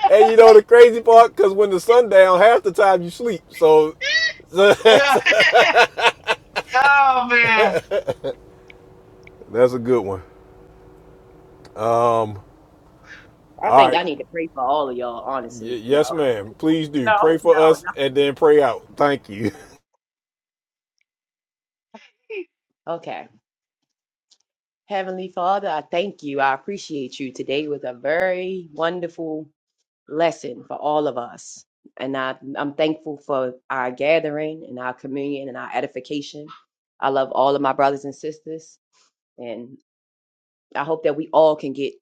Speaker 1: and you know the crazy part, because when the sun down, half the time you sleep. So, so
Speaker 15: [LAUGHS] yeah.
Speaker 1: [LAUGHS]
Speaker 15: [LAUGHS] Oh man.
Speaker 1: that's a good one. Um.
Speaker 3: can. I
Speaker 1: All
Speaker 3: think
Speaker 1: right.
Speaker 3: I need to pray for all of y'all, honestly.
Speaker 1: Y-
Speaker 3: No,
Speaker 1: yes, ma'am. Please
Speaker 3: [LAUGHS]
Speaker 1: do
Speaker 3: no,
Speaker 1: pray for
Speaker 3: no,
Speaker 1: us and then pray out. Thank you.
Speaker 3: no. Okay. Heavenly Father, I thank you. I appreciate you. Today was a very wonderful lesson for all of us. And I, I'm thankful for our gathering and our communion and our edification. I love all of my brothers and sisters. And I hope that we all can get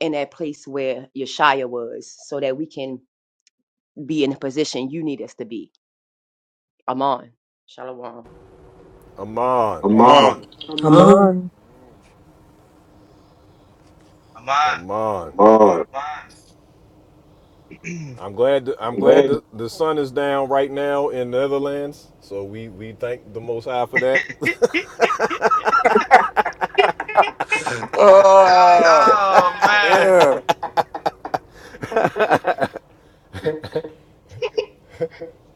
Speaker 3: in that place where Yeshaya was so that we can be in the position you need us to be. Amon. Shalom.
Speaker 1: [LAUGHS] Aman.
Speaker 4: Come Uh, on,
Speaker 17: I'm on.
Speaker 15: I'm on.
Speaker 1: Aman.
Speaker 4: come on.
Speaker 1: I'm glad. th- I'm
Speaker 4: I'm
Speaker 1: glad
Speaker 4: glad.
Speaker 1: the, the sun is down right now in the Netherlands. So we we thank the Most High for that.
Speaker 15: [CLEARS THROAT]
Speaker 1: [LAUGHS]
Speaker 4: uh,
Speaker 15: oh man.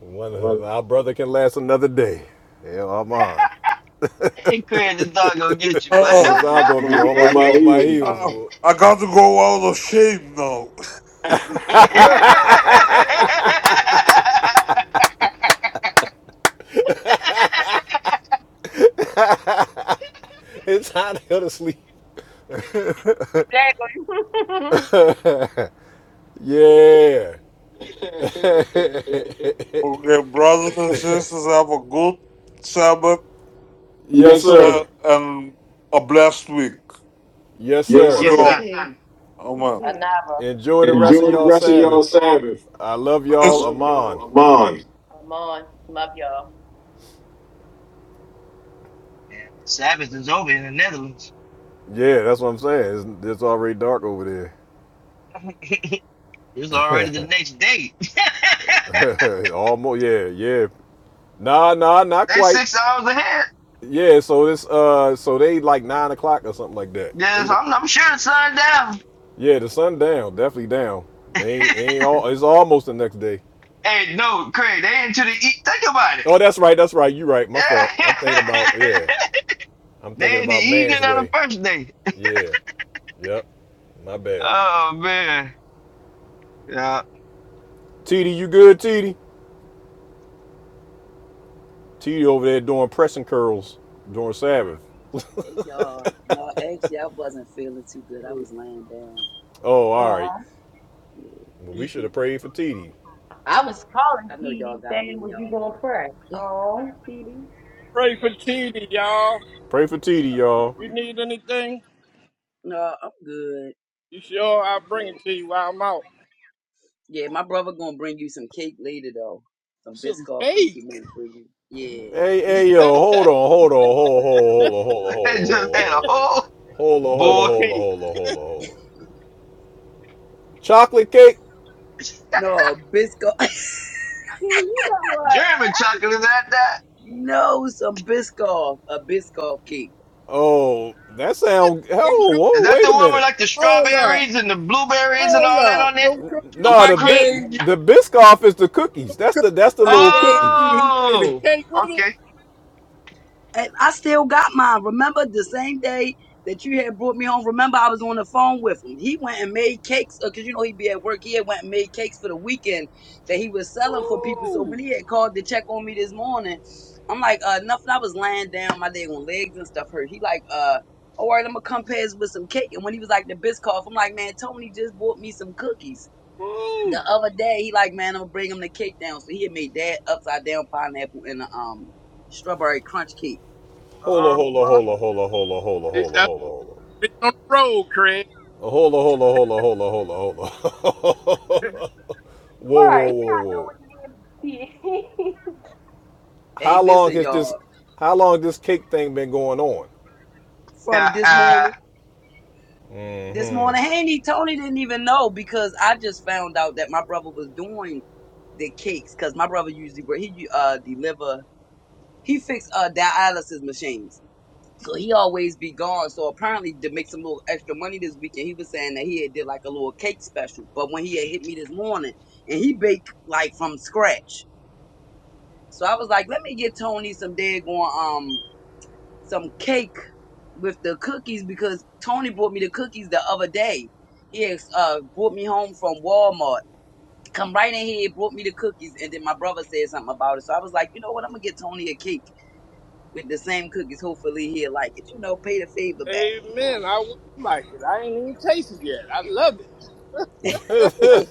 Speaker 1: One
Speaker 4: [LAUGHS] yeah.
Speaker 1: of our brother can last another day. Hell, I'm on.
Speaker 15: Hey, Craig, the dog gonna get you, but. [LAUGHS]
Speaker 4: Oh,
Speaker 1: Nassau
Speaker 4: on
Speaker 1: gonna be
Speaker 4: my,
Speaker 1: on my
Speaker 4: on my
Speaker 1: on my
Speaker 4: heels.
Speaker 1: heels,
Speaker 4: oh,
Speaker 1: bro. [LAUGHS]
Speaker 4: I got to go out of shape now.
Speaker 1: It's hot hell to sleep.
Speaker 3: Exactly.
Speaker 1: [LAUGHS]
Speaker 3: [LAUGHS]
Speaker 1: yeah. [LAUGHS]
Speaker 4: [LAUGHS] okay, brothers and sisters, have a good Sabbath
Speaker 1: yes,
Speaker 4: yes, sir.
Speaker 1: sir.
Speaker 4: uh, and a blessed week
Speaker 1: Yes,
Speaker 4: Yes, for
Speaker 1: sir.
Speaker 4: you
Speaker 15: yes, sir.
Speaker 3: Yeah.
Speaker 4: sir. all. Amen.
Speaker 3: Anava.
Speaker 1: Enjoy the rest of
Speaker 3: Anava.
Speaker 4: Enjoy the
Speaker 1: y'all
Speaker 4: rest of y'all
Speaker 1: Sabbath.
Speaker 4: Sabbath.
Speaker 1: I love
Speaker 4: I It's
Speaker 1: y'all,
Speaker 4: love
Speaker 1: Amon.
Speaker 4: y'all. Amon.
Speaker 3: Amon. Love y'all.
Speaker 15: Man, Sabbath is over in the Netherlands.
Speaker 1: Yeah, that's what I'm saying. It's, it's already dark over there.
Speaker 15: [LAUGHS] it's already the next day. [LAUGHS]
Speaker 1: [LAUGHS] Almost, yeah, yeah. Nah, nah, not
Speaker 15: they
Speaker 1: quite.
Speaker 15: six hours ahead.
Speaker 1: Yeah, so it's uh, so they like nine o'clock or something like that.
Speaker 15: Yes,
Speaker 1: Eight. o-
Speaker 15: I'm, I'm sure it's sundown.
Speaker 1: Yeah, the sun down, definitely down. They ain't, ain't all. It's almost the next day.
Speaker 15: Hey, no, Craig, they into the eat. Think about it.
Speaker 1: Oh, that's right, that's right. You right. My
Speaker 15: Yeah.
Speaker 1: fault. I'm thinking about yeah.
Speaker 15: [LAUGHS]
Speaker 1: I'm thinking
Speaker 15: they in the
Speaker 1: about man's
Speaker 15: evening of the
Speaker 1: way.
Speaker 15: first day.
Speaker 1: Yeah. Yep. My bad.
Speaker 15: Oh man. Yeah.
Speaker 1: TD, you good, T D. T D over there doing pressing curls during Sabbath.
Speaker 18: Hey y'all. No, actually I wasn't feeling too good. I was laying down.
Speaker 1: Oh, all right.
Speaker 3: Aw.
Speaker 1: Well, we should
Speaker 18: Yeah.
Speaker 1: have prayed for TD.
Speaker 3: I was
Speaker 18: [LAUGHS]
Speaker 3: calling
Speaker 18: I know
Speaker 3: T D
Speaker 18: y'all got me
Speaker 3: saying,
Speaker 18: in
Speaker 3: was you
Speaker 18: y'all
Speaker 3: going to
Speaker 18: heart.
Speaker 3: pray? Oh, T D.
Speaker 10: pray for TD, y'all.
Speaker 1: Pray for TD, y'all.
Speaker 10: You need anything?
Speaker 18: No, I'm good.
Speaker 10: You sure? I'll bring
Speaker 18: Uh,
Speaker 10: it to you while I'm out.
Speaker 18: Yeah, my brother gonna bring you some cake later though. Some
Speaker 10: Some
Speaker 18: Biscoff cake
Speaker 10: cake.
Speaker 18: he made for you. Yeah.
Speaker 1: Hey, hey, yo, hold on, hold on, hold,
Speaker 15: [LAUGHS] They just had a
Speaker 1: hold,
Speaker 15: whole
Speaker 1: hold, on, hold, on, hold, on,
Speaker 10: Some
Speaker 15: boy.
Speaker 1: hold, on, hold, hold, hold,
Speaker 10: cake.
Speaker 1: hold, hold, hold, hold, on, hold. on. Chocolate cake?
Speaker 15: [LAUGHS]
Speaker 18: No, Biscoff.
Speaker 3: See, you know what?
Speaker 15: German
Speaker 3: I can,
Speaker 15: chocolate is that that?
Speaker 18: [LAUGHS] no, some Biscoff. A Biscoff cake.
Speaker 1: Oh, that sound.
Speaker 10: Some
Speaker 1: Oh,
Speaker 10: cookies.
Speaker 15: Is
Speaker 1: whoa,
Speaker 15: that
Speaker 1: wait
Speaker 15: the
Speaker 1: a
Speaker 15: one with
Speaker 1: minute.
Speaker 15: like the
Speaker 10: Hold
Speaker 15: strawberries
Speaker 10: up.
Speaker 15: and the blueberries and
Speaker 10: Hold
Speaker 15: all that
Speaker 10: up.
Speaker 15: on it?
Speaker 10: Some cookies
Speaker 15: The
Speaker 1: Nah,
Speaker 10: I
Speaker 15: whipped
Speaker 1: the bit,
Speaker 15: cream?
Speaker 10: gave you.
Speaker 1: the Biscoff is the cookies.
Speaker 10: Some
Speaker 1: That's
Speaker 10: cookies
Speaker 1: the, that's the
Speaker 10: I
Speaker 1: little
Speaker 10: gave
Speaker 1: cookies.
Speaker 10: you. He made a
Speaker 15: Oh,
Speaker 10: cake with it.
Speaker 15: okay.
Speaker 18: I I still got mine. Remember the same day that you had brought me home? Remember I was on the phone with him. He went and made cakes because you know he'd be at work. He had went and made cakes for the weekend that he was selling for people. So when
Speaker 10: Ooh.
Speaker 18: he had called to check on me this morning, I'm like, uh, nothing. I was lying down, my leg on legs and stuff hurt. He like, uh. All right, I'm gonna come pass with some cake. And when he was like the Biscoff, I'm like, man, Tony just bought me some cookies
Speaker 10: Ooh.
Speaker 18: the other day. He like, man, I'm gonna bring him the cake down. So he had made that upside down pineapple and a um strawberry crunch cake.
Speaker 1: Hold on,
Speaker 10: Uh,
Speaker 1: hold on, hold on, hold on, hold on, hold on, hold on,
Speaker 10: that's
Speaker 1: hold on, hold on.
Speaker 10: being on the road, Craig.
Speaker 1: Hold on, hold on, hold on, hold on, hold on, hold on. [LAUGHS] Whoa,
Speaker 3: right,
Speaker 1: whoa,
Speaker 3: you
Speaker 1: whoa,
Speaker 3: not know
Speaker 1: whoa.
Speaker 3: what it is.
Speaker 18: Hey,
Speaker 1: How long
Speaker 18: listen,
Speaker 1: has
Speaker 18: y'all.
Speaker 1: this, how long this cake thing been going on?
Speaker 18: From
Speaker 15: [LAUGHS]
Speaker 18: this morning, this
Speaker 1: Mm-hmm.
Speaker 18: morning, Handy Tony didn't even know because I just found out that my brother was doing the cakes because my brother usually where he uh deliver he fix uh dialysis machines. So he always be gone. So apparently to make some little extra money this weekend, he was saying that he had did like a little cake special. But when he had hit me this morning and he baked like from scratch. So I was like, let me get Tony some daggone um some cake with the cookies because Tony brought me the cookies the other day. He ex- uh brought me home from Walmart. Come right in here, brought me the cookies, and then my brother said something about it. So I was like, you know what? I'm gonna get Tony a cake with the same cookies. Hopefully he'll like it. You know, pay the favor back. You
Speaker 10: Amen. I will like it. I ain't even tasted yet. I love it.
Speaker 18: know.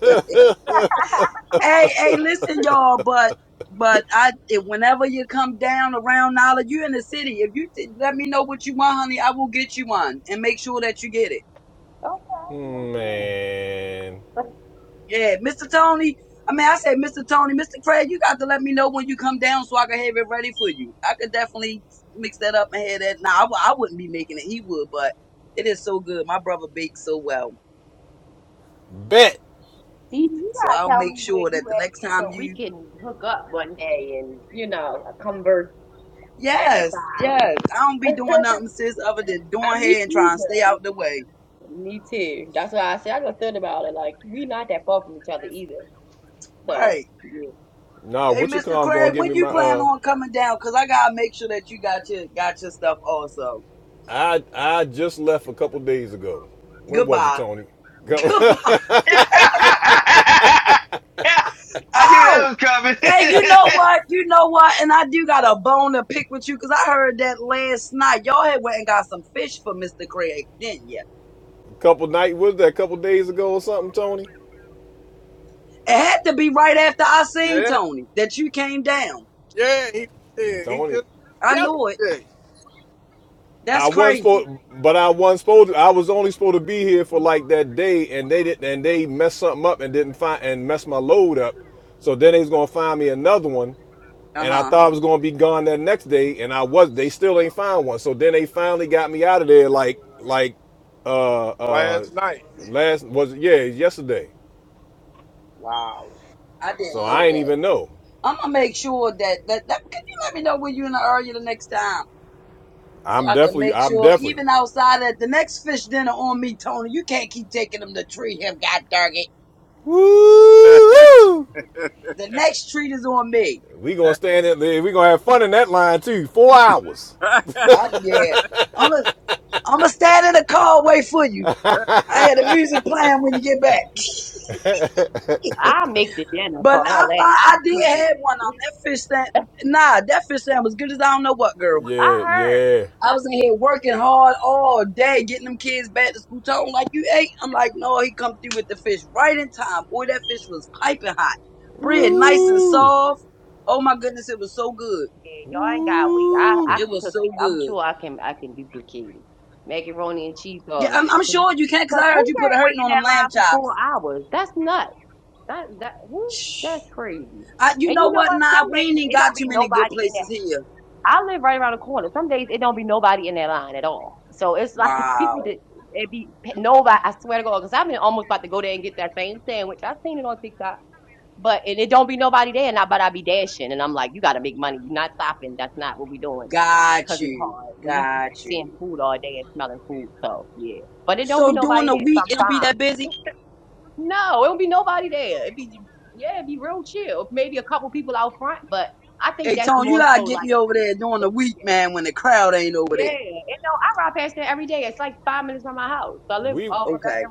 Speaker 18: [LAUGHS] hey, hey, listen, y'all, but. But I, if- whenever you come down around Nala, you in the city. If you t- let me know what you want, honey, I will get you one and make sure that you get it.
Speaker 3: [LAUGHS] okay, yes,
Speaker 1: Hmm,
Speaker 3: ma'am.
Speaker 1: Man.
Speaker 3: But
Speaker 18: Yeah, Mr. Tony. I mean, I said, Mr. Tony, Mr. Craig, you got to let me know when you come down so I can have it ready for you. I could definitely mix that up and have that. Now, I w- I wouldn't be making it. He would, but it is so good. My brother bakes so well.
Speaker 1: Bet.
Speaker 3: see, you
Speaker 18: So
Speaker 3: gotta
Speaker 18: I'll
Speaker 3: tell me
Speaker 18: make
Speaker 3: where
Speaker 18: sure that
Speaker 3: you
Speaker 18: the
Speaker 3: at
Speaker 18: next time
Speaker 3: so we
Speaker 18: you,
Speaker 3: can hook up one day and, you know, converse at a
Speaker 18: yes, yes, I don't be
Speaker 3: time.
Speaker 18: doing nothing,
Speaker 3: [LAUGHS]
Speaker 18: sis, other than
Speaker 3: I
Speaker 18: doing
Speaker 3: me
Speaker 18: hair and trying to
Speaker 3: either.
Speaker 18: stay out the way.
Speaker 3: Me too. That's why I said I just thought about it. Like we not that far from each other either. So
Speaker 18: Right.
Speaker 3: yeah.
Speaker 1: Nah,
Speaker 18: Hey, Mr.
Speaker 1: Wichita
Speaker 18: Craig,
Speaker 1: gonna give
Speaker 18: when
Speaker 1: me
Speaker 18: you
Speaker 1: my
Speaker 18: plan
Speaker 1: uh
Speaker 18: on coming down? Cause I gotta make sure that you got your got your stuff also.
Speaker 1: I I just left a couple days ago. When was it,
Speaker 18: Goodbye.
Speaker 1: Tony?
Speaker 18: [LAUGHS]
Speaker 1: Go-
Speaker 18: Goodbye.
Speaker 15: I knew
Speaker 18: Oh.
Speaker 15: that was coming.
Speaker 18: Hey, you know what? You know what? And I do got a bone to pick with you because I heard that last night. Y'all had went and got some fish for Mr. Craig, didn't ya?
Speaker 1: [LAUGHS] couple night was that a couple days ago or something, Tony?
Speaker 18: It had to be right after I seen
Speaker 10: Yeah,
Speaker 18: Tony that you came down.
Speaker 10: yeah, he was here. He
Speaker 1: Tony.
Speaker 10: just
Speaker 18: I
Speaker 10: left
Speaker 18: knew it.
Speaker 10: yesterday,
Speaker 1: I
Speaker 18: That's
Speaker 1: wasn't
Speaker 18: crazy.
Speaker 1: supposed but I wasn't supposed to, I was only supposed to be here for like that day and they did and they messed something up and didn't find and messed my load up. So then they was gonna find me another one
Speaker 18: Uh
Speaker 1: And I
Speaker 18: huh.
Speaker 1: thought I was gonna be gone that next day, and I was. They still ain't found one. So then they finally got me out of there, like like uh uh
Speaker 10: last night.
Speaker 1: last was it- yeah yesterday.
Speaker 18: Wow. I
Speaker 1: So
Speaker 18: didn't
Speaker 1: I
Speaker 18: know
Speaker 1: ain't
Speaker 18: that.
Speaker 1: even know.
Speaker 18: I'm gonna make sure that, that that can you let me know when you're in the area the next time so
Speaker 1: I'm
Speaker 18: I can
Speaker 1: definitely
Speaker 18: make
Speaker 1: I'm
Speaker 18: sure
Speaker 1: definitely.
Speaker 18: even outside at the next fish dinner on me, Tony. You can't keep taking him to treat him. God dang it.
Speaker 1: Woo!
Speaker 18: The next treat is on me.
Speaker 1: We gonna stand in there. We gonna have fun in that line too. Four hours.
Speaker 18: I yeah. I'm gonna I'm to stand in the car and wait for you. I had the music playing when you get back.
Speaker 3: I make the dinner for
Speaker 18: But
Speaker 3: all
Speaker 18: I
Speaker 3: that.
Speaker 18: fi-
Speaker 3: I
Speaker 18: I
Speaker 3: cook
Speaker 18: did have one on
Speaker 3: it.
Speaker 18: that fish stand. Nah, that fish stand was good as I don't know what, girl.
Speaker 3: I
Speaker 1: Yeah
Speaker 3: heard.
Speaker 1: yeah.
Speaker 18: I
Speaker 3: I,
Speaker 18: was in here working hard all day, getting them kids back to school. Talking like you ate. I'm like, no, he come through with the fish right in time. Boy, that fish was piping hot, bread nice and
Speaker 1: Woo,
Speaker 18: soft. Oh my goodness, it was so good.
Speaker 3: yeah, y'all ain't got wheat. I, I
Speaker 1: woo.
Speaker 18: It
Speaker 3: can
Speaker 18: was
Speaker 3: cook.
Speaker 18: so
Speaker 3: it. I'm
Speaker 18: good.
Speaker 3: sure I can I can duplicate it. Macaroni and cheese
Speaker 18: Yeah,
Speaker 3: garlic.
Speaker 18: I'm,
Speaker 3: I
Speaker 18: I'm
Speaker 3: can.
Speaker 18: sure you can, cause
Speaker 3: Cause
Speaker 18: I
Speaker 3: who
Speaker 18: heard you put a
Speaker 3: can't wait
Speaker 18: hurting
Speaker 3: in
Speaker 18: on them
Speaker 3: that
Speaker 18: lamb
Speaker 3: line for four hours? That's nuts. That that who?
Speaker 18: chops.
Speaker 3: That's crazy.
Speaker 18: I, you
Speaker 3: And
Speaker 18: know
Speaker 3: you know
Speaker 18: what,
Speaker 3: what?
Speaker 18: nah,
Speaker 3: Some
Speaker 18: we ain't
Speaker 3: days
Speaker 18: even
Speaker 3: it
Speaker 18: got
Speaker 3: don't
Speaker 18: too
Speaker 3: be
Speaker 18: many good
Speaker 3: nobody in that.
Speaker 18: places here.
Speaker 3: I live right around the corner. Some days it don't be nobody in that line at all. So it's like [LAUGHS]
Speaker 18: Wow.
Speaker 3: people that it be nobody. I swear to God, because I've been almost about to go there and get that same sandwich. I seen it on TikTok. But and it don't be nobody there, and I but I be dashing, and I'm like, you got to make money. You're not stopping. That's not what we doing.
Speaker 18: Got
Speaker 3: Cause it's
Speaker 18: you.
Speaker 3: hard when you be
Speaker 18: Got
Speaker 3: seeing
Speaker 18: you.
Speaker 3: food all day and smelling food. So yeah, but it don't be
Speaker 18: So during
Speaker 3: nobody
Speaker 18: the
Speaker 3: there
Speaker 18: week, it don't be that busy?
Speaker 3: sometimes. [LAUGHS] No, it don't be nobody there. It be yeah, it'd be real chill. Maybe a couple people out front, but I think
Speaker 18: Hey,
Speaker 3: that's
Speaker 18: Tone, you
Speaker 3: more
Speaker 18: gotta
Speaker 3: so
Speaker 18: get
Speaker 3: like
Speaker 18: me over there during
Speaker 3: the
Speaker 18: the week, man, when the crowd ain't over
Speaker 3: yeah.
Speaker 18: there.
Speaker 3: And no, I ride past there every day. It's like five minutes from my house. I live
Speaker 1: We
Speaker 3: off of Bel
Speaker 18: Okay.
Speaker 3: Air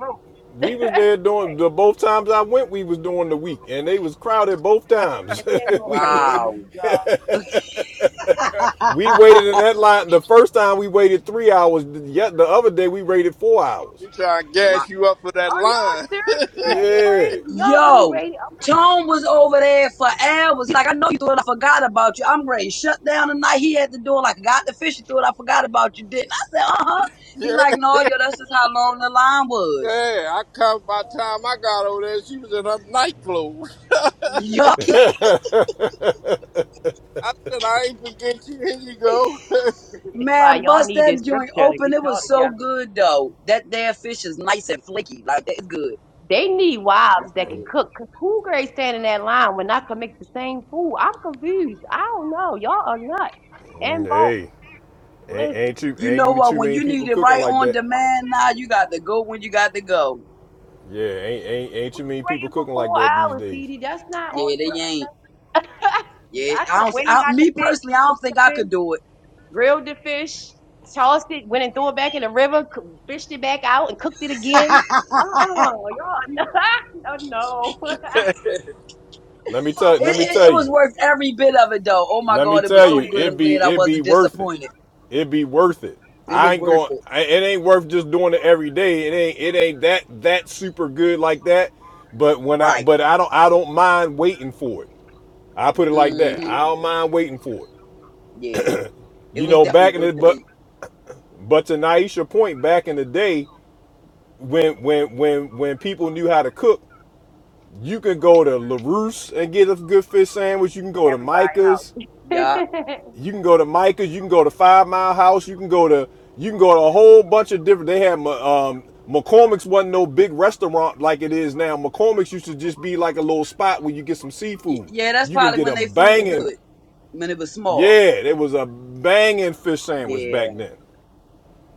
Speaker 1: We
Speaker 3: Road.
Speaker 1: was there doing the both times I went. We was doing the week, and they was crowded both times.
Speaker 3: [LAUGHS]
Speaker 1: [LAUGHS]
Speaker 3: Handle-
Speaker 1: we,
Speaker 3: yeah,
Speaker 1: we
Speaker 3: when
Speaker 18: Wow.
Speaker 3: you go. Are
Speaker 18: [LAUGHS]
Speaker 1: we waited in that line. The first time we waited three hours. Yet the other day we waited four hours.
Speaker 10: He trying to
Speaker 18: wow.
Speaker 10: gas you up for that
Speaker 3: y'all
Speaker 10: line.
Speaker 3: serious
Speaker 10: [LAUGHS]
Speaker 1: Yeah.
Speaker 3: crazy? Y'all really
Speaker 18: Yo,
Speaker 3: crazy? Oh my god.
Speaker 18: Tone was over there for hours. Like, I know you thought I forgot about you. I'm ready. Shut down tonight. He at the door like, got the fish. You thought I forgot about you, didn't I? I said, uh-huh.
Speaker 10: yeah,
Speaker 18: He like, no, yo, that's just how long the line was.
Speaker 10: yeah. I come by the time I got over there, she was in her night clothes.
Speaker 18: Yo.
Speaker 10: I said, I ain't forget you. Here you go. [LAUGHS]
Speaker 3: why
Speaker 18: Man,
Speaker 3: y'all
Speaker 18: bust
Speaker 3: need this
Speaker 18: that joint
Speaker 3: scripture to
Speaker 18: open.
Speaker 3: get
Speaker 18: It
Speaker 3: y'all
Speaker 18: was so
Speaker 3: together.
Speaker 18: good though. That damn fish is nice and flaky. Like that's good.
Speaker 3: They need
Speaker 18: That's
Speaker 3: wives that can
Speaker 1: Um,
Speaker 18: good.
Speaker 3: cook. 'Cause who girl stand in that line when I can make the same food? I'm confused. I don't know. Y'all are nuts.
Speaker 1: mm,
Speaker 3: And both,
Speaker 1: Hey, ain't
Speaker 3: listen,
Speaker 1: ain't too
Speaker 3: praying
Speaker 18: You know
Speaker 1: ain't
Speaker 18: what?
Speaker 1: too
Speaker 18: When
Speaker 1: many
Speaker 18: you need
Speaker 1: people
Speaker 18: it
Speaker 1: cooking
Speaker 18: right
Speaker 1: like
Speaker 18: on
Speaker 1: that.
Speaker 18: demand, now you got to go when you got to go.
Speaker 1: Yeah, ain't ain't ain't too many people
Speaker 3: for
Speaker 1: cooking
Speaker 3: four
Speaker 1: like that these
Speaker 3: hours, T
Speaker 1: days.
Speaker 3: D. That's not
Speaker 18: Yeah,
Speaker 3: on.
Speaker 18: they ain't.
Speaker 3: That's, [LAUGHS]
Speaker 18: Yeah,
Speaker 3: I could
Speaker 18: I
Speaker 3: have
Speaker 18: don't. see-
Speaker 3: went and got the
Speaker 18: me
Speaker 3: fish,
Speaker 18: personally, I
Speaker 3: cooked
Speaker 18: don't
Speaker 3: the
Speaker 18: think I
Speaker 3: fish,
Speaker 18: could do it.
Speaker 3: grilled the fish, tossed it, went and threw it back in the river, coo- fished it back out, and cooked it
Speaker 18: [LAUGHS]
Speaker 3: again.
Speaker 18: it,
Speaker 3: Uh-uh, y'all, [LAUGHS] no, no, [LAUGHS] for real,
Speaker 1: Let me tell let me
Speaker 18: it.
Speaker 1: tell
Speaker 18: It was
Speaker 1: you.
Speaker 18: worth every bit of it though. Oh my
Speaker 1: Let me
Speaker 18: god, it was
Speaker 1: tell
Speaker 3: man.
Speaker 18: so
Speaker 1: you,
Speaker 18: good.
Speaker 1: it
Speaker 18: I'm
Speaker 1: be
Speaker 18: glad I
Speaker 1: it be
Speaker 18: wasn't
Speaker 1: worth it.
Speaker 18: disappointed.
Speaker 1: It'd be worth it.
Speaker 18: It
Speaker 1: I
Speaker 18: was
Speaker 1: ain't
Speaker 18: worth
Speaker 1: going.
Speaker 18: it.
Speaker 1: It ain't worth just doing it every day. It ain't. It ain't that that super good like that. But when I
Speaker 18: Right.
Speaker 1: but I don't I don't mind waiting for it. I put it like that.
Speaker 18: hmm
Speaker 1: I don't mind waiting for it.
Speaker 18: Yeah, it
Speaker 1: You
Speaker 18: was
Speaker 1: know,
Speaker 18: definitely
Speaker 1: back in
Speaker 18: worth
Speaker 1: the
Speaker 18: the
Speaker 1: but
Speaker 18: wait.
Speaker 1: but to Naisha's point, back in the day when when when when people knew how to cook, you could go to LaRousse and get a good fish sandwich. You can go to
Speaker 3: everybody's
Speaker 1: Micah's.
Speaker 3: house.
Speaker 18: Yeah.
Speaker 3: [LAUGHS]
Speaker 1: You can go to Micah's. You can go to Five Mile House. You can go to you can go to a whole bunch of different. They had Ma- um, McCormick's wasn't no big restaurant like it is now. McCormick's used to just be like a little spot where you get some
Speaker 18: Y-
Speaker 1: seafood.
Speaker 18: Yeah, that's
Speaker 1: You can
Speaker 18: probably
Speaker 1: get
Speaker 18: when
Speaker 1: a
Speaker 18: they food was
Speaker 1: banging,
Speaker 18: good. When it was small.
Speaker 1: yeah, it was a banging fish sandwich
Speaker 18: Yeah.
Speaker 1: back then.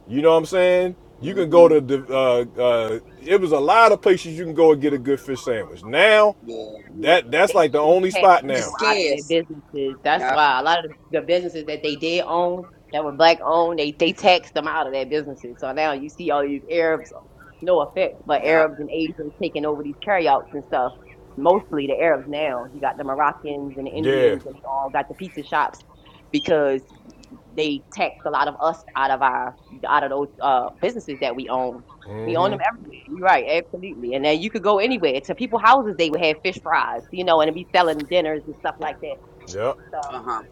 Speaker 1: You know what I'm saying? You can go
Speaker 18: hmm
Speaker 1: to the, uh, uh, it was a lot of places you can go and get a good fish sandwich. Now,
Speaker 18: Yeah.
Speaker 3: yeah,
Speaker 1: that that's
Speaker 3: they
Speaker 1: like the
Speaker 3: they
Speaker 1: only
Speaker 3: tax
Speaker 1: spot
Speaker 18: It's
Speaker 3: people
Speaker 1: now.
Speaker 3: out of their
Speaker 18: scarce.
Speaker 3: businesses. That's
Speaker 18: Yup.
Speaker 3: why a lot of the businesses that they did own that were black owned, they they taxed them out of their businesses. So now you see all these Arabs, no offense, but
Speaker 18: Yup.
Speaker 3: Arabs and Asians taking over these carryouts and stuff. Mostly the Arabs now. You got the Moroccans and the
Speaker 1: Yeah,
Speaker 3: Indians, and they all got the pizza shops because. they taxed a lot of us out of our out of those uh, businesses that we own. We own them everywhere. You're right, absolutely. And then you could go anywhere to people's houses. They would have fish fries, you know, and it'd be selling dinners and stuff like that.
Speaker 1: yep.
Speaker 3: So
Speaker 18: Uh-huh.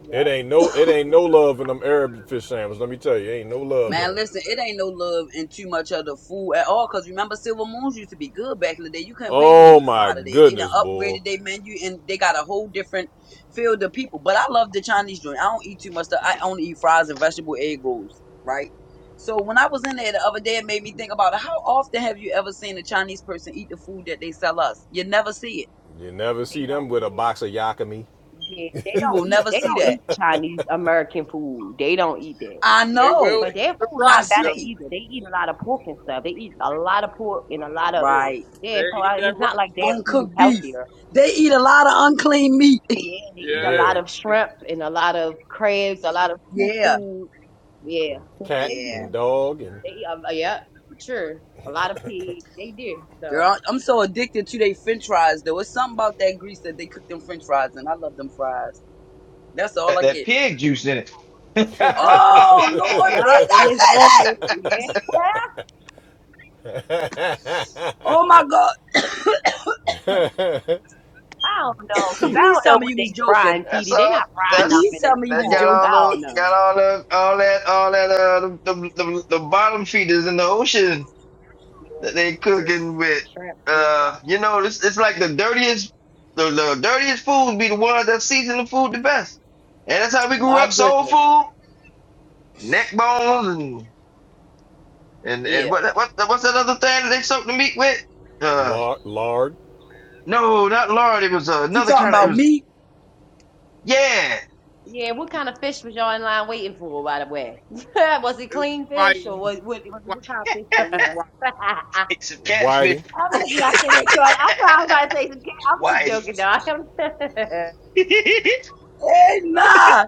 Speaker 3: yeah,
Speaker 1: It ain't no it ain't no love in them Arab fish sandwiches. Let me tell you, ain't no love in
Speaker 18: Man,
Speaker 1: them.
Speaker 18: listen, it ain't no love in too much of the food at all. Cause remember Silver Moons used to be good back in the day. You couldn't pay me to
Speaker 1: Oh
Speaker 18: eat from
Speaker 1: my
Speaker 18: out of there. They done
Speaker 1: goodness, boy.
Speaker 18: upgraded their menu and they got a whole different field of people. But I love the Chinese joint. I don't eat too much stuff. I only eat fries and vegetable egg rolls, right? So when I was in there the other day, it made me think about it. how often have you ever seen a Chinese person eat the food that they sell us? You never see it.
Speaker 1: You never
Speaker 3: they
Speaker 1: see
Speaker 3: don't
Speaker 1: them with
Speaker 3: eat
Speaker 1: a
Speaker 3: it.
Speaker 1: box of yakami.
Speaker 3: Yeah, they
Speaker 18: You
Speaker 3: don't
Speaker 18: will
Speaker 3: eat.
Speaker 18: never
Speaker 3: They
Speaker 18: see
Speaker 3: don't
Speaker 18: that.
Speaker 3: eat Chinese American food. They don't eat that.
Speaker 18: I
Speaker 10: they
Speaker 18: know.
Speaker 10: will
Speaker 3: But
Speaker 10: eat
Speaker 3: their
Speaker 10: the
Speaker 3: food
Speaker 18: I
Speaker 3: not
Speaker 10: rice,
Speaker 3: better
Speaker 10: though.
Speaker 18: see.
Speaker 3: either. They eat a lot of pork and stuff. They eat a lot of pork and a lot of
Speaker 10: Yeah,
Speaker 18: Right.
Speaker 3: yeah.
Speaker 10: they
Speaker 3: So
Speaker 10: eat
Speaker 3: I,
Speaker 10: that
Speaker 3: it's not like
Speaker 10: rice,
Speaker 3: their
Speaker 10: though.
Speaker 3: food is
Speaker 18: Uncooked beef.
Speaker 3: healthier
Speaker 18: They eat a lot of unclean meat.
Speaker 3: Yeah, they eat a
Speaker 10: Yeah,
Speaker 3: lot
Speaker 1: Yeah.
Speaker 10: they
Speaker 3: of
Speaker 10: did.
Speaker 3: shrimp and a lot of crabs, a lot of
Speaker 18: Yeah,
Speaker 3: seafood. Yeah, yeah,
Speaker 1: Cat
Speaker 3: they
Speaker 18: yeah.
Speaker 1: and
Speaker 3: do.
Speaker 1: dog and
Speaker 3: They eat, uh, yeah, sure. A lot of pig. They do. So,
Speaker 18: Girl, I'm so addicted to they french fries though. It's something about that grease that they cook them french fries and I love them fries. That's
Speaker 15: [LAUGHS]
Speaker 18: all
Speaker 15: Got
Speaker 18: I
Speaker 15: that
Speaker 18: get.
Speaker 15: pig juice in it. [LAUGHS]
Speaker 18: Oh Lord,
Speaker 3: yeah,
Speaker 18: please
Speaker 3: and
Speaker 18: don't
Speaker 3: it's
Speaker 18: say that.
Speaker 3: all, yeah. [LAUGHS]
Speaker 18: Oh my God.
Speaker 3: I don't know, know,
Speaker 18: [LAUGHS]
Speaker 3: cause
Speaker 1: tea
Speaker 3: I
Speaker 18: please
Speaker 3: don't
Speaker 18: tell
Speaker 3: know
Speaker 18: me
Speaker 3: what
Speaker 18: you was
Speaker 3: they
Speaker 18: joking.
Speaker 3: frying, T
Speaker 15: That's
Speaker 3: D. They
Speaker 15: all.
Speaker 3: not frying
Speaker 15: That's
Speaker 18: Please
Speaker 3: nothing
Speaker 18: tell
Speaker 3: that's
Speaker 18: me you
Speaker 15: that
Speaker 18: was
Speaker 3: pork.
Speaker 15: got
Speaker 18: joking.
Speaker 3: I
Speaker 15: all the
Speaker 3: don't know.
Speaker 15: got all the all that all that uh the the, the, the bottom feeders in the ocean.
Speaker 3: Yeah,
Speaker 15: that they
Speaker 3: sure.
Speaker 15: cooking with
Speaker 3: Shrimp and
Speaker 15: uh
Speaker 3: stuff.
Speaker 15: you know it's it's like the dirtiest the, the dirtiest food be the ones that season the food the best and that's how we grew
Speaker 18: My
Speaker 15: up soul
Speaker 18: goodness.
Speaker 15: food neck bones and and and
Speaker 18: Yeah.
Speaker 15: what what what's that other thing that they soak the meat with uh
Speaker 1: lard, lard
Speaker 15: no not lard it was uh,
Speaker 18: You
Speaker 15: another
Speaker 18: talking
Speaker 15: kind of it
Speaker 18: about
Speaker 15: was
Speaker 18: me?
Speaker 15: yeah
Speaker 3: Yeah, what kind of fish was y'all in line waiting for, by the way? [LAUGHS] was it
Speaker 10: It was
Speaker 3: clean fish or
Speaker 10: white.
Speaker 3: was what, was it, what kind of
Speaker 10: It was white.
Speaker 3: fish? [LAUGHS]
Speaker 15: it's some catfish
Speaker 1: whiting.
Speaker 3: I'm
Speaker 15: [LAUGHS]
Speaker 3: just messing with you. I thought I was about to say, some kid. I'm just
Speaker 15: whitey
Speaker 3: joking, dog. [LAUGHS] I'm
Speaker 15: [LAUGHS] what is
Speaker 18: Hey nah.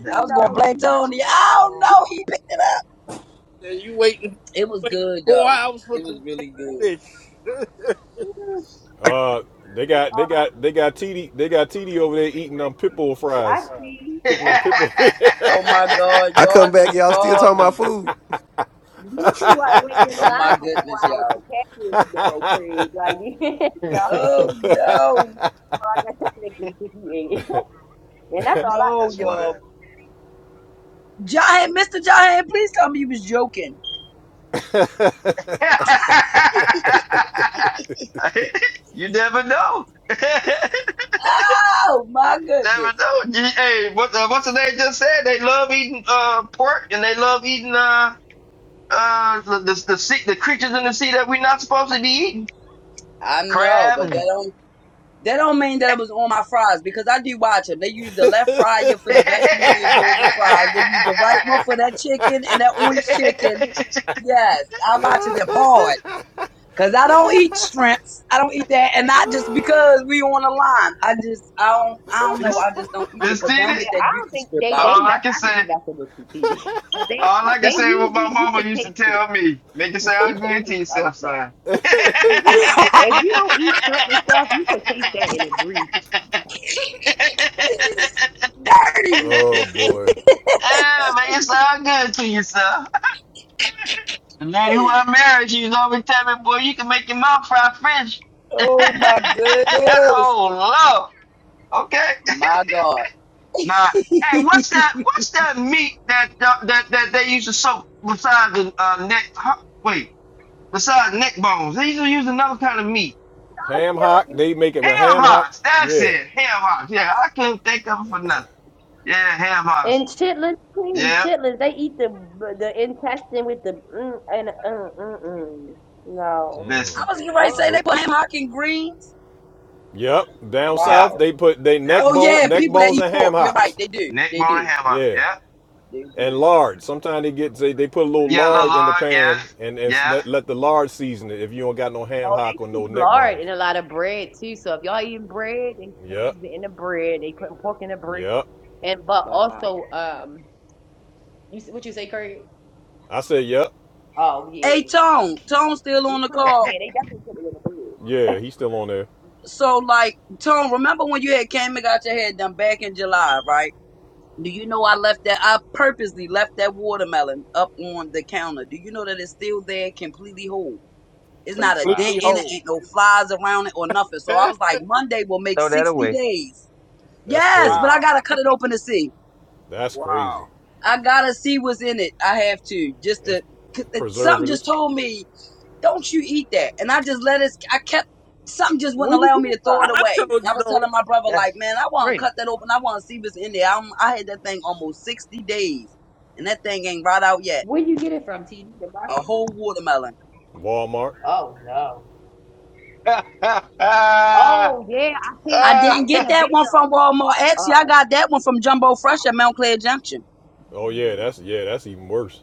Speaker 15: that
Speaker 18: I was
Speaker 15: my
Speaker 18: gonna
Speaker 3: no,
Speaker 15: grandmama
Speaker 18: blame
Speaker 15: used
Speaker 18: Tony.
Speaker 15: neck
Speaker 18: I don't
Speaker 15: bones and.
Speaker 18: know. He picked it up.
Speaker 10: And you waiting,
Speaker 18: It was
Speaker 10: waiting
Speaker 18: good
Speaker 10: four
Speaker 18: though.
Speaker 10: hours for
Speaker 18: It was
Speaker 10: some
Speaker 18: really good.
Speaker 10: catfish. [LAUGHS]
Speaker 1: Uh they got they got they got TD they got TD over there eating them pitbull
Speaker 3: I
Speaker 1: fries.
Speaker 3: see.
Speaker 1: Cooking that pitbull. [LAUGHS]
Speaker 18: Oh my God,
Speaker 5: I
Speaker 15: [LAUGHS]
Speaker 18: y'all
Speaker 5: come back,
Speaker 18: just
Speaker 5: y'all still
Speaker 18: scarred
Speaker 5: talking about
Speaker 18: me.
Speaker 5: food.
Speaker 3: You see why I waited in the
Speaker 18: Oh my
Speaker 3: line for four
Speaker 18: goodness,
Speaker 3: hours for
Speaker 18: y'all.
Speaker 3: catfish, though, Craig. Like, [LAUGHS] no,
Speaker 18: Oh no,
Speaker 3: I guess technically, because you ate it. [LAUGHS] And that's all I
Speaker 18: no,
Speaker 15: That's
Speaker 3: used to.
Speaker 18: y'all.
Speaker 15: why.
Speaker 18: Jahan, Mr. Jahan, please tell me you was joking.
Speaker 15: [LAUGHS] you never know. [LAUGHS] never
Speaker 18: Oh my goodness.
Speaker 15: know. You- Hey, what, uh, what's the name just said? They love eating uh, pork and they love eating uh, uh, the, the, the, sea, the creatures in the sea that we're not supposed to be eating.
Speaker 18: I know,
Speaker 15: Crab.
Speaker 18: but that
Speaker 15: and-
Speaker 18: don't that don't mean that it was on my fries because I do watch them. They use the left fryer for
Speaker 15: [LAUGHS]
Speaker 18: the vegetable egg rolls and fries. They use the right one for that chicken and that orange chicken. Yes, I watch them hard. Cause I don't eat shrimps. I don't eat that, and not just because we on the line. I just I don't I don't know.
Speaker 15: Miss,
Speaker 18: I just don't eat it
Speaker 15: Miss
Speaker 18: because they don't
Speaker 15: Tina?
Speaker 18: get
Speaker 3: Yeah,
Speaker 18: that
Speaker 3: I don't
Speaker 18: dookie
Speaker 3: think
Speaker 18: strip
Speaker 3: they,
Speaker 18: out.
Speaker 15: All
Speaker 3: they
Speaker 15: I
Speaker 3: mess,
Speaker 15: can
Speaker 3: I could be
Speaker 15: say,
Speaker 3: messing with you, TD. [LAUGHS] 'Cause they,
Speaker 15: all I can
Speaker 3: they
Speaker 15: say, what my
Speaker 3: usually, you
Speaker 15: mama
Speaker 3: can
Speaker 15: used to
Speaker 3: taste it.
Speaker 15: tell me, make it
Speaker 3: You
Speaker 15: sound
Speaker 3: can
Speaker 15: good to
Speaker 3: taste other
Speaker 15: yourself,
Speaker 3: stuff.
Speaker 15: son. [LAUGHS]
Speaker 3: If you, if you don't eat shrimp and stuff, you can taste that in a grease.
Speaker 1: oh boy.
Speaker 15: Ah, make it sound good to yourself. The lady who I married, she was always telling me, boy, you can make your mouth fry French.
Speaker 18: Oh my
Speaker 15: [LAUGHS]
Speaker 18: goodness,
Speaker 15: oh, Lord. Okay.
Speaker 18: my god!
Speaker 15: Nah. Hey, what's that? What's that meat that that that, that they used to soak besides the uh, neck? Huh, wait, besides neck bones, they used to use another kind of meat.
Speaker 1: Ham hock, they make it with
Speaker 15: Ham
Speaker 1: ham hock.
Speaker 15: hocks. That's
Speaker 1: Yeah.
Speaker 15: it. Ham hocks. Yeah, I couldn't think of it for nothing. Yeah, ham hocks.
Speaker 3: And chitlins too.
Speaker 15: Yep.
Speaker 3: Chitlins, they eat the the intestine with the mm, and uh, mm, mm, mm. No.
Speaker 18: I
Speaker 15: Listen.
Speaker 18: was getting ready to
Speaker 3: Oh,
Speaker 18: say they
Speaker 1: Nope.
Speaker 18: put ham hock and greens.
Speaker 1: Yep, down
Speaker 15: Yep.
Speaker 18: Wow.
Speaker 1: south they put they
Speaker 15: Yep.
Speaker 1: neck
Speaker 18: Oh yeah,
Speaker 1: bone, neck
Speaker 18: people that
Speaker 1: bones,
Speaker 18: eat
Speaker 1: and
Speaker 18: pork.
Speaker 1: ham
Speaker 18: You're right.
Speaker 1: hocks.
Speaker 18: They do.
Speaker 15: Neck
Speaker 18: They
Speaker 15: bone
Speaker 18: do.
Speaker 15: and ham hock.
Speaker 1: Yeah,
Speaker 15: Yep.
Speaker 18: They do.
Speaker 1: and lard. Sometimes they get they, they put a little
Speaker 15: Yeah, little
Speaker 1: lard in the
Speaker 15: lard. Yeah.
Speaker 1: pan and, and
Speaker 15: Yeah.
Speaker 1: let, let the lard season it. If you don't got no ham
Speaker 3: oh, they
Speaker 1: hock or no
Speaker 3: put
Speaker 1: neck
Speaker 3: lard
Speaker 1: bones.
Speaker 3: in a lot of bread too. So if y'all eating bread, they put
Speaker 1: Yep,
Speaker 3: it in the bread. They putting pork in the bread.
Speaker 1: yep.
Speaker 3: And but
Speaker 18: Wow.
Speaker 3: also, um, you s- what you say, Curry?
Speaker 1: I said yep.
Speaker 3: Oh yeah,
Speaker 18: Hey
Speaker 3: Uh,
Speaker 18: Tone, Tone's still
Speaker 3: they
Speaker 18: on the
Speaker 3: put it,
Speaker 18: call.
Speaker 3: yeah, they definitely put it in the bread.
Speaker 1: Yeah, he's still on there.
Speaker 18: So like Tone, remember when you had came and got your head done back in July, right? Do you know I left that? I purposely left that watermelon up on the counter. Do you know that it's still there, completely whole? It's not a dent
Speaker 15: Wow.
Speaker 10: Completely
Speaker 18: in it,
Speaker 10: whole.
Speaker 18: ain't no flies around it or nothing.
Speaker 10: [LAUGHS]
Speaker 18: So I was like, Monday will make
Speaker 15: Throw that
Speaker 18: 60
Speaker 15: away.
Speaker 18: days.
Speaker 1: That's
Speaker 18: Yes, but
Speaker 1: crazy.
Speaker 18: I
Speaker 10: wow.
Speaker 18: gotta cut it open to see.
Speaker 1: That's
Speaker 10: Wow.
Speaker 1: crazy.
Speaker 18: I gotta see what's in it. I have to just
Speaker 1: It's
Speaker 18: to. 'cause it- Something just
Speaker 1: preservatives.
Speaker 18: told me don't you eat that. And I just let it, I kept, something just
Speaker 3: Where
Speaker 18: wouldn't
Speaker 3: you get
Speaker 18: allow me
Speaker 3: it
Speaker 18: to throw it
Speaker 3: from?
Speaker 10: I
Speaker 18: away. And
Speaker 10: told
Speaker 18: I
Speaker 10: you
Speaker 18: was
Speaker 10: the only
Speaker 18: telling my brother,
Speaker 15: That's
Speaker 18: like, man, I want to
Speaker 15: crazy.
Speaker 18: cut that open. I want to see what's in there. I'm, I had that thing almost 60 days, and that thing ain't right out yet.
Speaker 3: Where you get it from? T D. the
Speaker 18: A
Speaker 15: Mm.
Speaker 3: market?
Speaker 18: whole watermelon.
Speaker 1: Walmart.
Speaker 3: Oh no.
Speaker 15: [LAUGHS] Ah, ah,
Speaker 3: Oh yeah, I seen
Speaker 18: I
Speaker 3: I
Speaker 18: didn't
Speaker 15: [LAUGHS]
Speaker 3: seen
Speaker 18: get
Speaker 15: I
Speaker 3: a
Speaker 18: that
Speaker 3: video.
Speaker 18: one from Walmart. Actually, I got that one from Jumbo Fresh at Mount Clair Junction.
Speaker 1: Oh yeah,
Speaker 3: Oh.
Speaker 1: that's yeah, that's even worse.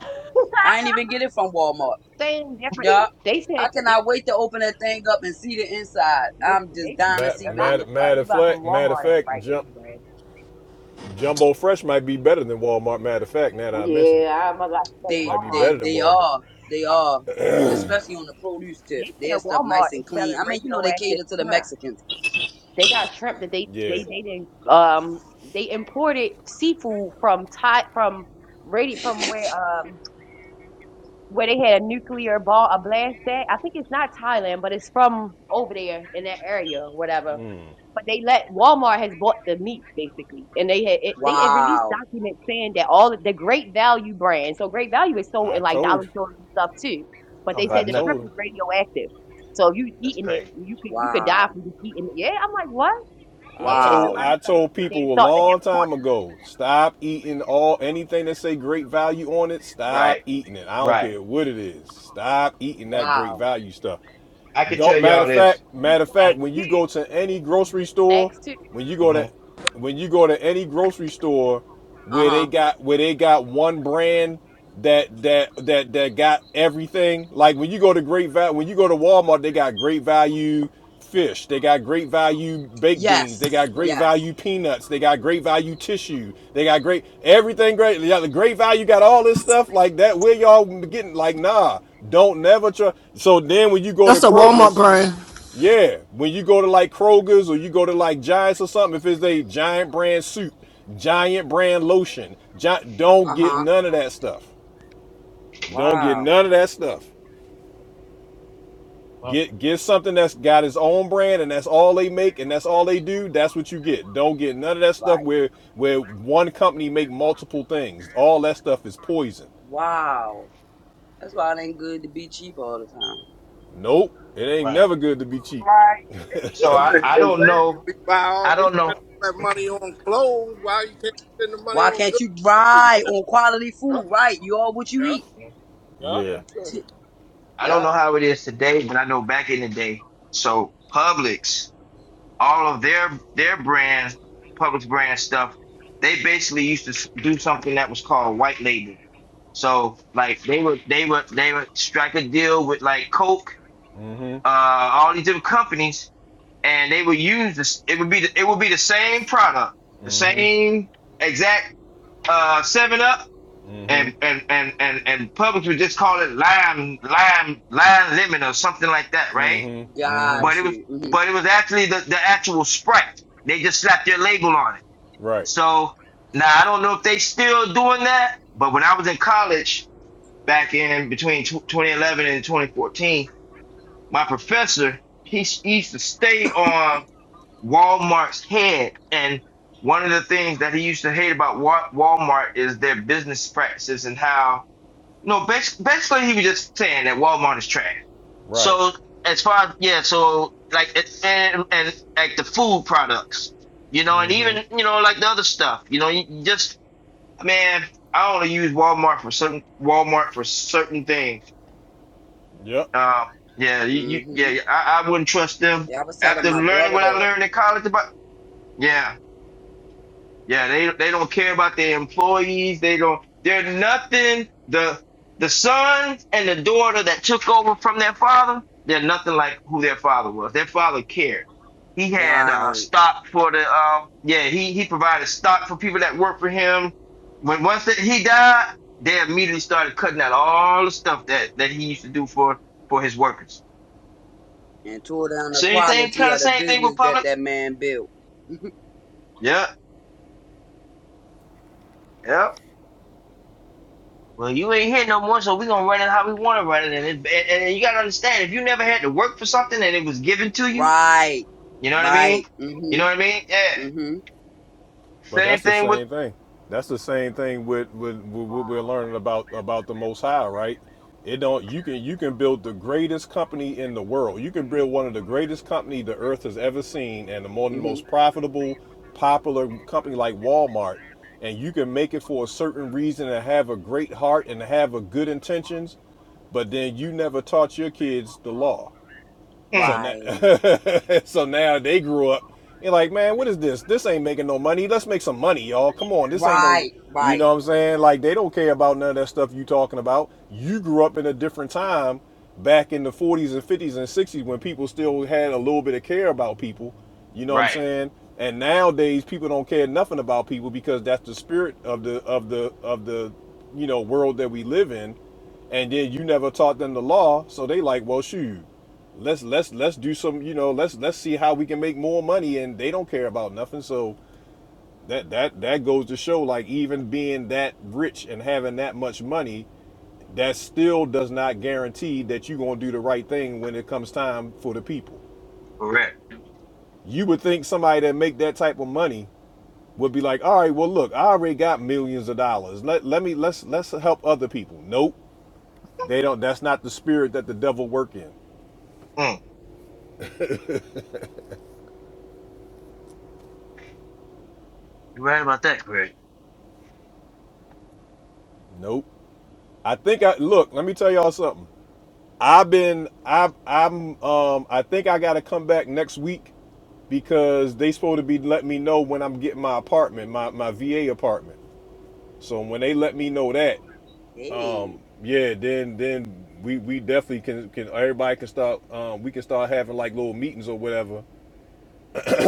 Speaker 3: [LAUGHS]
Speaker 18: I ain't even get it from Walmart.
Speaker 3: Same different.
Speaker 18: Yeah.
Speaker 3: They
Speaker 18: I
Speaker 3: said they,
Speaker 18: cannot wait to open that thing up and see the inside.
Speaker 3: they,
Speaker 18: I'm just
Speaker 3: they said
Speaker 18: dying to
Speaker 3: that
Speaker 1: Mad,
Speaker 18: see
Speaker 3: a
Speaker 18: what
Speaker 3: lot
Speaker 18: it
Speaker 3: of
Speaker 1: mad,
Speaker 3: the
Speaker 18: look
Speaker 3: stuff
Speaker 18: like.
Speaker 3: we
Speaker 1: matter of
Speaker 3: buy from
Speaker 1: fact, matter of
Speaker 3: Walmart ain't
Speaker 1: fact,
Speaker 3: right
Speaker 1: jump.
Speaker 3: anyway.
Speaker 1: Jumbo Fresh might be better than Walmart. Matter of fact, now that I mentioned it,
Speaker 3: Yeah, I'm about to say
Speaker 1: it
Speaker 18: They
Speaker 1: might be
Speaker 18: they
Speaker 1: better
Speaker 3: Walmart.
Speaker 1: than
Speaker 18: they
Speaker 1: Walmart.
Speaker 18: are they are especially on the produce tip.
Speaker 3: They said
Speaker 18: Their stuff nice
Speaker 3: Walmart is
Speaker 18: and clean.
Speaker 3: selling
Speaker 18: I mean, you know they
Speaker 3: radioactive
Speaker 18: cater to the
Speaker 3: shrimp.
Speaker 18: Mexicans.
Speaker 3: They got shrimp that they
Speaker 1: Yeah,
Speaker 3: they
Speaker 18: So,
Speaker 3: they didn't um they imported seafood from Thai from radio from where um where they had a nuclear ball a blast at. I think it's not Thailand, but it's from over there in that area, or whatever But they let Walmart has bought the meat basically, and they had it, they had released
Speaker 18: Wow,
Speaker 3: documents saying that all of the Great Value brand. So Great Value is sold
Speaker 1: I
Speaker 3: in like
Speaker 1: told
Speaker 3: dollar
Speaker 1: you.
Speaker 3: stores and stuff too. But
Speaker 15: don't
Speaker 3: they
Speaker 1: I
Speaker 15: buy
Speaker 3: said the
Speaker 15: nothing.
Speaker 3: shrimp
Speaker 1: told him.
Speaker 3: is radioactive, so if you
Speaker 15: That's
Speaker 3: eating it,
Speaker 15: crazy.
Speaker 3: you could you could die
Speaker 18: wow,
Speaker 3: from just eating it. Yeah, I'm like what?
Speaker 1: I
Speaker 3: Yeah, it's a
Speaker 1: told
Speaker 18: wow,
Speaker 3: lot of
Speaker 1: I
Speaker 3: stuff
Speaker 1: told
Speaker 3: that they
Speaker 1: people a
Speaker 3: thought to
Speaker 1: long
Speaker 3: import
Speaker 1: time ago, stop eating all anything that say great value on it. Stop
Speaker 15: Right.
Speaker 1: eating it. I don't
Speaker 15: Right.
Speaker 1: care what it is. Stop eating that great
Speaker 18: wow.
Speaker 1: value stuff.
Speaker 15: I can
Speaker 1: Don't
Speaker 15: tell
Speaker 1: matter
Speaker 15: y'all
Speaker 1: of
Speaker 15: this.
Speaker 1: fact,
Speaker 3: the
Speaker 1: matter of
Speaker 15: hmm
Speaker 1: fact,
Speaker 3: snacks
Speaker 1: when you
Speaker 3: too.
Speaker 1: go to any grocery store,
Speaker 3: Snacks too.
Speaker 1: when you go to when you go to any grocery store
Speaker 18: Uh
Speaker 1: where
Speaker 18: huh.
Speaker 1: they got where they got one brand that that that that got everything. Like when you go to Great Value, when you go to Walmart, they got Great Value, fish. They got great value baked
Speaker 18: Yes,
Speaker 1: beans. They got great
Speaker 18: yes.
Speaker 1: value peanuts. They got great value tissue. They got great everything. Great, yeah, the great value got all this stuff like that. Where y'all getting like nah? Don't never try. So then when you go to
Speaker 19: That's a Walmart
Speaker 1: Kroger's,
Speaker 19: brand.
Speaker 1: yeah, when you go to like Kroger's or you go to like Giants or something, if it's a giant brand soup, giant brand lotion, gi- don't
Speaker 18: Uh
Speaker 1: get
Speaker 18: huh.
Speaker 1: none of that stuff. Don't get
Speaker 18: Wow.
Speaker 1: none of that stuff. Get get something that's got its own brand and that's all they make and that's all they do. That's what you get. Don't get none of that stuff
Speaker 18: Right.
Speaker 1: where where one company make multiple things. All that stuff is poison.
Speaker 18: Wow. That's why it ain't good to be cheap all the time.
Speaker 1: Nope. It ain't
Speaker 15: Right.
Speaker 1: never good to be cheap.
Speaker 3: Right.
Speaker 15: So
Speaker 3: [LAUGHS]
Speaker 15: I,
Speaker 10: right
Speaker 15: I
Speaker 10: Exactly.
Speaker 15: don't know.
Speaker 10: we buy all
Speaker 15: I
Speaker 10: we
Speaker 15: don't
Speaker 10: spend
Speaker 15: know.
Speaker 10: all that money on clothes, why you can't spend the money
Speaker 18: Why
Speaker 10: on
Speaker 18: can't
Speaker 10: good
Speaker 18: you
Speaker 10: food for
Speaker 18: ride on
Speaker 10: yourself,
Speaker 18: quality
Speaker 10: huh?
Speaker 18: food? Right. You are what you eat.
Speaker 15: Mhm.
Speaker 10: Yeah,
Speaker 1: Yeah.
Speaker 15: Yeah.
Speaker 18: [LAUGHS]
Speaker 10: yeah.
Speaker 15: I don't
Speaker 18: Yup.
Speaker 15: know how it is today, but I know back in the day. So Publix, all of their their brand, Publix brand stuff, they basically used to s- do something that was called white label. So like they would they would they would strike a deal with like Coke,
Speaker 1: Mm-hmm.
Speaker 15: uh, all these different companies, and they would use this. It would be the, it would be the same product, the
Speaker 1: Mm-hmm.
Speaker 15: same exact uh Seven Up and
Speaker 1: Mm-hmm.
Speaker 15: and and and and Publix would just call it lime lime lime lemon or something like that, right?
Speaker 1: Mm-hmm.
Speaker 18: Got
Speaker 15: But it
Speaker 1: Mm-hmm.
Speaker 15: was
Speaker 18: you. Mhm.
Speaker 15: but it was actually the, the actual Sprite. They just slapped their label on it.
Speaker 1: Right.
Speaker 15: So now I don't know if they still doing that, but when I was in college back in between tw 2011 and 2014, my professor he s- he used to stay on Walmart's head, and one of the things that he used to hate about Wa- Walmart is their business practices and how no, basically, basically he was just saying that Walmart is trash.
Speaker 1: Right.
Speaker 15: So as far as yeah, so like it- and and like the food products, you know, and
Speaker 1: Mm hmm.
Speaker 15: even you know like the other stuff, you know, you you just man, I only use Walmart for certain Walmart for certain things.
Speaker 1: Yep.
Speaker 15: Uh, yeah, you, you
Speaker 18: Mhm.
Speaker 15: yeah, I, I wouldn't trust them
Speaker 18: Yeah, I was telling
Speaker 15: after
Speaker 18: my
Speaker 15: learning
Speaker 18: brother
Speaker 15: what I
Speaker 18: that.
Speaker 15: learned in college about. Yeah, Yeah, they they don't care about their employees. They don't. They're nothing. The the sons and the daughter that took over from their father, they're nothing like who their father was. Their father cared. He had uh,
Speaker 18: Right.
Speaker 15: stock for the. Um, yeah, he he provided stock for people that worked for him. When once that he died, they immediately started cutting out all the stuff that that he used to do for for his workers.
Speaker 18: and tore down the
Speaker 15: Same thing,
Speaker 18: quality
Speaker 15: kind
Speaker 18: of
Speaker 15: of
Speaker 18: the
Speaker 15: same thing with
Speaker 18: business that
Speaker 15: Publix.
Speaker 18: that man built. [LAUGHS]
Speaker 15: Yeah, yeah. Well, you ain't here no more, so we gonna run it how we want to run it. And, it, and and you gotta understand, if you never had to work for something and it was given to you,
Speaker 18: Right.
Speaker 15: you know what I
Speaker 18: Right.
Speaker 15: mean?
Speaker 18: mm
Speaker 15: You
Speaker 18: Mhm.
Speaker 15: know what I mean? Yeah.
Speaker 18: mm Mhm.
Speaker 1: But
Speaker 15: Same
Speaker 1: that's the
Speaker 15: thing with.
Speaker 1: same thing. That's the same thing with, with, what we're learning about about the Most High, right? It don't you can you can build the greatest company in the world. You can build one of the greatest company the earth has ever seen, and the
Speaker 18: mm
Speaker 1: one the
Speaker 18: Mhm.
Speaker 1: most profitable, popular company like Walmart, and you can make it for a certain reason and have a great heart and have a good intentions, but then you never taught your kids the law so
Speaker 15: Mm,
Speaker 1: now,
Speaker 18: Right.
Speaker 1: [LAUGHS] so now they grew up. You're like, man, what is this? This ain't making no money. Let's make some money, y'all. Come on, this ain't no.
Speaker 18: Right.
Speaker 1: You
Speaker 18: Right.
Speaker 1: know what I'm saying? Like they don't care about none of that stuff you talking about. You grew up in a different time, back in the 40s and 50s and 60s when people still had a little bit of care about people. You know what I'm
Speaker 15: right.
Speaker 1: saying? And nowadays people don't care nothing about people because that's the spirit of the of the of the you know world that we live in. And then you never taught them the law, so they like, well, shoot let's let's let's do some you know let's let's see how we can make more money and they don't care about nothing so that that that goes to show like even being that rich and having that much money that still does not guarantee that you're going to do the right thing when it comes time for the people
Speaker 15: Correct.
Speaker 1: you would think somebody that make that type of money would be like all right well look i already got millions of dollars let let me let's let's help other people nope they don't that's not the spirit that the devil work in
Speaker 15: Mm, you right about that, Craig.
Speaker 1: nope i think i look let me tell y'all something I've been I I'm um I think I gotta come back next week because they supposed to be letting me know when I'm getting my apartment, my, my VA apartment. So when they let me know that, um,
Speaker 18: Hey.
Speaker 1: yeah, then then we, we definitely can can everybody can start um we can start having like little meetings or whatever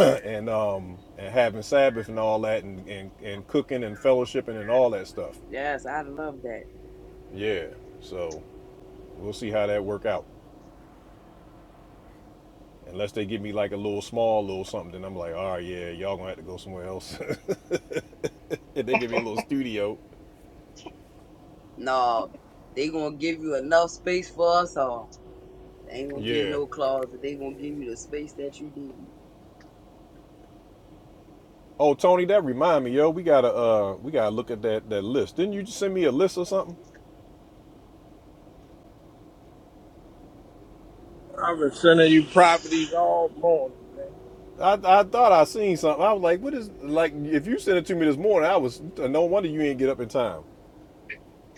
Speaker 1: [CLEARS THROAT] and um and having Sabbath and all that and, and, and cooking and fellowshipping and all that stuff.
Speaker 18: Yes, I love that.
Speaker 1: Yeah. So we'll see how that work out. Unless they give me like a little small little something, then I'm like, all right, yeah, y'all gonna have to go somewhere else. [LAUGHS] if they give me a little studio,
Speaker 18: No, they gonna give you enough space for us all. They ain't gonna give you
Speaker 1: yeah.
Speaker 18: no closet. They gonna give you the space that you need.
Speaker 1: Oh, Tony, that remind me, yo, we gotta uh, we gotta look at that that list. Didn't you just send me a list or something?
Speaker 10: I've been sending you properties all morning, man.
Speaker 1: I, I thought I seen something. I was like, what is like? If you sent it to me this morning, I was no wonder you ain't get up in time.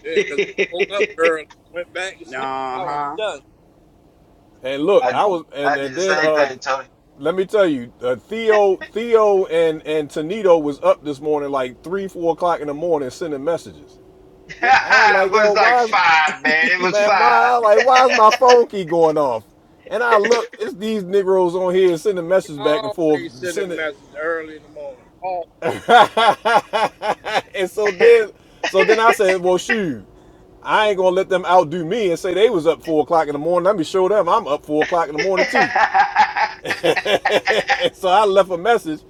Speaker 15: [LAUGHS] I
Speaker 10: Yeah, 'cause I woke up early, went back to sleep,
Speaker 18: Uh
Speaker 10: I was
Speaker 18: huh.
Speaker 10: done.
Speaker 1: And look,
Speaker 15: d-
Speaker 1: I was and
Speaker 15: I did
Speaker 1: and
Speaker 15: the
Speaker 1: then
Speaker 15: same
Speaker 1: uh,
Speaker 15: thing, Tony.
Speaker 1: let me tell you, uh, Theo Theo and and Tonito was up this morning like three four o'clock in the morning sending messages.
Speaker 15: [LAUGHS]
Speaker 10: Yeah, I
Speaker 1: And I'm
Speaker 10: think
Speaker 15: it
Speaker 1: like, yo,
Speaker 15: was like
Speaker 1: why is
Speaker 15: five, man. It was
Speaker 1: Man, my
Speaker 15: five.
Speaker 1: I was like, why is my phone keep going off? And I look, it's these Negroes on here sending
Speaker 10: you
Speaker 1: messages back and forth,
Speaker 10: always sending
Speaker 1: sending. [LAUGHS]
Speaker 10: messages early in the morning.
Speaker 1: and so
Speaker 15: [LAUGHS] [LAUGHS]
Speaker 1: then, so then I said, well, shoot, I ain't gonna let them outdo me and say they was up four o'clock in the morning. Let me show them I'm up four o'clock in the morning too. [LAUGHS] and so I left a message,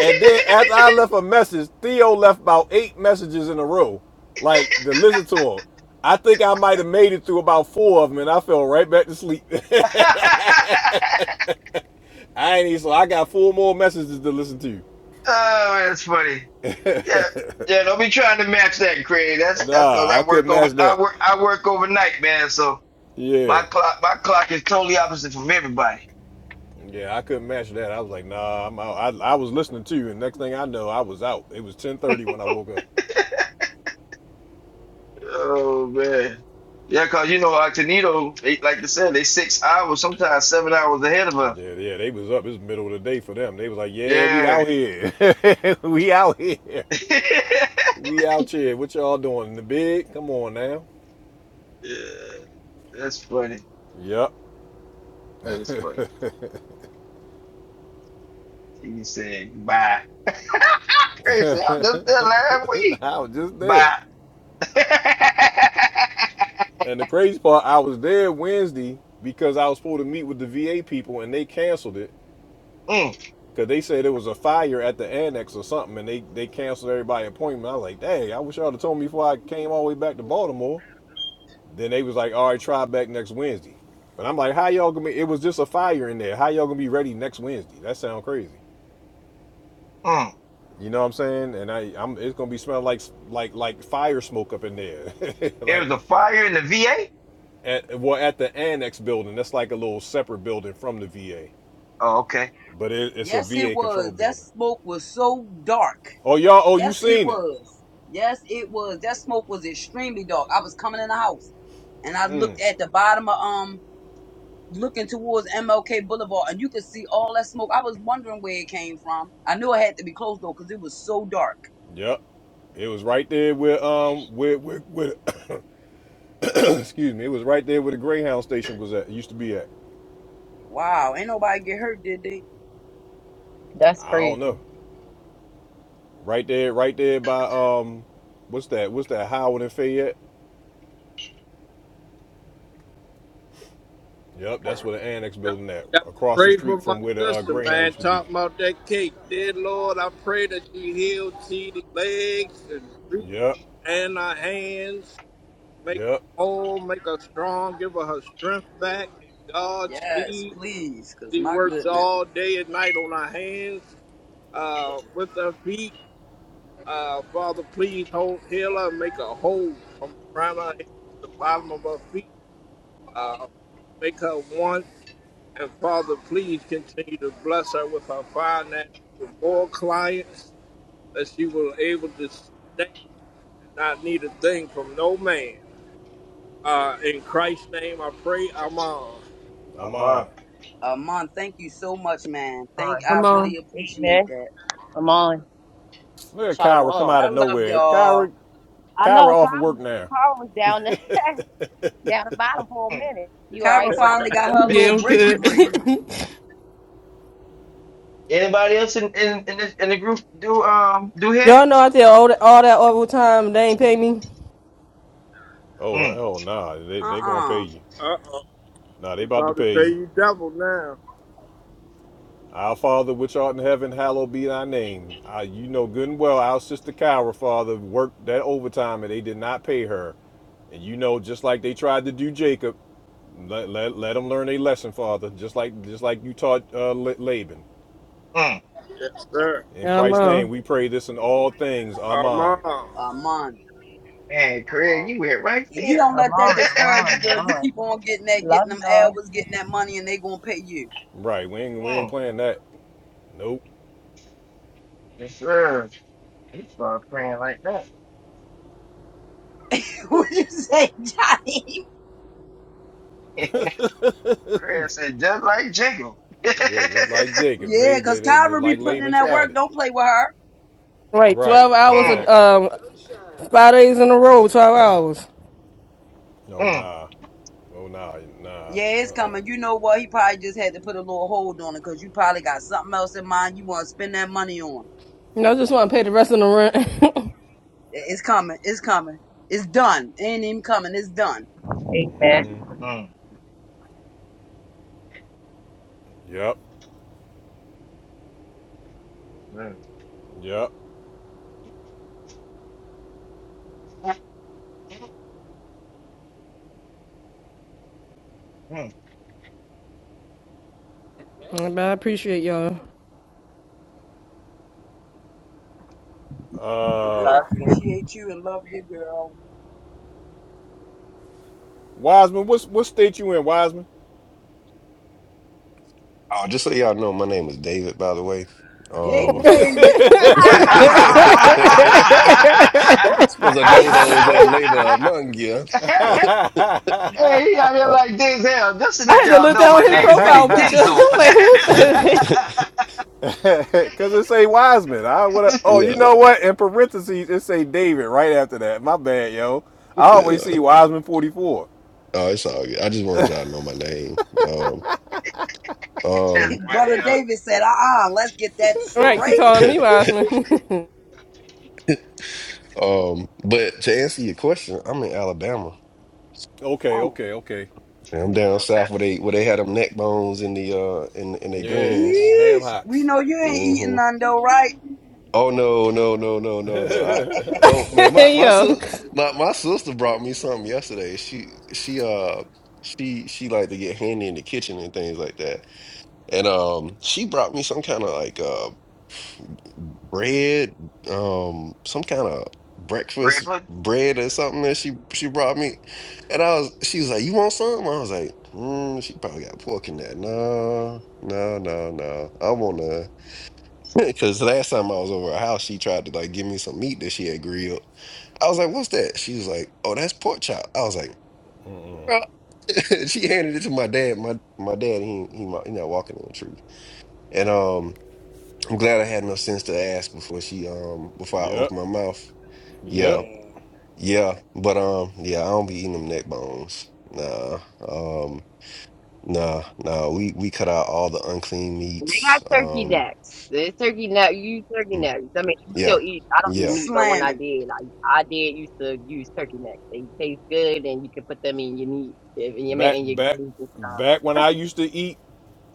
Speaker 1: and then after I left a message, Theo left about eight messages in a row, like to listen to him. I think I might have made it through about four of them, and I fell right back to sleep. [LAUGHS] I ain't even so I got four more messages to listen to.
Speaker 15: oh, that's funny. Yeah, yeah. Don't be trying to match that, Craig. That's that's because
Speaker 1: Nah, I
Speaker 15: I work
Speaker 1: couldn't
Speaker 15: over.
Speaker 1: match
Speaker 15: I
Speaker 1: that.
Speaker 15: work. I work overnight, man. So my
Speaker 1: Yeah.
Speaker 15: clock. My clock is totally opposite from everybody.
Speaker 1: Yeah, I couldn't match that. I was like, nah, I'm out. I, I was listening to you, and next thing I know, I was out. It was 10:30 when I woke up.
Speaker 15: Oh man. Yeah, cause you know Octanito, they, like I said, they six hours, sometimes seven hours ahead of us.
Speaker 1: Yeah, yeah, they was up. It's middle of the day for them. They was like, yeah, we
Speaker 15: Yeah.
Speaker 1: out here. [LAUGHS] we out here.
Speaker 15: [LAUGHS] yeah.
Speaker 1: We out here. What y'all doing in the big? Come on now.
Speaker 15: That's funny.
Speaker 1: Yep.
Speaker 15: That is funny. He said bye. [LAUGHS]
Speaker 1: [LAUGHS]
Speaker 15: Craig said, I just did last week.
Speaker 1: I was just there.
Speaker 15: Bye. [LAUGHS]
Speaker 1: And the crazy part, I was there Wednesday because I was supposed to meet with the VA people and they canceled it
Speaker 15: mm,
Speaker 1: because they said it was a fire at the annex or something and they, they canceled everybody's appointment. I was like, dang, I wish y'all would have told me before I came all the way back to Baltimore. Then they was like, all right, try back next Wednesday. But I'm like, how y'all gonna be? It was just a fire in there. How y'all gonna be ready next Wednesday? That sounds crazy.
Speaker 15: mm.
Speaker 1: You know what I'm saying? And I, I'm it's gonna be smelling like like like fire smoke up in there, [LAUGHS]
Speaker 15: There
Speaker 1: like
Speaker 15: was a fire in the VA.
Speaker 1: at well at the annex building. That's like a little separate building from the VA.
Speaker 15: Oh, okay.
Speaker 1: But it, it's a
Speaker 18: Yes, it
Speaker 1: VA control
Speaker 18: was. That
Speaker 1: building.
Speaker 18: smoke was so dark.
Speaker 1: Oh y'all, oh you
Speaker 18: Yes, it
Speaker 1: seen it?
Speaker 18: was. Yes, it was. That smoke was extremely dark. I was coming in the house and I
Speaker 1: Mm,
Speaker 18: looked at the bottom of um looking towards MLK Boulevard and you could see all that smoke. I was wondering where it came from. I knew it had to be close though because it was so dark.
Speaker 1: yep. It was right there where um where with with [COUGHS] excuse me, it was right there where the Greyhound station was at. Used to be at.
Speaker 18: Wow, ain't nobody get hurt, did they?
Speaker 3: That's
Speaker 1: I don't
Speaker 3: crazy.
Speaker 1: know. Right there, right there by um what's that? What's that Howard and Fayette? Yep, that's where the annex
Speaker 10: Y'all
Speaker 1: building at.
Speaker 10: forgot to
Speaker 1: Across the
Speaker 10: pray for
Speaker 1: street
Speaker 10: my
Speaker 1: from where the uh,
Speaker 10: sister,
Speaker 1: Greyhound
Speaker 10: man.
Speaker 1: used to
Speaker 10: Talk
Speaker 1: be.
Speaker 10: about that cake. Dear Lord, I pray that you heal T D legs and feet
Speaker 1: Yep.
Speaker 10: and her hands. Make her
Speaker 1: Yep.
Speaker 10: whole, make her strong, give her her strength back and
Speaker 18: Yes,
Speaker 10: Godspeed.
Speaker 18: please, cause
Speaker 10: She
Speaker 18: my
Speaker 10: works
Speaker 18: goodness.
Speaker 10: all day and night on her hands, uh, with her feet. Uh, Father, please hold, heal her and make her whole from the crown of her head to the bottom of her feet. Uh, make her one. And Father, please continue to bless her with her finances, with more clients, that she will be able to sustain and not need a thing from no man. Uh, in Christ's name, I pray. I'm on.
Speaker 1: I'm
Speaker 15: I'm on.
Speaker 1: on.
Speaker 18: Amon, thank you so much, man. Thank I
Speaker 19: Come on.
Speaker 18: really appreciate
Speaker 3: Amen.
Speaker 18: that.
Speaker 3: I'm on.
Speaker 1: Look at Kyra come
Speaker 3: Shalom.
Speaker 1: out
Speaker 18: I
Speaker 1: of
Speaker 18: love
Speaker 1: nowhere.
Speaker 18: y'all.
Speaker 1: Kyra
Speaker 3: I
Speaker 1: Kyra
Speaker 3: know
Speaker 1: off of
Speaker 3: Carl,
Speaker 1: work now.
Speaker 3: Carl was down the, [LAUGHS] down the bottom for
Speaker 15: Mm.
Speaker 3: a minute. You all right,
Speaker 18: Kyra
Speaker 3: Carl?
Speaker 18: finally got her
Speaker 15: Mi-
Speaker 19: Yeah,
Speaker 18: little
Speaker 19: I'm
Speaker 18: breaky
Speaker 19: good.
Speaker 15: mi-
Speaker 18: break.
Speaker 15: Anybody else in in in, this, in the group do um do
Speaker 19: [LAUGHS]
Speaker 15: hair?
Speaker 19: Y'all know I did all that all that overtime. They ain't pay me.
Speaker 1: Oh
Speaker 15: Mm,
Speaker 1: hell nah. They they gonna pay
Speaker 18: Uh-uh.
Speaker 1: you.
Speaker 10: Uh oh,
Speaker 1: Now
Speaker 10: they
Speaker 1: they about to
Speaker 10: about to
Speaker 1: pay
Speaker 10: pay
Speaker 1: you.
Speaker 10: you double now.
Speaker 1: Our Father which art in heaven, hallowed be thy name. Uh, you know good and well our sister Kyra, Father, worked that overtime and they did not pay her. And you know, just like they tried to do Jacob, let, let, let them learn a lesson, Father, just like just like you taught uh, Laban.
Speaker 15: mm.
Speaker 10: Yes, sir.
Speaker 1: In
Speaker 19: yeah, I'm
Speaker 1: Christ's name,
Speaker 19: on.
Speaker 1: we pray this in all things.
Speaker 10: I'm
Speaker 1: Amen.
Speaker 10: on.
Speaker 18: Amon.
Speaker 15: Man,
Speaker 5: I'm
Speaker 15: Craig,
Speaker 5: wrong.
Speaker 15: you went right
Speaker 18: If you
Speaker 15: there.
Speaker 18: don't
Speaker 3: I'm
Speaker 18: let that
Speaker 15: [LAUGHS]
Speaker 3: on, I'm
Speaker 18: discourage you,
Speaker 3: on,
Speaker 18: girl,
Speaker 3: I'm
Speaker 18: you
Speaker 3: on.
Speaker 18: keep on getting that,
Speaker 3: Love
Speaker 18: getting them
Speaker 3: y'all.
Speaker 18: hours, getting that money, and they gonna pay you.
Speaker 1: Right, we ain't, we ain't
Speaker 15: mm.
Speaker 1: playing that. Nope.
Speaker 15: Yes, sir. He started praying like that.
Speaker 18: [LAUGHS] what you say, Johnny?
Speaker 15: [LAUGHS] Craig said, just like Jacob. [LAUGHS]
Speaker 1: Yeah, just like Jacob,
Speaker 18: Yeah,
Speaker 1: babe,
Speaker 18: cause
Speaker 1: they, they,
Speaker 18: Kyra be
Speaker 1: like
Speaker 18: putting in
Speaker 1: Laban
Speaker 18: that work.
Speaker 1: tried it.
Speaker 18: Don't play with her.
Speaker 19: Right,
Speaker 1: Right,
Speaker 19: twelve hours.
Speaker 15: mm,
Speaker 19: a-
Speaker 1: exactly.
Speaker 19: Um, five days in a row, twelve hours.
Speaker 1: Oh
Speaker 15: mm,
Speaker 1: nah. Oh nah. Nah.
Speaker 18: Yeah, it's coming. You
Speaker 1: Uh-uh.
Speaker 18: know what? He probably just had to put a little hold on it, cause you probably got something else in mind you want to spend that money on.
Speaker 19: You know, I just want to pay the rest of the rent.
Speaker 18: I- It's coming. It's coming. It's done. It ain't even coming. It's done.
Speaker 3: Amen.
Speaker 1: Mm-hmm.
Speaker 15: mm,
Speaker 1: Yep.
Speaker 15: mm,
Speaker 1: Yep.
Speaker 19: [LAUGHS] but I appreciate y'all.
Speaker 18: And
Speaker 1: Uh
Speaker 18: we
Speaker 3: Love.
Speaker 18: appreciate you and love you, girl.
Speaker 1: Wiseman, what's what state you in, Wiseman?
Speaker 5: Oh, just so y'all know, my name is David, by the way.
Speaker 18: Hey,
Speaker 1: Oh.
Speaker 19: [LAUGHS]
Speaker 5: Um,
Speaker 1: [LAUGHS]
Speaker 18: David.
Speaker 5: [LAUGHS]
Speaker 18: [LAUGHS]
Speaker 5: supposed to know those that labor among you.
Speaker 15: mm.
Speaker 5: [LAUGHS]
Speaker 15: [LAUGHS] Hey, I'm here
Speaker 5: Uh,
Speaker 15: like Denzel. Just to
Speaker 19: I
Speaker 15: let
Speaker 19: had to
Speaker 15: y'all
Speaker 19: look
Speaker 15: know, my
Speaker 19: down his
Speaker 15: name is really
Speaker 19: profile picture. [LAUGHS]
Speaker 15: Denzel. [LAUGHS]
Speaker 19: I'm like, who's
Speaker 5: [LAUGHS]
Speaker 19: that?
Speaker 1: Cause it say Wiseman. I would have. oh
Speaker 5: yeah,
Speaker 1: you know what? In parentheses it say David right after that. My bad, yo. I
Speaker 5: yeah.
Speaker 1: always see Wiseman forty four.
Speaker 5: Oh, it's all good. I just wanted y'all to know my name.
Speaker 15: That's
Speaker 5: Um,
Speaker 15: funny,
Speaker 18: Brother
Speaker 15: yo.
Speaker 18: David said, "Uh, uh-uh, let's get that
Speaker 19: Right, he
Speaker 18: straight."
Speaker 5: um,
Speaker 19: calling
Speaker 5: [LAUGHS]
Speaker 19: me Wiseman. [LAUGHS]
Speaker 5: Um, but to answer your question, I'm in Alabama.
Speaker 1: Okay,
Speaker 15: Whoa.
Speaker 1: okay, okay.
Speaker 5: And I'm
Speaker 15: Look
Speaker 5: down
Speaker 15: at
Speaker 5: south
Speaker 15: that.
Speaker 5: where they where they had them neck bones in the uh in in their
Speaker 1: Yeah, and
Speaker 5: greens.
Speaker 1: them ham
Speaker 18: Yes. We
Speaker 1: hocks.
Speaker 18: know you ain't eating
Speaker 5: hmm
Speaker 18: none though, right?
Speaker 5: Oh no no no no no no! I folk man, my
Speaker 19: Hey
Speaker 5: my
Speaker 19: yo.
Speaker 5: sis my my sister brought me something yesterday. She she uh she she like to get handy in the kitchen and things like that. And um, she brought me some kind of like uh bread, um, some kind of
Speaker 15: Bread
Speaker 5: breakfast
Speaker 15: pudding?
Speaker 5: bread or something that she she brought me. And I was, she was like, "You want some?" I was like, mm, "She probably got pork in that." No, no, no, no. I want to, because [LAUGHS] last time I was over her house, she tried to like give me some meat that she had grilled. I was like, "What's that?" She was like, "Oh, that's pork chop." I was like. "Girl." [LAUGHS] she handed it to my dad. My my dad, he he, mi- he not walking in the truth. And um, I'm glad I had enough sense to ask before she um before I
Speaker 1: Yep.
Speaker 5: open my mouth.
Speaker 1: Yep.
Speaker 5: Yeah,
Speaker 18: Yeah.
Speaker 5: yeah, but um yeah, I don't be eating them neck bones. Nah, um, nah, nah. We we cut out all the unclean
Speaker 3: They
Speaker 5: meats.
Speaker 3: got turkey
Speaker 5: Um,
Speaker 3: necks. There's turkey neck. You use turkey
Speaker 5: mm,
Speaker 3: necks. I mean, you still
Speaker 5: yeah,
Speaker 3: eat. I don't eat
Speaker 5: yeah.
Speaker 3: meat, but when I
Speaker 18: Slamming.
Speaker 3: did, I, I did used to use turkey necks. They taste good, and you can put them in your meat, if- in your meat,
Speaker 1: Back
Speaker 3: in your
Speaker 1: back
Speaker 3: greens and stuff.
Speaker 1: back when I used to eat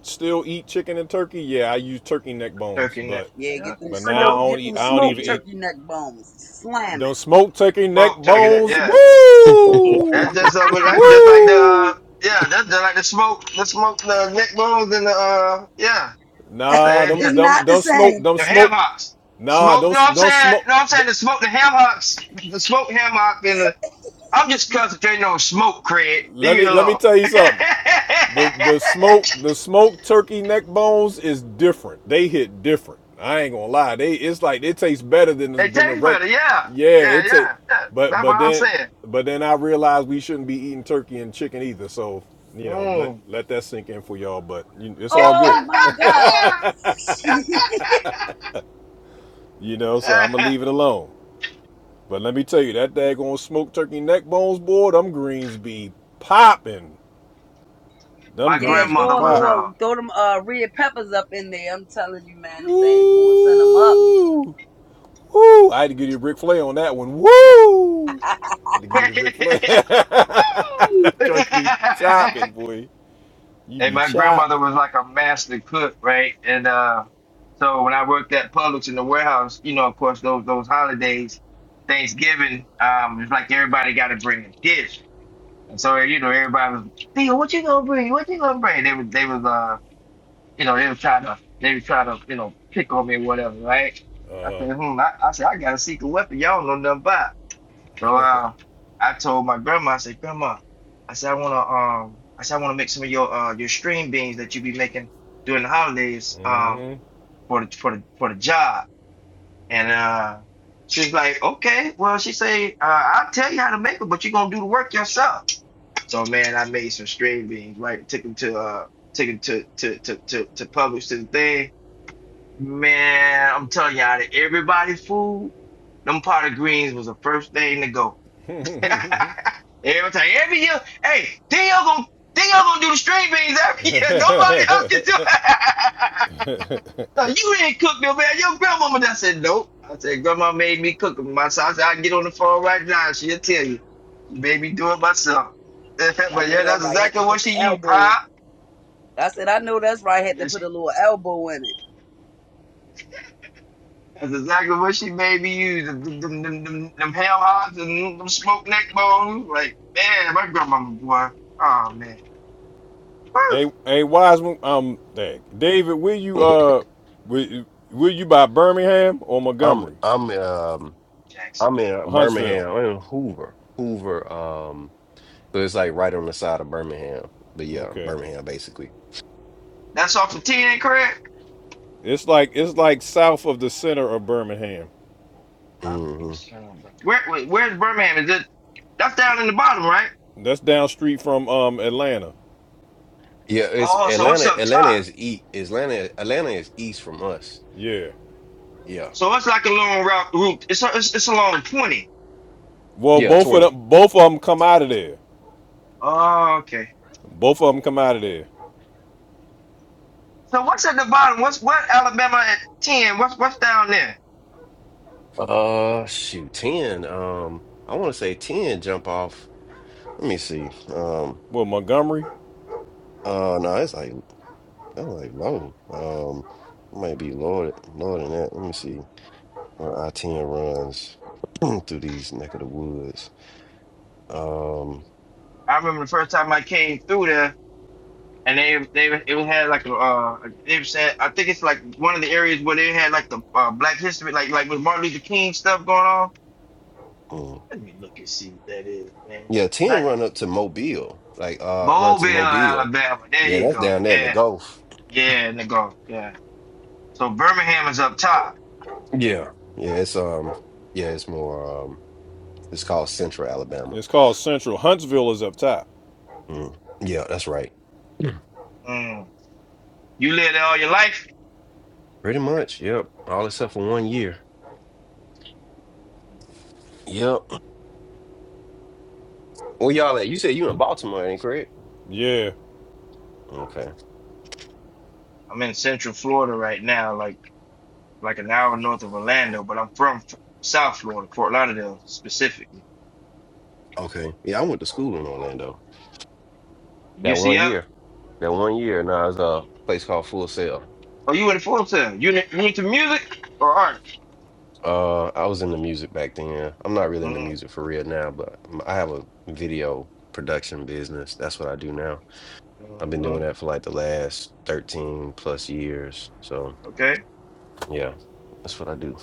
Speaker 1: still eat chicken and turkey, yeah, I use turkey neck bones,
Speaker 15: Turkey neck.
Speaker 1: but
Speaker 18: Yeah, get
Speaker 15: Yeah.
Speaker 18: them
Speaker 1: but
Speaker 3: For
Speaker 18: smoke,
Speaker 1: now I don't
Speaker 18: get
Speaker 1: eat
Speaker 18: them
Speaker 3: those
Speaker 1: I
Speaker 3: people,
Speaker 1: don't
Speaker 18: smoked
Speaker 1: even
Speaker 3: yeah,
Speaker 1: eat
Speaker 18: turkey neck bones. Slamming.
Speaker 1: don't smoke turkey neck
Speaker 15: Smoked turkey neck.
Speaker 1: bones.
Speaker 15: Yeah.
Speaker 5: [LAUGHS]
Speaker 3: yeah,
Speaker 1: Woo!
Speaker 15: That's just uh, that's just like the uh,
Speaker 1: Woo!
Speaker 15: yeah, that's just like the smoke the smoke the neck bones and the uh yeah.
Speaker 1: Nah,
Speaker 15: Same.
Speaker 1: them
Speaker 18: It's
Speaker 1: them
Speaker 18: not the
Speaker 1: don't smoke,
Speaker 18: same.
Speaker 1: don't
Speaker 15: the ham
Speaker 1: smoke.
Speaker 15: hocks.
Speaker 1: Nah,
Speaker 15: Smoke, no,
Speaker 1: don't
Speaker 15: I'm
Speaker 1: don't
Speaker 15: saying,
Speaker 1: smoke.
Speaker 15: no, I'm saying the smoke, the ham hocks, the smoked ham hock, and the. I'm
Speaker 18: [LAUGHS]
Speaker 15: just concentrating on smoke, Craig. Leave
Speaker 1: Let
Speaker 15: me
Speaker 1: me let me
Speaker 15: alone.
Speaker 1: tell
Speaker 15: [LAUGHS]
Speaker 1: you something. The the smoke the smoked turkey neck bones is different. They hit different. I ain't gonna lie. They it's like it tastes better than the-
Speaker 15: they
Speaker 1: than the
Speaker 15: taste
Speaker 1: rec.
Speaker 15: better, yeah,
Speaker 1: Yeah,
Speaker 15: yeah,
Speaker 1: it's a,
Speaker 15: yeah, yeah.
Speaker 1: but
Speaker 15: That's
Speaker 1: but
Speaker 15: what I'm
Speaker 1: then
Speaker 15: saying.
Speaker 1: but then I realized we shouldn't be eating turkey and chicken either. So you know let
Speaker 15: Mm.
Speaker 1: let that sink in for y'all. But you, it's all
Speaker 18: Oh
Speaker 1: good.
Speaker 18: my God. [LAUGHS] yeah,
Speaker 15: [LAUGHS]
Speaker 1: [LAUGHS] you know. So I'm gonna leave it alone. But let me tell you that daggone smoked turkey neck bones, boy. Them greens be popping. Them
Speaker 15: My
Speaker 1: greens be
Speaker 15: grandmother
Speaker 18: throw a
Speaker 15: was
Speaker 1: popping.
Speaker 15: uh.
Speaker 18: little, throw them uh red peppers up in there. I'm telling you, man, them things gonna send them up.
Speaker 1: Woo! Woo! I had to give you a Ric Flair on that one. Woo! I Had to give you the Ric Flair. [LAUGHS]
Speaker 15: [LAUGHS] Woo!
Speaker 1: Joints be
Speaker 15: [LAUGHS]
Speaker 1: chopping, boy. You
Speaker 15: And
Speaker 1: be
Speaker 15: my grandmother
Speaker 1: chopping.
Speaker 15: was like a master cook, right? And uh, so when I worked at Publix in the warehouse, you know, of course, those those holidays, Thanksgiving, um, it's like everybody got to bring a dish. And so you know, everybody was, Theo, what you gonna bring? What you gonna bring? They was they was uh, you know, they was trying to they was trying to you know pick on me or whatever, right? I said, hmm, I, I said I got a secret weapon. Y'all don't know nothing about. So uh, I told my grandma, I said, Grandma, I said I wanna um I said I wanna make some of your uh your string beans that you be making during the holidays um for the for the for the job. And uh she's like, Okay, well she say, uh, I'll tell you how to make them, but you're gonna do the work yourself. So man, I made some string beans, right? Took them to uh took them to to to to to publish to the thing. Man, I'm telling you, out of everybody's food, them pot of greens was the first thing to go. Every time, every year, hey, then y'all gonna then y'all gonna do the string beans
Speaker 1: [LAUGHS]
Speaker 15: every year. [LAUGHS] Nobody else can do
Speaker 1: hey,
Speaker 15: it. [LAUGHS] No, you didn't cook no man. Your grandmama. done." I said nope. I said grandma made me cook them myself. I said I can get on the phone right now. and She'll tell you. She made me do it myself. [LAUGHS] but
Speaker 18: I know
Speaker 15: yeah,
Speaker 18: that
Speaker 15: that's
Speaker 18: right. Had to
Speaker 15: exactly
Speaker 18: put
Speaker 15: what she
Speaker 18: the
Speaker 15: used,
Speaker 18: elbow.
Speaker 15: huh?
Speaker 18: I said I know that's right. Had
Speaker 15: Yeah,
Speaker 18: to put a
Speaker 15: she,
Speaker 18: little elbow in it.
Speaker 15: that's exactly what she made me use. Them, them, them, them, them ham hocks and them smoked neck bones. Like man, my grandmama boy. Oh man, Woo!
Speaker 1: hey, Wiseman. Um, dang. David, will you uh, will, will you by Birmingham or
Speaker 5: I'm
Speaker 1: Montgomery
Speaker 5: I'm um
Speaker 15: Jackson.
Speaker 5: I'm
Speaker 1: or
Speaker 5: in
Speaker 1: Huntsville?
Speaker 5: Birmingham. I'm in Hoover, Hoover. Um, so it's like right on the side of Birmingham. But yeah,
Speaker 1: Okay.
Speaker 5: Birmingham basically.
Speaker 15: That's off the ten, Craig.
Speaker 1: It's like it's like south of the center of Birmingham.
Speaker 15: I'm
Speaker 5: Mm-hmm.
Speaker 15: the sound, bro. Where wait, where's Birmingham? Is it that's down in the bottom, right?
Speaker 1: That's down street from um Atlanta.
Speaker 5: Yeah, it's
Speaker 15: Oh, so it's
Speaker 5: Atlanta.
Speaker 15: up
Speaker 5: Atlanta
Speaker 15: top.
Speaker 5: is east. Atlanta. Atlanta is east from us.
Speaker 1: Yeah.
Speaker 5: Yeah,
Speaker 15: So it's like a long route route. It's a, it's, it's along twenty.
Speaker 1: Well,
Speaker 5: yeah,
Speaker 1: both of
Speaker 5: twenty.
Speaker 1: them both of them come out of there.
Speaker 15: Oh, okay.
Speaker 1: Both of them come out of there.
Speaker 15: So what's at the bottom? What's what Alabama at ten? What's what's down there?
Speaker 5: Uh, shoot, ten. Um, I want to say ten. Jump off. Let me see. Um,
Speaker 1: Well, Montgomery.
Speaker 5: uh, no, it's like that's like low. Um, it might be lower th- lower than that. Let me see where I ten runs [CLEARS THROAT] through these neck of the woods. Um,
Speaker 15: I remember the first time I came through there, and they they it was had like a uh they said I think it's like one of the areas where they had like the uh, Black History like like with Martin Luther King stuff going on.
Speaker 5: hmm.
Speaker 15: Let me look and see what that is, man.
Speaker 5: yeah, ten run up to Mobile. Like uh, run to
Speaker 15: Mobile,
Speaker 5: Mobile.
Speaker 15: Alabama. There
Speaker 5: Yeah,
Speaker 15: you
Speaker 5: that's
Speaker 15: go.
Speaker 5: down there in the
Speaker 15: Yeah,
Speaker 5: Gulf.
Speaker 15: yeah, nigga. Yeah. So Birmingham is up top.
Speaker 5: Yeah. Yeah, it's um yeah, it's more um it's called Central Alabama.
Speaker 1: It's called Central. Huntsville is up top.
Speaker 5: Mm. Yeah, that's right. Mm.
Speaker 15: Mm. You live there all your life?
Speaker 5: Pretty much, yep. All except for one year. Yep. Where y'all at? You said you in Baltimore, ain't correct?
Speaker 1: Yeah.
Speaker 5: Okay.
Speaker 15: I'm in Central Florida right now, like like an hour north of Orlando, but I'm from F- South Florida, Fort Lauderdale specifically.
Speaker 5: Okay. Yeah, I went to school in Orlando. That one
Speaker 15: UCF?
Speaker 5: year. That one year. Now nah, it's a place called Full Sail.
Speaker 15: Oh, you in Fort Lauderdale? You n- you into music or art?
Speaker 5: Uh, I was into music back then. I'm not really into
Speaker 15: Mm.
Speaker 5: music for real now, but um, I have a video production business. That's what I do now. I've been
Speaker 15: hmm
Speaker 5: doing that for like the last 13 plus years. So
Speaker 15: Okay.
Speaker 5: yeah, that's what I do.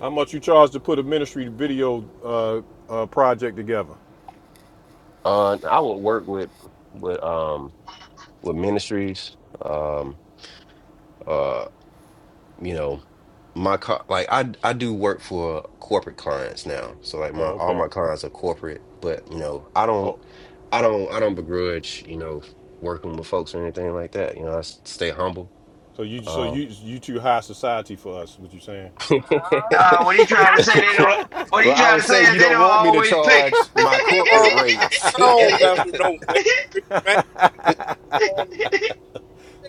Speaker 1: How much you charge to put a ministry video uh, uh, project together?
Speaker 5: Uh I would work with with um with ministries. Um uh you know, my co- like I I do work for corporate clients now. So like my
Speaker 1: Oh,
Speaker 5: all
Speaker 1: okay.
Speaker 5: my clients are corporate, but you know, I don't
Speaker 1: Oh,
Speaker 5: I don't I don't begrudge, you know, working with folks or anything like that. You know, I s- stay humble.
Speaker 1: so you so
Speaker 5: um,
Speaker 1: you you too high society for us? What you saying?
Speaker 5: [LAUGHS] well,
Speaker 15: Nah,
Speaker 3: uh-huh.
Speaker 15: what he trying to say? They don't. What he
Speaker 5: I
Speaker 15: trying
Speaker 5: would
Speaker 15: to say
Speaker 5: say
Speaker 15: is
Speaker 5: you
Speaker 15: they
Speaker 5: don't
Speaker 15: don't
Speaker 5: want me to
Speaker 15: always pay.
Speaker 5: charge my
Speaker 10: I
Speaker 5: corporate
Speaker 10: don't,
Speaker 5: rates.
Speaker 10: I
Speaker 5: [LAUGHS]
Speaker 10: don't mess with no ministry, man. On, you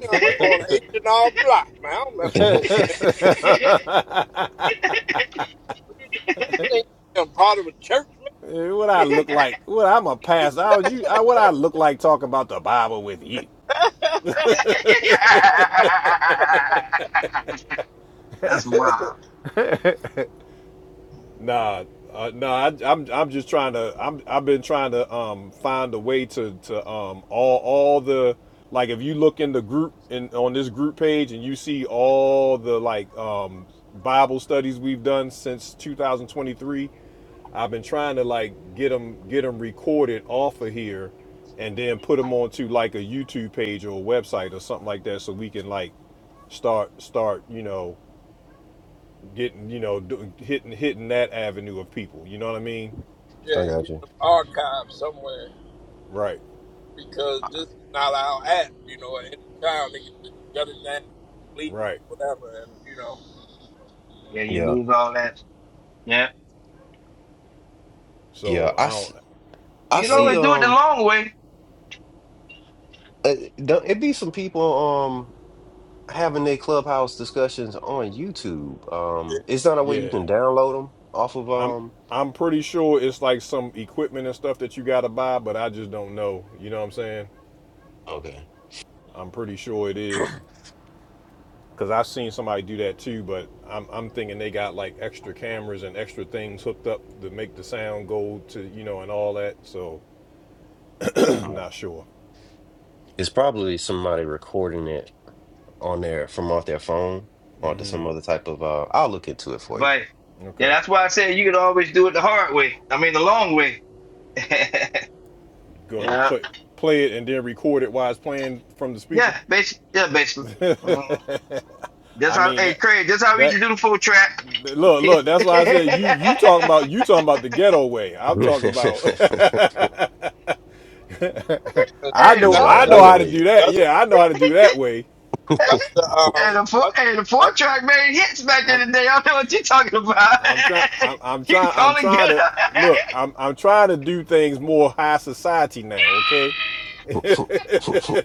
Speaker 10: know, I'm on H and R Block, man. I don't mess with
Speaker 5: I
Speaker 10: no
Speaker 1: [LAUGHS]
Speaker 10: ministry. What do you think? I'm part of a church, man?
Speaker 1: What
Speaker 15: [LAUGHS]
Speaker 1: I look like? What I'm a pastor? I, you, I, what I look like talking about the Bible with you?
Speaker 15: [LAUGHS] That's wild.
Speaker 1: Nah, uh, nah. I, I'm I'm just trying to. I'm I've been trying to um find a way to to um all all the like if you look in the group in on this group page and you see all the like um Bible studies we've done since 2023. I've been trying to like get them get them recorded off of here, and then put them onto like a YouTube page or a website or something like that, so we can like start start you know getting you know do, hitting hitting that avenue of people. You know what I mean?
Speaker 10: Yeah,
Speaker 5: got
Speaker 10: get
Speaker 5: you.
Speaker 10: some archives somewhere.
Speaker 1: Right,
Speaker 10: because this is not our app. You know, at any time they can just shut it down, and delete it,
Speaker 1: right.
Speaker 10: or whatever. And you know,
Speaker 15: Yeah, you
Speaker 5: Yeah,
Speaker 15: lose all that. Yeah.
Speaker 5: yeah.
Speaker 1: So
Speaker 5: I,
Speaker 1: I
Speaker 5: s-
Speaker 1: don't.
Speaker 5: I
Speaker 15: You can
Speaker 1: Go
Speaker 5: see.
Speaker 15: always
Speaker 1: ahead.
Speaker 15: do it the
Speaker 5: Um,
Speaker 15: long way.
Speaker 5: uh, don't- it be some people um having their clubhouse discussions on YouTube. Um, it's not a way you
Speaker 1: Yeah,
Speaker 5: can download them off of
Speaker 1: I'm.
Speaker 5: um.
Speaker 1: I'm pretty sure it's like some equipment and stuff that you got to buy, but I just don't know. You know what I'm saying?
Speaker 5: Okay.
Speaker 1: I'm pretty sure it is because I've seen somebody do that too. But I'm, I'm thinking they got like extra cameras and extra things hooked up to make the sound go to you know and all that. So [CLEARS THROAT]
Speaker 5: Um,
Speaker 1: not sure.
Speaker 5: it's probably somebody recording it on their from off their phone onto some other type of. Uh, I'll look into it for
Speaker 15: But yeah,
Speaker 1: Okay,
Speaker 15: that's why I said you can always do it the hard way. I mean the long way. [LAUGHS]
Speaker 1: go
Speaker 15: yeah.
Speaker 1: play play it and then record it while it's playing from the speaker.
Speaker 15: Yeah, basically yeah, basically.
Speaker 1: [LAUGHS]
Speaker 15: Mhm. That's
Speaker 1: I
Speaker 15: how
Speaker 1: mean
Speaker 15: hey
Speaker 1: that
Speaker 15: Craig, that's how we used
Speaker 1: that
Speaker 15: to do the full track. [LAUGHS]
Speaker 1: look
Speaker 15: hey,
Speaker 1: look. That's why I said you you talking about you talking about the ghetto way. I'm talking about
Speaker 5: you. [LAUGHS]
Speaker 1: [LAUGHS]
Speaker 10: 'Cause
Speaker 1: I
Speaker 10: see,
Speaker 15: the
Speaker 5: You
Speaker 1: know
Speaker 15: four
Speaker 10: that's
Speaker 1: I
Speaker 5: trying to
Speaker 1: know
Speaker 10: that's
Speaker 5: nigga
Speaker 1: how to
Speaker 5: read
Speaker 1: do that.
Speaker 10: that's
Speaker 1: Yeah, I know how to do that way.
Speaker 10: that's the
Speaker 15: hey the
Speaker 10: um
Speaker 15: four
Speaker 10: that's
Speaker 15: hey the four
Speaker 10: that's
Speaker 15: track made hits back in
Speaker 1: I'm
Speaker 15: the day. I don't know what you're talking about.
Speaker 1: I'm trying
Speaker 15: [LAUGHS]
Speaker 1: I'm, I'm
Speaker 15: you can
Speaker 1: trying I'm
Speaker 15: call it get
Speaker 1: trying to
Speaker 15: up. [LAUGHS]
Speaker 1: look. I'm I'm trying to do things more high society now. Okay.
Speaker 5: it.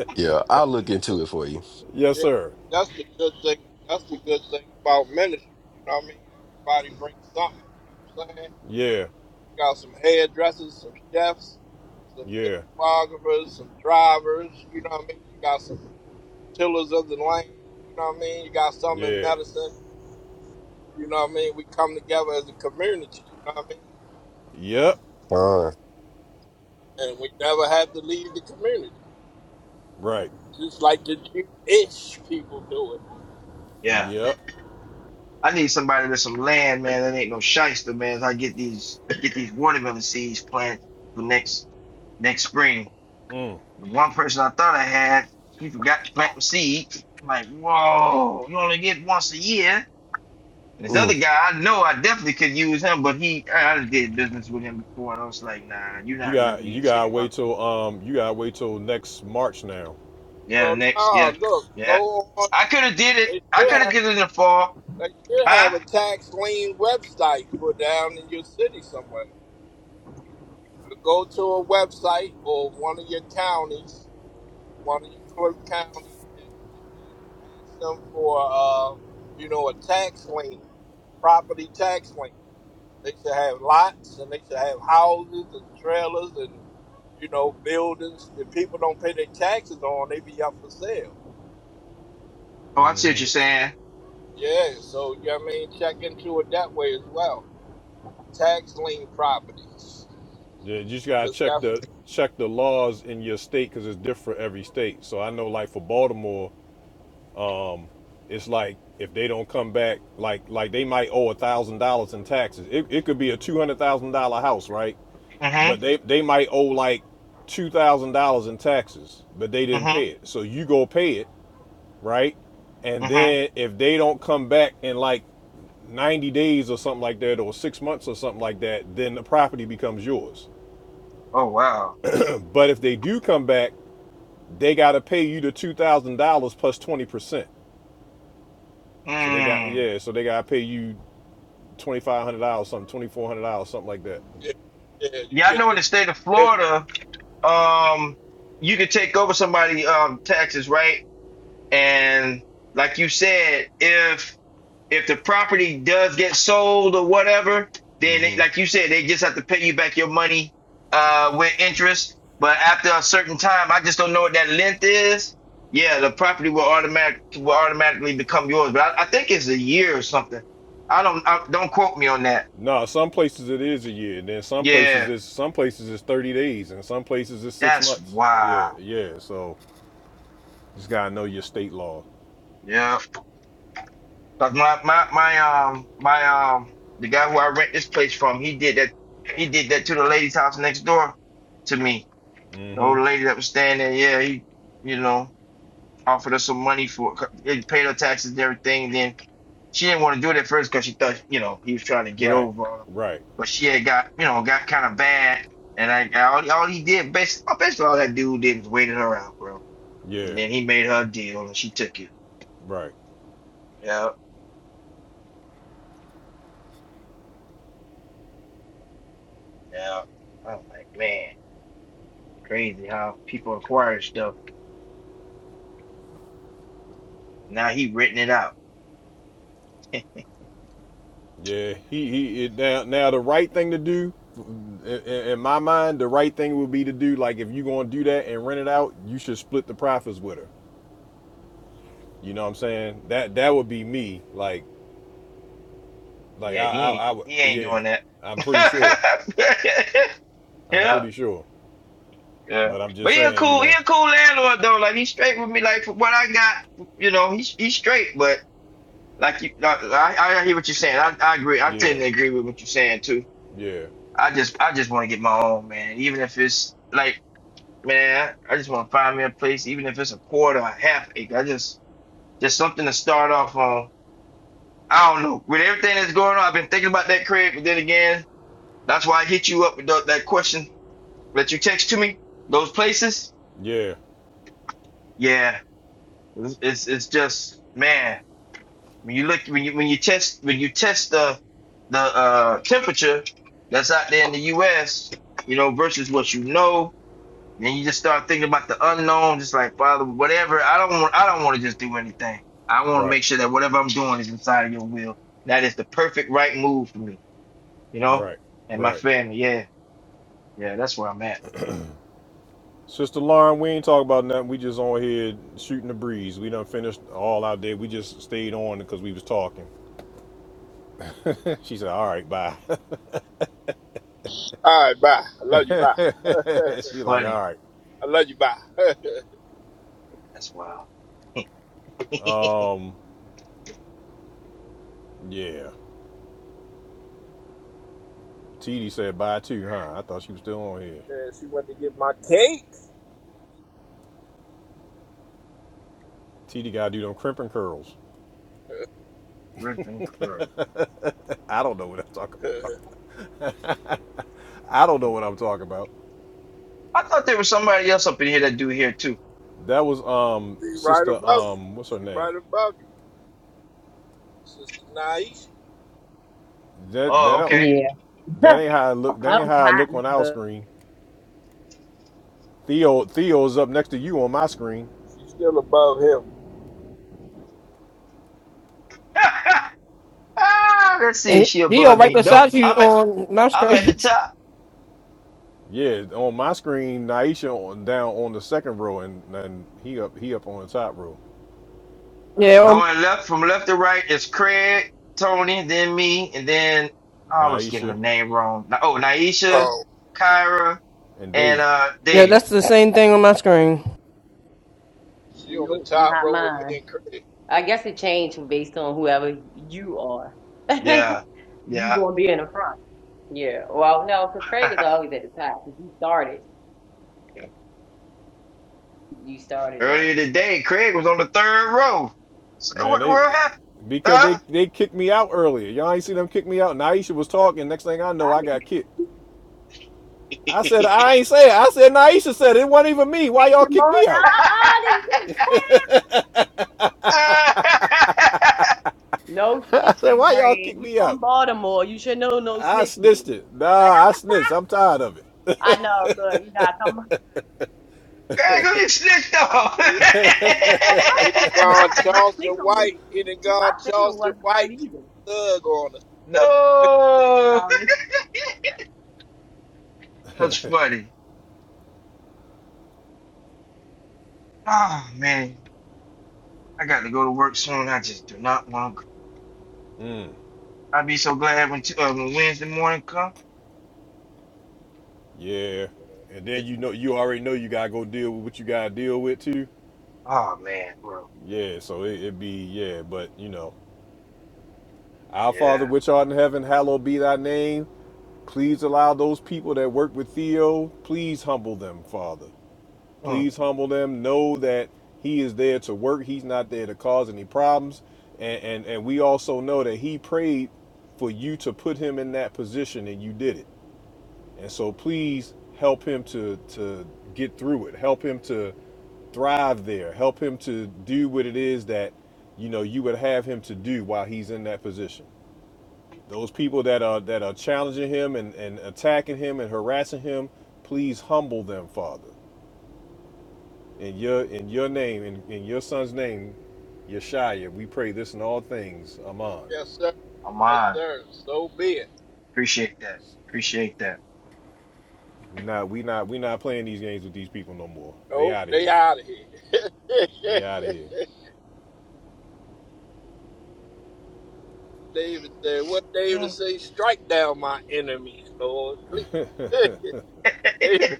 Speaker 5: [LAUGHS] yeah, I'll look into it for you.
Speaker 1: Yes,
Speaker 10: yeah,
Speaker 1: sir.
Speaker 10: that's the good thing. That's the good thing about ministry. You know what I mean? Everybody brings something. You know what I'm saying?
Speaker 1: Yeah.
Speaker 10: We got some hairdressers, some chefs, some
Speaker 1: Yeah.
Speaker 10: videographers, some drivers. You know what I mean? You got some tillers of the land. You know what I mean? You got some in
Speaker 1: Yeah.
Speaker 10: medicine. You know what I mean? We come together as a community. You know what I
Speaker 1: Yep.
Speaker 5: Uh,
Speaker 10: mean? And we never have to leave the community,
Speaker 1: Right.
Speaker 10: just like the Jewish people do it.
Speaker 15: Yeah.
Speaker 1: Yep.
Speaker 15: I need somebody with some land, man. That ain't no shyster, man. As I get these get these watermelon seeds planted for next next spring. The one person I thought I had, he forgot to plant the seeds. I'm like, whoa, you only get once a year. And this other
Speaker 5: mm,
Speaker 15: guy, I know I definitely could use him, but he I I did business with him before, and I was like, nah, you're
Speaker 1: You
Speaker 15: not really who
Speaker 1: got you
Speaker 15: you say
Speaker 1: gotta
Speaker 15: you are.
Speaker 1: wait till um you gotta wait till next March now.
Speaker 15: Yeah, the
Speaker 10: Well,
Speaker 15: next,
Speaker 10: no,
Speaker 15: yeah,
Speaker 10: look,
Speaker 15: yeah.
Speaker 10: go on.
Speaker 15: I could have did it.
Speaker 10: They
Speaker 15: I
Speaker 10: should
Speaker 15: could have
Speaker 10: have.
Speaker 15: did it in the fall,
Speaker 10: They should have
Speaker 15: huh?
Speaker 10: a tax lien website for down in your city somewhere. You go to a website or one of your counties, one of your clerk counties, and, and ask them for, uh, you know, a tax lien, property tax lien. They should have lots and they should have houses and trailers and you know buildings that people don't pay their taxes on. They be up for sale.
Speaker 15: Oh, I see what you're saying.
Speaker 10: Yeah, so you know what I mean, check into it that way as well. Tax lien properties,
Speaker 1: Yeah, you just gotta
Speaker 10: cause
Speaker 1: check
Speaker 10: that's
Speaker 1: the check the laws in your state because it's different for every state. So I know, like for Baltimore, it's like if they don't come back, like like they might owe a thousand dollars in taxes. It, it could be a two hundred thousand dollar house, right? But
Speaker 15: Mm-hmm.
Speaker 1: they they might owe like two thousand dollars in taxes, but they didn't pay
Speaker 15: Mm-hmm.
Speaker 1: it. So you go pay it, right? And
Speaker 15: Mm-hmm.
Speaker 1: then if they don't come back in like ninety days or something like that, or six months or something like that, then the property becomes yours.
Speaker 15: Oh wow.
Speaker 1: But if they do come back they got to pay you the two thousand dollars plus twenty percent. So they got
Speaker 15: Mm.
Speaker 1: yeah, so they got to pay you twenty five hundred dollars, something twenty four hundred dollars, something like that.
Speaker 10: yeah, yeah. You
Speaker 15: Y'all
Speaker 10: get
Speaker 15: know
Speaker 10: the
Speaker 15: in the
Speaker 10: you
Speaker 15: state of
Speaker 10: get the.
Speaker 15: Florida, um, you could take over somebody' um, taxes, right? And like you said, if if the property does get sold or whatever, then it, like you said, they just have to pay you back your money uh, with interest. But after a certain time, I just don't know what that length is. Yeah, the property will automatic will automatically become yours. But I, I think it's a year or something. I don't I, don't quote me on that.
Speaker 1: No, some places it is a year, and then some places
Speaker 15: Yeah,
Speaker 1: it's some places it's thirty days, and some places it's six
Speaker 15: that's
Speaker 1: months. Yeah,
Speaker 15: wild.
Speaker 1: yeah. So you just gotta know your state law.
Speaker 15: Yeah, cause my my my um my um the guy who I rent this place from, he did that. He did that to the lady's house next door to me. The old
Speaker 1: Mhm.
Speaker 15: lady that was staying there, yeah, he you know offered us some money for they paid her taxes and everything. Then she didn't want to do it at first because she thought you know he was trying to get
Speaker 1: Right,
Speaker 15: over on her,
Speaker 1: right.
Speaker 15: but she had got you know got kind of bad. And I all, all he did basically, basically all that dude did was waited her out, bro. And
Speaker 1: Yeah,
Speaker 15: then he made her a deal and she took it.
Speaker 1: right.
Speaker 15: Yeah, yeah. I was like, man. Crazy how people acquire stuff. Now he written it out.
Speaker 1: Yeah, he he. It, now, now the right thing to do, in, in my mind, the right thing would be to do like if you're gonna do that and rent it out, you should split the profits with her. You know what I'm saying? That that would be me. Like like I
Speaker 15: Yeah, he
Speaker 1: I,
Speaker 15: ain't
Speaker 1: I would.
Speaker 15: he ain't
Speaker 1: Yeah,
Speaker 15: doing that. [LAUGHS]
Speaker 1: I'm pretty sure. I'm
Speaker 15: yeah,
Speaker 1: pretty sure.
Speaker 15: yeah.
Speaker 1: But I'm just
Speaker 15: But he a
Speaker 1: saying, you
Speaker 15: cool he
Speaker 1: know.
Speaker 15: a cool landlord though. Like he's straight with me. Like for what I got, you know, he's he's straight. But like you, like, I I hear what you're saying. I I agree. I
Speaker 1: Yeah,
Speaker 15: tend to agree with what you're saying too.
Speaker 1: yeah,
Speaker 15: I just I just want to get my own man, even if it's like man, I just want to find me a place, even if it's a quarter, a half acre. I just just something to start off on I don't know. With everything that's going on, I've been thinking about that, Craig. But then again, that's why I hit you up with tho- that question that you text to me. Those places,
Speaker 1: yeah.
Speaker 15: yeah, it's it's it's just man. When you look when you when you test when you test the the uh, temperature that's out there in the U.S. You know versus what you know, then you just start thinking about the unknown. Just like Father, whatever. I don't want I don't want to just do anything. I want to
Speaker 1: Right,
Speaker 15: make sure that whatever I'm doing is inside of your will. That is the perfect right move for me. you know,
Speaker 1: right,
Speaker 15: and my
Speaker 1: right.
Speaker 15: family. Yeah, yeah, that's where I'm at.
Speaker 1: Sister Lauren, we ain't talking about nothing. We just on here shooting the breeze. We done finished all out there. We just stayed on because we was talking. She said, "All right, bye." [LAUGHS]
Speaker 10: All right, bye. I love you. Bye. [LAUGHS]
Speaker 15: That's
Speaker 1: she like,
Speaker 15: funny.
Speaker 1: "All
Speaker 10: I love you. Bye. [LAUGHS]
Speaker 15: That's wild. [LAUGHS]
Speaker 1: right, um, yeah." TD said, "Bye too, huh?" I thought she was still on here.
Speaker 10: yeah, she went to get my cake.
Speaker 1: TD gotta do them crimping curls.
Speaker 15: Griffin Crow.
Speaker 1: I don't know what I'm talking.
Speaker 10: [LAUGHS]
Speaker 1: about.
Speaker 10: she
Speaker 1: I don't know what I'm talking about.
Speaker 15: I thought there was somebody else up in here that do here too.
Speaker 1: That was um
Speaker 10: right
Speaker 1: sister
Speaker 10: above you.
Speaker 1: um what's her
Speaker 10: She
Speaker 1: name?
Speaker 10: right above you, Sister Naish.
Speaker 1: That that
Speaker 15: Oh,
Speaker 1: don't
Speaker 15: okay.
Speaker 3: yeah.
Speaker 1: that ain't how I
Speaker 3: [LAUGHS]
Speaker 1: look.
Speaker 3: I
Speaker 1: That ain't
Speaker 3: was
Speaker 1: how I
Speaker 3: hot,
Speaker 1: look on our
Speaker 3: but
Speaker 1: screen. Theo Theo's up next to you on my screen.
Speaker 10: She's still above him.
Speaker 15: [LAUGHS] Ah, Let's see, is
Speaker 19: Hey,
Speaker 15: she
Speaker 19: Dio,
Speaker 15: above
Speaker 19: right
Speaker 15: me? Nope.
Speaker 19: beside you
Speaker 15: I'm at
Speaker 19: on my
Speaker 15: I'm at the
Speaker 19: screen. [LAUGHS]
Speaker 15: top.
Speaker 1: Yeah, on my screen, Naisha on, down on the second row, and and he up he up on the top row.
Speaker 19: Yeah, um,
Speaker 15: Going left from left to right is Craig, Tony, then me, and then I always get her
Speaker 1: Naisha.
Speaker 15: name wrong. Na- Oh, Naisha, Kyra,
Speaker 1: and
Speaker 15: and
Speaker 1: Dave,
Speaker 15: uh
Speaker 19: yeah,
Speaker 15: David.
Speaker 19: that's the same thing on my screen.
Speaker 10: She on the
Speaker 3: nope,
Speaker 10: top
Speaker 3: not
Speaker 10: row with me
Speaker 3: mine.
Speaker 10: and Craig.
Speaker 3: I guess it changed based on whoever you are. [LAUGHS]
Speaker 15: Yeah.
Speaker 3: you
Speaker 15: Yeah.
Speaker 3: gonna be in the front. Yeah. Well, no, because Craig
Speaker 15: [LAUGHS]
Speaker 3: is always at the top. 'cause you started. You started the
Speaker 15: Earlier
Speaker 3: stuff.
Speaker 15: today, Craig was on the third row. So
Speaker 1: man,
Speaker 15: what the
Speaker 1: they
Speaker 15: world happened?
Speaker 1: because
Speaker 15: Huh?
Speaker 1: they they kicked me out earlier. Y'all ain't see them kick me out. Naisha was talking. Next thing I know,
Speaker 3: I
Speaker 1: I
Speaker 3: didn't
Speaker 1: got kicked. I said I ain't say it. I said Naisha said it. it wasn't even me. Why
Speaker 3: think
Speaker 1: y'all
Speaker 3: you more
Speaker 1: kick me
Speaker 3: than
Speaker 1: out?
Speaker 3: all this. [LAUGHS]
Speaker 15: [LAUGHS] [LAUGHS]
Speaker 3: No
Speaker 1: [LAUGHS] I said
Speaker 3: snitching,
Speaker 1: why y'all
Speaker 3: Craig.
Speaker 1: kick
Speaker 3: You
Speaker 1: me
Speaker 3: from
Speaker 1: out?
Speaker 3: Baltimore. You should know no
Speaker 1: I
Speaker 3: snitching.
Speaker 1: snitched it.
Speaker 3: I
Speaker 1: Nah,
Speaker 3: know
Speaker 1: I
Speaker 3: you
Speaker 1: snitched. I'm tired of it.
Speaker 3: I know. Look, you gotta come.
Speaker 15: Craig, who you snitched on?
Speaker 10: It
Speaker 3: You know
Speaker 10: it done
Speaker 3: my my
Speaker 10: gone
Speaker 3: my
Speaker 10: Charleston
Speaker 3: signal was
Speaker 10: White. It done
Speaker 3: my
Speaker 10: gone
Speaker 3: signal
Speaker 10: Charleston
Speaker 3: wasn't right
Speaker 10: White.
Speaker 3: either,
Speaker 10: Young thug on us.
Speaker 15: [LAUGHS] no.
Speaker 3: Tony.
Speaker 15: That's funny. Oh, man. I got to go to work soon. I just do not want to go.
Speaker 1: Mm,
Speaker 15: I'd be so glad when, t- uh, when Wednesday morning comes.
Speaker 1: Yeah, and then you know you already know you gotta go deal with what you gotta deal with too.
Speaker 15: Oh, man, bro.
Speaker 1: Yeah, so it, it be yeah, but you know, our
Speaker 15: Yeah.
Speaker 1: Father which art in heaven, hallowed be thy name Please allow those people that work with Theo, please humble them, Father.
Speaker 15: Mm,
Speaker 1: Please humble them. Know that he is there to work. He's not there to cause any problems. And and, and we also know that he prayed for you to put him in that position and you did it. And so please help him to to get through it. Help him to thrive there. Help him to do what it is that you know you would have him to do while he's in that position. Those people that are that are challenging him and, and attacking him and harassing him, please humble them, Father. In your in your name, in, in your son's name, Yeshaya, we pray this in all things. Amen.
Speaker 10: Yes, sir.
Speaker 15: I'm
Speaker 10: Yes,
Speaker 15: on.
Speaker 10: sir. So be it.
Speaker 15: Appreciate that. Appreciate that.
Speaker 1: We not we not we not playing these games with these people no more. They
Speaker 10: Nope,
Speaker 1: out of
Speaker 10: they
Speaker 1: here.
Speaker 10: out of here.
Speaker 1: They out of here.
Speaker 10: [LAUGHS] David said, what David
Speaker 15: Mm.
Speaker 10: say? Strike down my enemies, Lord, please. [LAUGHS] David,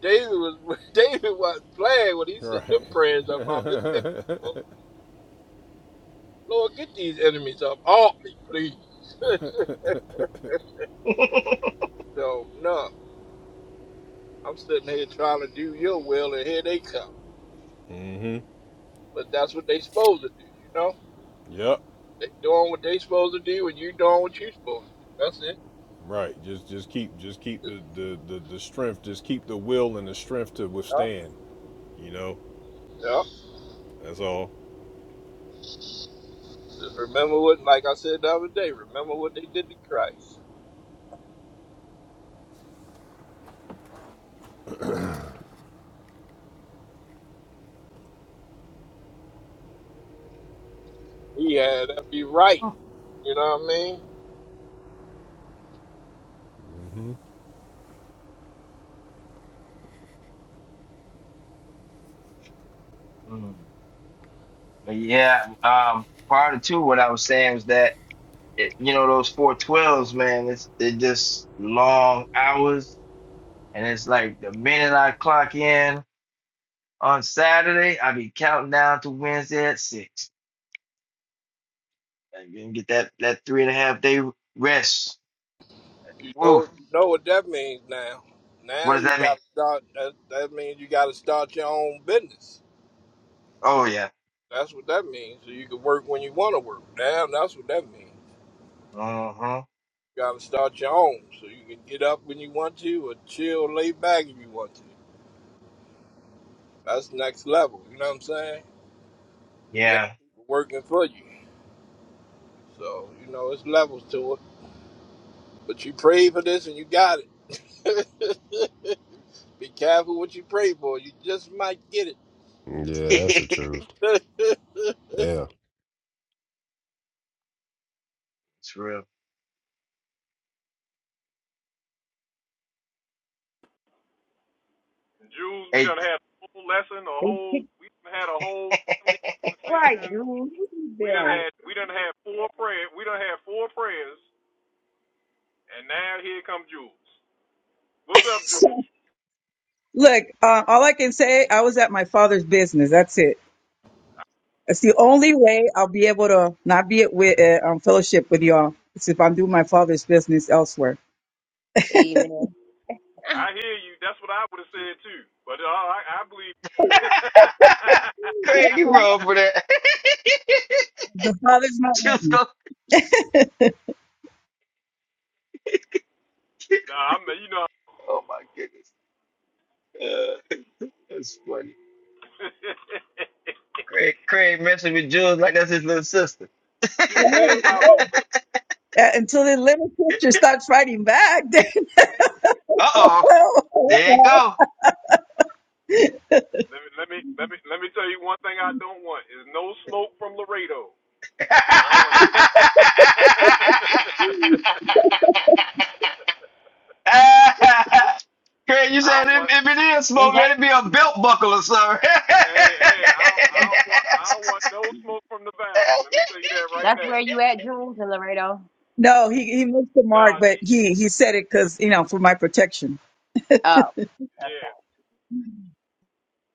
Speaker 10: David was [LAUGHS] David was playing when he said them
Speaker 1: Right.
Speaker 10: prayers up on his enemies,
Speaker 1: [LAUGHS]
Speaker 10: Lord. Lord, get these enemies up off me, please. [LAUGHS] so no. I'm sitting here trying to do your will, and here they come.
Speaker 1: Mhm.
Speaker 10: But that's what they supposed to do, you know?
Speaker 1: Yep.
Speaker 10: They doing what they supposed to do, and you doing what you supposed to do. That's it.
Speaker 1: Right. Just just keep just keep the, the, the, the strength, just keep the will and the strength to
Speaker 10: Yeah.
Speaker 1: withstand, you know?
Speaker 10: yeah.
Speaker 1: That's all.
Speaker 10: Just remember what, like I said the other day, remember what they did to Christ. He had every right,
Speaker 15: [LAUGHS]
Speaker 10: you know what I mean?
Speaker 15: mm. But yeah, um, prior to two, what I was saying was that it, you know those four twelves, man. It's it just long hours, and it's like the minute I clock in on Saturday, I be counting down to Wednesday at six, i and then get that that three and a half day rest.
Speaker 10: You
Speaker 15: Woof.
Speaker 10: know, you know what that means now.
Speaker 15: What
Speaker 10: Now
Speaker 15: does
Speaker 10: you
Speaker 15: that mean?
Speaker 10: got to start, that, that means you got to start your own business.
Speaker 15: Oh yeah.
Speaker 10: That's what that means. So you can work when you want to work. Now that's what that means.
Speaker 15: Uh huh.
Speaker 10: You got to start your own so you can get up when you want to or chill, lay back if you want to. That's next level. You know what I'm saying? You have
Speaker 15: Yeah.
Speaker 10: people working for you. So, you know, it's levels to it. But you prayed for this and you got it. [LAUGHS] Be careful what you pray for. You just might get
Speaker 15: [LAUGHS]
Speaker 5: yeah, that's the
Speaker 15: it's
Speaker 5: truth.
Speaker 10: it. [LAUGHS]
Speaker 5: Yeah.
Speaker 15: real.
Speaker 1: Jews, we
Speaker 15: Hey,
Speaker 1: done had a whole lesson, a
Speaker 3: They
Speaker 1: whole
Speaker 3: kicked
Speaker 1: we done had a whole friendly
Speaker 15: [LAUGHS]
Speaker 3: right,
Speaker 1: conversation.
Speaker 3: Jules. Where you
Speaker 1: We done
Speaker 3: been?
Speaker 1: had we done had four prayer we done had four prayers and now here come Jules. What's up,
Speaker 20: So,
Speaker 1: Jules?
Speaker 20: look, uh, all I can say, I was at my father's business. That's it. That's the only way I'll be able to not be at with, uh, um, fellowship with y'all. It's if I'm doing my father's business elsewhere.
Speaker 3: Amen.
Speaker 1: I hear you. That's what I would have said too. But uh, I I believe [LAUGHS]
Speaker 15: Craig, you wrong for that. [LAUGHS]
Speaker 20: The father's not with
Speaker 15: Just
Speaker 20: me.
Speaker 15: go. [LAUGHS]
Speaker 1: Nah, I'm you know
Speaker 15: Oh my goodness. Uh, [LAUGHS] that's funny. Craig, Craig messing with Jules like that's his little sister. [LAUGHS]
Speaker 1: Jules is
Speaker 20: Right,
Speaker 1: my
Speaker 20: right.
Speaker 1: little sister.
Speaker 20: Uh, until the little sister stops fighting back, [LAUGHS] then
Speaker 15: uh oh. There it go.
Speaker 1: Let me let me let me let me tell you one thing I don't want is no smoke from Laredo.
Speaker 15: [LAUGHS]
Speaker 1: I don't want [LAUGHS]
Speaker 15: Craig, you
Speaker 1: I
Speaker 15: said
Speaker 1: don't
Speaker 15: if,
Speaker 1: want
Speaker 15: if it is
Speaker 3: Is
Speaker 15: smoke,
Speaker 3: that
Speaker 15: let it be a belt buckle or something. [LAUGHS]
Speaker 1: Hey, hey, I don't, I don't want I don't want no smoke from the valley. Let me tell you that right
Speaker 3: that's
Speaker 1: now.
Speaker 3: where you at, Jules and Laredo?
Speaker 20: no, he, he missed the mark,
Speaker 1: Nah,
Speaker 20: but
Speaker 1: she
Speaker 20: he, he said it because, you know, for my protection.
Speaker 3: Oh,
Speaker 1: yeah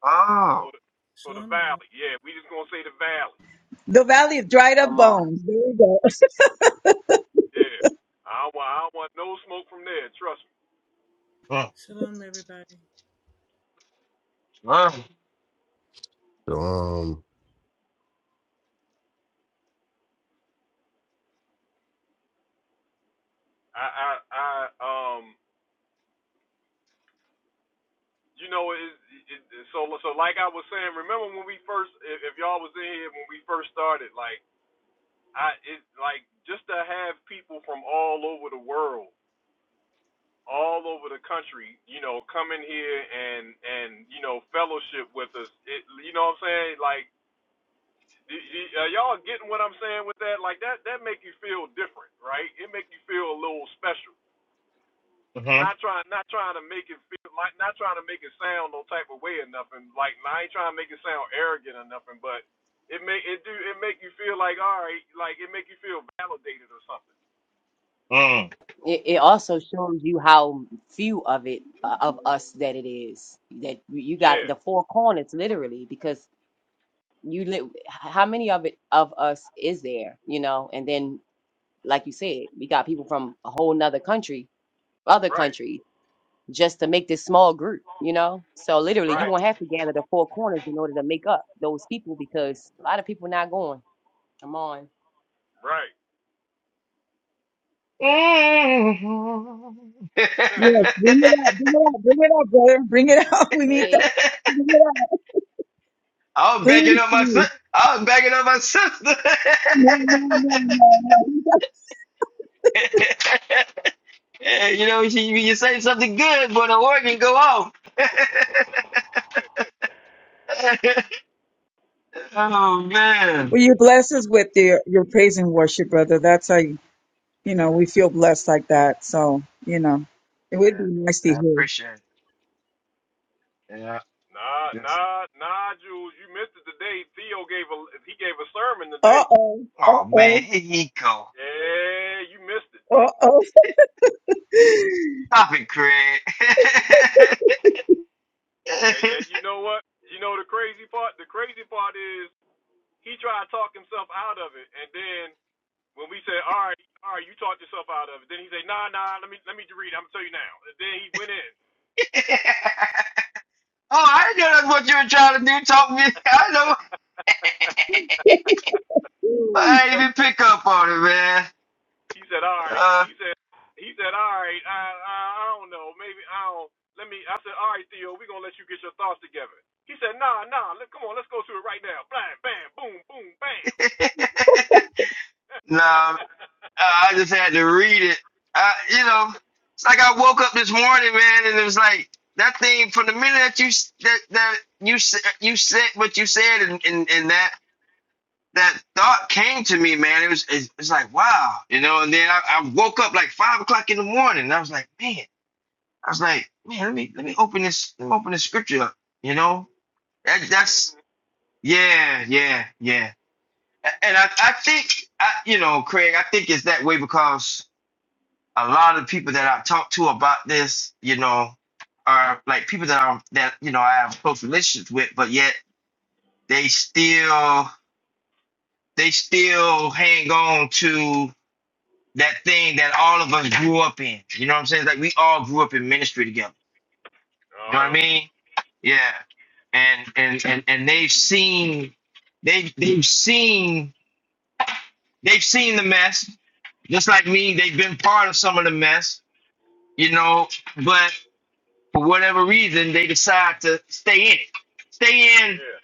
Speaker 15: oh.
Speaker 1: for the for the
Speaker 21: Shalom, y'all.
Speaker 1: valley. Yeah, we just gonna say the valley.
Speaker 20: The valley of dried up
Speaker 3: Amon.
Speaker 20: bones. There we go. [LAUGHS]
Speaker 1: Yeah, I don't want I don't want no smoke from there. Trust me.
Speaker 15: Mm,
Speaker 21: Shalom, everybody.
Speaker 15: mm,
Speaker 5: So, um,
Speaker 1: I I, I um you know it, it, it so so like I was saying. Remember when we first if, if y'all was in here when we first started like I it like just to have people from all over the world all over the country, you know, come in here and and you know fellowship with us. It, you know what I'm saying? Like, y- y- are y'all getting what I'm saying with that? Like that that make you feel different, right? It make you feel a little special.
Speaker 15: mhm,
Speaker 1: Not trying not trying to make it feel like not trying to make it sound no type of way or nothing. Like nah, I ain't trying to make it sound arrogant or nothing, but it make it do it make you feel like all right, like it make you feel validated or something.
Speaker 15: mm.
Speaker 3: It, it also shows you how few of it uh, of us that it is that you you got
Speaker 1: Yeah,
Speaker 3: the four corners literally because you li- how many of it of us is there you know and then like you said we got people from a whole nother country other
Speaker 1: right,
Speaker 3: country just to make this small group you know so literally you
Speaker 1: right,
Speaker 3: won't have to gather the four corners in order to make up those people because a lot of people not going come on
Speaker 1: right.
Speaker 15: Mm. [LAUGHS]
Speaker 20: Yes, bring it out, bring it out, bring it out, brother. Bring it out. [LAUGHS] We need
Speaker 3: Hey.
Speaker 20: that.
Speaker 15: I was
Speaker 20: Please,
Speaker 15: backing up my
Speaker 20: please.
Speaker 15: sister. I was backing up my sister.
Speaker 20: No, no, no, no, no. We just-
Speaker 15: [LAUGHS] Yeah, you know, she, you say something good, but the organ go off. [LAUGHS]
Speaker 1: [LAUGHS]
Speaker 15: oh man,
Speaker 20: Well, you bless us with your, your praise and worship, brother. That's how, you you know, we feel blessed like that. So, you know, it
Speaker 15: I,
Speaker 20: would be nice to
Speaker 15: I
Speaker 20: hear.
Speaker 15: appreciate it. Yeah,
Speaker 1: Nah,
Speaker 15: just
Speaker 1: nah, nah, Jules, you missed it today. Theo gave a he gave a sermon today.
Speaker 20: Uh-oh,
Speaker 15: oh man,
Speaker 20: uh-oh,
Speaker 15: here he go.
Speaker 1: Yeah, you missed it.
Speaker 20: uh-oh. [LAUGHS]
Speaker 15: Stop it, Craig. [LAUGHS] oh,
Speaker 1: And, and you know what? You know the crazy part. The crazy part is he tried to talk himself out of it, and then when we said, "All right, all right, you talked yourself out of it," then he said, "Nah, nah, let me let me read. It. I'm gonna tell you now." And then he went in.
Speaker 15: I didn't know that's what you were trying to do. Talk me. [LAUGHS] I know. [LAUGHS] I didn't even pick up on it, man.
Speaker 1: He said, all right.
Speaker 15: Uh,
Speaker 1: He said, he said, all right. I, I, I don't know. Maybe I don't. Let me. I said, all right, Theo. We're gonna let you get your thoughts together. He said, nah, nah. Let, come on. Let's go to it right now. Blam, bam, boom, boom, bam.
Speaker 15: [LAUGHS] nah, I just had to read it. I, you know, it's like I woke up this morning, man, and it was like that thing from the minute that you s- that that you s- you said what you said, and and, and that that thought came to me, man. It was it's, it's like wow, you know. And then I, I woke up like five o'clock in the morning, and I was like, man, I was like, man, let me let me open this let me open this scripture up, you know. That that's yeah, yeah, yeah. A- And I, I think, I, you know, Craig, I think it's that way because a lot of people that I talk to about this, you know, are like people that I'm that you know I have close relationships with, but yet they still they still hang on to that thing that all of us grew up in. You know what I'm saying? Like we all grew up in ministry together.
Speaker 1: [LAUGHS]
Speaker 15: You
Speaker 1: uh
Speaker 15: know what I
Speaker 1: huh.
Speaker 15: mean? Yeah. And and and and they've seen they they've seen They've seen the mess, just like me. They've been part of some of the mess, you know. But for whatever reason, they decide to stay in it. Stay in.
Speaker 1: Yeah,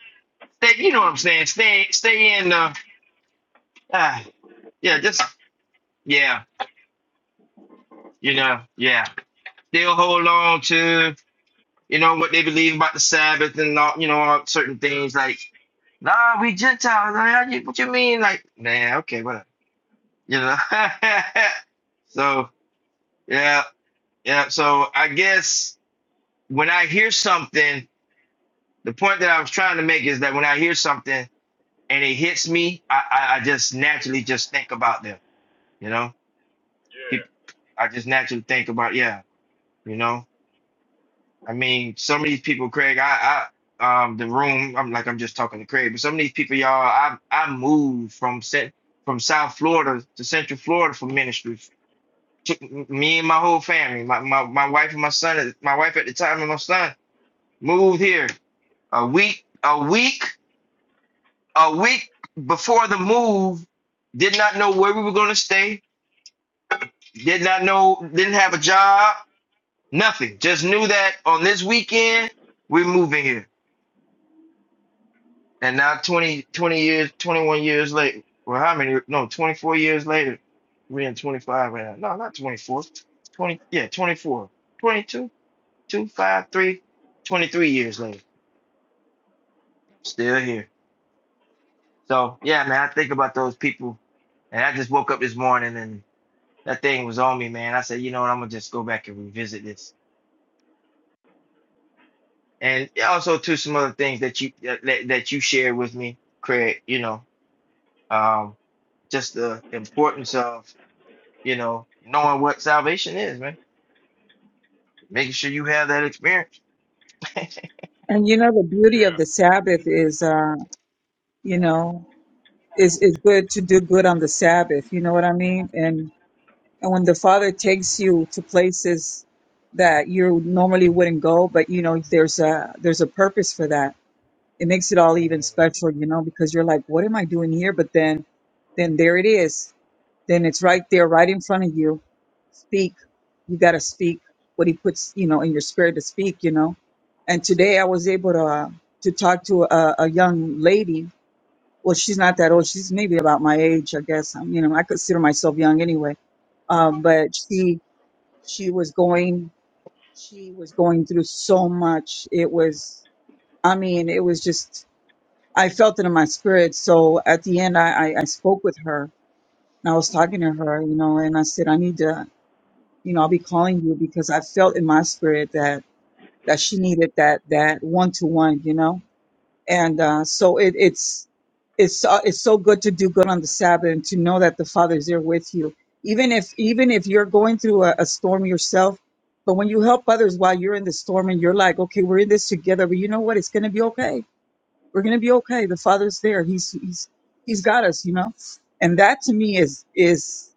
Speaker 15: Stay, you know what I'm saying? Stay. Stay in. Uh, uh, yeah. Just yeah. You know. Yeah. They'll hold on to you know what they believe about the Sabbath and all, you know all certain things like nah we Gentiles. Nah, you- What you mean? Like nah. Okay. Whatever. You know. [LAUGHS] so yeah. Yeah. So I guess. when I hear something, the point that I was trying to make is that when I hear something and it hits me, I, I, I just naturally just think about them. You know,
Speaker 1: yeah,
Speaker 15: people, I just naturally think about yeah. You know, I mean, some of these people, Craig, I, I, um, the room, I'm like I'm just talking to Craig, but some of these people, y'all, I, I moved from set from South Florida to Central Florida for ministry. Took me and my whole family, my, my, my wife and my son, my wife at the time and my son moved here a week a week a week before the move, did not know where we were going to stay, did not know, didn't have a job, nothing. Just knew that on this weekend, we're moving here. And now 20, 20 years, 21 years later, well, how many? No, 24 years later, we're in 25 right now. No, not 24. 20, yeah, 24. 22, two, five, three, 23 years later. I'm still here. So, yeah, man, I think about those people. And I just woke up this morning and. that thing was on me, man. I said, you know what, I'm gonna just go back and revisit this, and also to some other things that you that that you shared with me, Craig. You know, um, just the importance of you know knowing what salvation is, man. Making sure you have that experience. [LAUGHS]
Speaker 20: And you know, the beauty of
Speaker 1: yeah.
Speaker 20: the Sabbath is, uh, you know, is, is good to do good on the Sabbath. You know what I mean? And. And when the Father takes you to places that you normally wouldn't go, but you know, there's a there's a purpose for that. It makes it all even special, you know, because you're like, what am I doing here? But then then there it is. Then it's right there, right in front of you. Speak. You gotta speak what he puts, you know, in your spirit to speak, you know. And today I was able to uh, to talk to a, a young lady. Well, she's not that old. She's maybe about my age, I guess. I mean, you know, I consider myself young anyway. Um, but she she was going she was going through so much it was i mean it was just i felt it in my spirit so at the end i i, I spoke with her and i was talking to her you know and i said i need to you know i'll be calling you because i felt in my spirit that that she needed that that one to one you know and uh, so it, it's it's uh, it's so good to do good on the Sabbath and to know that the Father is there with you, even if even if you're going through a, a storm yourself. But when you help others while you're in the storm and you're like, okay, we're in this together, but you know what? It's gonna be okay. We're gonna be okay. The Father's there. He's he's he's got us, you know. And that to me is is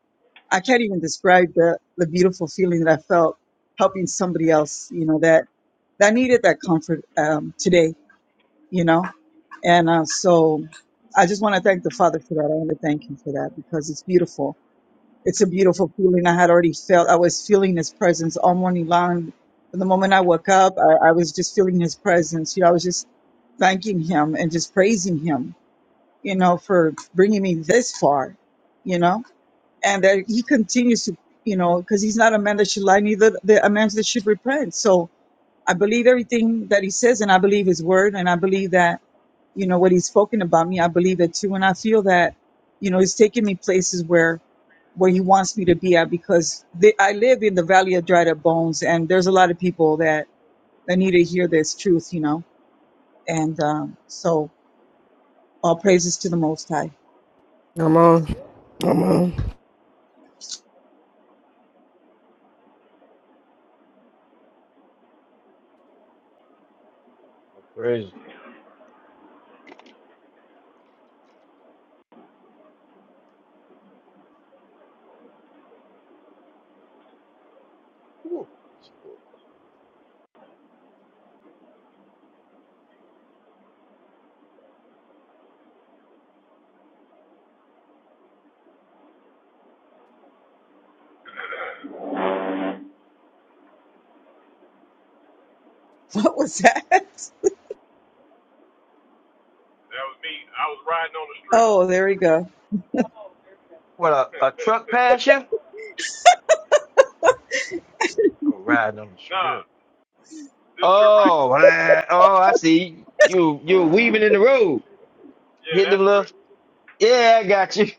Speaker 20: I can't even describe the the beautiful feeling that I felt helping somebody else. You know that that needed that comfort um, today. You know and uh, so I just want to thank the Father for that. I want to thank Him for that because it's beautiful. It's a beautiful feeling. I had already felt, I was feeling His presence all morning long. From the moment I woke up, I, I was just feeling His presence. You know, I was just thanking Him and just praising Him, you know, for bringing me this far, you know, and that He continues to, you know, because He's not a man that should lie, neither the, a man that should repent. So I believe everything that He says, and I believe His word, and I believe that you know what he's spoken about me i believe it too and i feel that you know he's taking me places where where he wants me to be at because the, i live in the valley of dried up bones and there's a lot of people that that need to hear this truth you know and um so all praises to the most high
Speaker 19: I'm on. I'm on.
Speaker 15: Ooh,
Speaker 20: [LAUGHS] what was that
Speaker 1: That was me. I was riding on the strip.
Speaker 20: oh there we go
Speaker 15: What a, a truck
Speaker 1: [LAUGHS]
Speaker 15: pass you? Oh, riding on the strip.
Speaker 1: nah, this strip right.
Speaker 15: Oh man, oh I see you. you weaving in the road.
Speaker 1: Yeah,
Speaker 15: Hit
Speaker 1: that
Speaker 15: them little.
Speaker 1: strip.
Speaker 15: Yeah, I got you.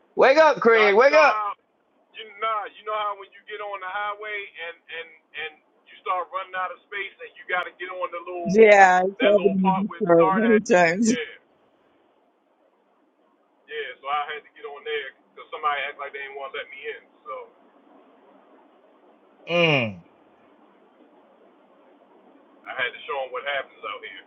Speaker 15: [LAUGHS] wake up,
Speaker 1: Nah,
Speaker 15: Craig.
Speaker 1: you
Speaker 15: Wake
Speaker 1: know
Speaker 15: up.
Speaker 1: how you nah, you know how when you get on the highway and and and you start running out of space and you got to get on the little
Speaker 20: yeah it's
Speaker 1: that
Speaker 20: happened
Speaker 1: little
Speaker 20: to
Speaker 1: part
Speaker 20: me
Speaker 1: where it
Speaker 20: before
Speaker 1: start at.
Speaker 20: many times
Speaker 1: Yeah, yeah. So I had to get on there because somebody act like they didn't want to let me in. So
Speaker 15: Mm.
Speaker 1: I had to show them what happens out here.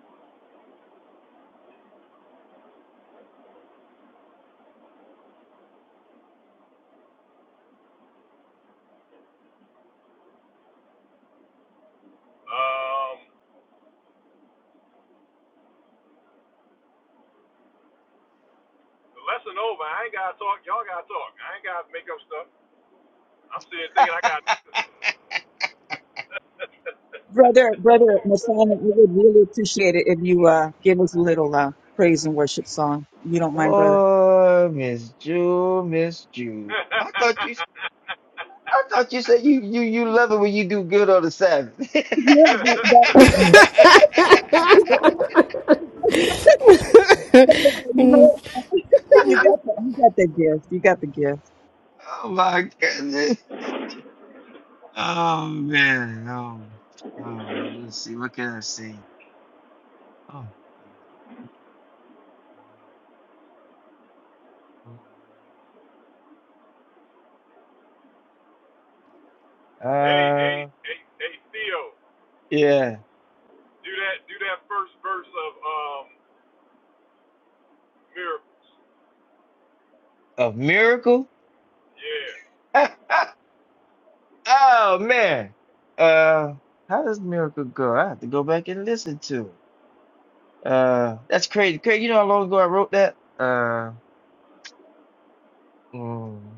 Speaker 1: Um, the lesson over. I ain't gotta talk. Y'all gotta talk. I ain't gotta make up stuff. I'm sitting here thinking I got. [LAUGHS] hey,
Speaker 20: brother brother Masana, i would really appreciate it if you uh give us a little uh praise and worship song you don't mind brother
Speaker 15: Oh, Miss Jewel, Miss Jewel. I thought you, I thought you said you, you, you love it when you do good on the Sabbath.
Speaker 20: [LAUGHS] yeah but
Speaker 15: [LAUGHS]
Speaker 20: that [LAUGHS] [LAUGHS] But but you know, [LAUGHS] you got that. You got that gift. You got the gift.
Speaker 15: Oh my goodness. Oh man. Oh, oh, let's see. What can I say? Oh my goodness.
Speaker 1: hey,
Speaker 15: Uh,
Speaker 1: hey, hey, Theo.
Speaker 15: yeah.
Speaker 1: Do that. Do that first verse of um miracles.
Speaker 15: A miracle?
Speaker 1: Yeah.
Speaker 15: [LAUGHS] Oh man. Uh, how does miracle go? I have to go back and listen to it. Uh, that's crazy. Crazy, you know how long ago I wrote that? Uh, mm,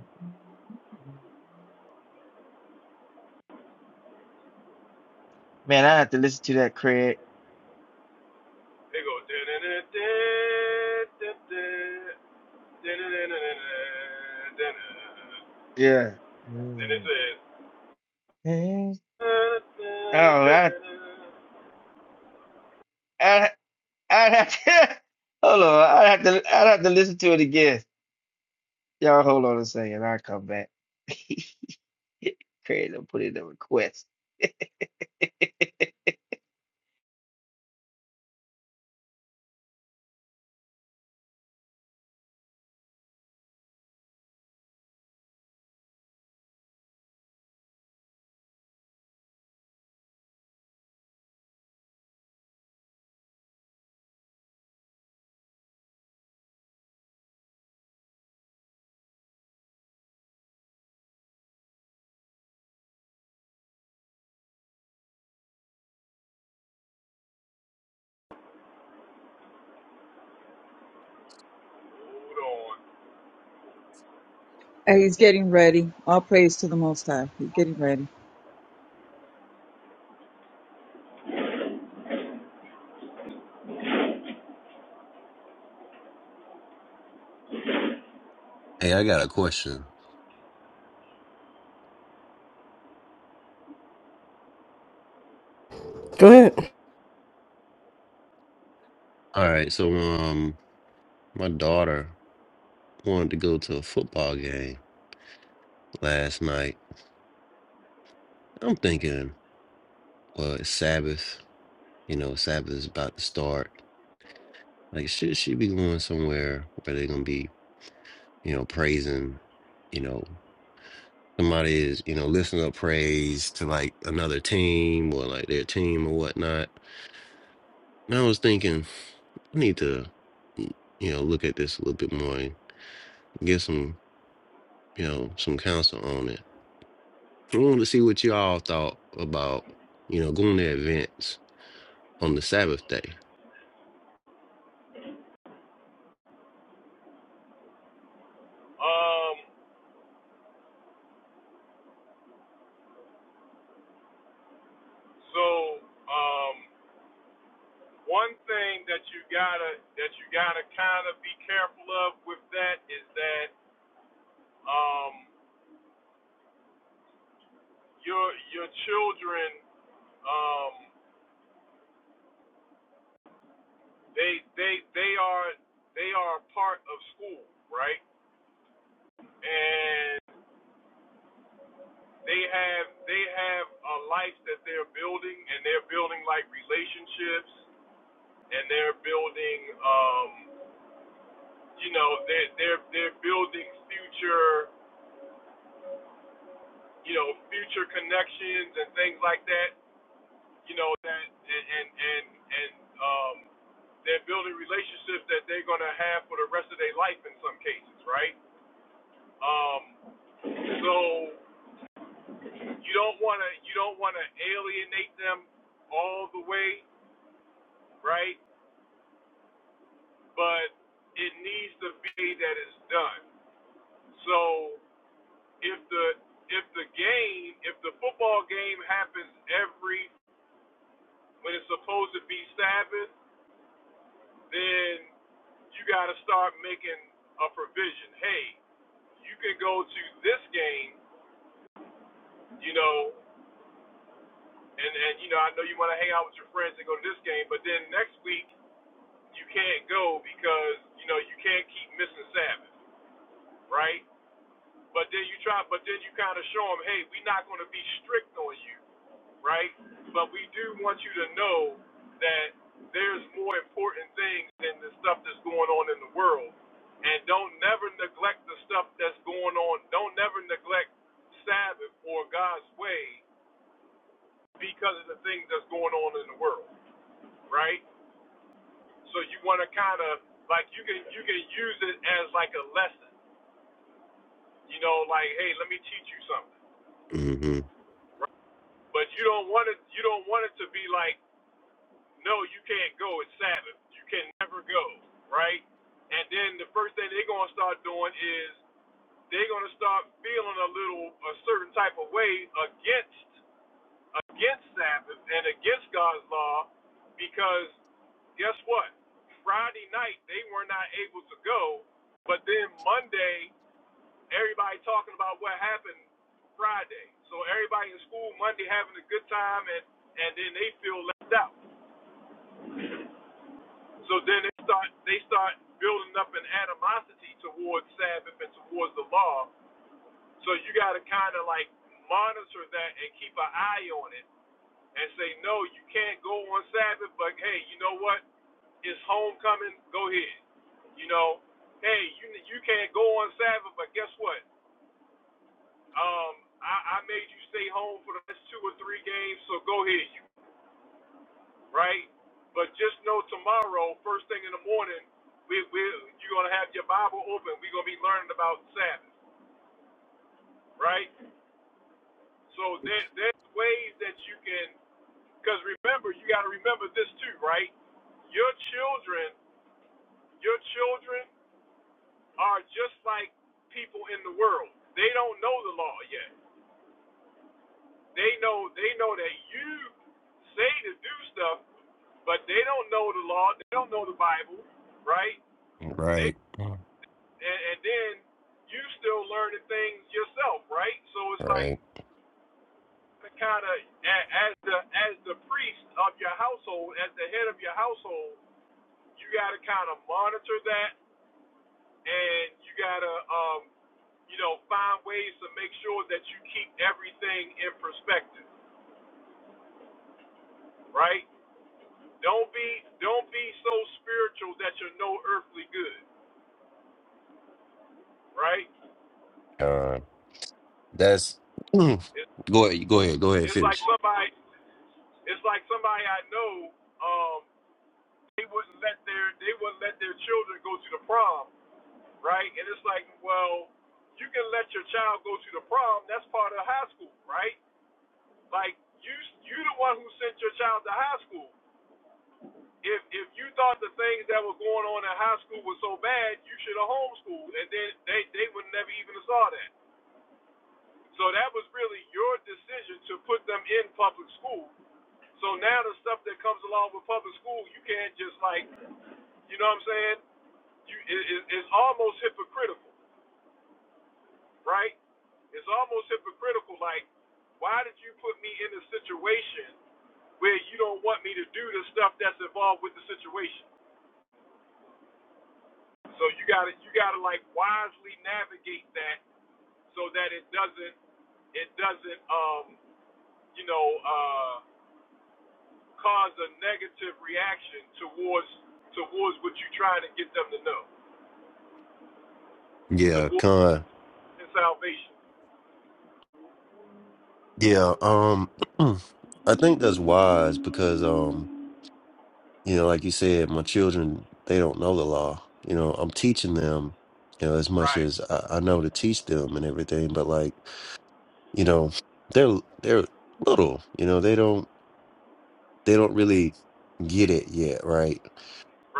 Speaker 15: man, I have to listen to that, Craig.
Speaker 1: They go. da da da da da da da da da da da
Speaker 15: Yeah.
Speaker 1: Then it
Speaker 15: Mm.
Speaker 1: says.
Speaker 15: Oh,
Speaker 1: da da da
Speaker 15: I,
Speaker 1: da.
Speaker 15: I, I have to. [LAUGHS] Hold on, I have to. I have to listen to it again. Y'all, hold on a second. I'll come back. [LAUGHS] Craig, I'll put in a request. [LAUGHS]
Speaker 1: Hold on.
Speaker 20: And he's getting ready. All praise to the Most High. He's getting ready.
Speaker 5: hey, I got a question.
Speaker 19: Go ahead.
Speaker 5: All right, so um, my daughter wanted to go to a football game last night. I'm thinking, well, it's Sabbath. You know, Sabbath is about to start. Like, should she be going somewhere where they're gonna be, you know, praising, you know. somebody is, you know, lifting up praise to like another team or like their team or whatnot. And I was thinking, I need to, mm, you know, look at this a little bit more and get some, you know, some counsel on it. I wanted to see what y'all thought about, you know, going to events on the Sabbath day.
Speaker 1: Um. So um. One thing that you gotta that you gotta kind of be careful of with that is that um your your children um They they they are they are part of school, right? And they have they have a life that they're building, and they're building like relationships, and they're building um, you know they're they're they're building future you know future connections and things like that. You know that and and and, and um, they're building relationships that they're going to have for the rest of their life in some cases, right? Um, so you don't want to you don't want to alienate them all the way, right? But it needs to be that it's done. So if the if the game if the football game happens every when it's supposed to be Sabbath, then you got to start making a provision. Hey, you can go to this game, you know. and and you know I know you want to hang out with your friends and go to this game, but then next week you can't go because you know you can't keep missing Sabbath, right? But then you try, but then you kind of show them, hey, we're not going to be strict on you, right? But we do want you to know that there's more important things than the stuff that's going on in the world, and don't never neglect the stuff that's going on. Don't never neglect Sabbath or God's way because of the things that's going on in the world right? So you want to kind of like you can you can use it as like a lesson, you know, like hey, let me teach you something.
Speaker 5: Mm-hmm.
Speaker 1: Right? But you don't want it you don't want it to be like no, you can't go. It's Sabbath. You can never go, right? And then the first thing they're gonna start doing is they're gonna start feeling a little a certain type of way against. against Sabbath and against God's law because guess what? Friday night they were not able to go, but then Monday everybody talking about what happened Friday. So everybody in school Monday having a good time and and then they feel left out. So then they start they start building up an animosity towards Sabbath and towards the law. So you got to kind of like monitor that and keep an eye on it and say, no, you can't go on Sabbath, but hey, you know what? It's homecoming. Go ahead. You know, hey, you you can't go on Sabbath, but guess what? Um, I, I made you stay home for the next two or three games, so go ahead, you right? But just know tomorrow, first thing in the morning, we we you're gonna have your Bible open. We're gonna be learning about Sabbath, right? So there, there's ways that you can, because remember, you got to remember this too, right? Your children, your children are just like people in the world. They don't know the law yet. They know, they know that you say to do stuff, but they don't know the law. They don't know the Bible, right? They
Speaker 5: Right.
Speaker 1: and, and then you still learning things yourself, right? So it's like
Speaker 5: Right.
Speaker 1: to kind of as the as the priest of your household, as the head of your household, you got to kind of monitor that, and you got to um, you know find ways to make sure that you keep everything in perspective, right? Don't be don't be so spiritual that you're no earthly good, right?
Speaker 5: Con. That's [CLEARS THROAT] go
Speaker 1: It's
Speaker 5: ahead, go ahead, go ahead,
Speaker 1: it's like
Speaker 5: finish.
Speaker 1: somebody it's like somebody I know um, they wouldn't let their they wouldn't let their children go to the prom right? And it's like, well, you can let your child go to the prom. That's part of high school, right? Like you, you the one who sent your child to high school. If if you thought the things that were going on in high school were so bad, you should have homeschooled, and then they they would never even have saw that. So that was really your decision to put them in public school. So now the stuff that comes along with public school, you can't just like, you know what I'm saying? You, it, it's almost hypocritical right? It's almost hypocritical. Like, why did you put me in a situation where you don't want me to do the stuff that's involved with the situation? So you gotta you gotta like wisely navigate that so that it doesn't it doesn't um you know uh cause a negative reaction towards towards what you're trying to get them to know
Speaker 5: Yeah,
Speaker 1: towards
Speaker 5: con.
Speaker 1: salvation.
Speaker 5: Yeah, um [CLEARS THROAT] I think that's wise because um, you know, like you said, my children, they don't know the law. You know, I'm teaching them, you know, as much
Speaker 1: Right,
Speaker 5: as I, I know to teach them and everything, but like, you know, they're they're little, you know, they don't they don't really get it yet, right?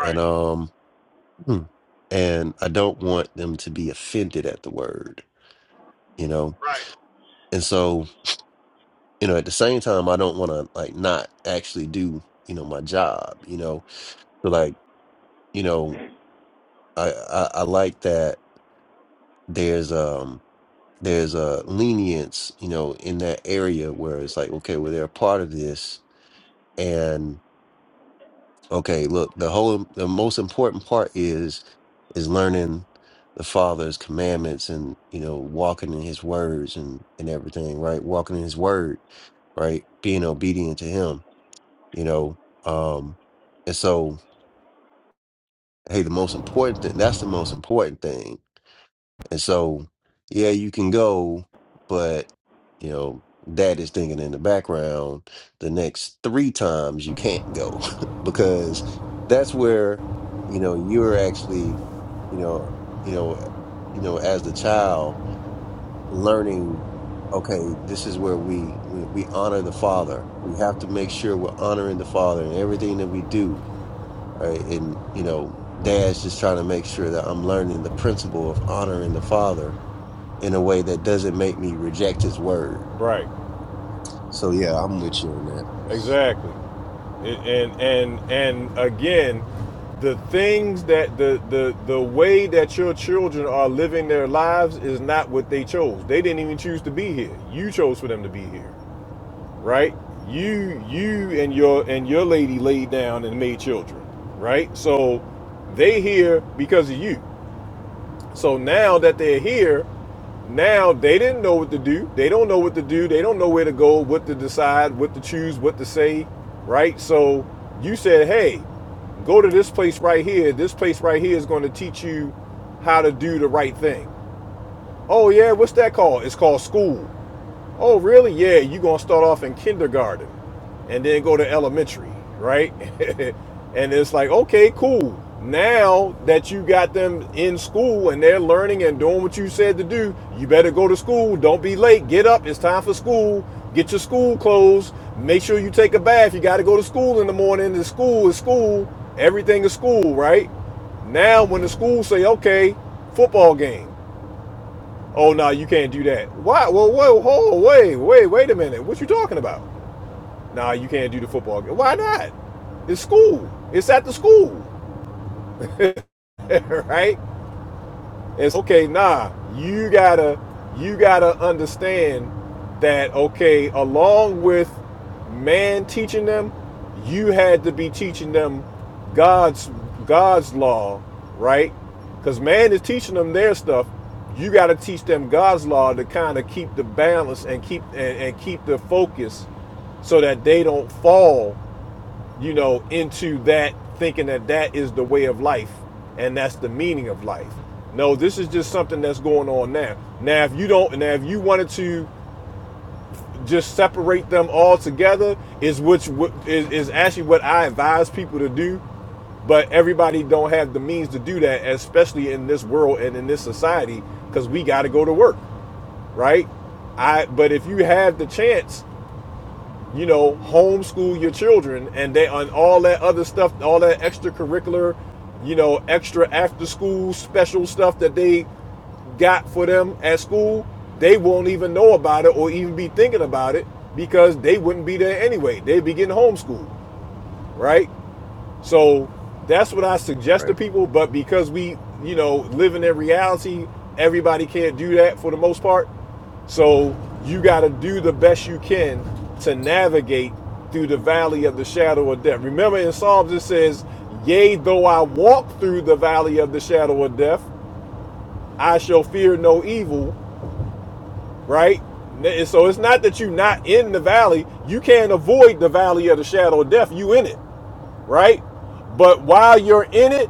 Speaker 5: And um [CLEARS THROAT] and I don't want them to be offended at the word, you know.
Speaker 1: right.
Speaker 5: And so, you know, at the same time, I don't want to like not actually do, you know, my job, you know. So like, you know, I, I I like that there's um there's a lenience, you know, in that area where it's like, okay, well, they're a part of this and okay, look, the whole the most important part is is learning the father's commandments and you know walking in his words and and everything right walking in his word right being obedient to him you know um and so hey the most important thing that's the most important thing and so yeah you can go but you know dad is thinking in the background the next three times you can't go [LAUGHS] because that's where you know you're actually you know you know you know as the child learning okay this is where we we, we honor the father we have to make sure we're honoring the father in everything that we do right? And you know, dad's just trying to make sure that I'm learning the principle of honoring the father in a way that doesn't make me reject his word.
Speaker 1: Right.
Speaker 5: So yeah, I'm with you on that.
Speaker 1: Exactly. and and and again the things that the the the way that your children are living their lives is not what they chose they didn't even choose to be here you chose for them to be here right you you and your and your lady laid down and made children right so they here because of you so now that they're here now they didn't know what to do. They don't know what to do. They don't know where to go, what to decide, what to choose, what to say, right? So you said, hey, go to this place right here. This place right here is going to teach you how to do the right thing. Oh, yeah, what's that called? It's called school. Oh, really? Yeah, you're going to start off in kindergarten and then go to elementary, right? [LAUGHS] and it's like, okay, cool. Now that you got them in school and they're learning and doing what you said to do, you better go to school. Don't be late. Get up. It's time for school. Get your school clothes. Make sure you take a bath. You got to go to school in the morning. The school is school. Everything is school, right? Now when the school say, okay, football game. Oh no, nah, you can't do that. Why? Well, whoa, hold, wait, wait, wait a minute. What you talking about? Nah, you can't do the football game. Why not? It's school. It's at the school, [LAUGHS] right? It's okay, nah. You gotta you gotta understand that okay, along with man teaching them, you had to be teaching them God's God's law, right? Because man is teaching them their stuff. You gotta teach them God's law to kind of keep the balance and keep and, and keep the focus so that they don't fall you know, into that thinking that that is the way of life and that's the meaning of life. No, this is just something that's going on now. Now, if you don't, now if you wanted to just separate them all together, is which is, is actually what I advise people to do. But everybody don't have the means to do that, especially in this world and in this society, because we got to go to work, right? I. But if you have the chance you know, homeschool your children and they on all that other stuff, all that extracurricular, you know, extra after school special stuff that they got for them at school, they won't even know about it or even be thinking about it because they wouldn't be there anyway. They'd be getting homeschooled, right? So that's what I suggest
Speaker 5: Right.
Speaker 1: to people. But because we, you know, live in that reality, everybody can't do that for the most part. So you got to do the best you can to navigate through the valley of the shadow of death. Remember in Psalms it says, Yea, though I walk through the valley of the shadow of death, I shall fear no evil, right? N- So it's not that you're not in the valley. You can't avoid the valley of the shadow of death. You in it, right? But while you're in it,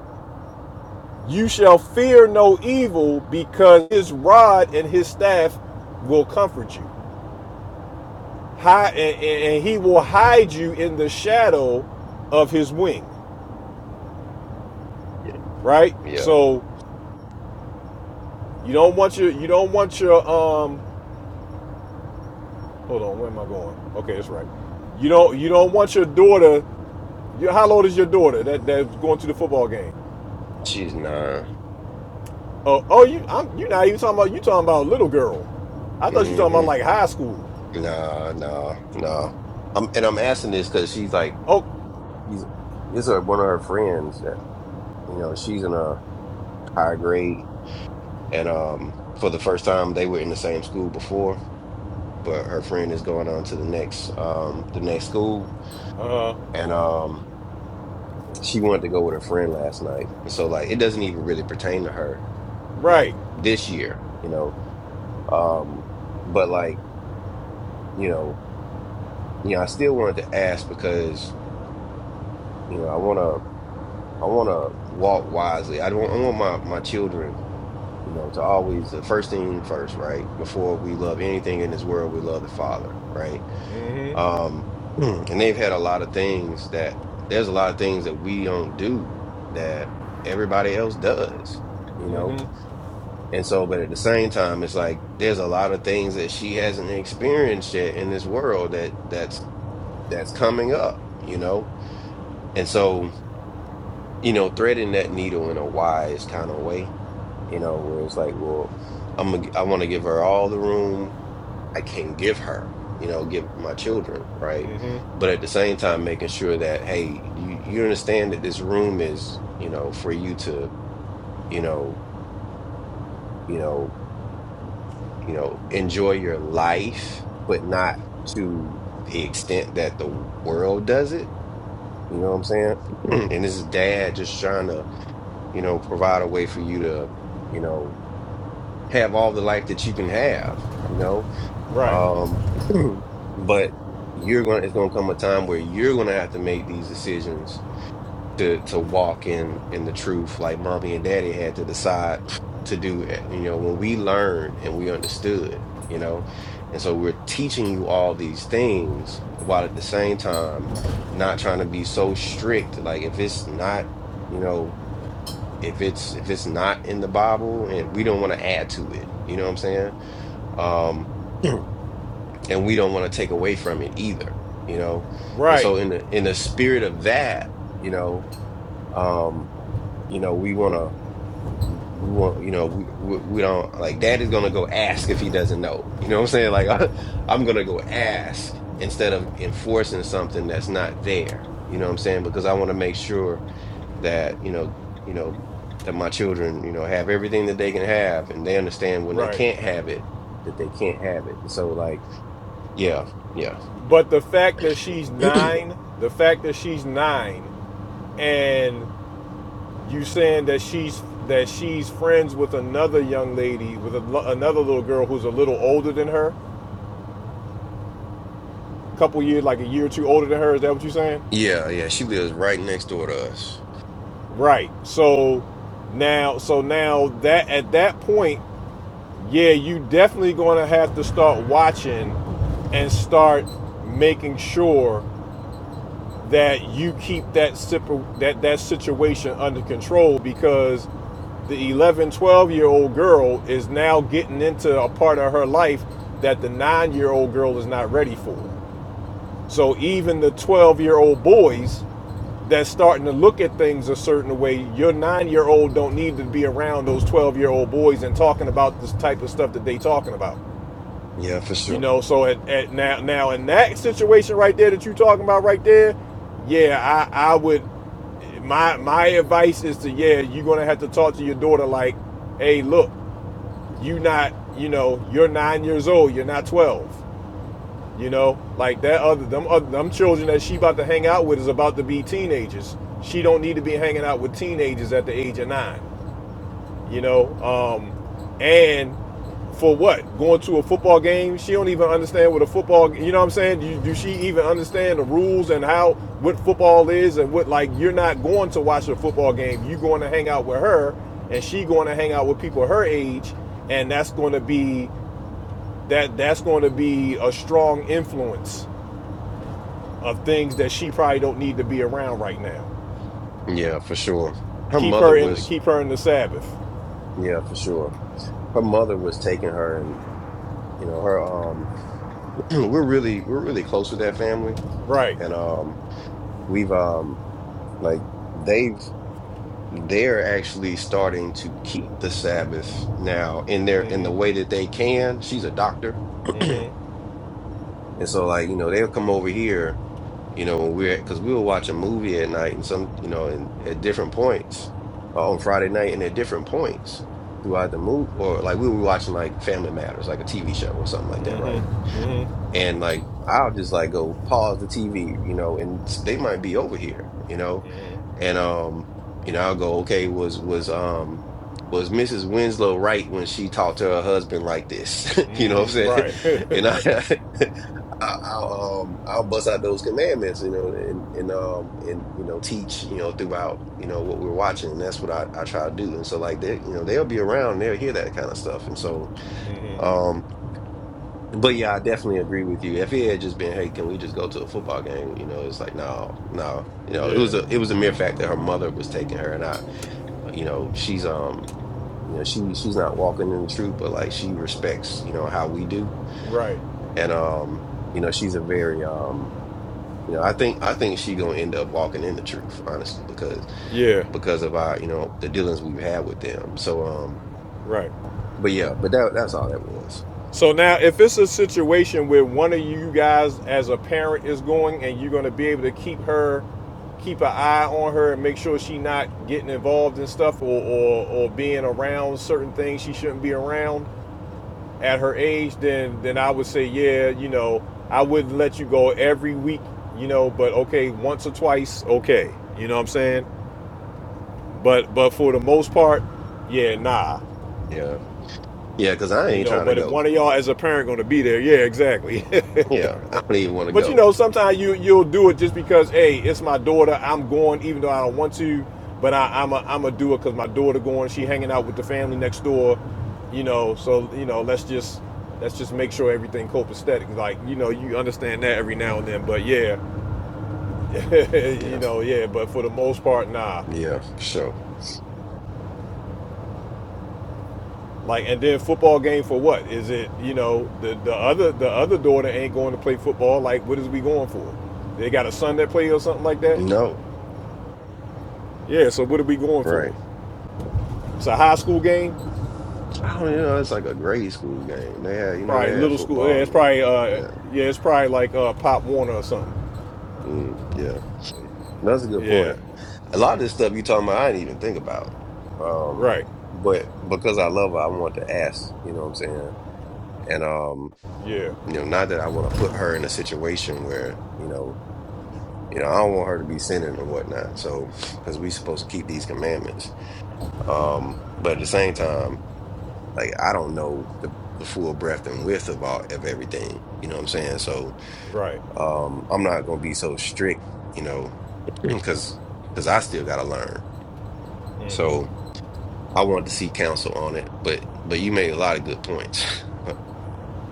Speaker 1: You shall fear no evil because his rod and his staff will comfort you. Hi, and, and- he will hide you in the shadow of his wing.
Speaker 5: Yeah.
Speaker 1: Right?
Speaker 5: Yeah.
Speaker 1: So you don't want your you don't want your um hold on, where am I going? Okay, that's right. You don't you don't want your daughter your, how old is your daughter that, that's going to the football game?
Speaker 5: She's nine.
Speaker 1: Oh oh you I'm you're not even talking about you talking about little girl. I thought you were talking about
Speaker 5: Mm-hmm.
Speaker 1: like high school.
Speaker 5: Nah, nah, nah. I'm and I'm asking this because she's like
Speaker 1: Oh
Speaker 5: she's this is one of her friends that you know, she's in a higher grade and um for the first time they were in the same school before, but her friend is going on to the next um the next school
Speaker 1: uh
Speaker 5: and um she wanted to go with her friend last night and so like it doesn't even really pertain to her
Speaker 1: right.
Speaker 5: like this year you know um but like you know you know i still wanted to ask because you know i want to i want to walk wisely i don't i want my my children you know to always the first thing first right before we love anything in this world we love the father right
Speaker 1: Mm hmm
Speaker 5: Um, [CLEARS THROAT] and they've had a lot of things that there's a lot of things that we don't do that everybody else does, you know?
Speaker 1: Mm-hmm.
Speaker 5: And so, but at the same time, it's like there's a lot of things that she hasn't experienced yet in this world that that's that's coming up, you know? And so, you know, threading that needle in a wise kind of way, you know, where it's like, well, I'm gonna, I want to give her all the room I can give her, you know, give my children, right?
Speaker 1: Mm-hmm.
Speaker 5: But at the same time, making sure that, hey, you, you understand that this room is, you know, for you to, you know, you know, you know, enjoy your life, but not to the extent that the world does it. You know what I'm saying? [CLEARS THROAT] And this is dad just trying to, you know, provide a way for you to, you know, have all the life that you can have, you know?
Speaker 1: Right.
Speaker 5: Um, [CLEARS THROAT] but you're going to it's going to come a time where you're going to have to make these decisions to to walk in in the truth like mommy and daddy had to decide [SNIFFS] to do it. You know, when we learned and we understood, you know. And so we're teaching you all these things while at the same time not trying to be so strict like if it's not, you know, if it's if it's not in the Bible and we don't want to add to it. You know what I'm saying? Um and we don't want to take away from it either you know and
Speaker 1: Right.
Speaker 5: so in the in the spirit of that you know um you know we want to we want you know we, we we don't like dad is gonna go ask if he doesn't know [LAUGHS] you know what i'm saying like [LAUGHS] I, i'm gonna go ask instead of enforcing something that's not there you know what i'm saying because i want to make sure that you know you know that my children you know have everything that they can have and they understand when they
Speaker 1: Right.
Speaker 5: can't have it that they can't have it and so like yeah yeah
Speaker 1: But the fact that she's
Speaker 5: [CLEARS THROAT]
Speaker 1: nine, the fact that she's nine, and you saying that she's that she's friends with another young lady, with a, another little girl who's a little older than her, a couple years, like a year or two older than her. Is that what you're saying?
Speaker 5: Yeah, yeah, she lives right next door to us.
Speaker 1: Right. So now, so now that at that point, yeah, you definitely going to have to start watching and start making sure that you keep that that that situation under control because the 1112 year old girl is now getting into a part of her life that the 9 year old girl is not ready for so even the 12 year old boys that's starting to look at things a certain way your 9 year old don't need to be around those 12 year old boys and talking about this type of stuff that they talking about
Speaker 5: Yeah, for
Speaker 1: you
Speaker 5: sure.
Speaker 1: know, so at, at now now in that situation right there that you're talking about right there, yeah, I I would my my advice is to yeah, you're gonna have to talk to your daughter like, hey, look, you not you know you're nine years old, you're not twelve. You know, like that other them other them children that she about to hang out with is about to be teenagers. She don't need to be hanging out with teenagers at the age of nine you know. Um, and for what? Going to a football game? She don't even understand what a football. You know what I'm saying? You, do she even understand the rules and how what football is and what like? You're not going to watch a football game. You're going to hang out with her, and she going to hang out with people her age, and that's going to be that. That's going to be a strong influence of things that she probably don't need to be around right now.
Speaker 5: Yeah, for sure. Her
Speaker 1: Keep
Speaker 5: mother
Speaker 1: her in.
Speaker 5: was,
Speaker 1: Keep her in the Sabbath.
Speaker 5: yeah, for sure. Her mother was taking her and, you know, her um [CLEARS THROAT] we're really we're really close with that family
Speaker 1: Right.
Speaker 5: and um we've um like they've they're actually starting to keep the Sabbath now in their in the
Speaker 1: mm
Speaker 5: way that they can. She's a doctor.
Speaker 1: hmm
Speaker 5: [CLEARS THROAT]
Speaker 1: hmm
Speaker 5: And so, like, you know, they'll come over here, you know, when we're, because we will watch a movie at night and some, you know, and at different points uh, on Friday night and at different points throughout the movie, or like we were watching like Family Matters, like a TV show or something like that,
Speaker 1: hmm
Speaker 5: right? and like I'll just like go pause the TV, you know, and s- they might be over here, you know, and um, you know, I'll go, okay, was was um was Mrs. Winslow right when she talked to her husband like this, [LAUGHS] you know
Speaker 1: hmm
Speaker 5: what I'm saying?
Speaker 1: Right. [LAUGHS]
Speaker 5: [LAUGHS] And I, [LAUGHS] I I'll um I'll bust out those commandments, you know, and and um and you know teach, you know, throughout, you know, what we're watching, and that's what I I try to do, and so like they, you know, they'll be around, and they'll hear that kind of stuff, and so.
Speaker 1: hmm
Speaker 5: um, but yeah, I definitely agree with you. If it had just been, hey, can we just go to a football game? You know, it's like no, no. You know, it
Speaker 1: Yeah.
Speaker 5: was a it was a mere fact that her mother was taking her, and I, you know, she's um, you know, she she's not walking in the truth, but like she respects, you know, how we do,
Speaker 1: Right.
Speaker 5: and um, you know, she's a very um, you know, I think I think she gonna end up walking in the truth, honestly, because
Speaker 1: Yeah.
Speaker 5: because of our, you know, the dealings we've had with them. So um,
Speaker 1: Right.
Speaker 5: but yeah, but that that's all that was.
Speaker 1: So now, if it's a situation where one of you guys, as a parent, is going, and you're going to be able to keep her, keep an eye on her, and make sure she not getting involved in stuff or, or or being around certain things she shouldn't be around at her age, then then I would say, yeah, you know, I wouldn't let you go every week, you know, but okay, once or twice, okay, you know what I'm saying? But but for the most part, yeah, nah.
Speaker 5: Yeah, yeah, because I
Speaker 1: You
Speaker 5: ain't
Speaker 1: know,
Speaker 5: trying to
Speaker 1: but if
Speaker 5: go.
Speaker 1: one of y'all as a parent gonna be there, yeah, exactly. [LAUGHS]
Speaker 5: Yeah, I don't even want to
Speaker 1: but you
Speaker 5: go.
Speaker 1: know, sometimes you you'll do it just because, hey, it's my daughter. I'm going, even though I don't want to. But I, I'm a I'm a do it because my daughter going. She hanging out with the family next door. You know, so you know, let's just let's just make sure everything copacetic. Like you know, you understand that every now and then. But yeah, [LAUGHS] you
Speaker 5: Yeah,
Speaker 1: know, yeah. But for the most part, nah.
Speaker 5: yeah, sure.
Speaker 1: Like and then football game for what? Is it you know the the other the other daughter ain't going to play football? Like what is we going for? They got a son that plays or something like that.
Speaker 5: No,
Speaker 1: Yeah. So what are we going for?
Speaker 5: right.
Speaker 1: It's a high school game,
Speaker 5: I don't you know. It's like a grade school game. They had, you know, they
Speaker 1: probably
Speaker 5: had
Speaker 1: little school. Yeah,
Speaker 5: football.
Speaker 1: it's
Speaker 5: And,
Speaker 1: probably uh
Speaker 5: yeah,
Speaker 1: yeah it's probably like uh Pop Warner or something.
Speaker 5: mm, yeah. That's a good
Speaker 1: Yeah.
Speaker 5: point. A lot of this stuff you talking about, I didn't even think about. Um,
Speaker 1: Right.
Speaker 5: but because I love her, I want to ask. You know what I'm saying? And um,
Speaker 1: Yeah.
Speaker 5: you know, not that I want to put her in a situation where you know, you know, I don't want her to be sinning and whatnot. So, because we supposed to keep these commandments. Um, but at the same time. like I don't know the, the full breadth and width of all of everything. You know what I'm saying? So
Speaker 1: Right.
Speaker 5: um I'm not gonna be so strict, you know, [CLEARS THROAT] because because I still gotta learn. So
Speaker 1: Mm-hmm.
Speaker 5: I wanted to see counsel on it, but but you made a lot of good points. [LAUGHS]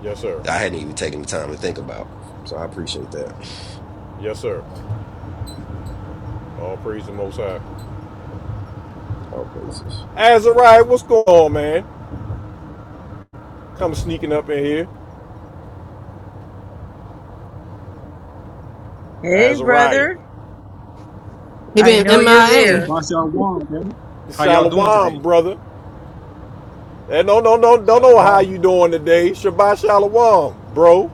Speaker 1: Yes sir.
Speaker 5: I hadn't even taken the time to think about. So I appreciate that.
Speaker 1: Yes sir. All praise the Most High.
Speaker 5: All praises.
Speaker 1: Azariah, what's going on, man? Come sneaking up in here,
Speaker 20: Hey,
Speaker 1: Azariah.
Speaker 20: brother.
Speaker 19: He
Speaker 20: I
Speaker 19: been
Speaker 20: know you're
Speaker 19: MIA.
Speaker 20: there.
Speaker 22: Shabbat Shalom, family. How y'all doing today?
Speaker 1: Shalom, brother. And don't, don't, don't, don't know how
Speaker 22: Shalom.
Speaker 1: you doing today. Shabbat shalom, bro.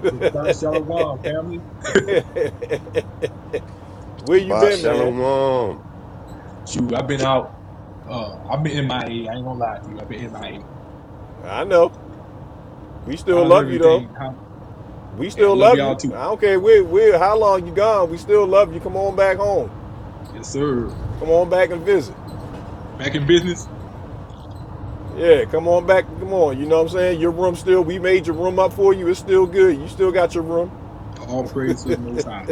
Speaker 22: Shabbat Shalom, family.
Speaker 1: [LAUGHS] where you
Speaker 5: But
Speaker 1: been, man?
Speaker 5: shalom.
Speaker 22: Shoot, I've been out. Uh, I've been MIA. I A. I ain't gonna lie to you. I've been MIA.
Speaker 1: I know. We
Speaker 22: But
Speaker 1: still
Speaker 22: How's
Speaker 1: love you, though.
Speaker 22: everything? How,
Speaker 1: We
Speaker 22: hey, I
Speaker 1: still
Speaker 22: love
Speaker 1: love
Speaker 22: y'all
Speaker 1: you.
Speaker 22: too.
Speaker 1: I don't care where, where, how long you gone. We still love you. Come on back home.
Speaker 22: Yes, sir.
Speaker 1: Come on back and visit.
Speaker 22: Back in business.
Speaker 1: Yeah, come on back. Come on. You know what I'm saying? Your room still, we made your room up for you. It's still good. You still got your room.
Speaker 22: All praise to the Most High.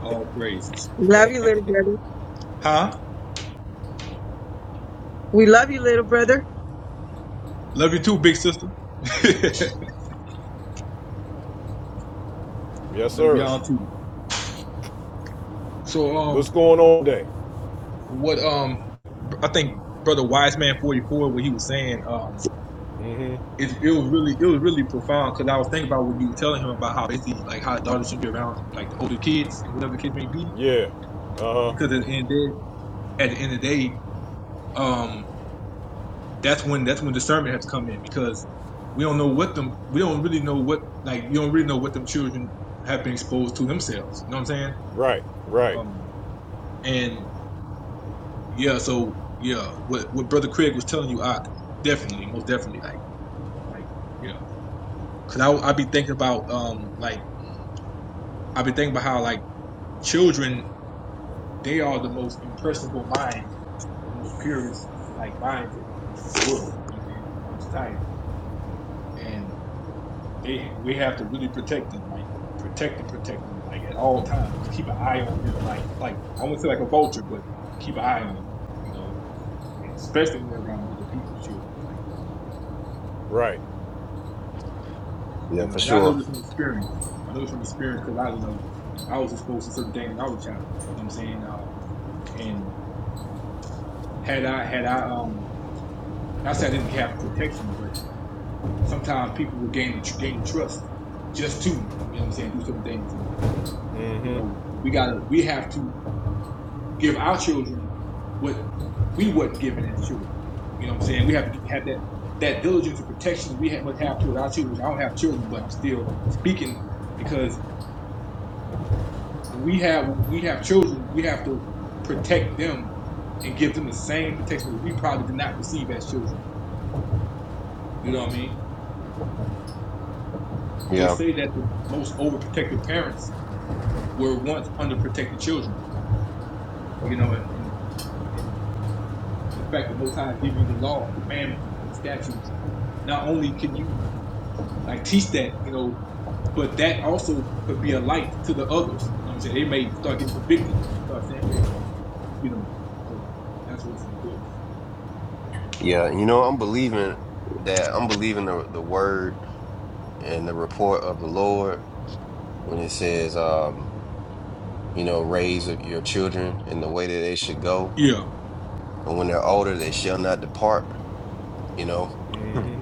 Speaker 22: All praise.
Speaker 20: Love you, little brother.
Speaker 22: Huh?
Speaker 20: We love you, little brother.
Speaker 22: Love you too, big sister. [LAUGHS]
Speaker 1: Yes,
Speaker 22: love
Speaker 1: sir.
Speaker 22: y'all too. So, um,
Speaker 1: What's going on today?
Speaker 22: what, um, I think Brother Wiseman 44, what he was saying, um.
Speaker 1: hmm
Speaker 22: it, it was really it was really profound because I was thinking about what you were telling him about how basically like how daughters should be around like the older kids and whatever the kids may be
Speaker 1: Yeah. Uh-huh.
Speaker 22: because at the end of the day, at the end of the day um that's when that's when discernment has to come in because we don't know what them we don't really know what like you don't really know what them children have been exposed to themselves you know what I'm saying
Speaker 1: Right. Right.
Speaker 22: um and yeah so yeah what what brother Craig was telling you I definitely most definitely like like yeah because I I be thinking about um like I be thinking about how like children they are the most impressionable minds and the most purest like minds in, in the world you know what I'm saying, on society, and they we have to really protect them, like protect them, protect them, like at all times. Keep an eye on them, like like I wouldn't say like a vulture, but keep an eye on them, you know, and especially when they're around other people's children, like yeah,
Speaker 1: Right.
Speaker 22: you
Speaker 5: Yeah, for
Speaker 22: know. And I know
Speaker 5: sure.
Speaker 22: this from experience. I know this from experience because I you know I was exposed to certain things when I was a child. You know what I'm saying? Uh, and had I had I um not say I didn't have protection, but sometimes people will gain gain the trust just to, you know what I'm saying, do certain things. And,
Speaker 1: mm
Speaker 22: you know,
Speaker 1: hmm
Speaker 22: we gotta, we have to give our children what we wasn't given as children. You know what I'm saying? We have to have that, that diligence and protection we have, must have toward our children, which I don't have children, but I'm still speaking because when we have, when we have children, we have to protect them and give them the same protection that we probably did not receive as children. You know what I mean? They
Speaker 5: Yeah.
Speaker 22: say that the most overprotective parents were once underprotected children, you know, and, and, and the fact that Most High give you the law, commandments, and statutes, not only can you like teach that, you know, but that also could be a light to the others. You know what I'm saying? They may start getting convicted and start saying, wait a minute, you know, so that's what's important.
Speaker 5: Yeah. And you know, I'm believing that I'm believing the the word and the report of the Lord when it says, um, you know, raise your children in the way that they should go,
Speaker 22: Yeah,
Speaker 5: and when they're older, they shall not depart. You know,
Speaker 1: mm
Speaker 5: Mm.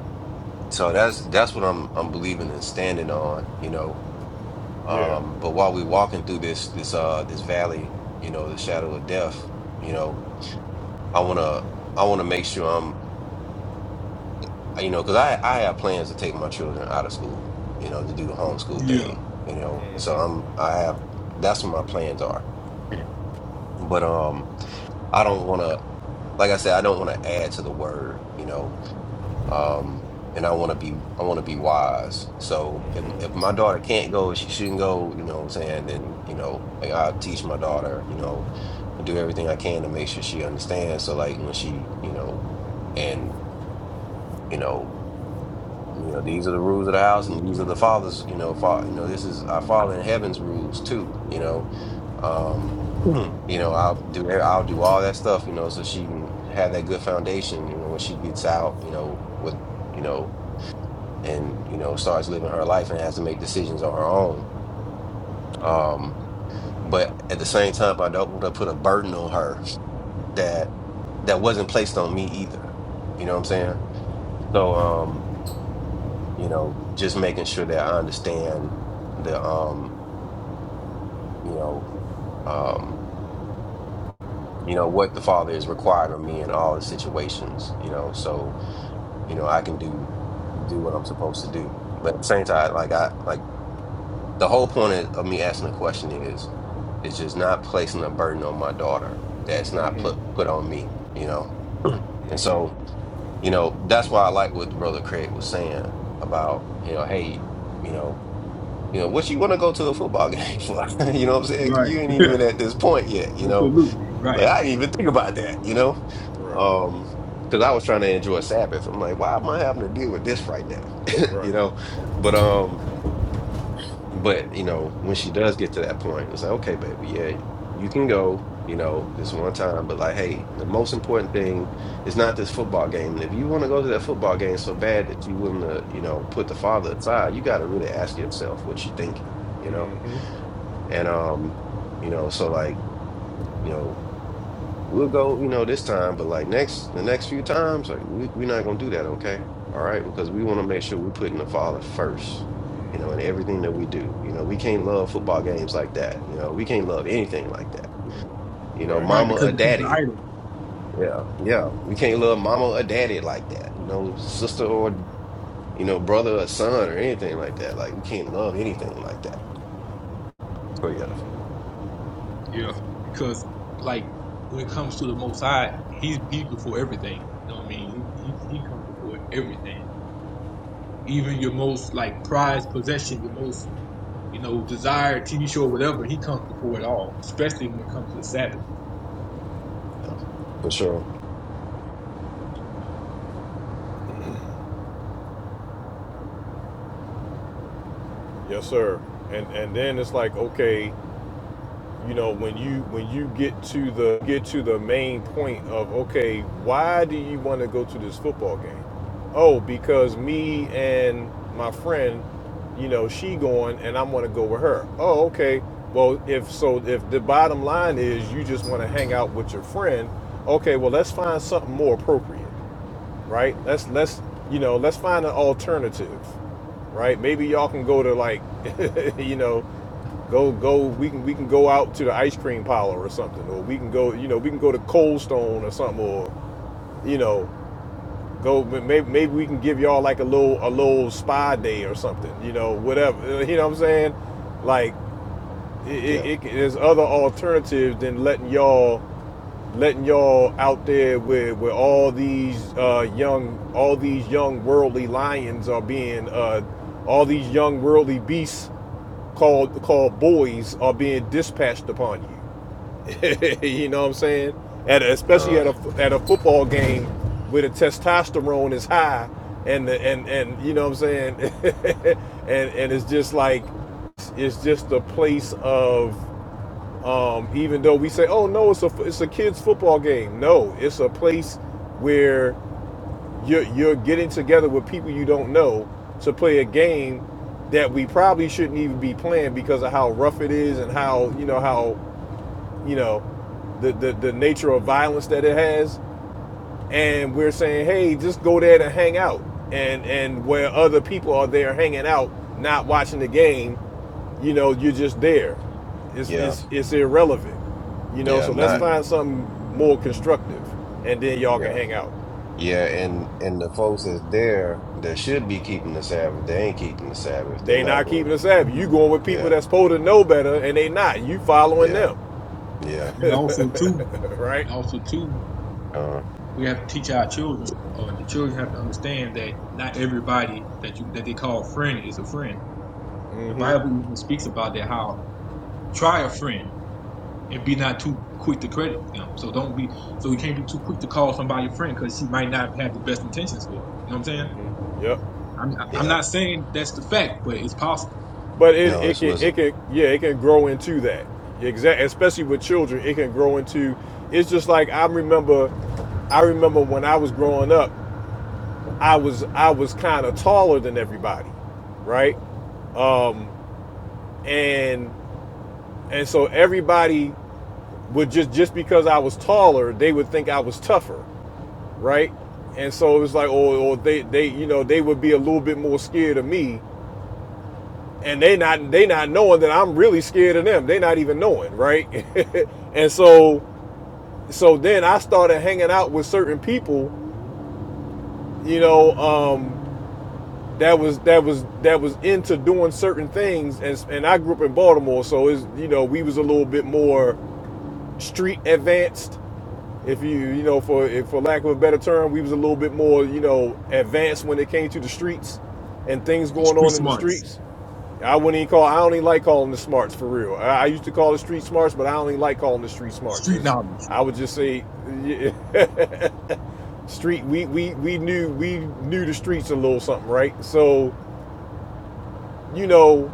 Speaker 5: so that's that's what I'm I'm believing and standing on. You know,
Speaker 1: hmm Yeah.
Speaker 5: um, but while we're walking through this this uh this valley, you know, the shadow of death, you know, I wanna I wanna make sure I'm you know, because I I have plans to take my children out of school, you know, to do the homeschool
Speaker 22: yeah,
Speaker 5: thing, you know, and so I'm I have that's what my plans are. Mm. But um. I don't want to, like I said, I don't want to add to the word, you know. Um, and I want to be, I want to be wise. So if if my daughter can't go, she shouldn't go. You know what I'm saying? Then you know, like I teach my daughter, you know, do everything I can to make sure she understands. So like when she, you know, and you know. You know, these are the rules of the house, and these are the fathers. You know, fa- you know, this is our Father in heaven's rules too. You know, um, Mm. you know, I'll do e, I'll do all that stuff. You know, so she can have that good foundation. You know, when she gets out, you know, with you know, and you know, starts living her life and has to make decisions on her own. Um, but at the same time, I don't want to put a burden on her that that wasn't placed on me either. You know what I'm saying? So, um, you know, just making sure that I understand the um, you know, um, you know, what the father is requiring of me in all the situations, you know, so, you know, I can do do what I'm supposed to do. But at the same time, like I like the whole point of, of me asking the question is is just not placing a burden on my daughter that's not
Speaker 1: Mm-hmm.
Speaker 5: put put on me, you know. [CLEARS THROAT] and so, you know, that's why I like what the brother Craig was saying about, you know, hey, you know You know, what you want to go to a football game for? [LAUGHS] you know what I'm saying? You
Speaker 22: right.
Speaker 5: ain't even
Speaker 1: Right,
Speaker 5: at this point yet, you know?
Speaker 22: Absolutely,
Speaker 5: Like,
Speaker 22: right.
Speaker 5: I didn't even think about that, you know?
Speaker 1: right,
Speaker 5: Um, because I was trying to enjoy Sabbath. I'm like, why am I having to deal with this right now? [LAUGHS]
Speaker 1: right.
Speaker 5: you know? But, um, but, you know, when she does get to that point, it's like, okay, baby, yeah, you can go, you know, this one time, but like, hey, the most important thing is not this football game. And if you want to go to that football game so bad that you willing to, you know, put the father aside, you got to really ask yourself what you're thinking, you know?
Speaker 1: hmm
Speaker 5: And um, you know, so like, you know, we'll go, you know, this time, but like next the next few times, like we we're not gonna do that, okay? All right, because we want to make sure we're putting the father first, you know, in everything that we do. You know, we can't love football games like that. You know, we can't love anything like that.
Speaker 22: Right,
Speaker 5: You know,
Speaker 1: Right.
Speaker 22: right
Speaker 5: mama
Speaker 22: because
Speaker 5: or
Speaker 22: it becomes an
Speaker 5: daddy.
Speaker 22: idol.
Speaker 5: Yeah, yeah. We can't love mama or daddy like that. You know, sister or you know, brother or son or anything like that. Like we can't love anything like that. So yeah,
Speaker 22: Yeah, because like when it comes to the Most High, He's He's before everything. You know what I mean? He He, he comes before everything, even your most like prized possession, your most you know desired TV show, or whatever. He comes before it all, especially when it comes to the Sabbath.
Speaker 5: yeah, for sure.
Speaker 1: Yes, sir. And and then it's like, okay, you know, when you when you get to the get to the main point of okay, why do you want to go to this football game? Oh, because me and my friend, you know, she going and I want to go with her. Oh, okay. Well, if so, if the bottom line is you just want to hang out with your friend, okay, well let's find something more appropriate. right? Let's let's you know let's find an alternative, right? Maybe y'all can go to like [LAUGHS] you know go go we can we can go out to the ice cream parlor or something, or we can go you know we can go to Cold Stone or something, or you know go maybe maybe we can give y'all like a little a little spa day or something, you know whatever [LAUGHS] you know what I'm saying, like it, it,
Speaker 5: Yeah.
Speaker 1: it there's other alternatives than letting y'all letting y'all out there where where all these uh, young all these young worldly lions are being uh, all these young worldly beasts called called boys are being dispatched upon you. [LAUGHS] you know what I'm saying? At a, especially
Speaker 5: Uh
Speaker 1: at a at a football game where the testosterone is high and the, and and you know what I'm saying? [LAUGHS] and and it's just like it's just a place of um, even though we say, "Oh no, it's a it's a kids football game." No, it's a place where you're you're getting together with people you don't know to play a game that we probably shouldn't even be playing because of how rough it is and how you know how you know the the, the nature of violence that it has. And we're saying, "Hey, just go there to hang out," and and where other people are there hanging out, not watching the game you know, you're just there. It's
Speaker 5: yeah.
Speaker 1: it's it's irrelevant. You know,
Speaker 5: Yeah,
Speaker 1: so let's
Speaker 22: Yeah,
Speaker 5: not
Speaker 1: find something more constructive and then y'all can
Speaker 5: yeah.
Speaker 1: hang out.
Speaker 5: Yeah, and and the folks that's there that should be keeping the Sabbath, they ain't keeping the Sabbath. They
Speaker 1: They
Speaker 5: not
Speaker 1: not
Speaker 5: going.
Speaker 1: keeping the Sabbath. You
Speaker 22: Mm.
Speaker 1: going with
Speaker 5: to
Speaker 1: people
Speaker 5: Yeah,
Speaker 1: that's supposed to know better and they not. You following
Speaker 5: yeah,
Speaker 1: them.
Speaker 5: yeah,
Speaker 22: and also too, and also too,
Speaker 5: uh,
Speaker 22: we have to teach our children, or the children have to understand that not everybody that you that they call friend is a friend. The
Speaker 1: hmm
Speaker 22: Bible
Speaker 1: Mhm.
Speaker 22: even speaks about that how try a friend. and be not too quick to credit them. So don't be so you can't be too quick to call somebody a friend because she might not have the best intentions for it. You know what I'm saying?
Speaker 1: Yep.
Speaker 22: I'm I'm
Speaker 5: yeah.
Speaker 22: not saying that's the fact, but it's possible.
Speaker 1: But it,
Speaker 5: No,
Speaker 1: it
Speaker 5: it's
Speaker 1: can
Speaker 5: wisdom.
Speaker 1: it can yeah, it can grow into that. Exactly, especially with children, it can grow into it's just like I remember I remember when I was growing up, I was I was kind of taller than everybody, right? Um. and and so everybody would just just because I was taller, they would think I was tougher, right? And so it was like, or, or they they you know they would be a little bit more scared of me, and they not they not knowing that I'm really scared of them. They not even knowing, right? [LAUGHS] and so so then I started hanging out with certain people, you know, um, that was that was that was into doing certain things, and and I grew up in Baltimore, so is you know we was a little bit more street advanced if you you know for if, for lack of a better term we was a little bit more you know advanced when it came to the streets and things
Speaker 22: It's
Speaker 1: going
Speaker 22: street
Speaker 1: on in the
Speaker 22: smarts,
Speaker 1: streets i wouldn't even call i don't even like calling the smarts for real i, I used to call the street smarts but i don't even like calling the street smarts
Speaker 22: street
Speaker 1: is
Speaker 22: knowledge.
Speaker 1: i would just say yeah, [LAUGHS] street we, we we knew we knew the streets a little something right so you know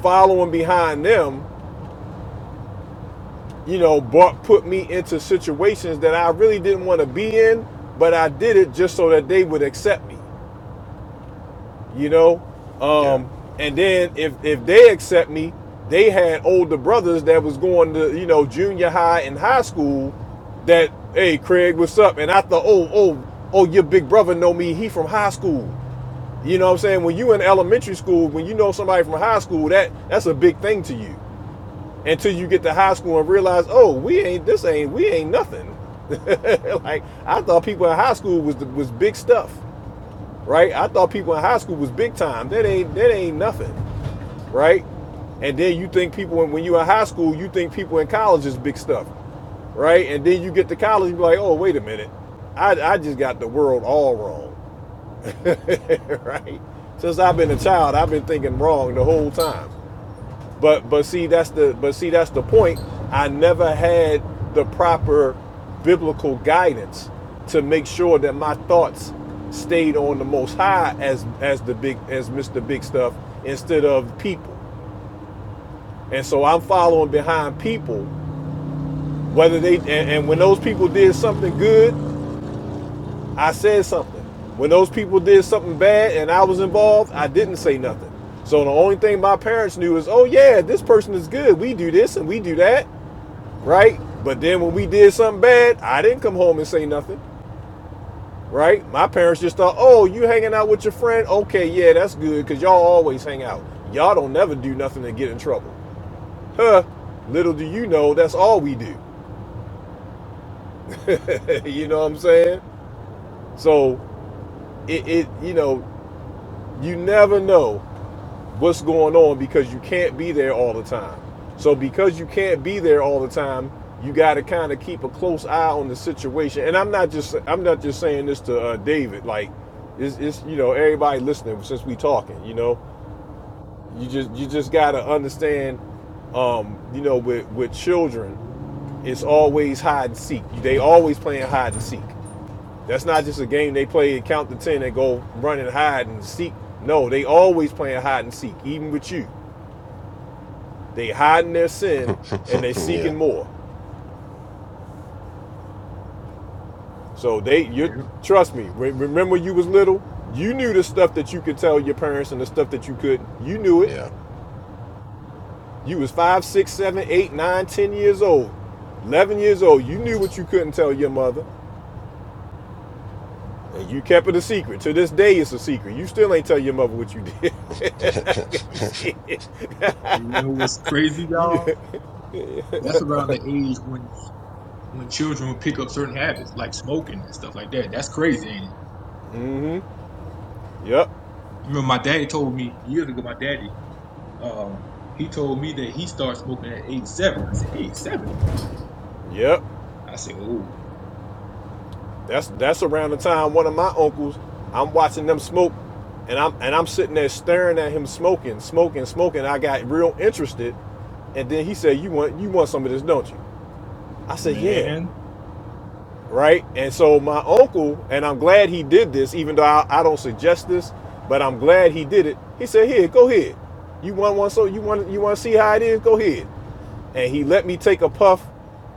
Speaker 1: following behind them you know, brought put me into situations that I really didn't want to be in, but I did it just so that they would accept me, you know.
Speaker 5: Yeah,
Speaker 1: Um, and then if if they accept me, they had older brothers that was going to you know junior high and high school. That hey Craig, what's up? And I thought, oh oh oh, your big brother know me. He from high school. You know what I'm saying? When you in elementary school, when you know somebody from high school, that that's a big thing to you until you get to high school and realize, oh, we ain't this ain't we ain't nothing. [LAUGHS] like I thought people in high school was was big stuff, right? I thought people in high school was big time. That ain't that ain't nothing, right? And then you think people when you are in high school, you think people in college is big stuff, right? And then you get to college, you be like, oh, wait a minute, I I just got the world all wrong, [LAUGHS] right? Since I've been a child, I've been thinking wrong the whole time. But but see that's the but see that's the point. I never had the proper biblical guidance to make sure that my thoughts stayed on the most high as as the big as Mr. Big Stuff instead of people. And so I'm following behind people, whether they and, and when those people did something good, I said something. When those people did something bad and I was involved, I didn't say nothing. So the only thing my parents knew is, oh yeah, this person is good. We do this and we do that. right? But then when we did something bad, I didn't come home and say nothing, right? My parents just thought, oh, you hanging out with your friend? Okay, yeah, that's good, because y'all always hang out. Y'all don't never do nothing to get in trouble. Huh? Little do you know, that's all we do. [LAUGHS] you know what I'm saying? So it, it you know, you never know what's going on because you can't be there all the time. So because you can't be there all the time, you got to kind of keep a close eye on the situation. And I'm not just I'm not just saying this to uh, David. Like, it's, it's you know everybody listening since we talking. You know, you just you just got to understand. Um, you know, with with children, it's always hide and seek. They always playing hide and seek. That's not just a game they play. Count to ten and go run and hide and seek. No, they always playing hide and seek, even with you. They hiding their
Speaker 5: [LAUGHS]
Speaker 1: sin and they
Speaker 5: yeah,
Speaker 1: seeking more. So they, you
Speaker 22: Yeah.
Speaker 1: trust me. Re- remember, you was little. You knew the stuff that you could tell your parents and the stuff that you couldn't. You knew it.
Speaker 5: yeah,
Speaker 1: You was five, six, seven, eight, nine, ten years old, eleven years old. You knew what you couldn't tell your mother, and you kept it a secret. To this day, it's a secret. You still ain't tell your mother what you did.
Speaker 5: [LAUGHS]
Speaker 1: [LAUGHS] you scared.
Speaker 22: You know what's crazy, y'all?
Speaker 1: [LAUGHS]
Speaker 22: That's around the age when when children would pick up certain habits like smoking and stuff like that. That's crazy. Ain't it?
Speaker 1: Mhm. Yep.
Speaker 22: I remember my daddy told me years ago. My daddy, um, he told me that he started smoking at age seven. I said, age seven?
Speaker 1: Yep. [LAUGHS]
Speaker 22: I said, oh
Speaker 1: That's that's around the time one of my uncles, I'm watching them smoke, and I'm and I'm sitting there staring at him smoking, smoking, smoking. I got real interested, and then he said, "You want you want some of this, don't you?" I said, "Yeah."
Speaker 22: man,
Speaker 1: Right, and so my uncle, and I'm glad he did this, even though I, I don't suggest this, but I'm glad he did it. He said, "Here, go ahead. You want one? So you want you want to see how it is? Go ahead." And he let me take a puff,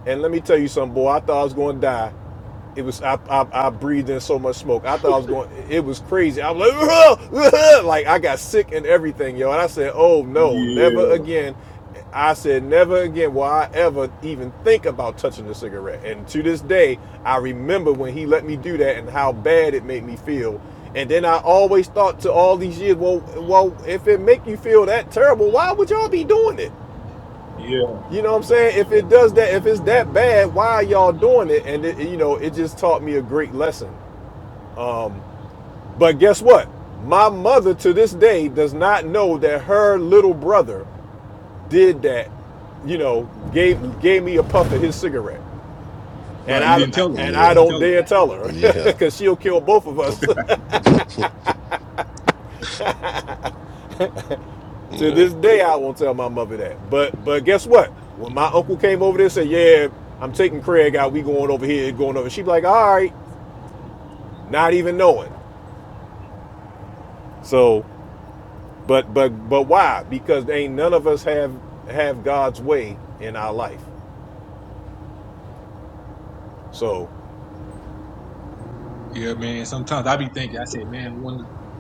Speaker 1: and let me tell you something, boy. I thought I was going to die it was I, I I breathed in so much smoke. I thought I was going. It was crazy. I was like, [LAUGHS] like I got sick and everything, yo. And I said, oh no,
Speaker 22: yeah.
Speaker 1: never again. I said, never again will I ever even think about touching a cigarette. And to this day, I remember when he let me do that and how bad it made me feel. And then I always thought to all these years, well, well, if it make you feel that terrible, why would y'all be doing it?
Speaker 22: Yeah.
Speaker 1: You know what I'm saying? If it does that, if it's that bad, why are y'all doing it? And it, you know, it just taught me a great lesson. Um, but guess what? My mother to this day does not know that her little brother did that. You know, gave gave me a puff of his cigarette, and
Speaker 22: Right. You
Speaker 1: I
Speaker 22: didn't tell her.
Speaker 1: and I
Speaker 22: You
Speaker 5: yeah,
Speaker 22: didn't
Speaker 1: don't
Speaker 22: tell her.
Speaker 1: dare tell her [LAUGHS]
Speaker 5: yeah,
Speaker 1: because she'll kill both of us.
Speaker 5: [LAUGHS]
Speaker 1: [LAUGHS]
Speaker 5: yeah,
Speaker 1: to this day, I won't tell my mother that. But but guess what? When my uncle came over there and said, "Yeah, I'm taking Craig out. We going over here, going over," she'd be like, "All right," not even knowing. So, but but but why? Because ain't none of us have have God's way in our life. So,
Speaker 22: Yeah, man. Sometimes I be thinking, I said, man, one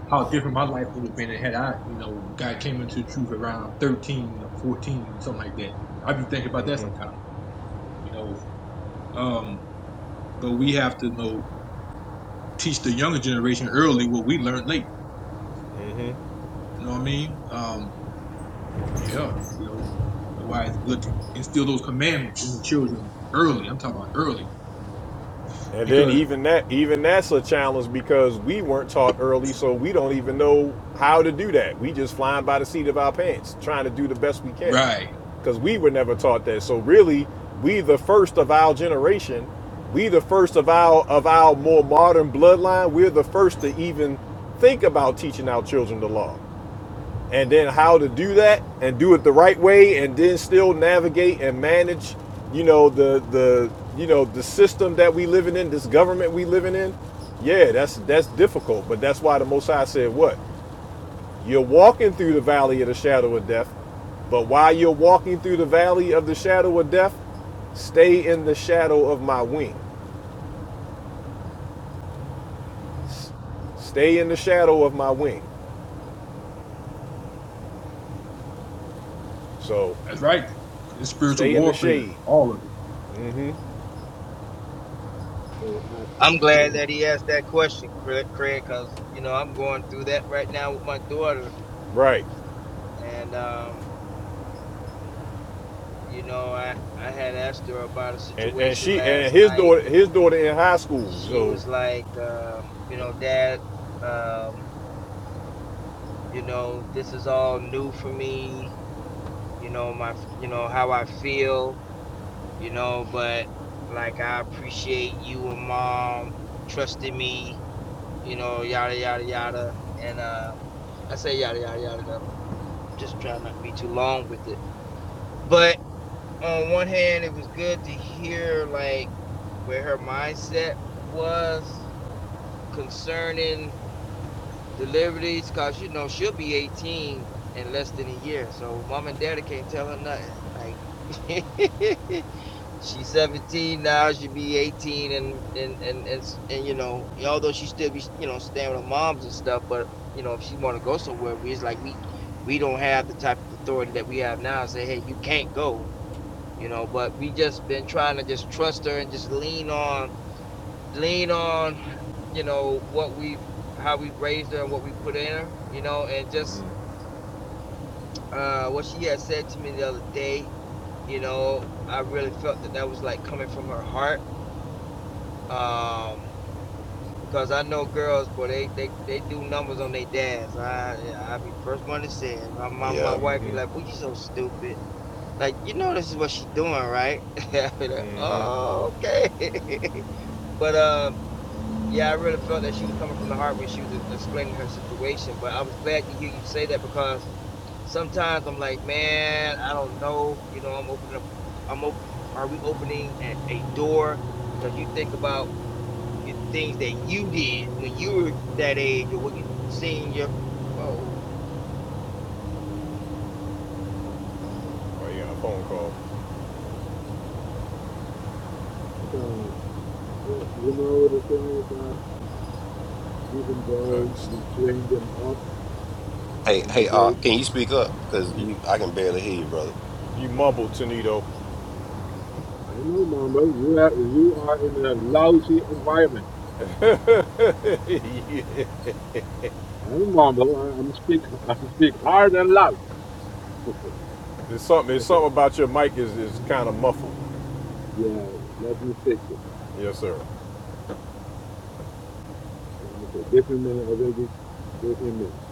Speaker 22: how different my life would have been had I, you know, God came into the truth around thirteen or fourteen, or something like that. I be thinking about that
Speaker 1: mhm,
Speaker 22: sometimes, you know. Um, but we have to you know teach the younger generation early what we learned late.
Speaker 1: mhm.
Speaker 22: You know what I mean? Um, yeah, you know, that's why it's good to instill those commandments in the children early. I'm talking about early
Speaker 1: and then
Speaker 22: because
Speaker 1: even that even that's a challenge because we weren't taught early, so we don't even know how to do that. We just flying by the seat of our pants, trying to do the best we can,
Speaker 22: right,
Speaker 1: because we were never taught that. So really, we the first of our generation. We the first of our of our more modern bloodline. We're the first to even think about teaching our children the law and then how to do that and do it the right way and then still navigate and manage you know the the you know the system that we living in this government we living in yeah that's that's difficult but that's why the most high said what you're walking through the valley of the shadow of death but while you're walking through the valley of the shadow of death stay in the shadow of my wing stay in the shadow of my wing so
Speaker 22: that's right. It's spiritual
Speaker 1: stay in the
Speaker 22: warfare,
Speaker 1: shade
Speaker 22: all of it.
Speaker 8: Hey,
Speaker 15: I'm glad that
Speaker 8: I, [CLEARS THROAT]
Speaker 15: he asked that question, Cra- Craig, because you know I'm going through that right now with my daughter,
Speaker 1: right
Speaker 15: and um, you know, I, I had asked her about a
Speaker 1: and, and
Speaker 15: situation
Speaker 1: she
Speaker 15: last
Speaker 1: and his
Speaker 15: night
Speaker 1: daughter
Speaker 15: and
Speaker 1: his daughter in high school
Speaker 15: she
Speaker 1: so
Speaker 15: was like, uh, you know, dad, um, you know, this is all new for me, you know, my, you know, how I feel, you know, but like, I appreciate you and mom trusting me, you know, yada, yada, yada. And, uh, I say yada, yada, yada, because I'm just trying not to be too long with it. But on one hand, it was good to hear like, where her mindset was concerning deliveries, cause you know she'll be 18 in less than a year. So mom and daddy can't tell her nothing. Like [LAUGHS] she's 17 now, she'll be 18 and and and and, and you know, although she still be, you know, staying with her moms and stuff, but you know, if she wanna go somewhere, we it's like we we don't have the type of authority that we have now. Say, hey, you can't go, you know, but we just been trying to just trust her and just lean on lean on you know what we've how we've raised her and what we put in her, you know, and just uh what she had said to me the other day, you know, I really felt that that was like coming from her heart. Um because I know girls, boy, they they, they do numbers on their dads. I yeah, I be the first one to say it. My, my my
Speaker 5: yeah.
Speaker 15: wife be
Speaker 1: hmm
Speaker 15: like, "Well, you so stupid." Like you know, this is what she doing, right? [LAUGHS] I be like,
Speaker 1: hmm
Speaker 15: oh, okay. [LAUGHS] but um, Yeah, I really felt that she was coming from the heart when she was uh, explaining her situation. But I was glad to hear you say that because sometimes I'm like, man, I don't know. You know, I'm opening up. I'm open. Are we opening a, a door? Because you think about it, things that you did when you were that age, or what you seen your. Oh,
Speaker 1: oh you got a phone call
Speaker 8: um, uh, you know the thing is, I, even though we
Speaker 1: uh,
Speaker 8: train them up
Speaker 5: Hey,
Speaker 8: in the
Speaker 5: hey, uh,
Speaker 8: way,
Speaker 5: can you speak up? Because
Speaker 1: you,
Speaker 5: you, I can barely hear you, brother.
Speaker 1: you mumbled Tonito
Speaker 8: I know, Mambo, you have, you are in a lousy environment.
Speaker 1: [LAUGHS] Yeah.
Speaker 8: I'm Mambo. I, I'm speak, [LAUGHS] I speak hard and loud.
Speaker 1: there's something there's
Speaker 8: [LAUGHS]
Speaker 1: something about your mic is, is kind of muffled
Speaker 8: Yeah, let me fix it.
Speaker 1: yes sir
Speaker 8: Let me fix it. Give me a minute. I will be. Give me a minute.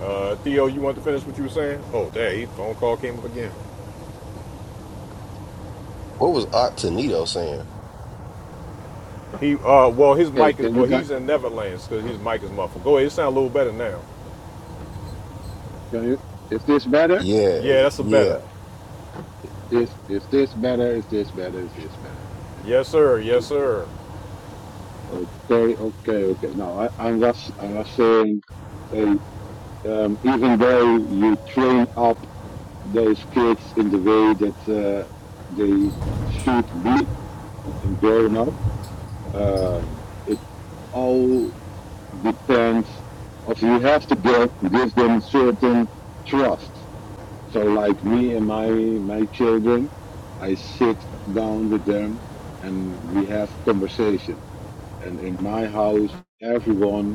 Speaker 1: uh, Theo you want to finish what you were saying oh there he phone call came up again
Speaker 5: What was Octanito saying?
Speaker 1: he uh well his
Speaker 8: Okay,
Speaker 1: mic is
Speaker 8: can you
Speaker 1: well
Speaker 8: got
Speaker 1: he's in Neverlands because his mic is muffled go ahead it sounds a little better now
Speaker 8: can you is this better?
Speaker 5: Yeah,
Speaker 1: yeah that's a better
Speaker 5: yeah,
Speaker 8: This is this better, is this better, is this better? Okay.
Speaker 1: yes sir
Speaker 8: You,
Speaker 1: yes sir
Speaker 8: okay, okay, okay. No, I, I was I was saying uh, um, even though you train up those kids in the way that uh, they should be and grown up, um, it's all. depends of you have to give, give them certain trust. So like me and my my children, I sit down with them and we have conversation. And in my house, everyone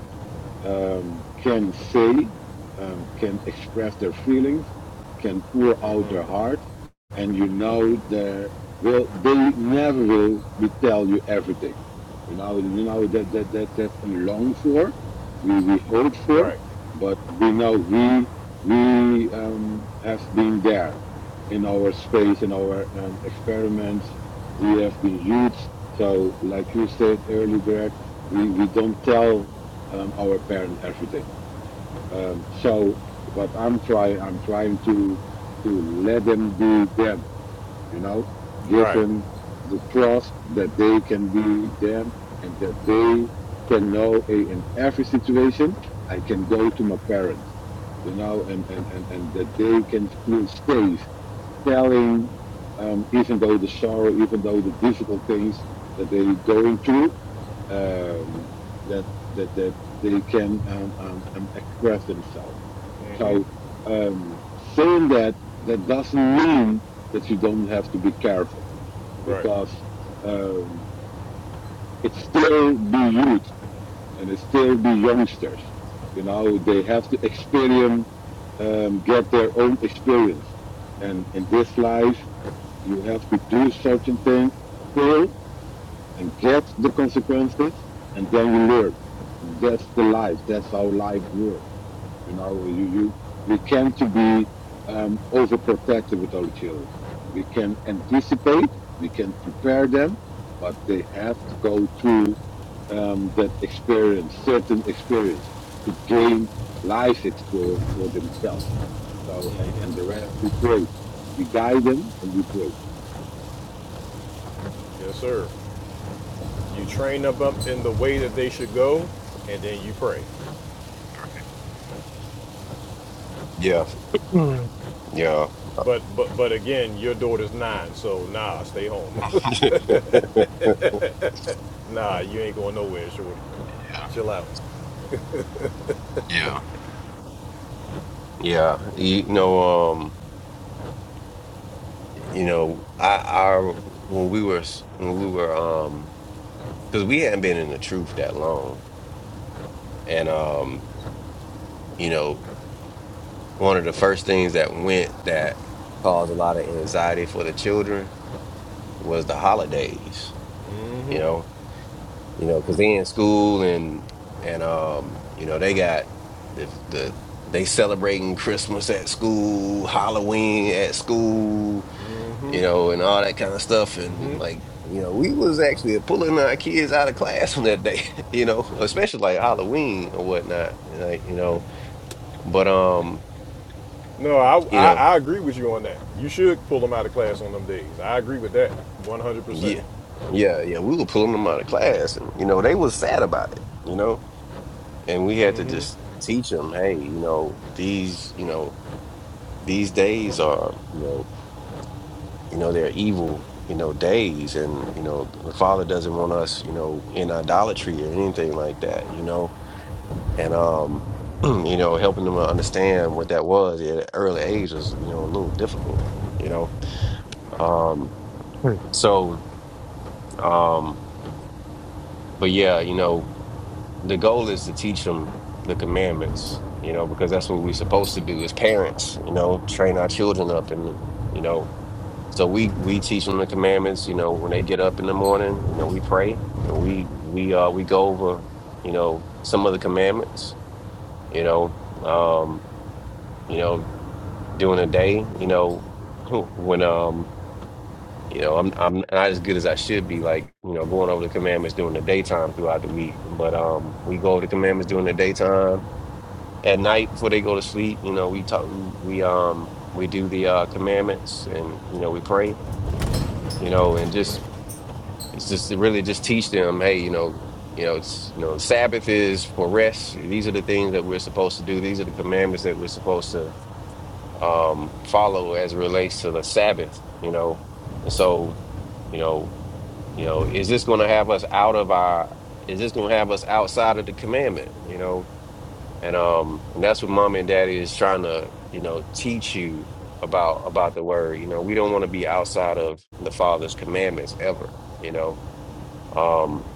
Speaker 8: um, can say, um, can express their feelings, can pour out their heart, and you know they will they never will be tell you everything. You know, you know that that that that's a long for, we we hope for,
Speaker 1: right
Speaker 8: but we know we we um, have been there in our space, in our um, experiments. We have been used. So, like you said earlier, Greg, we, we don't tell um, our parents, everything. Um, so what I'm trying, I'm trying to to let them be them. You know, give
Speaker 1: right
Speaker 8: them the trust that they can be them and that they can know hey, in every situation I can go to my parents. You know, and and and and that they can feel safe telling, um, even though the sorrow, even though the difficult things that they're going through, um, that that that they can um, um, um, express themselves.
Speaker 1: hmm
Speaker 8: So um, saying that that doesn't mean that you don't have to be careful
Speaker 1: right
Speaker 8: because um, it's still the youth and it's still the youngsters. You know, they have to experience, um, get their own experience. And in this life, you have to do certain things still, and get the consequences, and then you learn. That's the life. That's how life works. You know, you, you we can not be um, overprotective with our children. We can anticipate, we can prepare them, but they have to go through um, that experience, certain experience, to gain life experience for themselves. So, and, and the rest we pray. We guide them and we pray.
Speaker 1: yes sir You train them up in the way that they should go, and then you pray.
Speaker 5: yeah, Mm. yeah,
Speaker 1: But but but again, your daughter's nine, so nah, stay home. [LAUGHS] nah, you ain't going nowhere, shorty. Chill out.
Speaker 5: [LAUGHS] yeah. Yeah, you know, um, you know, I, I, when we were, when we were, um, because we hadn't been in the truth that long, and um, you know, one of the first things that went that caused a lot of anxiety for the children was the holidays. You
Speaker 1: Mm-hmm.
Speaker 5: know, you know, because they in school and and um, you know, they got the the they celebrating Christmas at school, Halloween at school you know, and all that kind of stuff. And like, you know, we was actually pulling our kids out of class [LAUGHS] on that day, [LAUGHS] you know, especially like Halloween or whatnot, like, you know, but, um,
Speaker 1: No, I,
Speaker 5: you
Speaker 1: I
Speaker 5: know,
Speaker 1: I agree with you on that. You should pull them out of class on them days. I agree with that, one hundred percent.
Speaker 5: yeah, yeah, yeah, we were pulling them out of class and, you know, they was sad about it, you know, and we had to
Speaker 1: Mm-hmm.
Speaker 5: just teach them, hey, you know, these, you know, these days are, you know, you know, they're evil, you know, days. And, you know, the Father doesn't want us, you know, in idolatry or anything like that, you know and um, [CLEARS THROAT] you know, helping them to understand what that was at an early age was, you know, a little difficult, you know. Um, Hmm. so, um, but yeah, you know, the goal is to teach them the commandments, you know, because that's what we're supposed to do as parents, you know, train our children up and, you know, so we we teach them the commandments, you know, when they get up in the morning, you know, we pray and we we uh we go over, you know, some of the commandments, you know, um, you know during the day, you know, [LAUGHS] when um, you know, I'm I'm not as good as I should be, like, you know, going over the commandments during the daytime throughout the week. But um we go over the commandments during the daytime. At night before they go to sleep, you know, we talk we we, um we do the uh commandments and you know, we pray, you know, and just it's just to really just teach them, hey, you know, you know, it's you know, Sabbath is for rest. These are the things that we're supposed to do. These are the commandments that we're supposed to um follow as it relates to the Sabbath, you know. And so, you know, you know, is this going to have us out of our is this going to have us outside of the commandment, you know? And um and that's what mom and daddy is trying to, you know, teach you about about the word. You know, we don't want to be outside of the father's commandments ever, you know. Um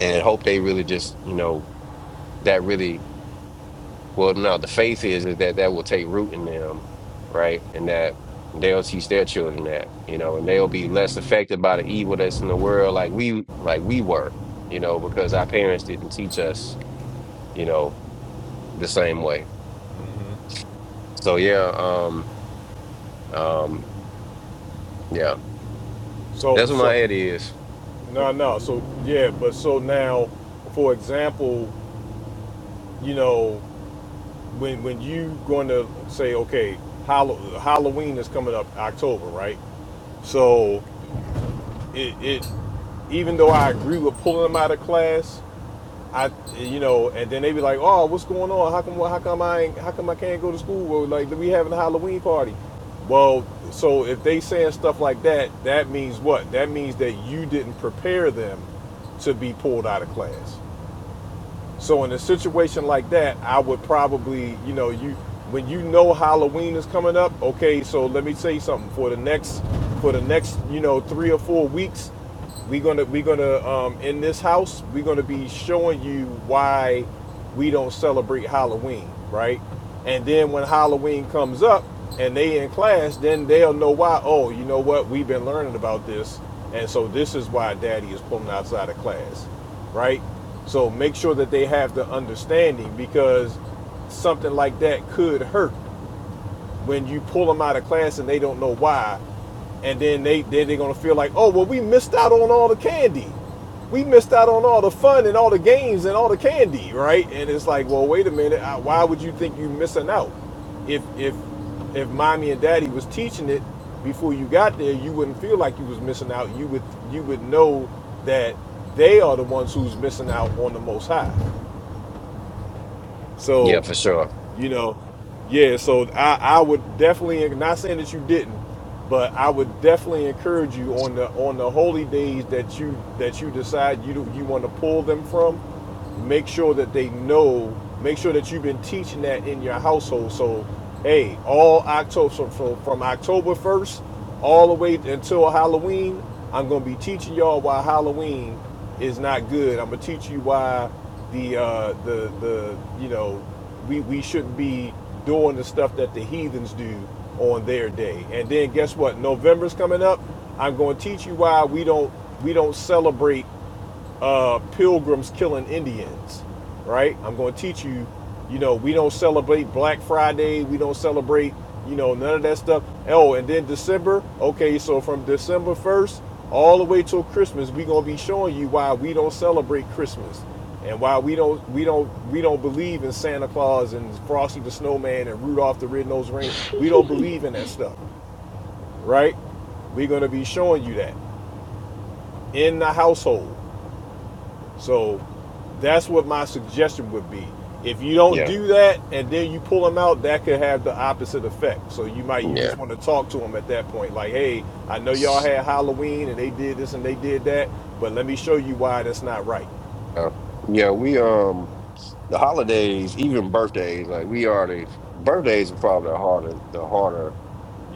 Speaker 5: and hope they really just, you know, that really Well, no, the faith is, is that that will take root in them, right? And that they'll teach their children that, you know, and they'll be less affected by the evil that's in the world like we like we were, you know, because our parents didn't teach us, you know, the same way. So yeah, um, um, yeah.
Speaker 1: So
Speaker 5: That's what
Speaker 1: so
Speaker 5: my head is.
Speaker 1: no no so yeah but so now for example you know when when you going to say okay Hall- Halloween is coming up October right So it, it even though I agree with pulling them out of class, I you know, and then they be like, oh, what's going on? How come how come I ain't, how come I can't go to school? Well, like we having a Halloween party. Well, so if they saying stuff like that, that means what? That means that you didn't prepare them to be pulled out of class. So in a situation like that, I would probably, you know, you when you know Halloween is coming up, okay, so let me say something. For the next for the next, you know, three or four weeks, we're gonna we're gonna um in this house, we're gonna be showing you why we don't celebrate Halloween, right? And then when Halloween comes up and they in class, then they'll know why, oh, you know what, we've been learning about this, and so this is why daddy is pulling outside of class, right? So make sure that they have the understanding because something like that could hurt when you pull them out of class and they don't know why, and then they then they're gonna feel like, oh well, we missed out on all the candy, we missed out on all the fun and all the games and all the candy, right? And it's like, well, wait a minute, uh, why would you think you're missing out? If if if mommy and daddy was teaching it before you got there, you wouldn't feel like you was missing out. You would you would know that they are the ones who's missing out on the most high.
Speaker 5: Yeah,
Speaker 1: So
Speaker 5: for sure.
Speaker 1: you know yeah so i i would definitely not saying that you didn't but i would definitely encourage you on the on the holy days that you that you decide you you want to pull them from make sure that they know make sure that you've been teaching that in your household so hey all october so from, from october 1st all the way until halloween i'm going to be teaching y'all why halloween is not good. I'm gonna teach you why the uh, the the you know we we shouldn't be doing the stuff that the heathens do on their day. And then guess what? November's coming up. I'm gonna teach you why we don't we don't celebrate uh, pilgrims killing Indians, right? I'm going to teach you, you know, we don't celebrate Black Friday. We don't celebrate, you know, none of that stuff. Oh, and then December. Okay, so from December 1st all the way till Christmas, we're going to be showing you why we don't celebrate Christmas and why we don't we don't we don't believe in Santa Claus and Frosty the Snowman and Rudolph the Red-Nosed Reindeer. We don't believe in that stuff, right? We're going to be showing you that in the household. So that's what my suggestion would be. If you don't
Speaker 5: Yeah.
Speaker 1: do that and then you pull them out, that could have the opposite effect. So you might you
Speaker 5: Yeah.
Speaker 1: just want to talk to them at that point, like, hey, I know y'all had Halloween and they did this and they did that, but let me show you why that's not right.
Speaker 5: Uh, yeah, we um the holidays, even birthdays, like we are the birthdays are probably the harder the harder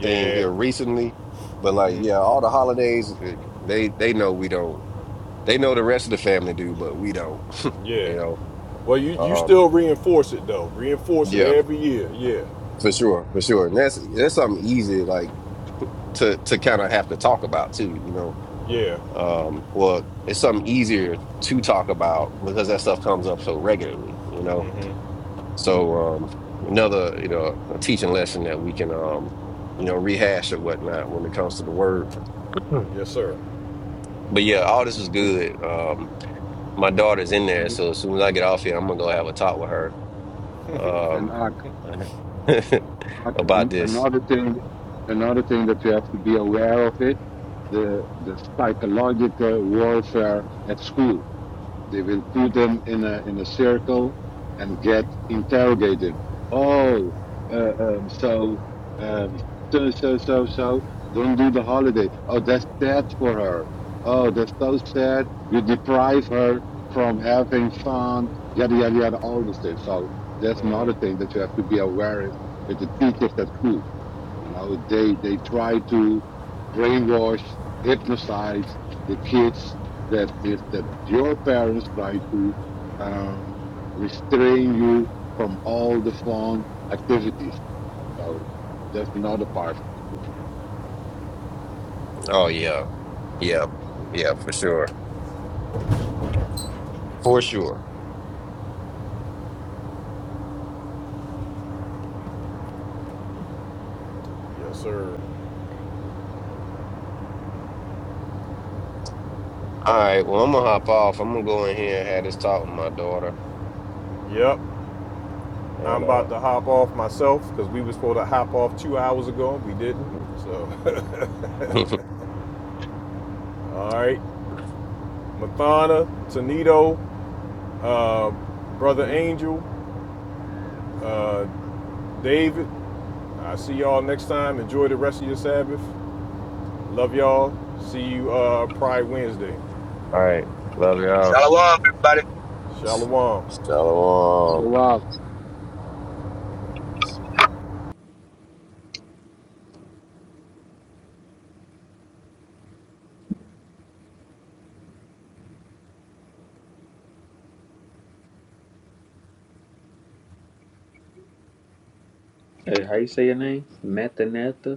Speaker 5: thing here recently. But like, yeah, all the holidays, it- they they know we don't. They know the rest of the family do, but we don't.
Speaker 1: yeah.
Speaker 5: You
Speaker 1: Well, you
Speaker 5: know,
Speaker 1: you
Speaker 5: um,
Speaker 1: still reinforce it though. Reinforce it
Speaker 5: yeah,
Speaker 1: every year. Yeah,
Speaker 5: for sure, for sure. And that's that's something easy like to to kind of have to talk about too. You know,
Speaker 1: yeah.
Speaker 5: um, well, it's something easier to talk about because that stuff comes up so regularly. You know,
Speaker 1: hmm
Speaker 5: so um, another you know a teaching lesson that we can um, you know rehash or whatnot when it comes to the word. Mm.
Speaker 1: Yes, sir.
Speaker 5: But yeah, all this is
Speaker 8: And,
Speaker 5: good. Um, my daughter's in there,
Speaker 8: and,
Speaker 5: so as soon as I get off here, I'm gonna go have a talk with her
Speaker 8: and
Speaker 5: um,
Speaker 8: Art,
Speaker 5: [LAUGHS]
Speaker 8: Okay,
Speaker 5: about
Speaker 8: and
Speaker 5: this.
Speaker 8: another thing, another thing that you have to be aware of it, the the psychological warfare at school. They will put them in a in a circle and get interrogated. Oh, uh, um, so um, so so so so. Don't do the holiday. Oh, that's sad for her. Oh, that's so sad. You deprive her from having fun. Yada yada yada. All this thing. So that's another
Speaker 1: hmm
Speaker 8: thing that you have to be aware of with the teachers at school you know, they they try to brainwash, hypnotize the kids that if that your parents try to um, restrain you from all the fun activities. So that's another part of the story.
Speaker 5: Oh yeah, yeah, yeah, for sure, for sure.
Speaker 1: Yes, sir.
Speaker 5: All right, well, I'm gonna hop off. I'm gonna go in here and have this talk with my daughter.
Speaker 1: Yep. I'm
Speaker 5: And
Speaker 1: about
Speaker 5: uh,
Speaker 1: to hop off myself because we was supposed to hop off two hours ago. We didn't. So,
Speaker 5: [LAUGHS]
Speaker 1: [LAUGHS] all right. Mathana, Tanito, uh, Brother
Speaker 13: Mm-hmm.
Speaker 1: Angel, uh, David, I see y'all next time. Enjoy the rest of your Sabbath. Love y'all. See you uh, Pride Wednesday.
Speaker 5: all right, love y'all.
Speaker 1: Shalom.
Speaker 8: So,
Speaker 5: Shalom.
Speaker 8: Wow.
Speaker 13: Hey, how you say your name? Matanata?